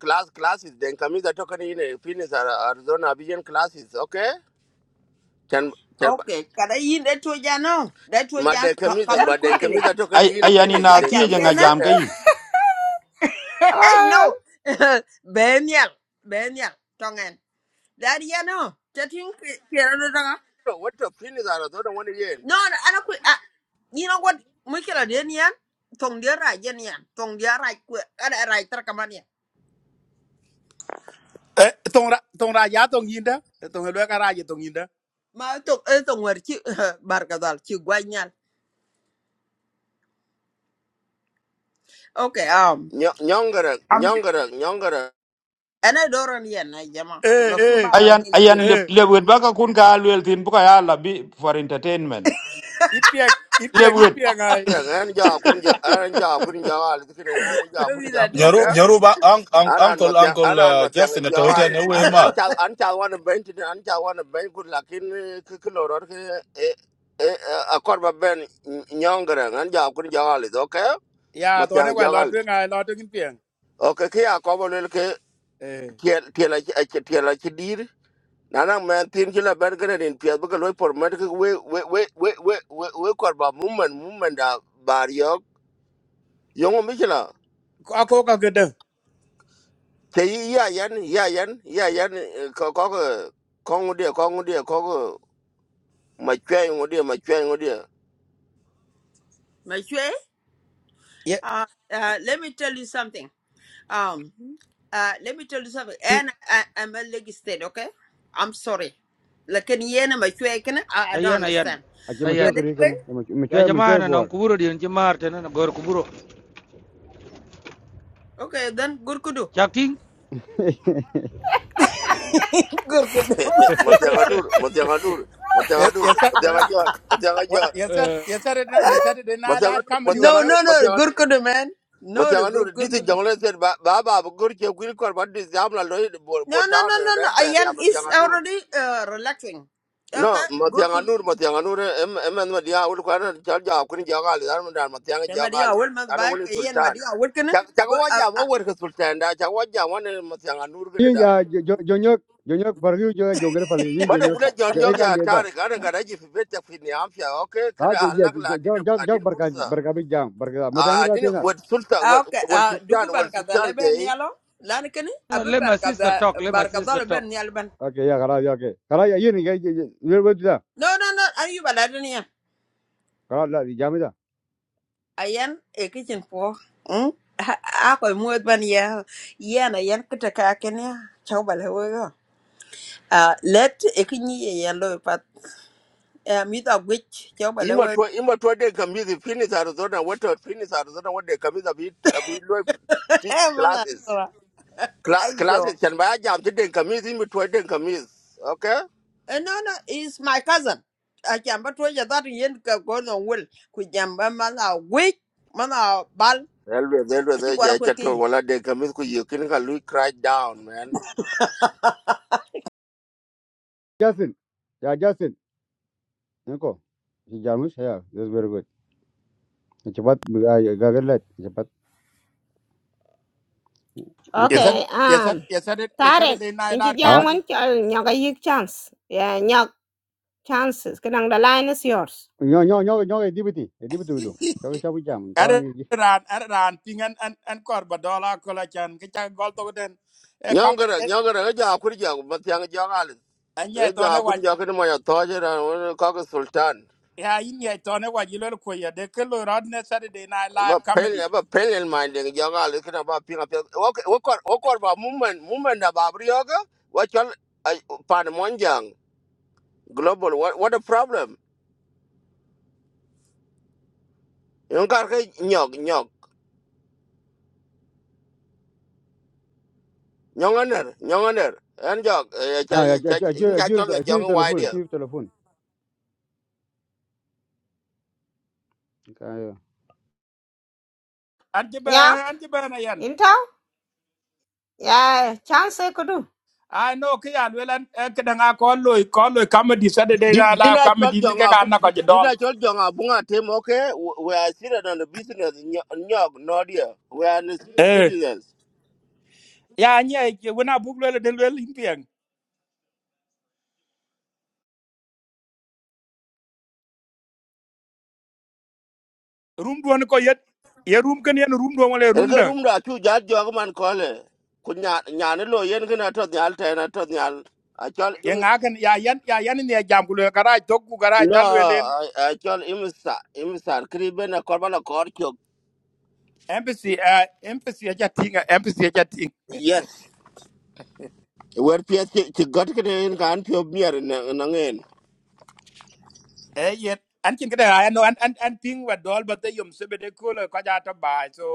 Speaker 3: class, classes, da kamis da toka da yin finis Arizona, abi yan classes, okay? Can, can, ba-
Speaker 17: okay kada yin da to ja no da to
Speaker 3: ma
Speaker 17: ja
Speaker 3: da
Speaker 17: ka
Speaker 3: but
Speaker 17: kaman
Speaker 3: ba
Speaker 17: ko
Speaker 3: da
Speaker 17: kile
Speaker 3: kamis da toka da
Speaker 13: ay
Speaker 3: yin
Speaker 13: ayani
Speaker 3: finis,
Speaker 13: na
Speaker 17: a
Speaker 3: da
Speaker 13: tie
Speaker 17: kan
Speaker 13: je
Speaker 3: kamis da
Speaker 13: nga
Speaker 17: yana
Speaker 13: jam ke
Speaker 3: toka
Speaker 13: yi
Speaker 17: eh no
Speaker 5: um,
Speaker 17: ben yan ben tongen Daddy, yeah, no. Chatting, Pierre, no, no,
Speaker 3: da wata Arizona wani yin.
Speaker 17: no, I don't quit. ah, You know what? Mikela, dear, Tong dear, right, yeah, Tong dear, right, And I write, Trakamania.
Speaker 18: Eh, tong ra tong ra ya tong yinda Eh, tong lwe ka ra ya tong yinda
Speaker 17: My talk, it's on where you, Barkazal, Okay, um,
Speaker 3: Nyongara,
Speaker 17: I'm,
Speaker 3: nyongara, nyongara, nyongara,
Speaker 17: and I don't run yen, I yama.
Speaker 18: eh
Speaker 17: The
Speaker 18: eh
Speaker 17: fruba, I did
Speaker 13: ayan ayan
Speaker 17: it.
Speaker 13: le
Speaker 18: eh
Speaker 13: le wet ba ka kun ka lwel tin bu ka ya la bi for entertainment
Speaker 18: it piang it
Speaker 13: le
Speaker 18: piang it
Speaker 13: wet
Speaker 18: piang ai
Speaker 3: an ja, akun ja, an ja, akun ja, alizikin, an ja,
Speaker 17: Tell me
Speaker 3: ja,
Speaker 17: that, did
Speaker 8: Nyaru,
Speaker 17: you?
Speaker 3: okay?
Speaker 8: Nyaruba, un, un,
Speaker 3: aran
Speaker 8: Uncle,
Speaker 3: matiang
Speaker 8: Uncle
Speaker 3: aran
Speaker 8: uh,
Speaker 3: matiang e
Speaker 8: Justin at Toyota
Speaker 3: jawal
Speaker 8: and away
Speaker 3: an an
Speaker 8: mark.
Speaker 3: cha an cha wan ben tin an cha wan ben kur lakin ke ke loror ke e e a korba ben nyongre an ja kun jawal do ke
Speaker 18: ya to ne
Speaker 3: matiang
Speaker 18: wa lo
Speaker 3: jawal
Speaker 18: twe ngai lo twe kin piang
Speaker 3: okay ke ke a ko bol ke
Speaker 18: eh
Speaker 3: tiel tiel a tiel a dir nana men kila ki la ben gre din pia loy por met ke we we we we we we korba mummen mummen da bariok yo yongo mi
Speaker 18: ko ko ka gede
Speaker 3: te yi ya yan ya yan ya yan eh, ko ko ko ko ngudi ko ngudi ko ko ma chwe ngudi ma chwe ngudi
Speaker 18: ye
Speaker 17: uh, uh, let me tell you something. Um, uh, let me tell you something. And I, I'm a leg state, okay? I'm sorry. Like, in yen, my shay, I I don't
Speaker 19: ayan ayan
Speaker 17: understand.
Speaker 12: Aki, machoy,
Speaker 17: But
Speaker 19: ayan
Speaker 12: kuri,
Speaker 17: anyway,
Speaker 12: kena.
Speaker 19: ya
Speaker 12: Machoy, machoy,
Speaker 19: jamana non
Speaker 12: bor.
Speaker 19: kuburo din ci marte na gor kuburo
Speaker 17: Okay, then Gurkudu.
Speaker 19: chakting
Speaker 17: Gurkudu.
Speaker 3: ma te ga dur ma te ga dur ma te
Speaker 18: ye
Speaker 3: ga dur
Speaker 18: ye
Speaker 3: ma
Speaker 18: sat
Speaker 3: te ga jor ma te ga
Speaker 18: wa
Speaker 3: jor
Speaker 18: ye sat
Speaker 19: uh,
Speaker 18: ye sat it na ye sat de
Speaker 3: ma
Speaker 18: na
Speaker 3: te
Speaker 18: la
Speaker 3: ga dur ma
Speaker 18: comedy
Speaker 3: te ga
Speaker 17: No,
Speaker 18: warga
Speaker 3: dur
Speaker 17: no,
Speaker 3: ma te
Speaker 17: no,
Speaker 3: ga dur
Speaker 17: Gurkudu, man.
Speaker 3: ma
Speaker 17: No,
Speaker 3: te
Speaker 17: no,
Speaker 3: ga dur
Speaker 17: Gur-
Speaker 3: di ti
Speaker 17: Gurkudu.
Speaker 3: jongle sen ba ba ba bu gur che gwil kor ba di sam la lo bo
Speaker 17: No,
Speaker 3: bo
Speaker 17: no,
Speaker 3: ta
Speaker 17: no, no, no.
Speaker 3: red ben ya
Speaker 17: Ayan
Speaker 3: ma te
Speaker 17: is
Speaker 3: ga dur
Speaker 17: already uh, relaxing.
Speaker 3: No,
Speaker 17: Okay,
Speaker 3: Matianga
Speaker 17: Gurkudu.
Speaker 3: Nur, Matianga Nur, em em and Madia would quarter charge of Queen Jagali, Armada, Matianga
Speaker 17: Tema dia
Speaker 3: Jagali,
Speaker 17: awal mas
Speaker 3: and a
Speaker 17: baik.
Speaker 3: winning
Speaker 17: Ayan
Speaker 3: Sultan.
Speaker 17: madi awal kena. Abu, ab,
Speaker 3: Chakawaja,
Speaker 17: ab,
Speaker 3: what work Sultan, Chawaja, one and Matianga Nur
Speaker 12: yin
Speaker 3: Grenada.
Speaker 12: ya jonyok jonyok bargu jo jongre pali yin
Speaker 3: But a
Speaker 12: jonyok
Speaker 3: good John
Speaker 12: e
Speaker 3: Yogia
Speaker 12: cambia da
Speaker 3: Tarik, I got a gift better in the Ampia, okay, can
Speaker 12: ka je
Speaker 3: I
Speaker 12: je
Speaker 3: lack I
Speaker 12: jog
Speaker 3: didn't
Speaker 12: jog
Speaker 3: I
Speaker 12: jog
Speaker 3: didn't put
Speaker 12: barka
Speaker 3: her.
Speaker 12: barka bi jam barka matang
Speaker 3: I
Speaker 12: rate
Speaker 3: didn't
Speaker 12: na
Speaker 3: what Sultan,
Speaker 17: ah, okay.
Speaker 3: what
Speaker 17: Ah,
Speaker 3: Sultan,
Speaker 17: dugu
Speaker 3: what
Speaker 17: barkada
Speaker 3: Sultan
Speaker 17: leben
Speaker 3: day.
Speaker 17: nialo. Lan kena. Abu
Speaker 19: let my sister
Speaker 17: barkada
Speaker 19: talk let my
Speaker 17: barkada
Speaker 19: sister talk
Speaker 17: leben nial ban.
Speaker 12: okay ya kara ya okay kara ya yin ga wer wer da
Speaker 17: No, no, no. Ayu balada niya.
Speaker 12: kara la di jam da
Speaker 17: Ayan ekicin po. Hmm. Ako muat ban ya. Yan ayan kita kaya kena. Coba lewe. à let ikinyi ye yellow pat eh mi ta gwich cho bale
Speaker 3: Ima
Speaker 17: we
Speaker 3: twa ima twa de kambi the finish Arizona what to finish Arizona what they kambi the bit a bit low
Speaker 17: eh
Speaker 3: classes. Cla-
Speaker 17: ayo
Speaker 3: Classes can buy a jam to den kamis in between den kamis. Okay?
Speaker 17: eh no no He's my cousin I jamba to ya that yen ka go no will ku jamba mana gwich mana bal
Speaker 3: Elwe elwe
Speaker 17: chi kwara
Speaker 3: the chatul wala den kamis ku you kin ka lui crash down man.
Speaker 12: jasin ya jasin nko si jamu sa ya this very good cepat ga ga let cepat
Speaker 18: ye
Speaker 12: nko
Speaker 18: sat
Speaker 5: okay
Speaker 18: ye sat
Speaker 5: um
Speaker 18: ye sat it ye sat
Speaker 5: tarek
Speaker 18: de na la
Speaker 5: inchi jam
Speaker 12: ah
Speaker 5: wan
Speaker 18: comedy
Speaker 5: chol nyoka yik chance Yeah, you chances kadang the line is yours
Speaker 12: nyo nyo nyo nyo e dibiti e dibitu do jog jog jam ka
Speaker 18: are ran are ran pingan an an kor ba dola ko la chan ke cha gol to den e comedy
Speaker 3: Nyongara nyongara ja akuri ja but yang ja alis.
Speaker 18: an ye
Speaker 3: E ja
Speaker 18: to
Speaker 3: akuri ja kin mo ya toje na wani kaka sultan.
Speaker 18: ya yin ya to ne waji lol ko ya de ke lo rod ne saturday night
Speaker 3: Ba
Speaker 18: live
Speaker 3: pen
Speaker 18: comedy
Speaker 3: ba pen in mind den ja alis kin ba pinga pe. Okay okor okor ba movement movement da ba brioga. What chal pan monjang global what what a problem. Yung kar ka nyog Younger, younger. and Jog,
Speaker 12: ah ya ju ju
Speaker 3: Chachon,
Speaker 12: ju
Speaker 3: Jong, why
Speaker 12: telefon
Speaker 3: dear?
Speaker 12: ju telefon ka ya.
Speaker 18: an ji ba
Speaker 5: Nyak,
Speaker 18: an ji ba na yan
Speaker 5: into? Ya, chance kudu.
Speaker 18: i know ke ya lol an eh, ke danga ko lo ko lo comedy saturday
Speaker 3: Did
Speaker 18: night
Speaker 3: did
Speaker 18: live
Speaker 3: I tell
Speaker 18: comedy ni
Speaker 3: Jong
Speaker 18: ke ka
Speaker 3: Abu?
Speaker 18: na ko ji
Speaker 3: Did I
Speaker 18: dol
Speaker 3: tell Jong Abunga team? Okay, we are seated on the business in Nyog, no dear. We are the
Speaker 18: eh
Speaker 3: citizens.
Speaker 18: ya nya ke wona bu lol de lol in pian room do ko yet ye room kan yan room do wala
Speaker 3: And
Speaker 18: room
Speaker 3: go
Speaker 18: da
Speaker 3: room that two judge Jogman call. Could not Yanelo Yen can at the altar and at the al. I tell
Speaker 18: ye
Speaker 3: him.
Speaker 18: nga kan ya yan ya yan ne jam ku lo garaj to ku garaj
Speaker 3: No,
Speaker 18: ta lol en
Speaker 3: I I tell him, sir, him, sir, Criben, a Corbana Cork.
Speaker 18: embassy eh embassy ya tinga embassy
Speaker 3: Yes, where Pierce got in can't be a beer in an end.
Speaker 18: Eh, yet. An kin kada ay no an an an ting wa dol ba te yum se be de ko ko ja ta ba so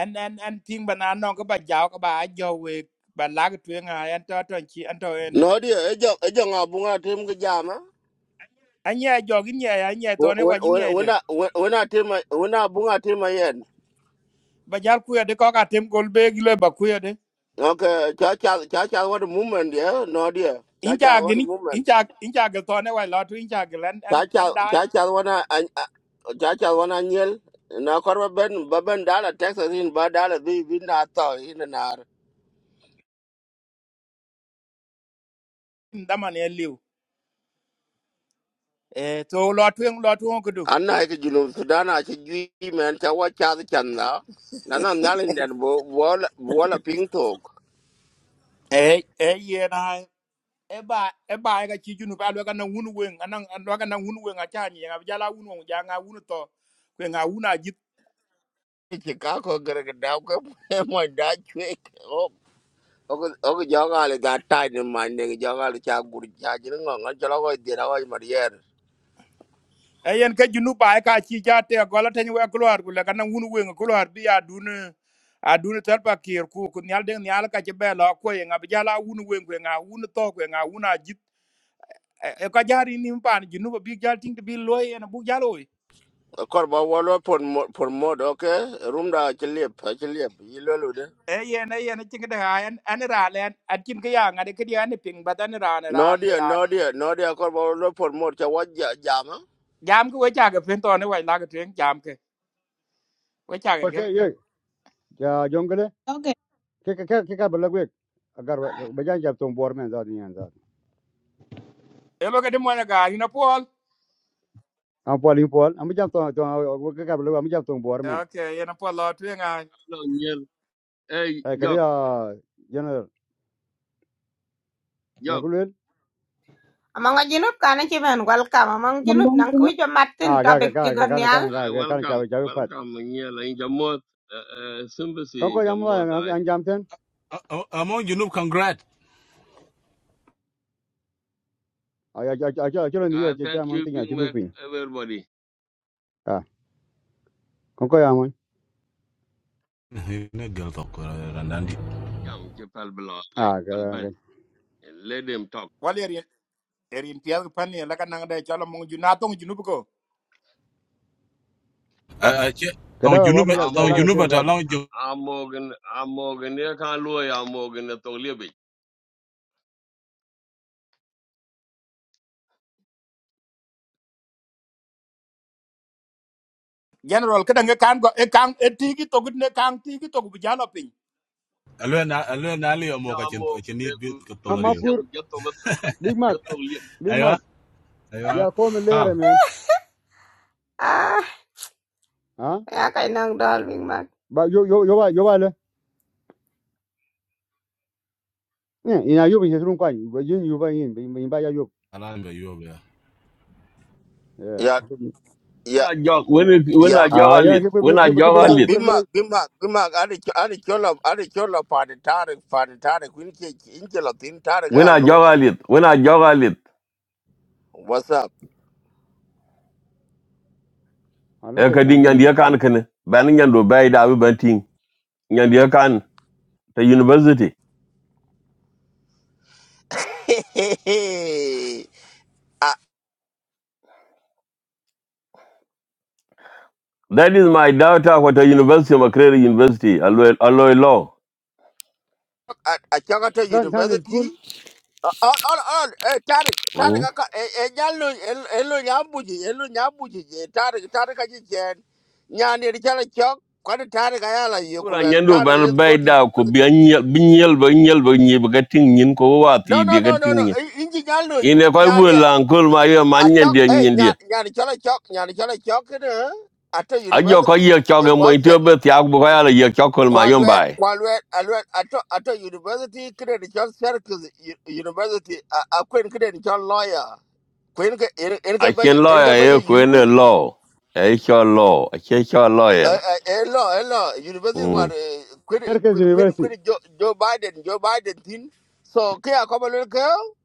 Speaker 18: an an an ting ba na no ko ba jaw ko ba jo we ba la ko twen ay an to to chi an to ene.
Speaker 3: No dia ejo ejo nga bunga tim ke jama.
Speaker 18: An ye jo gin ye an ye to ne wa gin ye de.
Speaker 3: Wena wena tim wena bunga tim eh, yen.
Speaker 18: Ba jar ku de ko ka tem gol be gi le ba ku ye de.
Speaker 3: Okay, cha cha cha cha what movement dia no dia. Cha
Speaker 18: In ja
Speaker 3: cha what
Speaker 18: gin in
Speaker 3: movement.
Speaker 18: ja in ja ge to ne wa lo tu in ja ge an an
Speaker 3: Cha
Speaker 18: an
Speaker 3: cha
Speaker 18: dai
Speaker 3: cha cha wana cha cha wana nyel. Na korba ben baben dala Texas in ba dala bi bi na to in na.
Speaker 18: da man ye liu. Eh to lo twen lo tu ko du.
Speaker 3: Anna ke junu sudana chi gi men cha wa cha chanda. Na na na den bo bo la ping tok.
Speaker 18: Eh eh ye na eba eba ga ci junu ba lo ga na wunu wen anan lo ga na wunu wen a cha ni ga ja la wunu wen ja nga wunu to ku nga wuna jit
Speaker 3: Chicago gonna get down my dad trick. Oh, okay, okay, Jogale got tied in my nigga. Jogale Chaguri Chagrin on Jalago did our Marier.
Speaker 18: e yen ka junu ba ka ci ja te go la tan we ko lor ku la ga na wunu wen ko lor bi a dun a dun tar pa kir ku ku nyal de nyal ka ci be lo ko ye nga ja la wunu wen ku nga wunu to ku nga wuna jit e e, ka jari ni mpan junu ba bi jal ting bi lo ye na bu jalo
Speaker 3: A corba wallow for for mod, okay? Room da Chilip, Chilip, Yilude.
Speaker 18: e yen e yen ci ga da an an ra len at kin ga ya nga de ke di an ping ba dan ran
Speaker 3: No
Speaker 18: ran
Speaker 3: dear,
Speaker 18: ran
Speaker 3: no dear, no dear, corba wallow for mod, Chawaja Jama.
Speaker 18: jam ko wecha ga pen to ne wai la ga tuen jam ke wecha ga gel
Speaker 12: okay ya jongre
Speaker 1: Okay.
Speaker 12: ke ke ke ka bala agar ba jan jam tong bor men za ni an za
Speaker 18: e lo ga de mo na ga ina pol
Speaker 12: am pol in pol am jam tong tong ke ka am jam tong bor men
Speaker 18: okay ina pol lo tuen a
Speaker 20: Hello, Neil. Hey,
Speaker 12: ay kali
Speaker 20: Jock,
Speaker 12: ya general na
Speaker 20: Jock.
Speaker 12: kulun
Speaker 5: Among a jinup kana chiben welcome. Among jinup nang kui jo matin
Speaker 12: a ga ga
Speaker 5: topic
Speaker 12: ga ga
Speaker 5: jigon
Speaker 12: kana kana
Speaker 5: nial.
Speaker 12: ga
Speaker 20: I
Speaker 12: ga kana cha
Speaker 20: welcome,
Speaker 12: cha pat
Speaker 20: welcome, Neil, in Jammu, uh, uh,
Speaker 12: kon
Speaker 20: sympathy
Speaker 12: ko
Speaker 20: in
Speaker 12: yam wa
Speaker 20: Jammu. I,
Speaker 12: an jam ten
Speaker 8: among junub congrat
Speaker 12: a ya cha cha cha ni
Speaker 20: I
Speaker 12: ya cha cha
Speaker 20: thank
Speaker 12: man
Speaker 20: you,
Speaker 12: tin
Speaker 20: Big
Speaker 12: ya chu du
Speaker 20: Mac,
Speaker 12: pin
Speaker 20: everybody.
Speaker 12: a kon ko yam
Speaker 8: ne gal to ko randandi
Speaker 20: Jam, Chipal Blanc,
Speaker 12: a ga
Speaker 20: Ben
Speaker 12: ga
Speaker 20: Ben. Let them talk.
Speaker 18: wal yer erin piel pan ne la ga nang de chalo mong ju na tong ju nu ko
Speaker 8: a che ton
Speaker 12: kada ba
Speaker 8: junub
Speaker 12: bu ja
Speaker 20: I'm
Speaker 12: ja,
Speaker 8: ton
Speaker 12: la ga
Speaker 20: Morgan,
Speaker 8: junub
Speaker 12: ten za
Speaker 8: ta
Speaker 12: tu
Speaker 8: long jo
Speaker 20: I'm Morgan, I'm Morgan, I can't lose, I'm Morgan, I talk Libby.
Speaker 18: general ka dang kan go e kan e ti gi to gut ne kan ti gi to bu ja lo pin
Speaker 8: alwe na alwe na li mo ka
Speaker 20: I'm
Speaker 8: chen chen ni bi
Speaker 20: Morgan,
Speaker 8: ka to gale
Speaker 20: Burgishian, we just talk,
Speaker 12: big mac
Speaker 20: just talk Libby.
Speaker 12: big
Speaker 8: aywa
Speaker 12: mac
Speaker 8: aywa
Speaker 12: ya ko me
Speaker 8: tal
Speaker 12: lere men
Speaker 5: Ah,
Speaker 12: ha
Speaker 5: ya kai nang dol bing mat.
Speaker 12: ba yo yo yo ba yo ba le Eh, ina yo bin sun kwan yin yo ba yin ba ya yo
Speaker 8: alan be yo be.
Speaker 12: Yeah.
Speaker 3: Yeah,
Speaker 20: When
Speaker 3: yeah,
Speaker 20: I jog, when, it- when
Speaker 3: yeah.
Speaker 20: I jog
Speaker 12: Ah,
Speaker 20: a
Speaker 12: yeah,
Speaker 20: lit,
Speaker 12: kibir
Speaker 20: when I
Speaker 12: kibir kibir
Speaker 20: jog
Speaker 3: Yeah,
Speaker 20: a
Speaker 12: loy
Speaker 20: lit,
Speaker 12: kibir
Speaker 3: Bimak,
Speaker 12: loy.
Speaker 3: Bimak, Bimak, Adi Adi Chola, Adi Chola, Paddy Tarek,
Speaker 20: when I
Speaker 3: Lord.
Speaker 20: jog a lit, when I jog a lit.
Speaker 3: What's up?
Speaker 12: Ala
Speaker 20: e
Speaker 12: te
Speaker 20: ka di
Speaker 12: kan lu
Speaker 20: nyan
Speaker 12: ni.
Speaker 20: dia kan ken ban nyan do bai da bi ban ting nyan dia kan ta university
Speaker 3: I
Speaker 20: that is my daughter what a university Makerere university alloy alloy law
Speaker 3: I I chakata
Speaker 12: San san school,
Speaker 3: university. All all all. Eh, Tarik Tarik
Speaker 20: mm
Speaker 3: aka eh eh nyalo eh eh lo nyambuji eh lo nyambuji eh Tarik Tarik aji chen. Nyani richala chok. Kwani Tarik ayala
Speaker 20: Kura
Speaker 3: yokulwel.
Speaker 20: nyan do
Speaker 3: Tarik
Speaker 20: ban
Speaker 3: let's
Speaker 20: bai
Speaker 3: go to
Speaker 20: da ko
Speaker 3: university.
Speaker 20: bi nyel bi nyel ba nyel ba nyi ba ting nyin ko wa
Speaker 3: No
Speaker 20: ti
Speaker 3: no
Speaker 20: bi ga
Speaker 3: no no no.
Speaker 20: ting nyin
Speaker 3: Eh, Inji nyalo
Speaker 20: ine ko bu
Speaker 3: nyani
Speaker 20: lan kol ma yo man nyan
Speaker 3: achok
Speaker 20: dia
Speaker 3: eh
Speaker 20: nyan dia
Speaker 3: nyani nyani chala chok nyani chala chok kena. Ata
Speaker 20: a jo ko
Speaker 3: university
Speaker 20: ye cho
Speaker 3: in
Speaker 20: ga mo ti
Speaker 3: Boston.
Speaker 20: be ti ak bu ko ya ye cho kol ma yo
Speaker 3: Qualwell,
Speaker 20: bai
Speaker 3: Qualwell, Alwell, Ato, Ato University, Credential Circus U- University, a Queen Credential Lawyer, Queen
Speaker 20: a chen lawyer e
Speaker 3: Incabanya
Speaker 20: ko ne
Speaker 3: Youth,
Speaker 20: law e cho law a che cho lawyer
Speaker 3: a law, a law, University, what Queen
Speaker 12: Merkez
Speaker 3: Queen
Speaker 12: University.
Speaker 3: Queen Joe Joe Biden, Joe Biden thing. So, Kia Common Little Girl,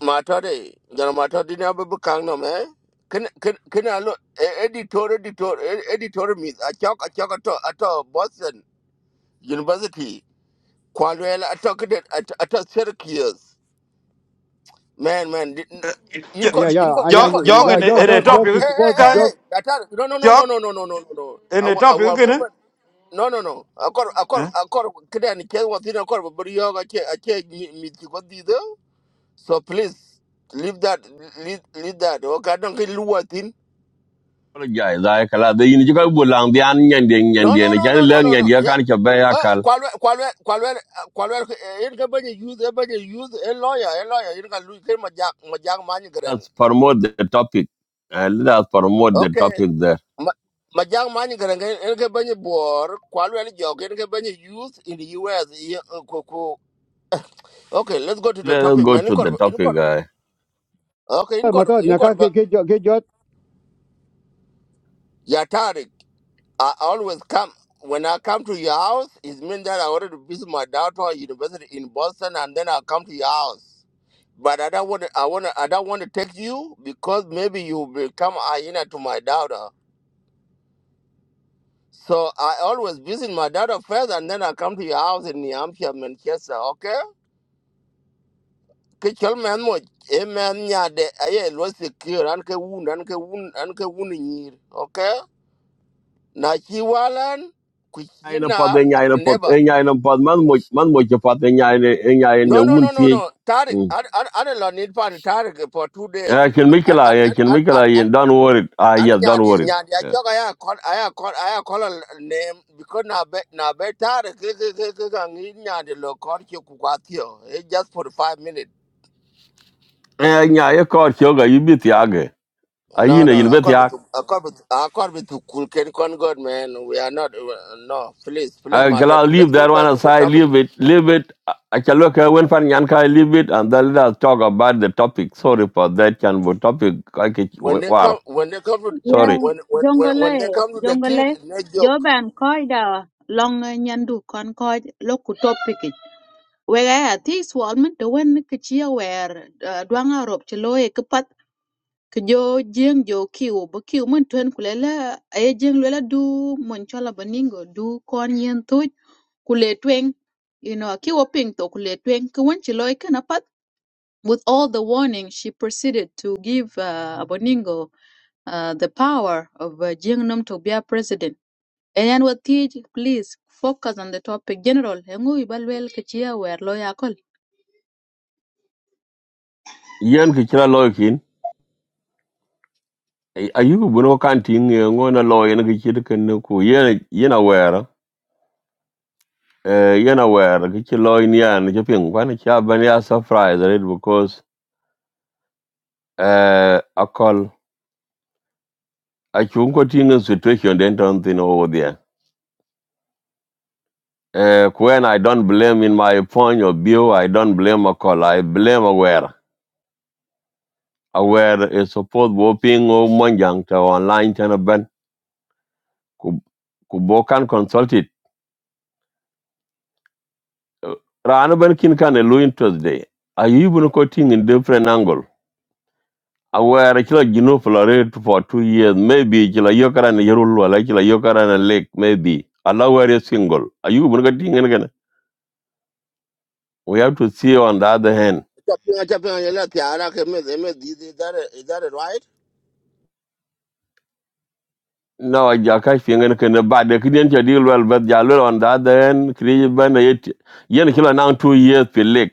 Speaker 3: Matode, Yanamatodi Nabukang no man. Can can can I look editor editor e, editor miss a chalk a chalk at all Boston University Kwalwell, I it at at Syracuse. Man, man, didn't in
Speaker 12: Yeah,
Speaker 3: court, in
Speaker 12: yeah,
Speaker 3: court,
Speaker 13: jo
Speaker 12: anya
Speaker 3: in court,
Speaker 13: jo
Speaker 3: in
Speaker 12: anya-
Speaker 3: court,
Speaker 13: ke
Speaker 12: yeah,
Speaker 13: ne
Speaker 3: in
Speaker 12: jog
Speaker 3: court,
Speaker 13: ne
Speaker 3: in
Speaker 12: jog
Speaker 3: court.
Speaker 13: top
Speaker 12: jog
Speaker 13: yu
Speaker 12: to
Speaker 3: Hey, hey,
Speaker 12: support
Speaker 13: kan
Speaker 3: hey, hey.
Speaker 12: jog.
Speaker 3: That are, no, no, no,
Speaker 13: jo
Speaker 3: no, no, no, no, no, no, no.
Speaker 13: ne
Speaker 3: Our,
Speaker 13: top yu
Speaker 3: our
Speaker 13: ke
Speaker 3: movement.
Speaker 13: ne
Speaker 3: No, no, no. I got, I got, I got. Today, I can't want to but you are can't, I can't meet you. So please leave that, leave, leave that. Okay, I don't get lost
Speaker 20: Kolo jai la kala de yin jiga bulang dian nyen de nyen
Speaker 3: No,
Speaker 20: de
Speaker 3: no,
Speaker 20: ne
Speaker 3: no, no,
Speaker 20: le
Speaker 3: no, no,
Speaker 20: nyen
Speaker 3: no.
Speaker 20: de
Speaker 3: Yeah.
Speaker 20: kan ke be
Speaker 3: Uh,
Speaker 20: yakal
Speaker 3: qual, qual, qual, qual, kwalwe eh, in ka use, youth use bany youth a lawyer a lawyer in ka lu ke majak majak money, greng
Speaker 20: let's promote the topic uh, let us promote the
Speaker 3: okay
Speaker 20: topic there
Speaker 3: Ma- majak money, greng in ka bany bor kwalwe ni jog in ka bany youth in the US ye- eh, ku- ku- okay let's go to the
Speaker 20: let us
Speaker 3: topic
Speaker 20: go
Speaker 3: man in
Speaker 20: to the
Speaker 3: kor in
Speaker 20: topic
Speaker 3: kor
Speaker 20: uh,
Speaker 3: okay in kor
Speaker 12: Matot
Speaker 3: in kor
Speaker 12: nyaka
Speaker 3: ba
Speaker 12: ke ke jog
Speaker 3: ya I always come when I come to your house it means that I already visit my daughter university in Boston and then I come to your house But I don't want to. I want to. I don't want to take you because maybe you become hyena to my daughter. So I always visit my daughter first, and then I come to your house in New Hampshire, Manchester. Okay? Ke chol man mo e man nya de aye lo secure an ke wound an ke wound an ke wound nyir. Okay? Na chi walan ku
Speaker 20: ai na pod
Speaker 3: I
Speaker 20: nyai na
Speaker 3: will
Speaker 20: pod
Speaker 3: never.
Speaker 20: e nyai na pod man mo man mo ke pod eh, nyai ne e nyai ne
Speaker 3: No no
Speaker 20: un
Speaker 3: no no
Speaker 20: ti
Speaker 3: no. Tarik,
Speaker 20: Mm.
Speaker 3: I I I don't need pan Tarik for two days
Speaker 20: eh kin
Speaker 3: because
Speaker 20: mikla eh kin mikla yin don't worry ah
Speaker 3: ani
Speaker 20: yes don't
Speaker 3: nyandi
Speaker 20: worry
Speaker 3: nyandi
Speaker 20: Yeah.
Speaker 3: achoka ya kon aya kon aya kola name because na be na better ke ke ke ke ngi nyandi lo kor ke ku kwatio it just for 5 minutes
Speaker 20: eh nyai ko ke ga yibit yage
Speaker 3: no
Speaker 20: ayine
Speaker 3: no
Speaker 20: yin
Speaker 3: According
Speaker 20: bet
Speaker 3: to according but akor but cool can con god man we are not uh, no please please
Speaker 20: I
Speaker 3: matter
Speaker 20: can leave
Speaker 3: let's go
Speaker 20: that one
Speaker 3: back to the
Speaker 20: aside,
Speaker 3: topic
Speaker 20: leave it, leave it. I I can look at when fan yanka, leave it, and then let us talk about the topic. Sorry for that, can but topic I can
Speaker 3: when they come
Speaker 20: war.
Speaker 3: when they come to
Speaker 20: Sorry.
Speaker 1: Yeah,
Speaker 3: when when when, when they
Speaker 1: jongole,
Speaker 3: come to the kid
Speaker 1: jongole,
Speaker 3: no joke
Speaker 1: joban koida long eh, nyandu kon koj loku topiki. Wega ya ti swal min to wen ki chia wer uh, dwanga rob chi loye ki ke jo jeng jo kiu bu kiu min twen kulela aye jeng lela du mon chola baningo du kon yen tu kule tweng. You know, kiu ping to kule tweng ke wen chi loye with all the warning, she proceeded to give uh, Aboningo uh, the power of uh, Jing to be a president. Ayan watij, please focus on the topic. General, hengu ibalwel kichia wer loya kol.
Speaker 20: Yen kichira loikin. Ayuku buno kanting ngona loy en kichira kenu yen yen aware. Eh yen aware kichira loy ni an cheping kwan cha banya surprise right because eh akol achungo tinga situation den ton thin over there. Uh, when I don't blame in my point of view, I don't blame a call. I blame aware. Aware is supposed to be monjang to online channel ben kubokan consulted. Rana ben kin kan elu interest day. Are you even quoting in different angle? Aware chila gino florate for two years, maybe chila yokara na yerulu ala chila yokara na lake, maybe. Allah where is single. Are you even quoting in again? We have to see on the other hand.
Speaker 3: Chapinga chapinga yela tiara ke me me is that is that right
Speaker 20: no ja ka fingen ken ba de kidien che deal well but ja lo on da end. kri ben yet yen kilo now 2 years pe lek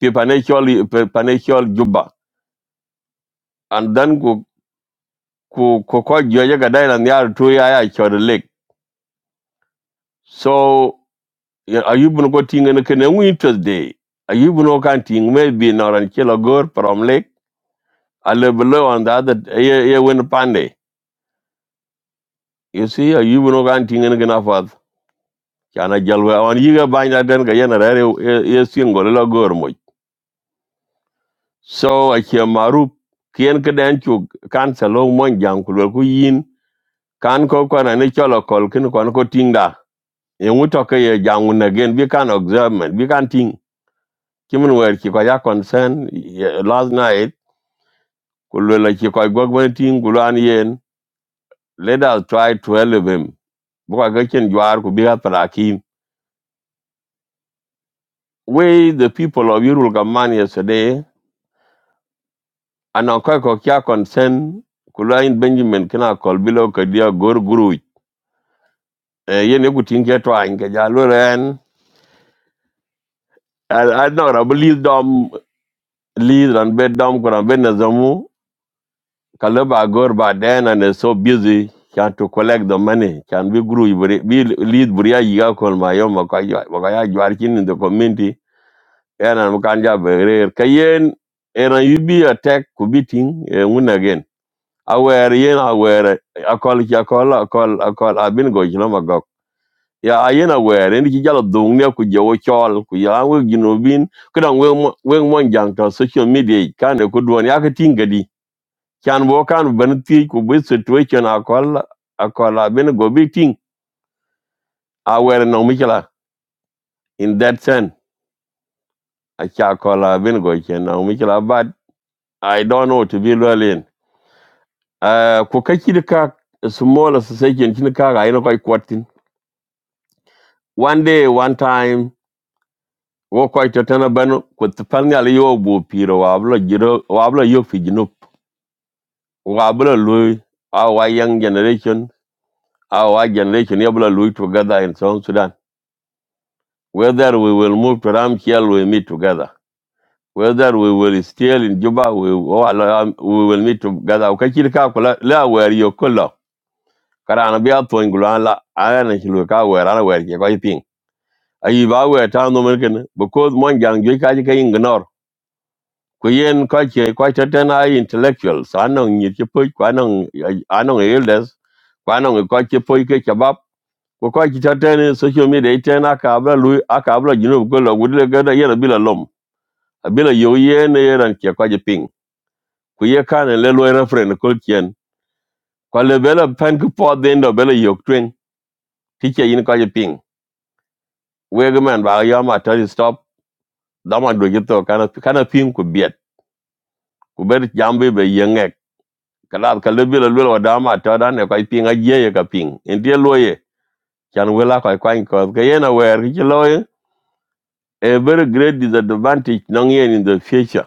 Speaker 20: pe panechol pe panechol juba and then ku ku ko ko joje ga dai lan 2 ya ya chod lek so ya- ayubu no go tingen ken we tuesday ayubu no kan ting maybe no ran kilo gor from lake. lek ale below on the other ye ye win pande you see ayubu no kan tingen ken chana jalwe on yiga banya den ga yana rare ye singo lo gor moy so a che maru kien kden chu kan salo mon jang ku ku yin kan ko ko na ne cholo kol kin kon ko tingda e muto ke ye jang na gen bi kan examen bi kan ting kimun wer ki ko ya concern ye- last night ku lo la ki ko gog ban ting ku lo an yen let us try to help him bu ka ga chen jwar ku bi ga pra ki we the people of Yurul Gaman yesterday anan koy ko kya concern? kula in benjamin kina kol bilo dia gor guru Eh yen ku tin ke to an ke ja lo ren a no dom li ran be dom ko ran be na kala ba gor ba den and is so busy can to collect the money can be guru ibri be lead buria yiga kol ma yo ma ka ya ma ka ya jwar kin in the community ena mu kan ja be re kayen ena yubi attack ku biting e un again aware yen aware akol ki akol akol akol abin go jino magok ya ayen aware ni ki jalo dung ne ku jowo chol ku ya we gino bin kudan we mo- we mon jang to social media kan ku duon ya ka tingadi kan bo kan ban ti ku be situation akol akol abin go bi ting aware no mikla in that sense a cha akol abin go chen no mikla but i don't know to be learning uh ku ka ki ka small association kin ka ga ina kai kwatin one day one time wo ko to tana ban ko to pan gal yo bu piro wa blo jiro wa blo yo fi jinu wa blo lu our young generation our generation ya blo lu together in south sudan whether we will move to ramkiel we meet together whether we will still in juba we wa la- um, we will meet together ka kir ka kula la wer yo kula karana biya to ngula la ana na shilu ka wer ana wer ke ko ipin ayi ba wer ta no men ken because mon jang jo ka ji ka ignore Kuyen yen ko che ko te ten ai intellectual sa no ni che po ko anong ano elders ko no ko che po ke chabab ko ko che te ten social media ten akabla lu akabla jinu ko lo gudle ga da yera bila lom bila yo yen yeran che ko je ping ku ye kan le lo referen ko chen ko le bela pen ku po den do bela yo twen ti che yin ko je ping we ga man ba ya ma ta stop da ma do je to kana kana ping ku biet ku ber jambe be yen kalas ka lebi la lwel wadama to dan ne kai pinga ye ka ping en die loye chan wela kai kwan ko ke yena wer ki loye a very great disadvantage nong yen in the future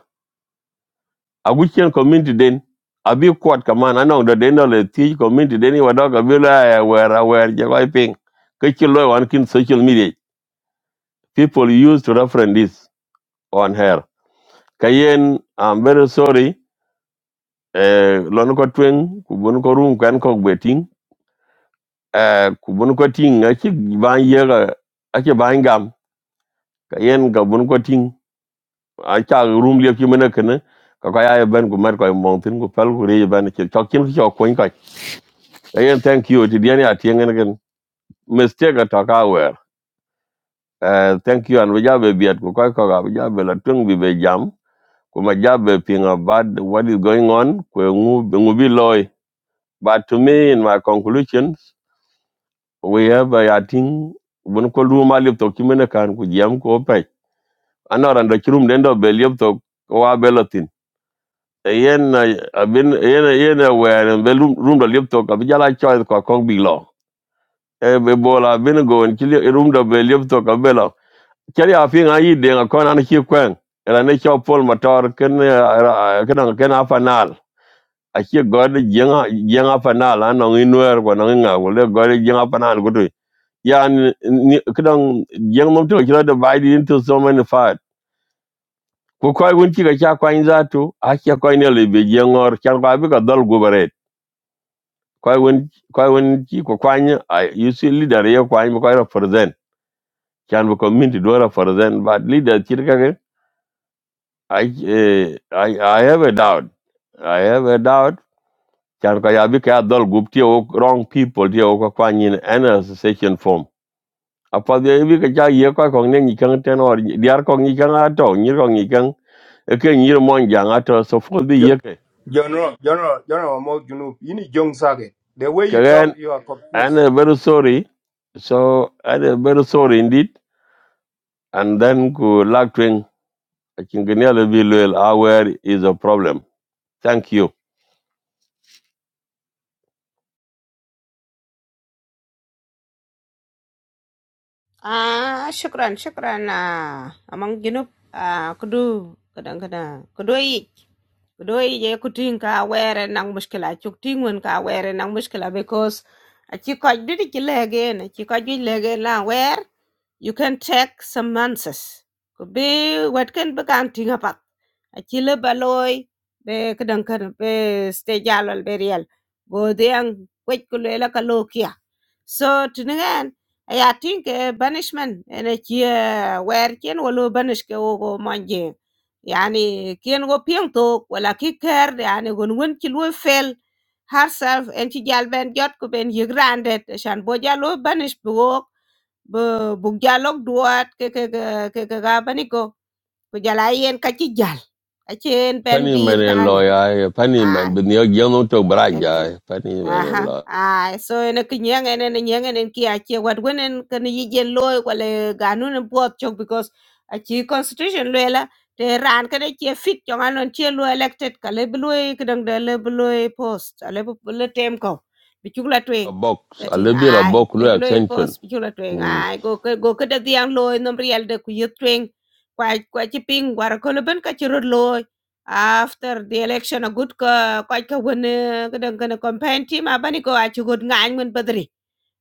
Speaker 20: aguchen community den abi kwat kaman anong do den le ti community den wadoka bila wer a wer je kai ping ke ki loye wan kin social media people used to reference this on her kayen i'm very sorry eh lon ko twen ku bun ko rum kan ko gbeting eh ku bun ko ting a chi ban ye ga a chi ban gam ka yen ga bun ko ting a cha room le chi mena kana ka ka ya ban ku mar ko mon tin ku pal ku re ban chi chok chin chi ko ka a yen thank you ti dia a ti ngen gen mistake ta ka wer eh thank you an we ja be biat ku ka ka ga we ja be la tung bi be jam ku ma ja be ping about what is going on ku e ngu ngu bi loy but to me in my conclusions we have a, i think bun ko lu ma le to chi mena kan ku jam ko pe anoran da kirum den do bel yopto wa belotin yen abin yen yen were bel room do yopto ka bijala choice ko kong big law e be bola bin go en kili room do bel yopto ka belo kali afin ayi de ga kon an ki kwen era ne cho pol motor ken ken ken afanal a ki god jenga jenga fanal an no inwer ko no nga wo le god jenga fanal gudu yan kidang jeng mom to kilo divided into so many parts ko koy won ci ga cha kwany zatu a cha koy ne le be je ngor chan ko abi ka dol gubaret koy won koy won ci ko kwany a you see leader ye kwany ko koy represent chan ko community do represent but leader ci ka ge I, eh, I, I have a doubt. I have a doubt. Chan ko ya bi ka dol gub tie o wrong people tie o ko kwany in an association form. Apa de bi ka cha ye ko ko ne ni kan ten or diar ko ni kan ato ni ko ni kan e ke ni mo jang ato so fo bi
Speaker 21: Yo-
Speaker 20: ye
Speaker 21: General, General, General Amol Junub, you need young Sage. The way you talk,
Speaker 20: ke.
Speaker 21: you are
Speaker 20: And
Speaker 21: confused.
Speaker 20: uh, very sorry. So and uh, very sorry indeed. And then ku lack twing I think nearly be loyal aware is a problem. Thank you.
Speaker 5: Ah, shukran, shukran. Ah, among jinup ah kudu kadang-kadang kudu i kudu i je kuting ka were nang muskila chuk tingun ka were nang muskila because a chi ko didi chi lege na chi ko didi lege la wer You can take some months. Could be what can be counting about. A chile baloi be kadang kan be stage alal berial. Go diang kwek kulela kalokia. So to tinangan I think uh, banishment and a chia where can walo banish ke manje. Yani kien go piang tok wala ki ker yani gun gun chilwe fail herself and she gal ben jot ko ben ye grandet shan bo jalo banish book. bu bu jalok duat ke ke ke ke ke apa niko ko ku jala yen ka ah ente
Speaker 20: Penny man and lawyer, penny man, but you don't talk brag
Speaker 5: Aha.
Speaker 20: lawyer.
Speaker 5: Ai so ene ki nyeng ene ne nyeng ene ki achi wat wenen kan yi jen loy kwale ganun pot chok because achi constitution lela te ran kan achi fit chong anon chi lo elected ka le bloy kdang de le bloy post a le bu- le tem ko bi chukla twing
Speaker 20: A box, a
Speaker 5: ati
Speaker 20: little bit of
Speaker 5: ai
Speaker 20: box
Speaker 5: le
Speaker 20: low
Speaker 5: bloy
Speaker 20: extension.
Speaker 5: post bi chukla twing
Speaker 20: Mm.
Speaker 5: ai go ke- go kada diang loy nom riel de ku yet twing kwa kwa chi ping war ko le ben ka chi rot After the election a good ka, ko'y ka wen, eh, kadang kana campaign team apa ni ko achu god ngan ngan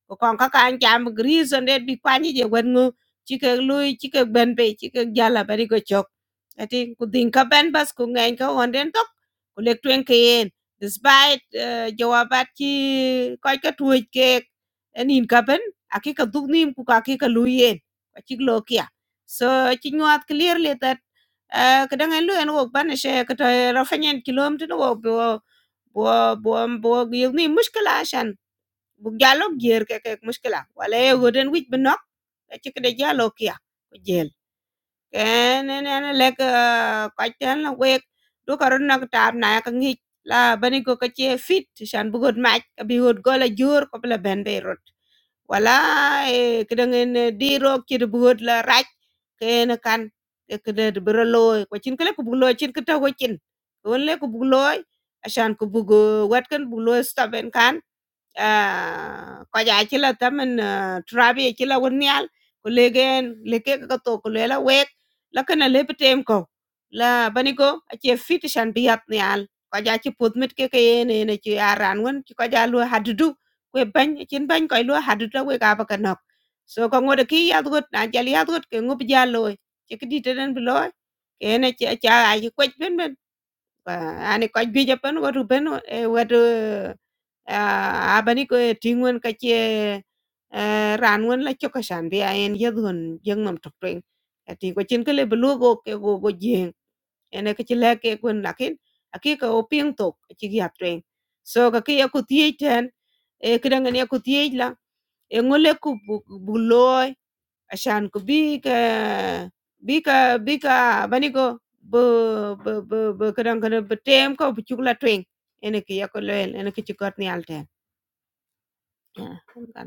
Speaker 5: ko kon ka kan jam reason để bị quan kwani je wen ngu chỉ cần lui chỉ cần chike ben pe chike jala bari go chok ati ku din ka ben bas ku ngai ka on den đến ku lek twen truyền yen despite uh, jawabat ki koi ka tuoj ke enin ka ben aki ka duk nim cũng cả ki ka lui yen ka chik lo kia so chi nyuat clearly that uh, kadang en lu en wok ban she ka to rafanyen kilom tin wok bo bo bo bo yug ni mushkila Jalo jer ke ke mushkila wala ye goden wich bi nok e ci kede jalo kia ko jel ken ne ne lek ko tan la wek du karon nak tab na ka ngi la bani go ka ci fit shan bu god mach ka bi god gola jor ko la ben be rot wala e kede ngen di rok ci bu god la raj ken kan e kede bi ro loy ko cin kele ko bu loy cin ka taw ko cin won le ko bu loy ashan ko bu wat kan bu loy staben kan Ah, koja chila tamen ah, trabi chila wonial kulegen leke ka to kulela wek lakana lepetem ko la banigo ache fit shan biat nial koja chi putmit ke ke ne ne chi aran won chi koja lu hadudu kwe ban chin ban koi lu hadudu we ka ba kanok so ko ngode ki yat gut na jali yat gut ke ngup jalo chi kidi tenen bloy ke ne chi cha ai kwet ben ben Wah, అని కొంచెం వాడు రుబెను ఏ వాడు ఆహ్, ఆ bani ko ting'wen ka eh, ran wen la cho ka shan bi ayen yedhun jeng nam tok tweng ati ko chin kele blu go ke go go jeng ene ke chile ke kun lakin aki ka oping tok chi gi atweng so ka ki ya ku tie ten e kidang ne ku e ngole ku bu Ashaanku bika, bika, bika. Begini kok, bu, bu, bu, bu, kerang-kerang, bu tem kok, cuma tuaing. Enaknya ya kalau enaknya cukup gantian aja.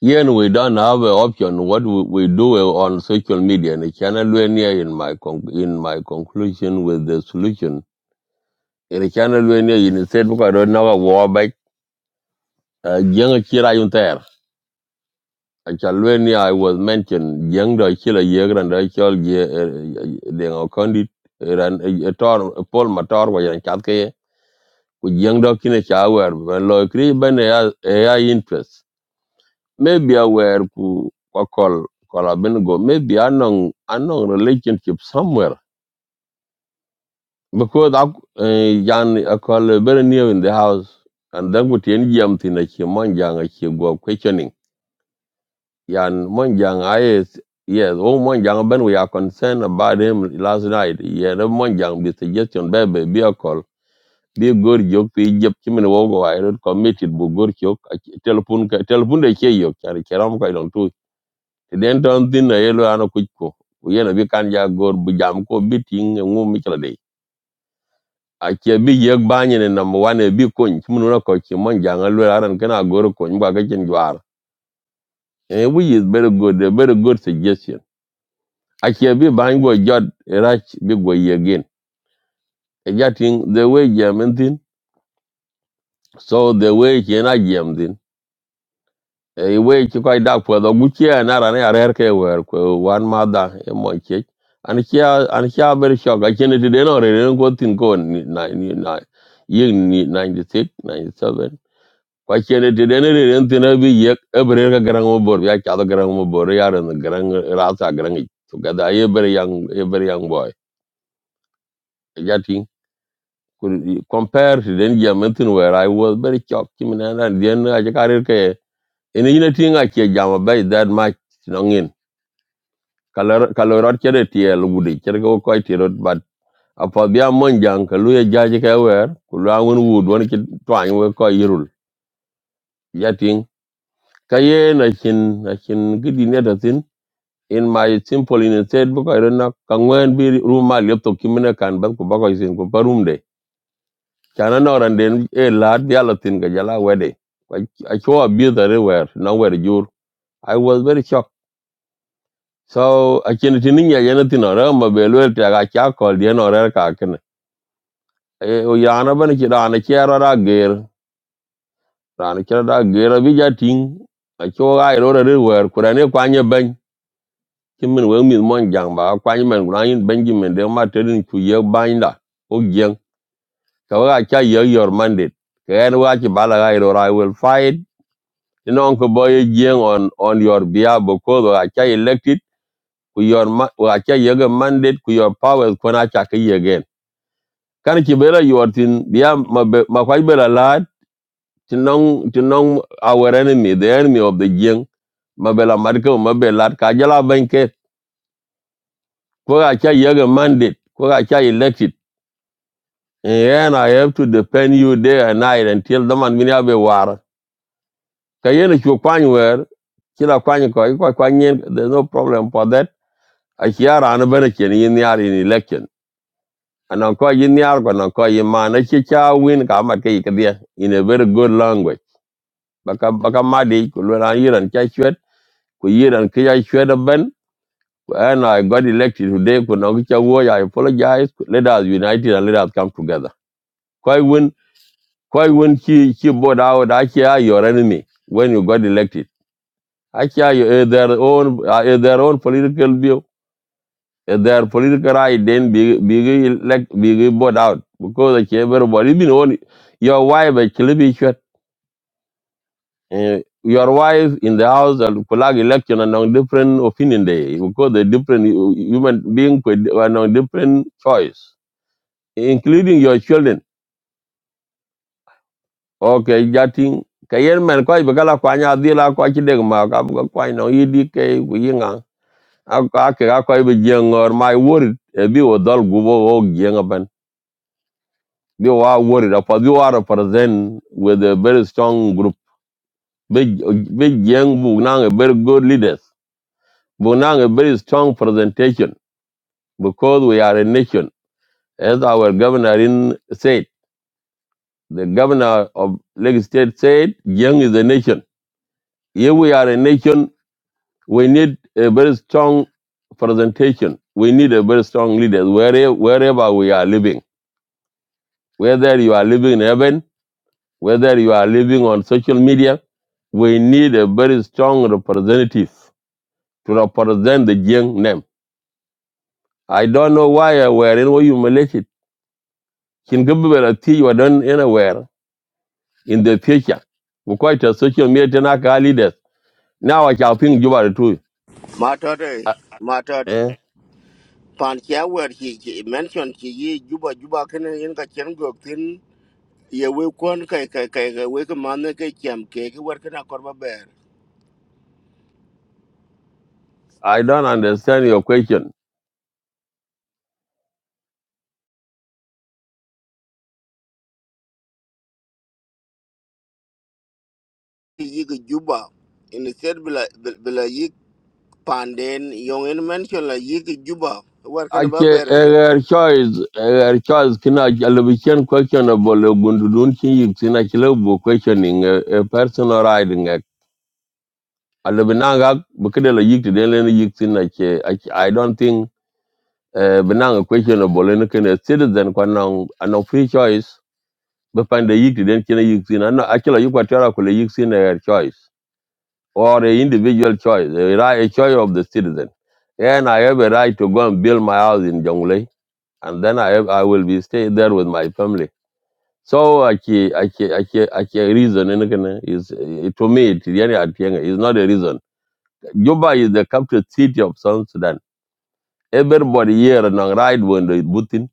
Speaker 20: Here we don't have an option. What we, we do on social media, and it cannot be near in my con- in my conclusion with the solution. It cannot be near in the state because I don't know what war. jeng akira yun ter achalweni i was mentioned jeng do chila yegran do chol ye eh, de ngo kondi ran eh, tor pol motor wa yan chat ke ku jeng do kine chawer ben lo kri ben ya interest maybe aware ku ko kol kola ben maybe unknown, unknown relationship somewhere because I, yan akol very new in the house and then ku tien jam tin a chi mon jang go questioning Yan Monjang, I yes, oh Monjang, Ben, we are concerned about him last night. Yeah, the Monjang, the suggestion, baby, be a call. Be good joke, be Egypt, Chimin Wogo, I don't commit it, but good joke. Telephone, telephone, they hear you, carry Keram Kaidon too. Then turn thin, a yellow and a quick co. We are a biganja go, Bujamko, beating, and womb Michelade. I can be Yak Banyan and number one, a big coin, Chimunako, Chimonjang, and Luran, can I go to coin, Bagajan Juar. Eh, we is very good, a very good suggestion. ache bi bang go jot rach bi go ye again e jating the way jam thin so the way che na jam thin e way che kai dak po do guchi na ran ya rer ke wer ko wan ma da e mo che an kia an kia ber shock a chen ti den ore ren go tin go ni na ni na yin ni 96 97 kwa chen ti den re ren tin bi ye e ber garang mo bor ya cha do garang mo bor ya ren garang ra garang together e ber yang e boy kun compare to den jamatin where I was very shocked him and then I carrier ke any anything I ke jama by that much nongin kalor kalorot chere tiel gudi chere ko ko tirot but apa bia mon jang ka luye jaji ka wer ku la won wood won ki twang we ko yirul yating kaye na chin na chin gidi ne da tin in my simple in said book I don't know kangwen bi ruma lepto kimene kan bas ku ba ko isin ku parum chana noran den e lad bi alatin ga jala wede a cho abuse everywhere nowhere jur i was very shocked so I chen think. ya yana tin ora ma belwel ta ga cha kol den ora ka ken e o yana ban ki da na kera da ger da na kera da ger bi ja I a cho ga I re wer kurane kwanye ban kimin we mi mon jang ba kwanye men gunayin benjamin de ma tedin ku ye binda o gyen ka wa cha ye your mandate ken wa ki bala ga ro i will fight you know ko boy jeng on on your behalf because we are cha elected we your ma- we are your mandate we your powers ko na cha ka yi again kan you bela your tin biya ma be- ma kwai bela lad tinong tinong our enemy the enemy of the jeng ma bela marka ma bela lad ka jala banke cha your mandate we are cha elected and i have to defend you day and night until the man minya be war ka yene ki kwany wer kila kwany ko ko kwany there's no problem for that a kiar an ben ken yin yar in election anan ko yin yar ko nan ko yin man a chi cha win ka mat ke ke in a very good language baka baka madi ku lo ran yiran cha chwet ku yiran ke ya chwet ben and I got elected today ku nan cha wo I apologize let us unite and let us come together koi win koi win chi chi board out a chi your enemy when you got elected a chi your eh, their own eh, their own political view If they are political right, then be be elect be bought out because actually everybody even on your wife actually be shot. Uh, your wife in the house and collect election and on different opinion day because the different hu- human being could and on different choice, including your children. Okay, jating kayen man koi bagala kwanya dila kwa chideng ma ka kwa kwa no yidi ke kuyinga. Aka ke ka koi be jengor my word ebi odol gubo o They were worried. Apa You are present with a very strong group. Big big young Bugnang very good leaders. Bugnang a very strong presentation because we are a nation. As our governor in said, the governor of Lake State said, Young is a nation. Here we are a nation, we need a very strong presentation. We need a very strong leader wherever, wherever we are living. Whether you are living in heaven whether you are living on social media, we need a very strong representative to represent the Jiang name. I don't know why I were in what you humiliated. Can give me a tea you are done anywhere in the future. We quite a social media Tanaka leaders. Now I shall think you are too.
Speaker 3: matter eh,
Speaker 20: Uh,
Speaker 3: matter
Speaker 20: eh?
Speaker 3: pan kia wer hi ki mention ki yi juba juba ken yin ka chen go tin ye we kon kai kai kai kai we ka man ke cham ke ke wer kana korba ber
Speaker 20: I don't understand your question.
Speaker 3: ki yi ki juba in the said bila bil- bila yi panden yong in mention la yi ki juba wer kana
Speaker 20: Ake
Speaker 3: ba ber de
Speaker 20: her choice, her choice kina elevation question about Gundudun Chi Yixina Chilabu questioning a personal riding. eh, ala binanga bukede la yik de len yik tin na che I I don't think uh, binanga questionable len ken a citizen kwa na an free choice be find de yik de ken yik tin na akila yik watara ko le yik tin a choice or a individual choice a right a choice of the citizen and I have a right to go and build my house in Jonglei and then I have, I will be stay there with my family so aki aki aki aki reason ene ken is eh, to me it yani atienga is not a reason Juba is the capital city of South Sudan. Everybody here and on right when they Putin,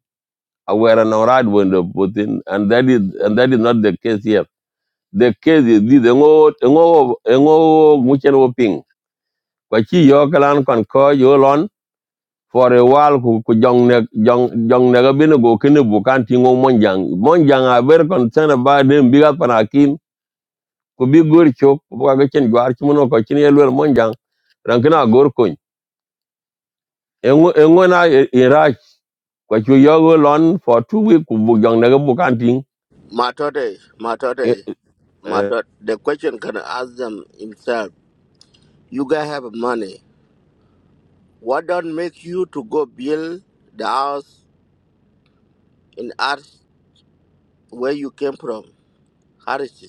Speaker 20: aware and on right when the Putin, and that is and that is not the case here. The case is this: ngo ngo ngo muchen wo ping. Kwachi yo kalan kon ko yo lon for a while ku ku jong ne jong jong ne gabin go kene bukan tingo monjang. Monjang are very concerned about them bigat panakin ku bi gor chok ku ka chen gwar chimono ko chin yelwer monjang. Rankina gor kun. Engo engo na irach kwa chu yo go lon for two week ku bu jong na bu kan ting
Speaker 3: matote matote
Speaker 20: Eh, eh.
Speaker 3: matot the question can ask them himself you guys have money what don't make you to go build the house in art where you came from Harris?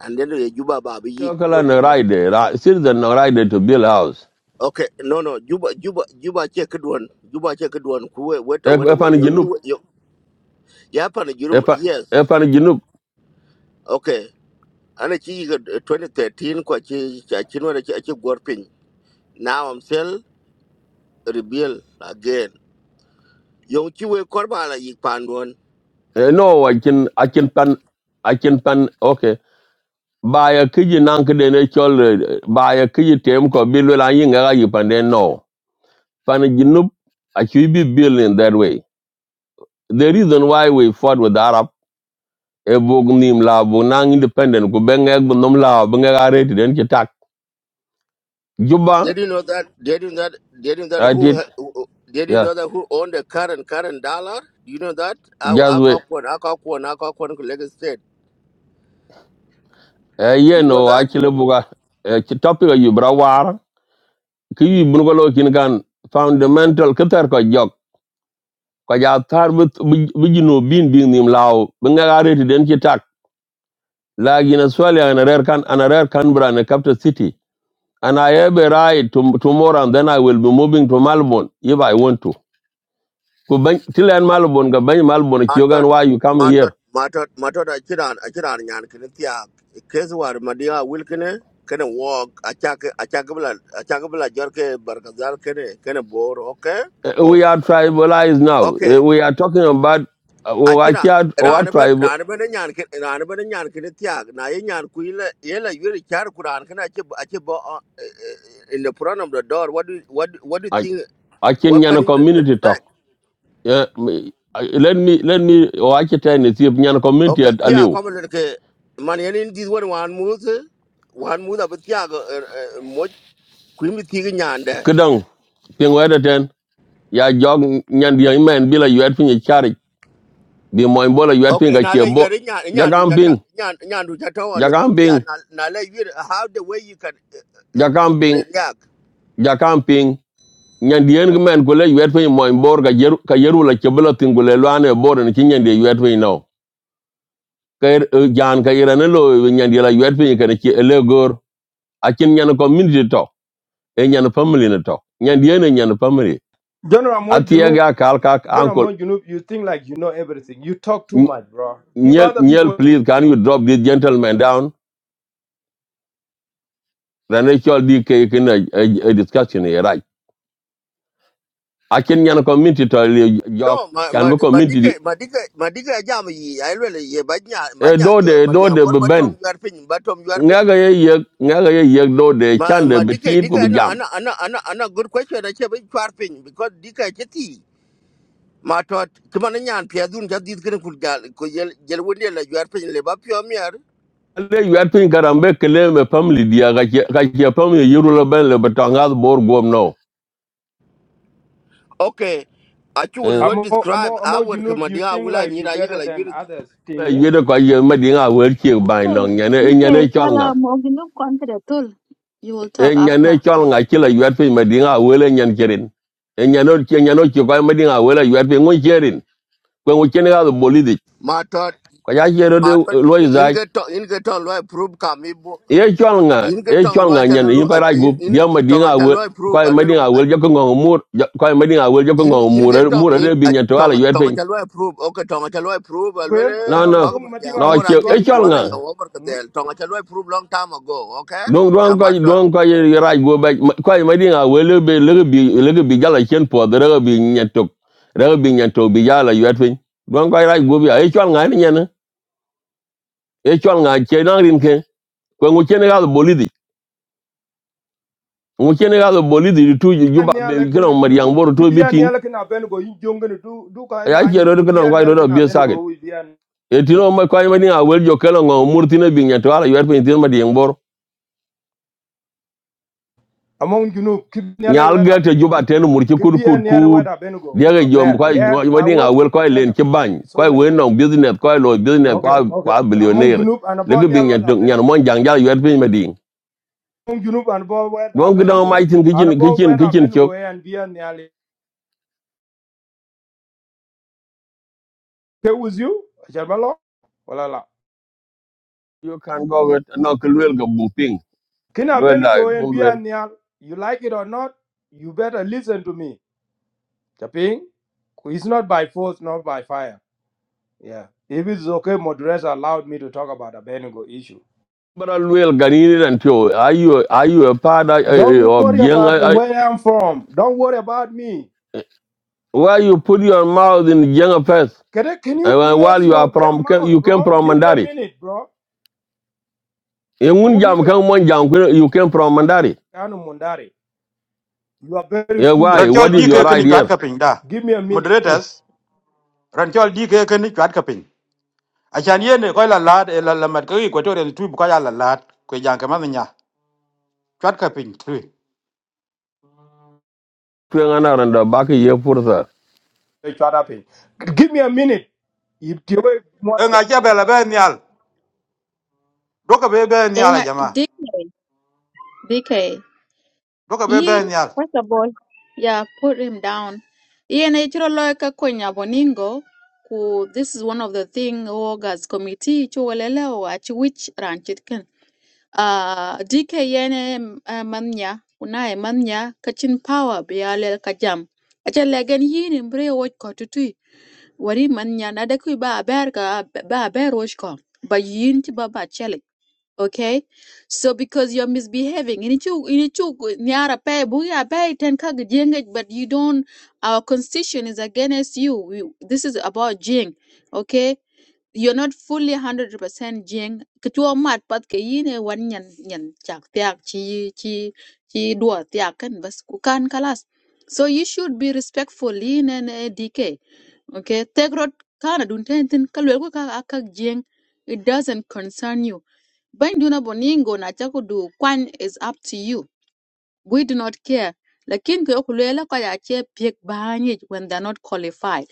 Speaker 3: and then the Juba Babi
Speaker 20: yo kala
Speaker 3: Yik.
Speaker 20: na ride ra citizen na ride to bill house
Speaker 3: Okay, no, no, Juba, Juba, Juba, check it one. Juba, check it one. Kuwe, weta,
Speaker 20: e
Speaker 3: wena,
Speaker 20: e pan
Speaker 3: we, yo,
Speaker 20: ginup
Speaker 3: yo, yo, Japan,
Speaker 20: e
Speaker 3: Jurum,
Speaker 20: pan e
Speaker 3: yes.
Speaker 20: pan ginup
Speaker 3: Okay, and a chi twenty thirteen, Quachi, Chachinwa, Chachi, Gorping. Now I'm still rebel again. Young Chiwe Korbala Yik Panduan.
Speaker 20: Eh, no i can i can pan i can pan okay Buy a kiji nan kede ne chol eh, baya kiji tem ko bill la yin ga yi pan den no pan ginup i should be building that way the reason why we fought with the arab e bog nim la bog independent ku benga ek bu nom la benga ga reti den ki tak. juba
Speaker 3: Did you know that? Did you know that? Did you know that
Speaker 20: I
Speaker 3: who,
Speaker 20: did,
Speaker 3: ha- who who- did you
Speaker 20: yeah.
Speaker 3: know that who owned the current current dollar? Do you know that? Our
Speaker 20: Just
Speaker 3: our
Speaker 20: wait.
Speaker 3: one, our one, our one, Lagos State.
Speaker 20: Uh, yeah,
Speaker 3: Do you know
Speaker 20: no, I
Speaker 3: that?
Speaker 20: kill a buga. Uh, ki topic of you, brawar. Ki bunugalo kingan fundamental katar ko jok. Ko ja tar but bujino bin bin nim lao. Benga gare ti den ki tak. Lagi na swali an a rare can, an a rare Canberra and a capital city. And I have a ride to, tomorrow and then I will be moving to Melbourne if I want to. Ko ban, till en Melbourne, ga ban Melbourne, ki yogan
Speaker 3: matot
Speaker 20: why you coming here?
Speaker 3: matot matot matot achiran achiran nyan kene tiak kes war madia wil kene kene walk achak achak bla achak bla jor ke barkazal kene kene bore. okay
Speaker 20: Uh,
Speaker 3: oh
Speaker 20: we are tribalized now. Uh,
Speaker 3: okay
Speaker 20: we are talking about uh, our,
Speaker 3: achira
Speaker 20: church, our
Speaker 3: ran ben
Speaker 20: tribe,
Speaker 3: ran ben nyan kene ran ben nyan kene tiak na ye nyan kuile la yuri char kuran kene achi achi bo uh, uh, in the front of the door what do what do- what do you
Speaker 20: our
Speaker 3: think
Speaker 20: our
Speaker 3: what can
Speaker 20: Kenyan
Speaker 3: you
Speaker 20: community
Speaker 3: expect
Speaker 20: talk. Yeah, me- I- let me let me our ten is if Nyan community
Speaker 3: Okay,
Speaker 20: at
Speaker 3: kia
Speaker 20: Aliu.
Speaker 3: comment ke man yen in this one one mood one mood ab kia go mo kwimi ti nyande.
Speaker 20: Kedang, ping weda ten. Ya jog Nyan young man bila you had finished charity. Be my bola you had
Speaker 3: Okay,
Speaker 20: finished a
Speaker 3: now let you
Speaker 20: cheerbo.
Speaker 3: are in. nyan nyandu
Speaker 20: Jagam
Speaker 3: tata
Speaker 20: ping,
Speaker 3: nyan nyandu tata on the
Speaker 20: jagam
Speaker 3: PTR
Speaker 20: ping,
Speaker 3: Now na le yere how the way you can uh, uh,
Speaker 20: jagam
Speaker 3: uh,
Speaker 20: ping,
Speaker 3: react.
Speaker 20: jagam ping. Nyan the young man gule you had finished my board ka yeru ka yeru la chebula tingule luane board and kinyan de you had finished now. kay jaan kay rana lo eh, nyan yela yuat pin kan ci ele gor akin nyan community to e nyan family ne to nyan yene nyan family
Speaker 21: General Amol
Speaker 20: atia
Speaker 21: Junub,
Speaker 20: ga kal kak
Speaker 21: General
Speaker 20: uncle
Speaker 21: Amol Junub, you think like you know everything. You talk too
Speaker 20: Ny-
Speaker 21: much, bro. Give
Speaker 20: nyel
Speaker 21: other
Speaker 20: nyel
Speaker 21: people.
Speaker 20: please can you drop this gentleman down rana chol di kay kin a a- discussion e right akin nyan community to le jok
Speaker 3: No, ma
Speaker 20: kan
Speaker 3: ma
Speaker 20: bu
Speaker 3: ma
Speaker 20: community di-
Speaker 3: Dika, ma dika, ma dike jam yi I really ye ba nya ba
Speaker 20: e do
Speaker 3: nya
Speaker 20: de
Speaker 3: yo ma
Speaker 20: do
Speaker 3: dia
Speaker 20: de
Speaker 3: bor ba
Speaker 20: ben
Speaker 3: you are pin ba you are pin.
Speaker 20: ngaga ye yek ngaga ye yek do de
Speaker 3: Ma
Speaker 20: chan de
Speaker 3: ma dika.
Speaker 20: betir ko
Speaker 3: Dika.
Speaker 20: bi
Speaker 3: ana
Speaker 20: jam
Speaker 3: ana ana ana ana good question a che ba yar pin because dike cheti. ma tot kuma na nyan pia dun ja dit kin ku gal ku yel yel wonde la jar pe le ba pio mier
Speaker 20: ale yɔt piny karambe kele me family dia ka che ka che family yuru lo ben le batanga bor gom no
Speaker 3: okay a chu
Speaker 20: eh
Speaker 3: lo
Speaker 21: Amol,
Speaker 3: describe
Speaker 21: Amol, Amol
Speaker 3: our
Speaker 21: Junub,
Speaker 3: kuma
Speaker 21: you
Speaker 3: dia
Speaker 21: think
Speaker 3: wula
Speaker 21: like
Speaker 3: ni
Speaker 21: you
Speaker 3: ra
Speaker 21: better
Speaker 3: yigla
Speaker 21: than
Speaker 3: yuri
Speaker 21: others. Thing,
Speaker 20: la
Speaker 21: yeah.
Speaker 20: yede ko ye me dinga wer che bai
Speaker 1: Hey,
Speaker 20: no nyane e
Speaker 1: this is
Speaker 20: nyane chol nga
Speaker 1: Salam Oginu Contra. Tul, you will
Speaker 20: e
Speaker 1: talk
Speaker 20: nyane
Speaker 1: after.
Speaker 20: chol nga che la yɔt piny me dinga wele nyen cherin e nyane che nyane che ko me dinga wele yɔt piny ngun cherin ko ngun chen ga bolidi
Speaker 3: ma tot
Speaker 20: ko ya che ro
Speaker 3: ma tot
Speaker 20: lo
Speaker 3: in
Speaker 20: izai
Speaker 3: ga to in ga to lo prove ka mi bo
Speaker 20: e chol nga
Speaker 3: in ga
Speaker 20: e
Speaker 3: tong
Speaker 20: chol
Speaker 3: lo
Speaker 20: nga
Speaker 3: cha
Speaker 20: nyane
Speaker 3: lu
Speaker 20: yin ko ra
Speaker 3: in
Speaker 20: gup
Speaker 3: in
Speaker 20: dia me
Speaker 3: tong
Speaker 20: dinga
Speaker 3: cha lo
Speaker 20: ko
Speaker 3: prove a
Speaker 20: me
Speaker 3: lo
Speaker 20: dinga je ko ngong mur ko me dinga je ko
Speaker 3: in
Speaker 20: ngong
Speaker 3: in ga
Speaker 20: mur
Speaker 3: tong
Speaker 20: mur
Speaker 3: in
Speaker 20: re bi
Speaker 3: a
Speaker 20: nyen to ala
Speaker 3: tong
Speaker 20: yuat
Speaker 3: tong cha lo prove okay tong cha lo prove a lo
Speaker 21: Gwen,
Speaker 20: no no
Speaker 21: no,
Speaker 3: ko ma
Speaker 21: young
Speaker 3: dia
Speaker 20: no
Speaker 21: Madinga,
Speaker 3: bo
Speaker 21: will
Speaker 3: ra
Speaker 20: che
Speaker 21: you go
Speaker 3: chi
Speaker 20: e chol
Speaker 21: near
Speaker 3: bo la
Speaker 20: nga
Speaker 21: then?
Speaker 3: yo over ka del
Speaker 21: Hmm.
Speaker 3: tong cha lo prove long time ago okay
Speaker 20: don
Speaker 3: ya
Speaker 20: don ko
Speaker 3: ma
Speaker 20: don ko ye raj go ba ko ma di nga wele be little bi little bi gala chen po de re bi nyetok re bi nyetok bi gala yet fin don ko raj go bi e chol nga ni nyana e chol nga che na rin ke ko ngu chen ga bolidi ngu chen ga bolidi tu ju ba
Speaker 21: near
Speaker 20: be
Speaker 21: like an
Speaker 20: kro ma
Speaker 21: Enugu.
Speaker 20: yang bor to
Speaker 21: Could be
Speaker 20: bi
Speaker 21: a
Speaker 20: tin
Speaker 21: like Abenugo, you young and do do kind of
Speaker 20: ya che
Speaker 21: mining.
Speaker 20: ro ko
Speaker 21: Could be
Speaker 20: don ko
Speaker 21: like
Speaker 20: ro bi saget
Speaker 21: Abenugo,
Speaker 20: e tino ma ko ma di nga jo kelo ngo murtina bi nyetok ala yet fin tin ma di
Speaker 21: among junub kibnyale
Speaker 20: nyal ga
Speaker 21: weda
Speaker 20: te juba
Speaker 21: benugo
Speaker 20: ten mur ci kut
Speaker 21: kibia
Speaker 20: kut
Speaker 21: nyale
Speaker 20: kut
Speaker 21: weda benugo we
Speaker 20: dia
Speaker 21: were
Speaker 20: jom ko
Speaker 21: there and i
Speaker 20: wadi nga
Speaker 21: want to
Speaker 20: wel ko
Speaker 21: depend
Speaker 20: len
Speaker 21: up
Speaker 20: ci bañ
Speaker 21: to so
Speaker 20: ko
Speaker 21: many
Speaker 20: wen no
Speaker 21: ways
Speaker 20: business ko lo business
Speaker 21: okay
Speaker 20: ko
Speaker 21: okay
Speaker 20: ko
Speaker 21: among
Speaker 20: billionaire
Speaker 21: junub and
Speaker 20: le
Speaker 21: about
Speaker 20: ga bing
Speaker 21: nyale
Speaker 20: nyen
Speaker 21: weda
Speaker 20: nyen mon
Speaker 21: benugo
Speaker 20: jang jal yot pin medin
Speaker 21: among junub and about weda
Speaker 20: don ga don
Speaker 21: benugo
Speaker 20: mai tin
Speaker 21: and
Speaker 20: kitchen
Speaker 21: about
Speaker 20: kitchen
Speaker 21: weda
Speaker 20: kitchen kyo
Speaker 21: benugo and bia nyale stay with you jabalo wala
Speaker 20: you can go with no ko wel ga bu ping
Speaker 21: kina
Speaker 20: wel la
Speaker 21: benugo and
Speaker 20: ko
Speaker 21: bia
Speaker 20: wel
Speaker 21: nyale you like it or not you better listen to me chaping it's not by force not by fire yeah if it's okay moderator allowed me to talk about the benugo issue
Speaker 20: bara wel ga ran to are you are you a part of eh, eh,
Speaker 21: Don't
Speaker 20: of
Speaker 21: worry
Speaker 20: young
Speaker 21: about
Speaker 20: I- I-
Speaker 21: where I'm from. Don't worry about me.
Speaker 20: why you put your mouth in young first
Speaker 21: Can, I- can you
Speaker 20: and while
Speaker 21: close
Speaker 20: you are
Speaker 21: your damn
Speaker 20: from
Speaker 21: mouth,
Speaker 20: you came
Speaker 21: bro?
Speaker 20: from
Speaker 21: Give me a
Speaker 20: mandari
Speaker 21: minute, bro.
Speaker 20: Ye ngun
Speaker 21: Ewu
Speaker 20: jam kan
Speaker 21: Migla,
Speaker 20: mon jam you came from Mandari.
Speaker 21: Anu Mundari, You are very
Speaker 20: Ye why?
Speaker 21: foolish.
Speaker 20: What
Speaker 21: You
Speaker 13: Ranchol
Speaker 21: are
Speaker 20: is your
Speaker 13: DK
Speaker 21: very
Speaker 13: kini chwat
Speaker 20: idea?
Speaker 13: ka
Speaker 21: foolish.
Speaker 13: piny da.
Speaker 21: Give me a minute.
Speaker 13: Moderators, Ranchol DK kini chwat ka piny. Achan yene koi la lad e la lamat kaki kwa tori tu buka ya la lad kwe jang kama nya. Chwat ka piny tu. E
Speaker 20: here? another, and the back baki ye pursa.
Speaker 21: Eh, shut up, eh. Give me a minute. If you wait,
Speaker 13: nga cha bela be nyal. Doka be be nyal a
Speaker 1: Enga
Speaker 13: jama.
Speaker 1: dik DK.
Speaker 13: Doka be
Speaker 1: Yin,
Speaker 13: be nyal.
Speaker 1: first of all, yeah, put him down. Yin ichiro loeka kwenye boningo, ku this is one of the thing Ogas committee chuwelele wach which ranchit ken. Uh, DK yene uh, manya, unae manya kachin power bialel kajam. Acha legen yin imbre wach kotutui, wari manya na dekui ba aber ka ba aber wach Ba yin ti ba chele okay so because you're misbehaving ini chu ini chu niara pay buya pay ten kag jengej but you don't our constitution is against you we, this is about jing okay you're not fully 100% jing kituo mat pat ke yine wan nyan nyan chak tiak chi chi chi dua tiak kan bas ku kalas so you should be respectful in and dk okay take rot kana dun ten ten kalwel ko ka akak jing it doesn't concern you Banduna boningo na chakudu kwan is up to you. We do not care. Lakin kwe okulela kwa ya che piek banyi when they're not qualified.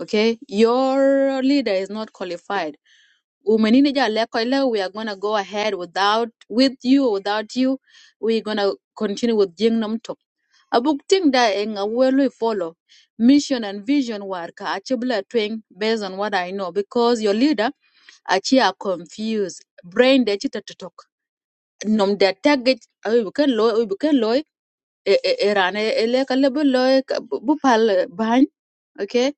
Speaker 1: Okay? Your leader is not qualified. Umenini ja leko ile, We are gonna go ahead without with you or without you. We're gonna continue with Jing Namtok. Abuk ting da eng awelu follow mission and vision work achibla twing based on what I know because your leader achi are confused. Brain de chita to talk nom de tagit awi bi ken loy awi bi ken loy e e e rane e le ka lebe loy ka- bu bu pal eh, bany okay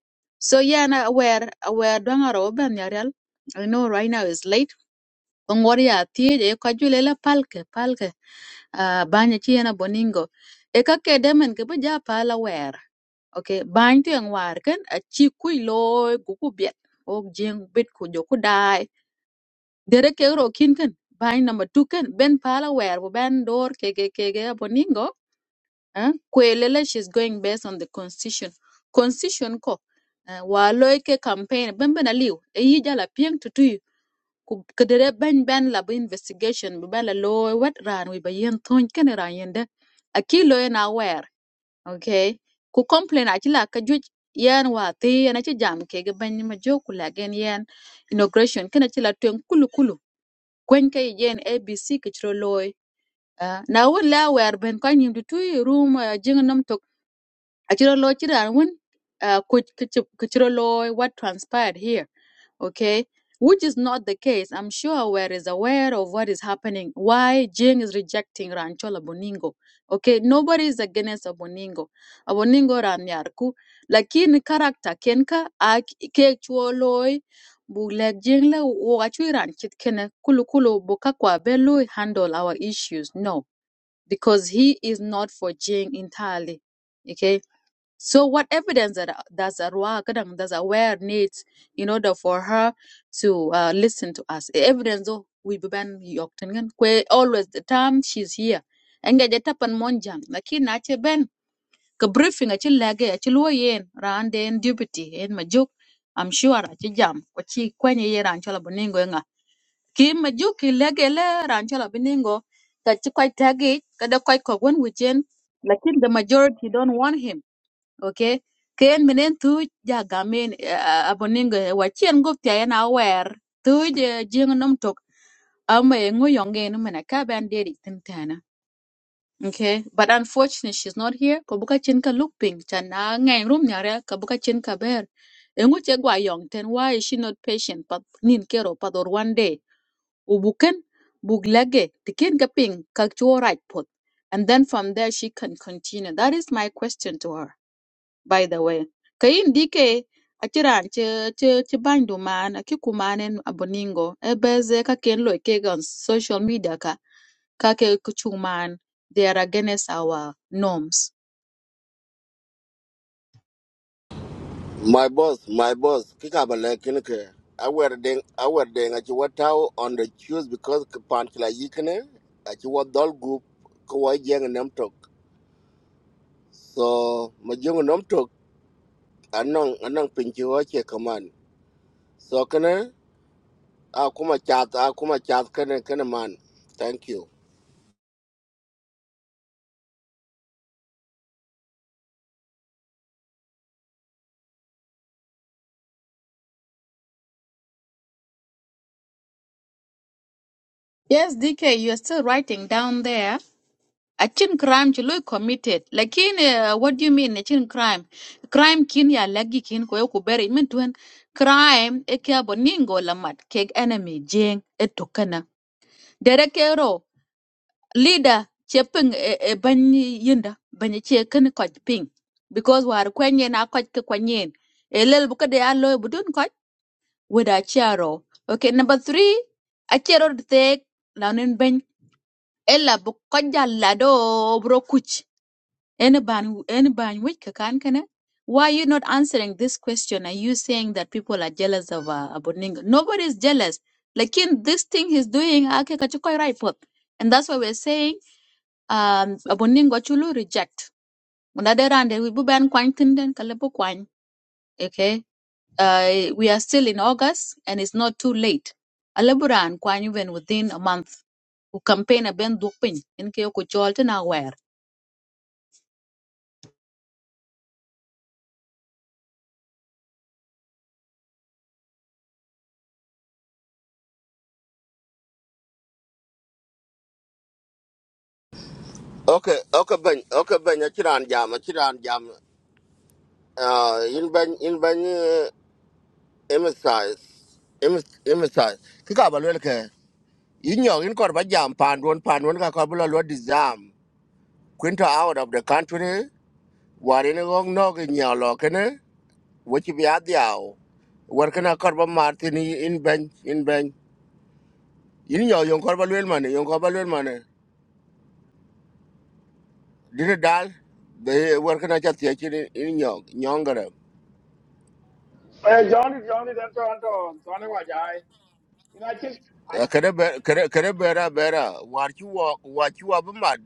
Speaker 1: so yeah na aware aware don aro ben yarel i know right now is late on what ya tie e ka jule la palke palke ah banya chi na boningo e ka ke demen ke bu ja pala aware okay bany to en war ken a chi kui loy ku ku biet ok jeng bit ku jo ku dai dere ke ro kin ken bai number 2 ken ben pala wer bu ben door, ke ke ke boningo eh kwelele she's going based on the constitution constitution ko eh, wa loy ke campaign ben ben aliu e yi jala pieng to tu ku ke dere ben ben la bu investigation bu ben la loy wet ran wi ba yen ton ken ran yende aki loy na wer okay ku complain akila ka juj yen wa ti yen a ci jam ke ge ben ma jokula gen yen inauguration kene ci la twen kulu kulu kwen ka yen abc ke cï ro looi aa na wun la wer ben köny nyim tu room rum jïnö Achiro lo chiran wen uh, kuch- kuch- kuchiro lo what transpired here, okay? Which is not the case. I'm sure Aware is aware of what is happening. Why Jing is rejecting Ranchola Boningo. Okay, nobody is against Aboningo. Aboningo Ranyarku. Lakini character Kenka ak kechuoloi buleg Jing le wakachui ranchit kene kulu kulu boka kwa belui handle our issues. No, because he is not for Jing entirely. Okay. So what evidence that uh, does Arwa Kadang does aware needs in order for her to uh, listen to us? Evidence though we beban yoktengan kwe always the time she's here. Enga jeta pan monjang lakin na che ben ka briefing achi lage achi luo yen ran den deputy en majuk I'm sure achi jam kwachi kwenye ye ran chola boningo enga ki majuk ki lege le ran chola boningo ka chi kwai tagi kada kwai kogwen wichen lakin the majority don't want him okay ken minen tu ja gamen uh, aboningo wa chien go na wer tu je jing nom tok ama engu yonge no mena ka ban deri tintana okay but unfortunately she's not here ko buka chin ka look pink chana ngai room nyare ka buka chin ka ber engu che gwa yong ten why is she not patient but nin kero but one day ubuken buglage tikin ka pink ka chora pot and then from there she can continue that is my question to her by the way ka yin dike a kiran ci ci bandu man akikumanen ki kumanen aboningo e ka ken lo ke on social media ka ka ke kuchung man they are against our norms
Speaker 3: My boss, my boss, kikabale kinke. I wear ding, I wear ding. Achi watau on the shoes because kapanchila yikene. Achi wat dol group kawa jeng nam tok. So majung nam tok anong anong pinchi wache kaman. So kene akuma chat akuma chat kene kene man. Thank you.
Speaker 1: yes dk you are still writing down there a chin crime ci lo committed lakin uh, what do you mean a chin crime crime kin ya lagi kin ko yo ku bere min tuen crime e ke aboningo lamat keg enemy jeng e tokana dere kero leader che ping e, e banyi yinda banyi che kin koch ping because war kwenyen a koch ki kwenyen e lel bu kede a loy budun koch weda chero okay number 3 a chero de tek launin ben ella bu koch jalla bro kuch any ban any ban which kakan kana why you not answering this question are you saying that people are jealous of uh, aboninga nobody is jealous like in this thing he's doing ake kachiko right and that's what we're saying um abonin go chulu reject another round we bu ban kwan tinden kala bu kwan okay uh, we are still in august and it's not too late alaburan kwan even within a month ku campaign a ben dupin in ke ku jolte na wer
Speaker 3: Okay, okay ben, okay ben. Achi ran jam, achi ran jam. Uh, in ben in ben uh, emphasize em- emphasize. Kikabale kinke. Inyong in kor ba jam pandun pandun ka kor bula lo Quinta out of the country. Warin gong no in yalo kene. Which be at the ow. Working a korba martin in bench in bench. Yin yo yong korba lil money yong korba lil money. Did it dal? They working a chat in in yong yongere.
Speaker 18: Eh, Johnny, Johnny, dan to an to to ne wa jai. Ina chin a
Speaker 3: Kere be- kere kere bera bera. War you walk what you have mad.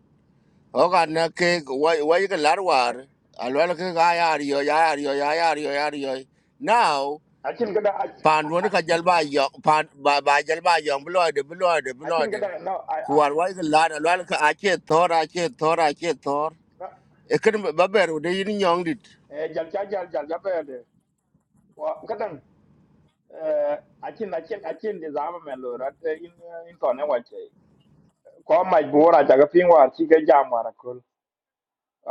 Speaker 3: Oga na cake why why you can lar war.
Speaker 18: a
Speaker 3: Alwala ke ga yo yari yo yari yo yari yo. Now
Speaker 18: a chin kada
Speaker 3: pan wani ka jalba yok pan ba ba jalba yok bloide bloide
Speaker 18: a chin
Speaker 3: bloide
Speaker 18: kada no a
Speaker 3: kuwar wai ka lada lada ka ache thor ache thor ache thor
Speaker 18: a
Speaker 3: ekin ba beru de yin nyong dit
Speaker 18: eh jal cha jal jal ja be de. Wa kada eh a chin a chin a chin de zama men lo rat in in to ne ko maj bora jaga ping war chi ga jam war kul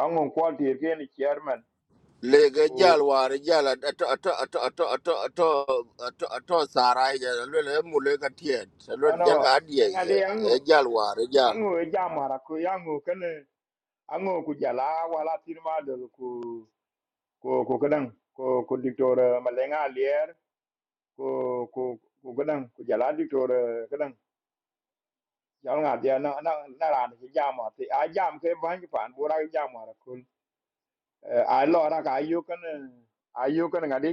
Speaker 18: angu ko dir ke ni chairman
Speaker 3: lege
Speaker 18: o
Speaker 3: jal war jal ato ato ato ato ato ato ato ato sarai jal lele mule ka tiet lele
Speaker 18: ano
Speaker 3: jal ka adie
Speaker 18: ngade angu
Speaker 3: e jal war jal
Speaker 18: angu e jam war ku yangu kene angu ku jala wala tirma do ku ko ko kadan cô cô dictor malenga lier ko ko ko kadan cô jala dictor kadan jal nga dia na na na ran chi jam war ti a jam ke ban ki pan bora ki jam war kul a lo ra cái yêu cái ka ayu kene ayu kene ngade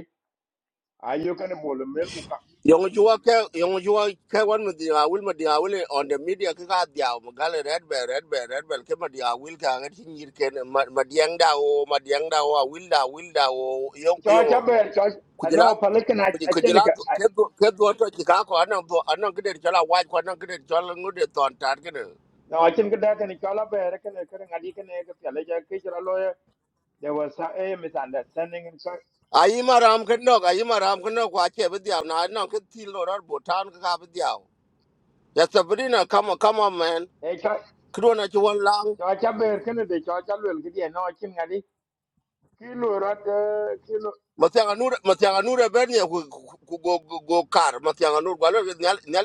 Speaker 18: ayu kene bol cô
Speaker 3: Yung jua ke yung jua ke wan ma dia wil ma dia wil on the media ke ka dia ma gale red bell red bell red bell ke ma dia wil ka ngat hin yir ken ma ma diang da o ma diang da o wil da wil da o yung
Speaker 18: cho cha
Speaker 3: yung
Speaker 18: ber cho à,
Speaker 3: kujila
Speaker 18: no pale kan a chen
Speaker 3: kujila
Speaker 18: ka
Speaker 3: ke do ke do to ki ka ko anan do anan gede chala wa ko anan gede chala ngude ton tar ken
Speaker 18: no a chen ka da kan cho la ber kan kan ngadi kan e ka pele ja ke jara lo there was some a misunderstanding and so
Speaker 3: ayi ma ram ken no ayi ma ram ken no kwa che be dia na anan ke ti lo rar bo tan ka be dia ya sabrina come on come on man
Speaker 18: e cho
Speaker 3: kdo na chuan
Speaker 18: cho cha ber kan de cho cha lo ki de no chin ngadi ki lo rat ki lo
Speaker 3: Matianga nur matianga nur berni ku ku- go go go kar matianga nur galo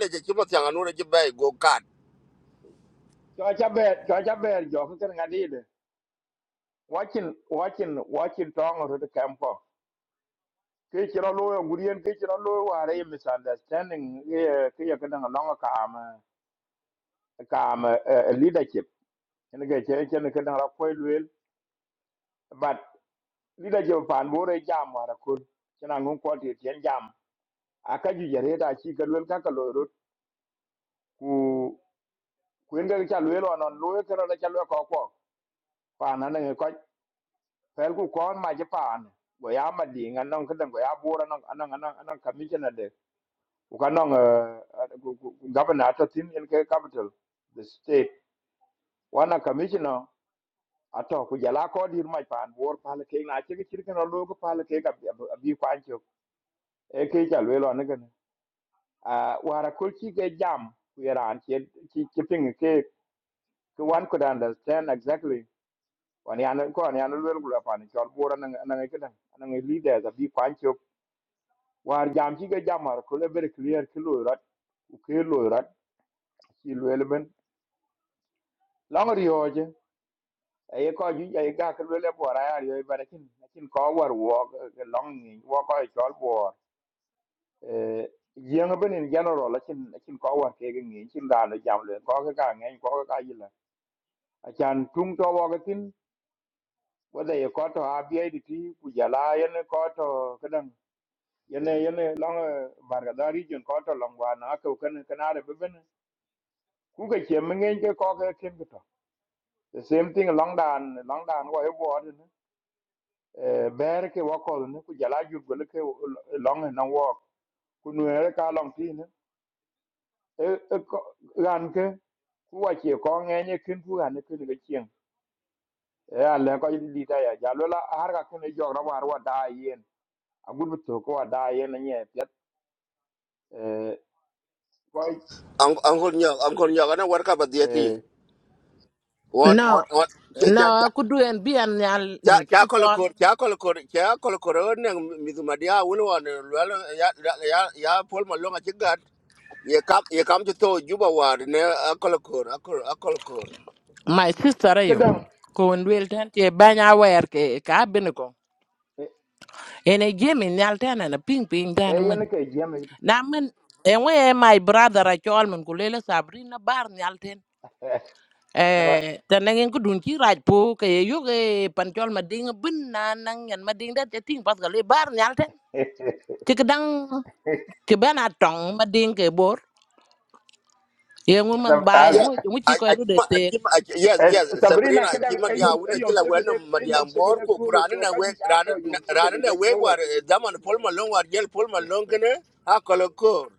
Speaker 3: je chi matianga je bay go kar
Speaker 18: cho cha ber cho cha ber jo kan ngadi de watching watching watching tong ro de campo ke jara lo yo gurien ke jara lo wa re misunderstanding e ke ya kan long ka am ka am leadership ene ke chen chen kan ra ko but lida je pan bore jam mara kun kana ngon ko ti tian jam aka ju jare da chi ka lwen ka ka lo rut ku ku en ga cha lwen on lo non lwe ka ra cha lwen ko ko pa na ne ko pel ku ko ma je pa an go ya ma di ngan non ka dan go ya bora non anan anan anan ka mi jana de ku ka non governor to tin en ka capital the state wana commissioner ato ku jala ko dir ma pan bor pa le ke na chi ki chir ka lo ko pa le ke ka bi bi kwan cho e ke cha lwen on uh, wara kul chi ge jam ku iran chi chi chi ping ke ke one could understand exactly wan yan ko wan yan lul kula pan chol bora nang nang ke dang nang leader da bi kwan chop war jam chi ge jam war kul very clear ki lu rat ku ke lu rat chi lu elemen long rioje ay ko ju ay ga ke lu le bora ya yo barakin lakin ko war wo long ni wo ko chol bor eh yeng bên in general lakin lakin ko war ke ge ni chin da no jam le ko ke ga ngen ko ga yi achan tung to wakatin whether you got to ABIDT kujala yene got to kadang yene yene long bargada region got to long wan ako kan kanare beben ku ka che mengen ke ko ka kin to the same thing long dan long dan wa e ward ne eh ber ke wa ko ne kujala yu gole ke long na wa ku nu er ka long ti ne e e ko- ran ke ku wa che ko ngenye kin ku ran ke ne kin ke chieng e ale ko di ta ya jalo la har ka kin e jog ra war wa da yen agut bi to ko ada yen na nye pet eh ko
Speaker 3: Ang- angkor nya angkor nya kana warka badiati
Speaker 18: eh
Speaker 3: wan
Speaker 22: No,
Speaker 3: wan wan cha cha cha
Speaker 22: no, aku do and be an yal
Speaker 3: cha
Speaker 22: ini ka
Speaker 3: cha kol
Speaker 22: chol.
Speaker 3: kor cha kol kor cha kol kor e ne mizumadia wul wan lwal ya ya ya pol malonga chigat ye kam ye kam to juba war ne akol kor akol akol
Speaker 22: My sister ayo.
Speaker 18: kedang
Speaker 22: Ko en wel tan te banya wer ke ka bin ko.
Speaker 18: eh
Speaker 22: En e jemi nyal tan na ping ping tan
Speaker 18: eh,
Speaker 22: men.
Speaker 18: yen ke jeme
Speaker 22: Na men en we my brother a chol men ko lele Sabrina bar nyal ten.
Speaker 18: na
Speaker 22: Eh, ta nangin ko dun ki raj po ke yo ke pan chol ma ding bin na nang yan ma ding da te ting pas ga le bar nyal ten. Ti kedang ti ben a tong ma ding ke bor. Yengu man
Speaker 18: sab
Speaker 22: ba
Speaker 18: az
Speaker 3: yes
Speaker 22: yengu yengu chi
Speaker 3: I,
Speaker 22: ko
Speaker 3: a kima a
Speaker 22: ru
Speaker 3: yes
Speaker 18: eh,
Speaker 3: yes
Speaker 18: sabrina
Speaker 3: sabrina a
Speaker 18: kedang
Speaker 3: kima
Speaker 18: eh
Speaker 3: ya
Speaker 18: yom eh
Speaker 3: wuna
Speaker 18: yom
Speaker 3: kila
Speaker 18: sebe de
Speaker 3: wannan
Speaker 18: eh yom
Speaker 3: madiyan
Speaker 18: sebe
Speaker 3: bor
Speaker 18: de
Speaker 3: ko kurani
Speaker 18: so
Speaker 3: na
Speaker 18: ka
Speaker 3: we
Speaker 18: ju ta to yom sebe
Speaker 3: rani na
Speaker 18: je
Speaker 3: we
Speaker 18: kulo
Speaker 3: war eh, zaman pol malon war gel pol malon kene ha kolokor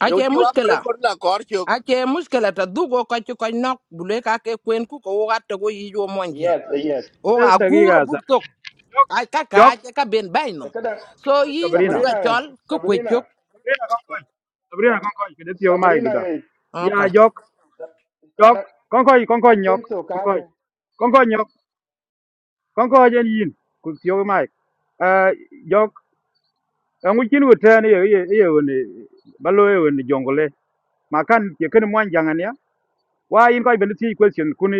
Speaker 22: ache
Speaker 3: yonki wa
Speaker 22: muskila
Speaker 3: kolokor la korchok
Speaker 22: ache muskila ta dugo ko ci ko nok bule ka ke kwen ku ko wa to go yi jo monje
Speaker 18: yes eh, yes
Speaker 22: o a guro
Speaker 13: dagiga
Speaker 22: bu
Speaker 13: sa
Speaker 22: ay ka ka
Speaker 13: jok
Speaker 22: ache ka ben bay
Speaker 18: kedang
Speaker 22: so
Speaker 13: koy
Speaker 22: yi
Speaker 13: sabrina
Speaker 22: duga
Speaker 18: sabrina
Speaker 22: chol ku ko
Speaker 18: sabrina
Speaker 13: sabrina kon koy
Speaker 18: Sa-
Speaker 13: sabrina
Speaker 18: Sab-
Speaker 13: kon koy kede tiyo mai
Speaker 18: sabrina
Speaker 13: duda
Speaker 18: eh,
Speaker 13: ya
Speaker 22: okay
Speaker 13: jok
Speaker 18: Sab-
Speaker 13: jok
Speaker 18: kana
Speaker 13: kon koy kon koy
Speaker 18: an
Speaker 13: nyok
Speaker 18: ken
Speaker 13: kon koy
Speaker 18: kaje
Speaker 13: kon koy nyok kon koy jen yin ku tiyo mai Eh jok ngu chin wo tan ye ye ye won balo ye won jongole ma kan ke kan mo jangan ya wa yin ko ben ti question kuni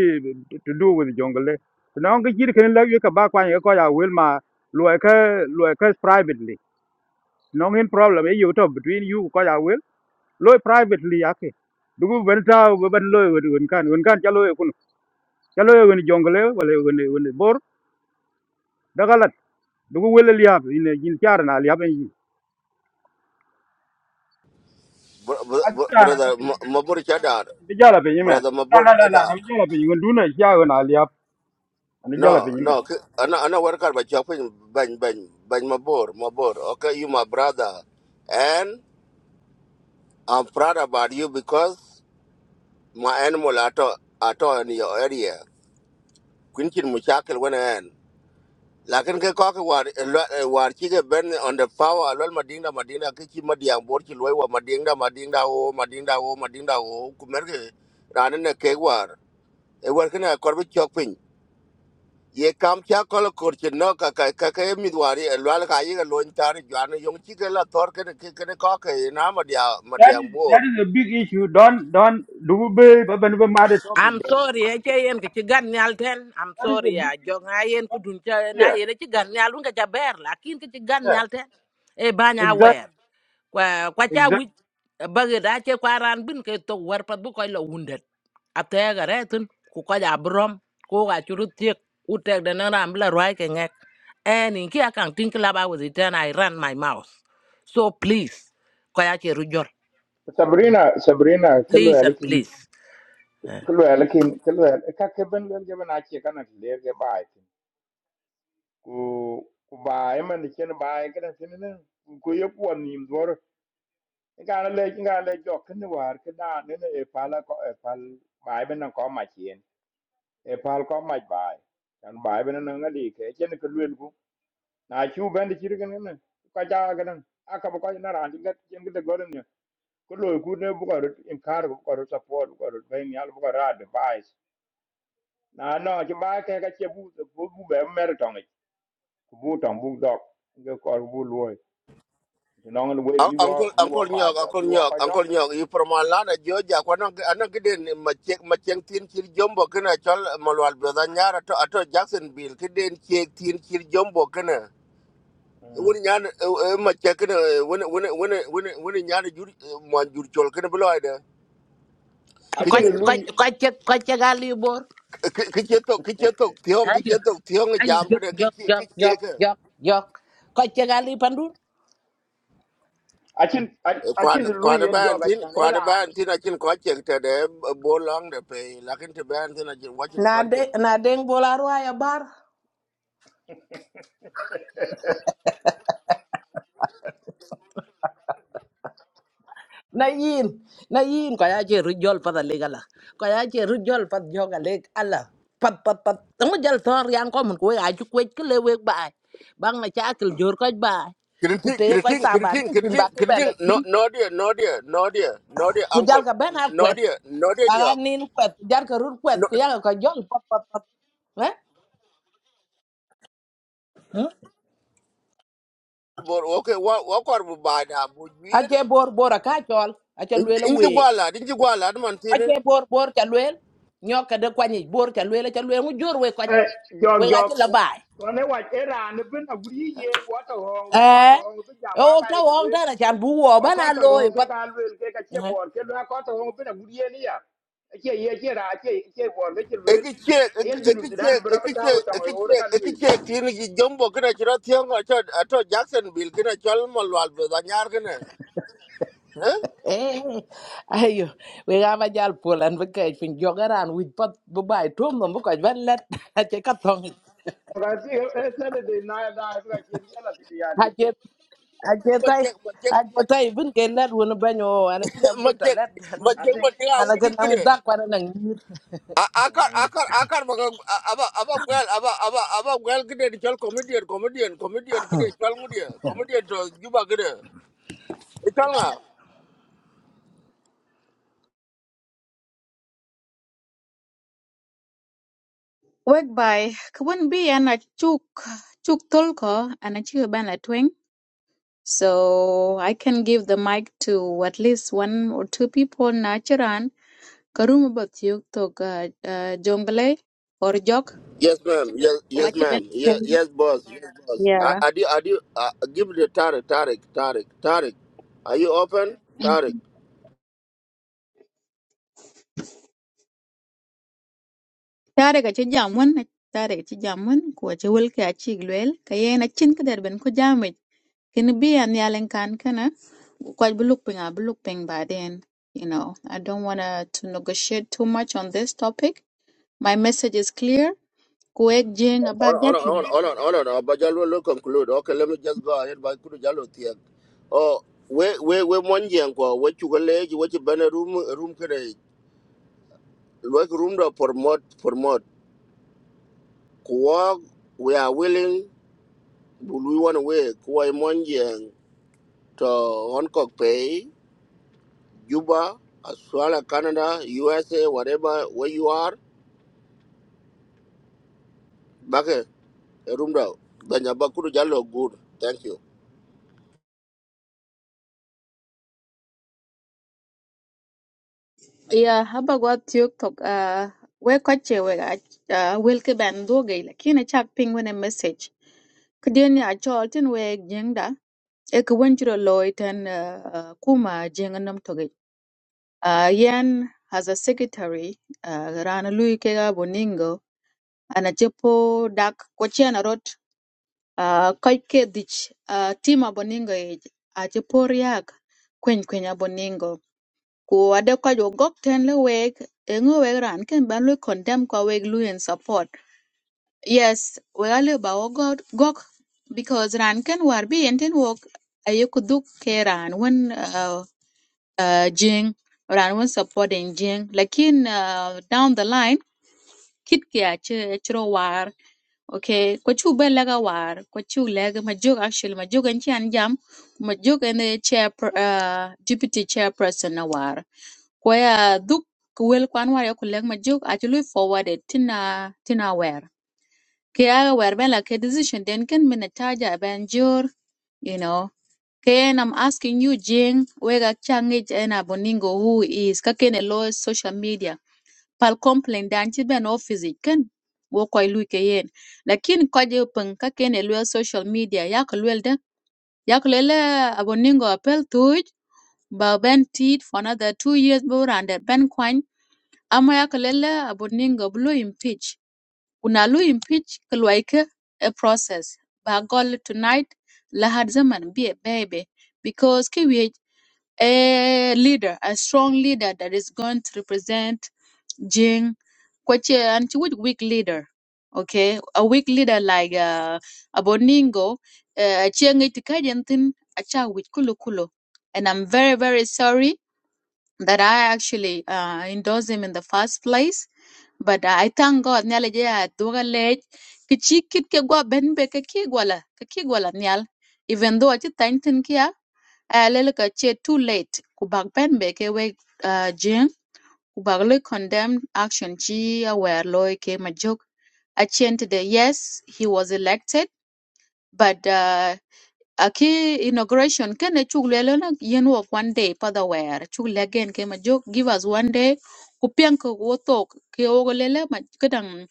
Speaker 13: to do with jongole no ngi jir kan la ye ka ba kwa ye ko ya wel ma lo ka lo ka privately no ngin problem ye you to between you ko ya wel lo privately ya ke dugu ben ta go ben lo woni won kan won kan chalo ye kun chalo ye won jongole wala won won bor dagalat dugu wel liab in in char na liab en yin
Speaker 3: Br- br- br- brother
Speaker 13: atana
Speaker 3: ma- mabur chadar
Speaker 13: Ni jala pinyi men.
Speaker 3: brother
Speaker 13: La
Speaker 3: mabur
Speaker 13: la la la.
Speaker 3: chadar
Speaker 13: Ni jala pinyi. When do siya ko na Ni jala
Speaker 3: no
Speaker 13: pinyi men.
Speaker 3: no ki- ana ana warkar ba chapin ban ban ban mabur mabur okay you my brother and I'm proud about you because my animal are to- are to in your area. Quintin chin mu chakal wana en lakin ke ko ke war eh, war chi on the power lol madinga madinga ke chi madiang bor chi loy wa madinga madinga o madinga o madinga o ku mer ke ran ne ke war e war kana kor bi chok pin ye kam cha kol kor chi no ka ka ka ke mi dwari lol ka yi ga loin tar jwan yong chi ke la tor ke ke ke ko ke na madia
Speaker 13: That
Speaker 3: madiang
Speaker 13: is
Speaker 3: bor
Speaker 13: that is a big issue. Don't don't do be be be be mad at topic.
Speaker 22: i'm sorry ache yen ke ci nyal ten i'm
Speaker 13: That is a
Speaker 22: sorry ya
Speaker 13: big issue.
Speaker 22: jo nga yen ku
Speaker 13: Don't-
Speaker 22: dun cha na
Speaker 13: Yeah.
Speaker 22: yen ci gan nyal nga cha ber lakin ke ci
Speaker 13: Yeah.
Speaker 22: nyal ten e banya
Speaker 13: Exactly.
Speaker 22: wer kwa kwa
Speaker 13: Exactly.
Speaker 22: cha wi bagi da che kwa ran bin ke to war pat bu koy lo wundet ate ga retun ku ko ja brom ko ga churu tiek u tek de na ram la roi ke ngek en in ki akang tin kla ba with it and i ran my mouth so please ko ya che rujor
Speaker 18: sabrina sabrina
Speaker 22: please and
Speaker 18: kello
Speaker 22: please Eh.
Speaker 18: ke lwel kin ke lwel ka ke ben lwel ke ben achi kana le ke bai tin ku ku bai man chen bai ke na tin ne ku ye ku ni mdor ga na le ga le jo ken ni war ke da ne ne e pala ko e pal bai ben na ko ma chen e pal ko ma bai kan bai ben na ngali ke chen ke lwel ku na chu ben chi ke ne ka ja ga na aka ba ko na ran ga chen ke de gor ne ku lo ku ne bu ko in kar bu ko support bu ko ben yal bu ko ra advice na no ci ba ke ka che bu bu bu be mer tong i ku bu tong bu dok ge ko bu loy ti no ngan we
Speaker 3: Un-
Speaker 18: bi
Speaker 3: Uncle
Speaker 18: wo bi wo
Speaker 3: Uncle
Speaker 18: ba
Speaker 3: Nyok,
Speaker 18: da bi
Speaker 3: Uncle
Speaker 18: wo
Speaker 3: Nyok,
Speaker 18: ka dok
Speaker 3: Uncle Nyok, you from Alana, Georgia, Quanok, Anakidin, Machang Tin Kir Jumbo, Kena, Chol, Malwal, Brazanyara, Ato Jacksonville, Kidin, Chek Tin Kir Jumbo, Kena. When Yan, Machakana, when when when when when Yan Manjur Chol, Kena Beloida,
Speaker 18: a
Speaker 22: ko
Speaker 18: chin
Speaker 3: Kitcheto,
Speaker 22: ko
Speaker 18: lui
Speaker 22: ko che ko che ga li bor
Speaker 3: Kitcheto, Tiong,
Speaker 22: ayo
Speaker 3: Kitcheto, Tiong,
Speaker 22: ayo
Speaker 3: Jam,
Speaker 22: jok
Speaker 3: Kena,
Speaker 22: jok jok jok
Speaker 3: Kitcheka.
Speaker 22: jok jok ko che ga li pandu
Speaker 18: a chin a
Speaker 3: Quan
Speaker 18: chin
Speaker 3: quan
Speaker 18: lui en
Speaker 3: ban
Speaker 18: jog a
Speaker 3: tin
Speaker 18: chan
Speaker 3: quan
Speaker 18: eran
Speaker 3: ban tin I can quite check to the ball long the pay. Lakin to ban tin I can watch
Speaker 22: na
Speaker 3: it
Speaker 22: de na deng bola roi ya bar na yin na yin ko ya che rujol pa le gala ko ya che rujol pa joga le ala pat pat pat ngu jal tor yang ko mun ko ya ju ko ke le we ba bang na cha kil jor ko ba ku
Speaker 3: Kritik,
Speaker 22: te ko
Speaker 3: kritik,
Speaker 22: ta ba
Speaker 3: kritik,
Speaker 22: ni tin
Speaker 3: kritik,
Speaker 22: ba ke ben
Speaker 3: kritik. No,
Speaker 22: tu
Speaker 3: no dear, no dear, no dear, no dear,
Speaker 22: ku
Speaker 3: uncle,
Speaker 22: jal ka ben a
Speaker 3: no
Speaker 22: kwet
Speaker 3: dear, no dear,
Speaker 22: ara
Speaker 3: nyok.
Speaker 22: nin kwet jar ka rur kwet
Speaker 3: No,
Speaker 22: ku ya ko jol pat pat pat eh Hmm?
Speaker 3: but okay, what, what are we bad? Have we
Speaker 22: a
Speaker 3: been?
Speaker 22: che bor bor a ka chol a che le le
Speaker 3: In the
Speaker 22: we
Speaker 3: guala, in the guala, the
Speaker 22: a
Speaker 3: mountain.
Speaker 22: che bor bor cha le nyoka de kwani bor cha le cha le ngu jor we ko
Speaker 18: e jog
Speaker 22: we ga che
Speaker 18: jog
Speaker 22: la
Speaker 18: ko ne wa eran ne bin a guri yen wo to hong wo ko to
Speaker 22: eh
Speaker 18: hong bi jam wa
Speaker 22: o
Speaker 18: ka
Speaker 22: ta
Speaker 18: e ke
Speaker 22: wong
Speaker 18: lui
Speaker 22: ta na chan bu wo
Speaker 18: wa ko
Speaker 22: bana
Speaker 18: to
Speaker 22: loy
Speaker 18: hong ke
Speaker 22: pat
Speaker 18: ka lui ke ka che
Speaker 22: eh
Speaker 18: bor ke lwa ko to hong bin a guri yen ya che ye che ra che che bor ke che
Speaker 3: Eki check, eki
Speaker 18: yen jinu
Speaker 3: eki
Speaker 18: sudan
Speaker 3: check,
Speaker 18: bra pa
Speaker 3: eki
Speaker 18: tawo
Speaker 3: check,
Speaker 18: tawo e
Speaker 3: eki check,
Speaker 18: kan
Speaker 3: eki
Speaker 18: wil
Speaker 3: check. Tini ji jumbo kena chira tiang ato ato Jacksonville kena chal malwal be danyar kena. Huh?
Speaker 22: eh, ayo we ga ma jal polan be kay fin jogaran wi pat bu bay tom no bu ko ban let a che ka tong
Speaker 18: ga si e saturday na da ga kin yala ti ya
Speaker 22: a
Speaker 18: ti
Speaker 22: che a che
Speaker 3: Ma
Speaker 22: tay
Speaker 3: check, ma check,
Speaker 22: a che
Speaker 3: ma check,
Speaker 22: tay bun ke let won banyo ana kina
Speaker 3: ma
Speaker 22: gufta
Speaker 3: check,
Speaker 22: let
Speaker 3: ma
Speaker 18: i
Speaker 3: check
Speaker 18: think
Speaker 3: ma check. Awu
Speaker 22: ana kan am
Speaker 3: kena.
Speaker 22: dak para nang
Speaker 3: I I can baga aba aba gwel aba aba aba gwel gide di chol comedian comedian comedian gide chol ngudia comedian to juba gide chol nga
Speaker 1: wek by kwon bi ana chuk chuk tolko ana chi ban la twing so i can give the mic to at least one or two people na chiran karum bat yuk tok uh, uh, jongle or jok
Speaker 3: Yes, ma'am. Yes, yes,
Speaker 1: Wachi ben
Speaker 3: ma'am. Yes, yes, boss. Yes, boss. I,
Speaker 1: yeah
Speaker 3: I do. I do. Uh, give me the Tariq, Tariq, Tariq. Tarek. Are you open? Tariq?
Speaker 1: tare ga ci jam won tare ga ci jam won ko ci wel ka ci glwel ka yena cin ka der ben ko jamme kin bi an yalen kan kana ko bu luk pinga bu luk ping ba den you know i don't want to negotiate too much on this topic my message is clear ko ek jing about
Speaker 3: Hold
Speaker 1: that
Speaker 3: on. Hold on. Hold on. Hold on. Hold on. But Jalo will conclude. Okay, let me just go ahead. By Kudu Jalo Tiak. Oh, we we we one yanko. What you college? What you banner room room kere. Like room da promote promote. Kuwak, we are willing, but we want to wait. Kuwai Monjang to Hong Kong Pay, Juba, Australia, Canada, USA, whatever, where you are. Bake, Rumda, Ganyabakuru Jalo, good. Thank you.
Speaker 1: yeah haba go tiok tok uh we ko che we ga ah, wel ka ben do ga la kin a chak ping when a message kiden ya chol tin we jeng e ka wunjuro uh, kuma jenga nam toge uh, yan as a secretary uh, rana lui kega boningo ana chepo dak ko chena rot uh, kai ke dich uh, tima boningo e a chepo riak kwen kwenya boningo ku ade kwa jo gok ten le weg e ngo weg ran ken ban lui condemn kwa weg lui in support yes we ale ba wo gok gok because ran ken war bi enten wok ayo kuduk ke ran wen uh, uh, jing ran won supporting jing lakin uh, down the line kit kya che chro war okay ko chu be laga war ko chu leg ma jog actually ma jog an chan jam ma jog an the chair uh, deputy chairperson na war ko ya duk wel kwan war ya ko leg ma jog actually forwarded tina tina wer kya wer ben la ke decision den ken minataja ben jur you know Ken, I'm asking you, Jing, wega changij ena boningo who is kaken a law social media. Pal complain dan chi ben office ken wo koy lui ke yen. Lakin koje peng kaken a law social media yak luel de yak lele aboningo apel tuj ba ben tit for another two years bo under ben kwan ama yak lele aboningo blue impeach. Una lu impeach kluaike a process. Ba gol tonight lahad zaman be a baby because kiwi a leader, a strong leader that is going to represent Jing, Kwache, and she would weak leader. Okay, a weak leader like uh, Aboningo, uh, Chiang Itikajantin, Acha with Kulu Kulu. And I'm very, very sorry that I actually uh, endorsed him in the first place. But I thank God, Nyale Jaya Dugalej, Kichikit Kegwa Benbe Kekigwala, Kekigwala Nyal, even though I did Tantin Kia uh, lele ka che too late kubak ben be ke we uh, jing kubak le condemned action chi aware loy ke majok achien today yes he was elected but uh, aki inauguration kene chuk lele na yen wok one day pada wer chuk legen ke majok give us one day kupiang ko wotok ke ogo lele ma kedang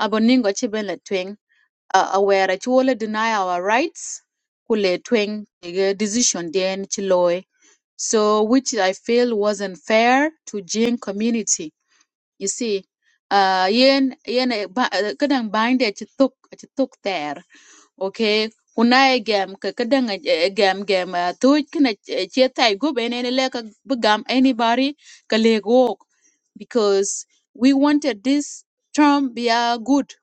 Speaker 1: aboningo chi ben le twing uh, aware chi wole deny our rights kule twing decision den chi loy so which I feel was unfair to Jin community. You see, uh, yen yen eh, ba- eh, kadang bind it took it took there. Okay, kunai gam ka kadang eh, eh, gam gam uh, tu kana chetai go ben ene le ka bugam anybody ka le go because we wanted this term be a good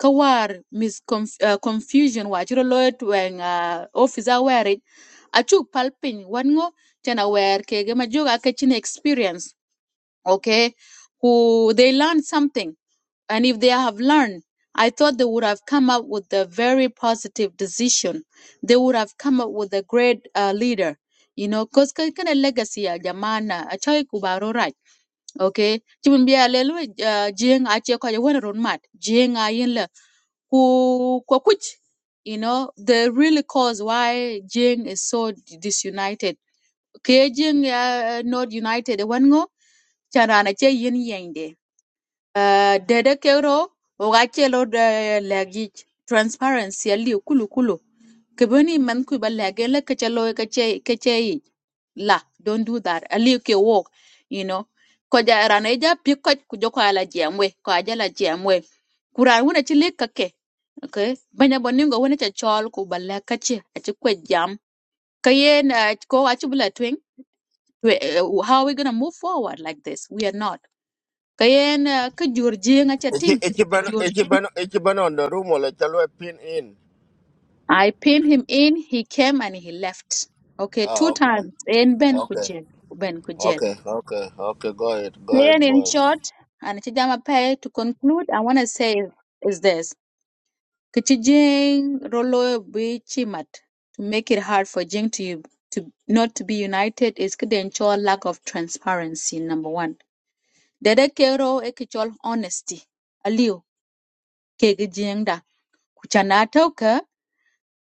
Speaker 1: kawar mis conf- uh, confusion wa chiro loet when uh, officer acu pal piny wan ŋo tena wer kege ma jogo experience okay who they learn something and if they have learned i thought they would have come up with a very positive decision they would have come up with a great uh, leader you know cause kana legacy ya jamana achai kubaro rach okay chimin biya lelu uh, jeng ache kwa wana mat Jing ayin la ku kwa kuch you know the really cause why jing is so disunited kejing uh, uh, not united wanngo chanana che yin yende uh, dede kero oga chelo de lagi transparency ali kulu kulu kebeni man ku ba lage la kachelo kache kache la don't do that ali ke walk you know ko ja rana ja pi ko ku jo ko ala jemwe ko aja la jemwe kuran wona ci le kake okay banya boningo wona cha chol ku ba la kache achi ko jam kayen ko achi bula we, uh, how are we going to move forward like this? We are not. Kayen uh, ka jur jing acha
Speaker 3: Echi
Speaker 1: ting, ka
Speaker 3: echi ban
Speaker 1: jur
Speaker 3: echi
Speaker 1: jing.
Speaker 3: ban echi ban on the room or chalo pin in.
Speaker 1: I pinned him in, he came and he left. Okay,
Speaker 3: Ah
Speaker 1: two
Speaker 3: okay.
Speaker 1: times. En ben
Speaker 3: Okay.
Speaker 1: kujel, ben kujel.
Speaker 3: Okay. Okay. Okay. Go ahead. Go ahead,
Speaker 1: Kayen in
Speaker 3: boss.
Speaker 1: short, and chijama pay to conclude, I want to say is this. Kichi jing rolo bi chimat. To make it hard for jing to, to not to be united is kiden ensure lack of transparency, number one. Dede kero e kichol honesty. Aliu. Kegijenda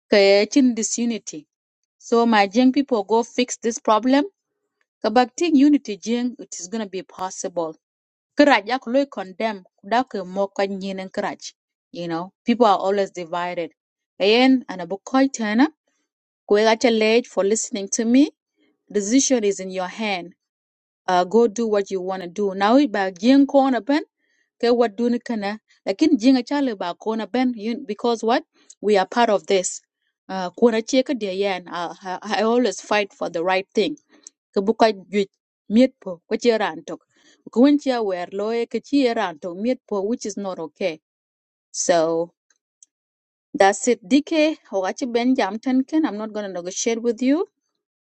Speaker 1: kaya chin disunity. So my Jing people go fix this problem. Kabakti unity Jing, it is gonna be possible. Karaj akuloi condemn kudake moka nyinen karaj. You know, people are always divided. Ayen anabukoi tena kuegacha late for listening to me. Decision is in your hand. Uh, go do what you wanna do. Now we bag Jing corner ke wat duni kana lakin jinga chale ba kona ben you- because what we are part of this uh, kona che ka de yan uh, I, I always fight for the right thing ke buka ju miet po ko che ran tok ko won che wer loe ke che ran tok miet po which is not okay so that's it dk hogachi ben jam tan i'm not going to negotiate with you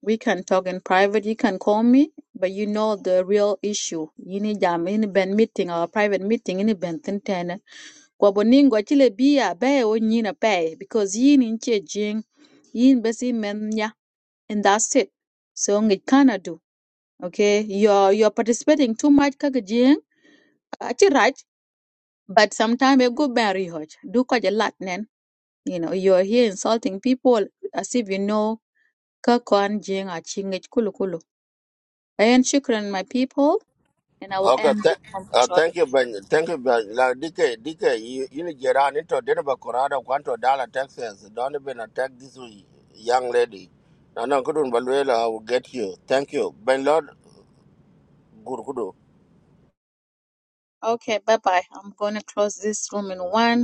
Speaker 1: we can talk in private you can call me but you know the real issue you need jam in ben meeting or private meeting in ben ten Gwabuningo ci bia be o nyina pay because yin in ci jing yin besi men nya and that's it so ngi kana do. okay you're you're participating too much ka jing aci right but sometimes you go very hot do ko je lat nen you know you're here insulting people as if you know ka kon jing a ci ngi kulu kulu and shukran my people and I will
Speaker 3: Okay,
Speaker 1: end
Speaker 3: th-
Speaker 1: this one
Speaker 3: uh, thank
Speaker 1: shortly
Speaker 3: you, Ben. Thank you, Ben. Like, DK, DK, you, you get on into Denver, Colorado, Quanto, Dallas, Texas. Don't even attack this w- young lady. No, no, couldn't, but well, I will get you. Thank you. Ben Lord, good, good.
Speaker 1: okay bye bye I'm gonna close this room in one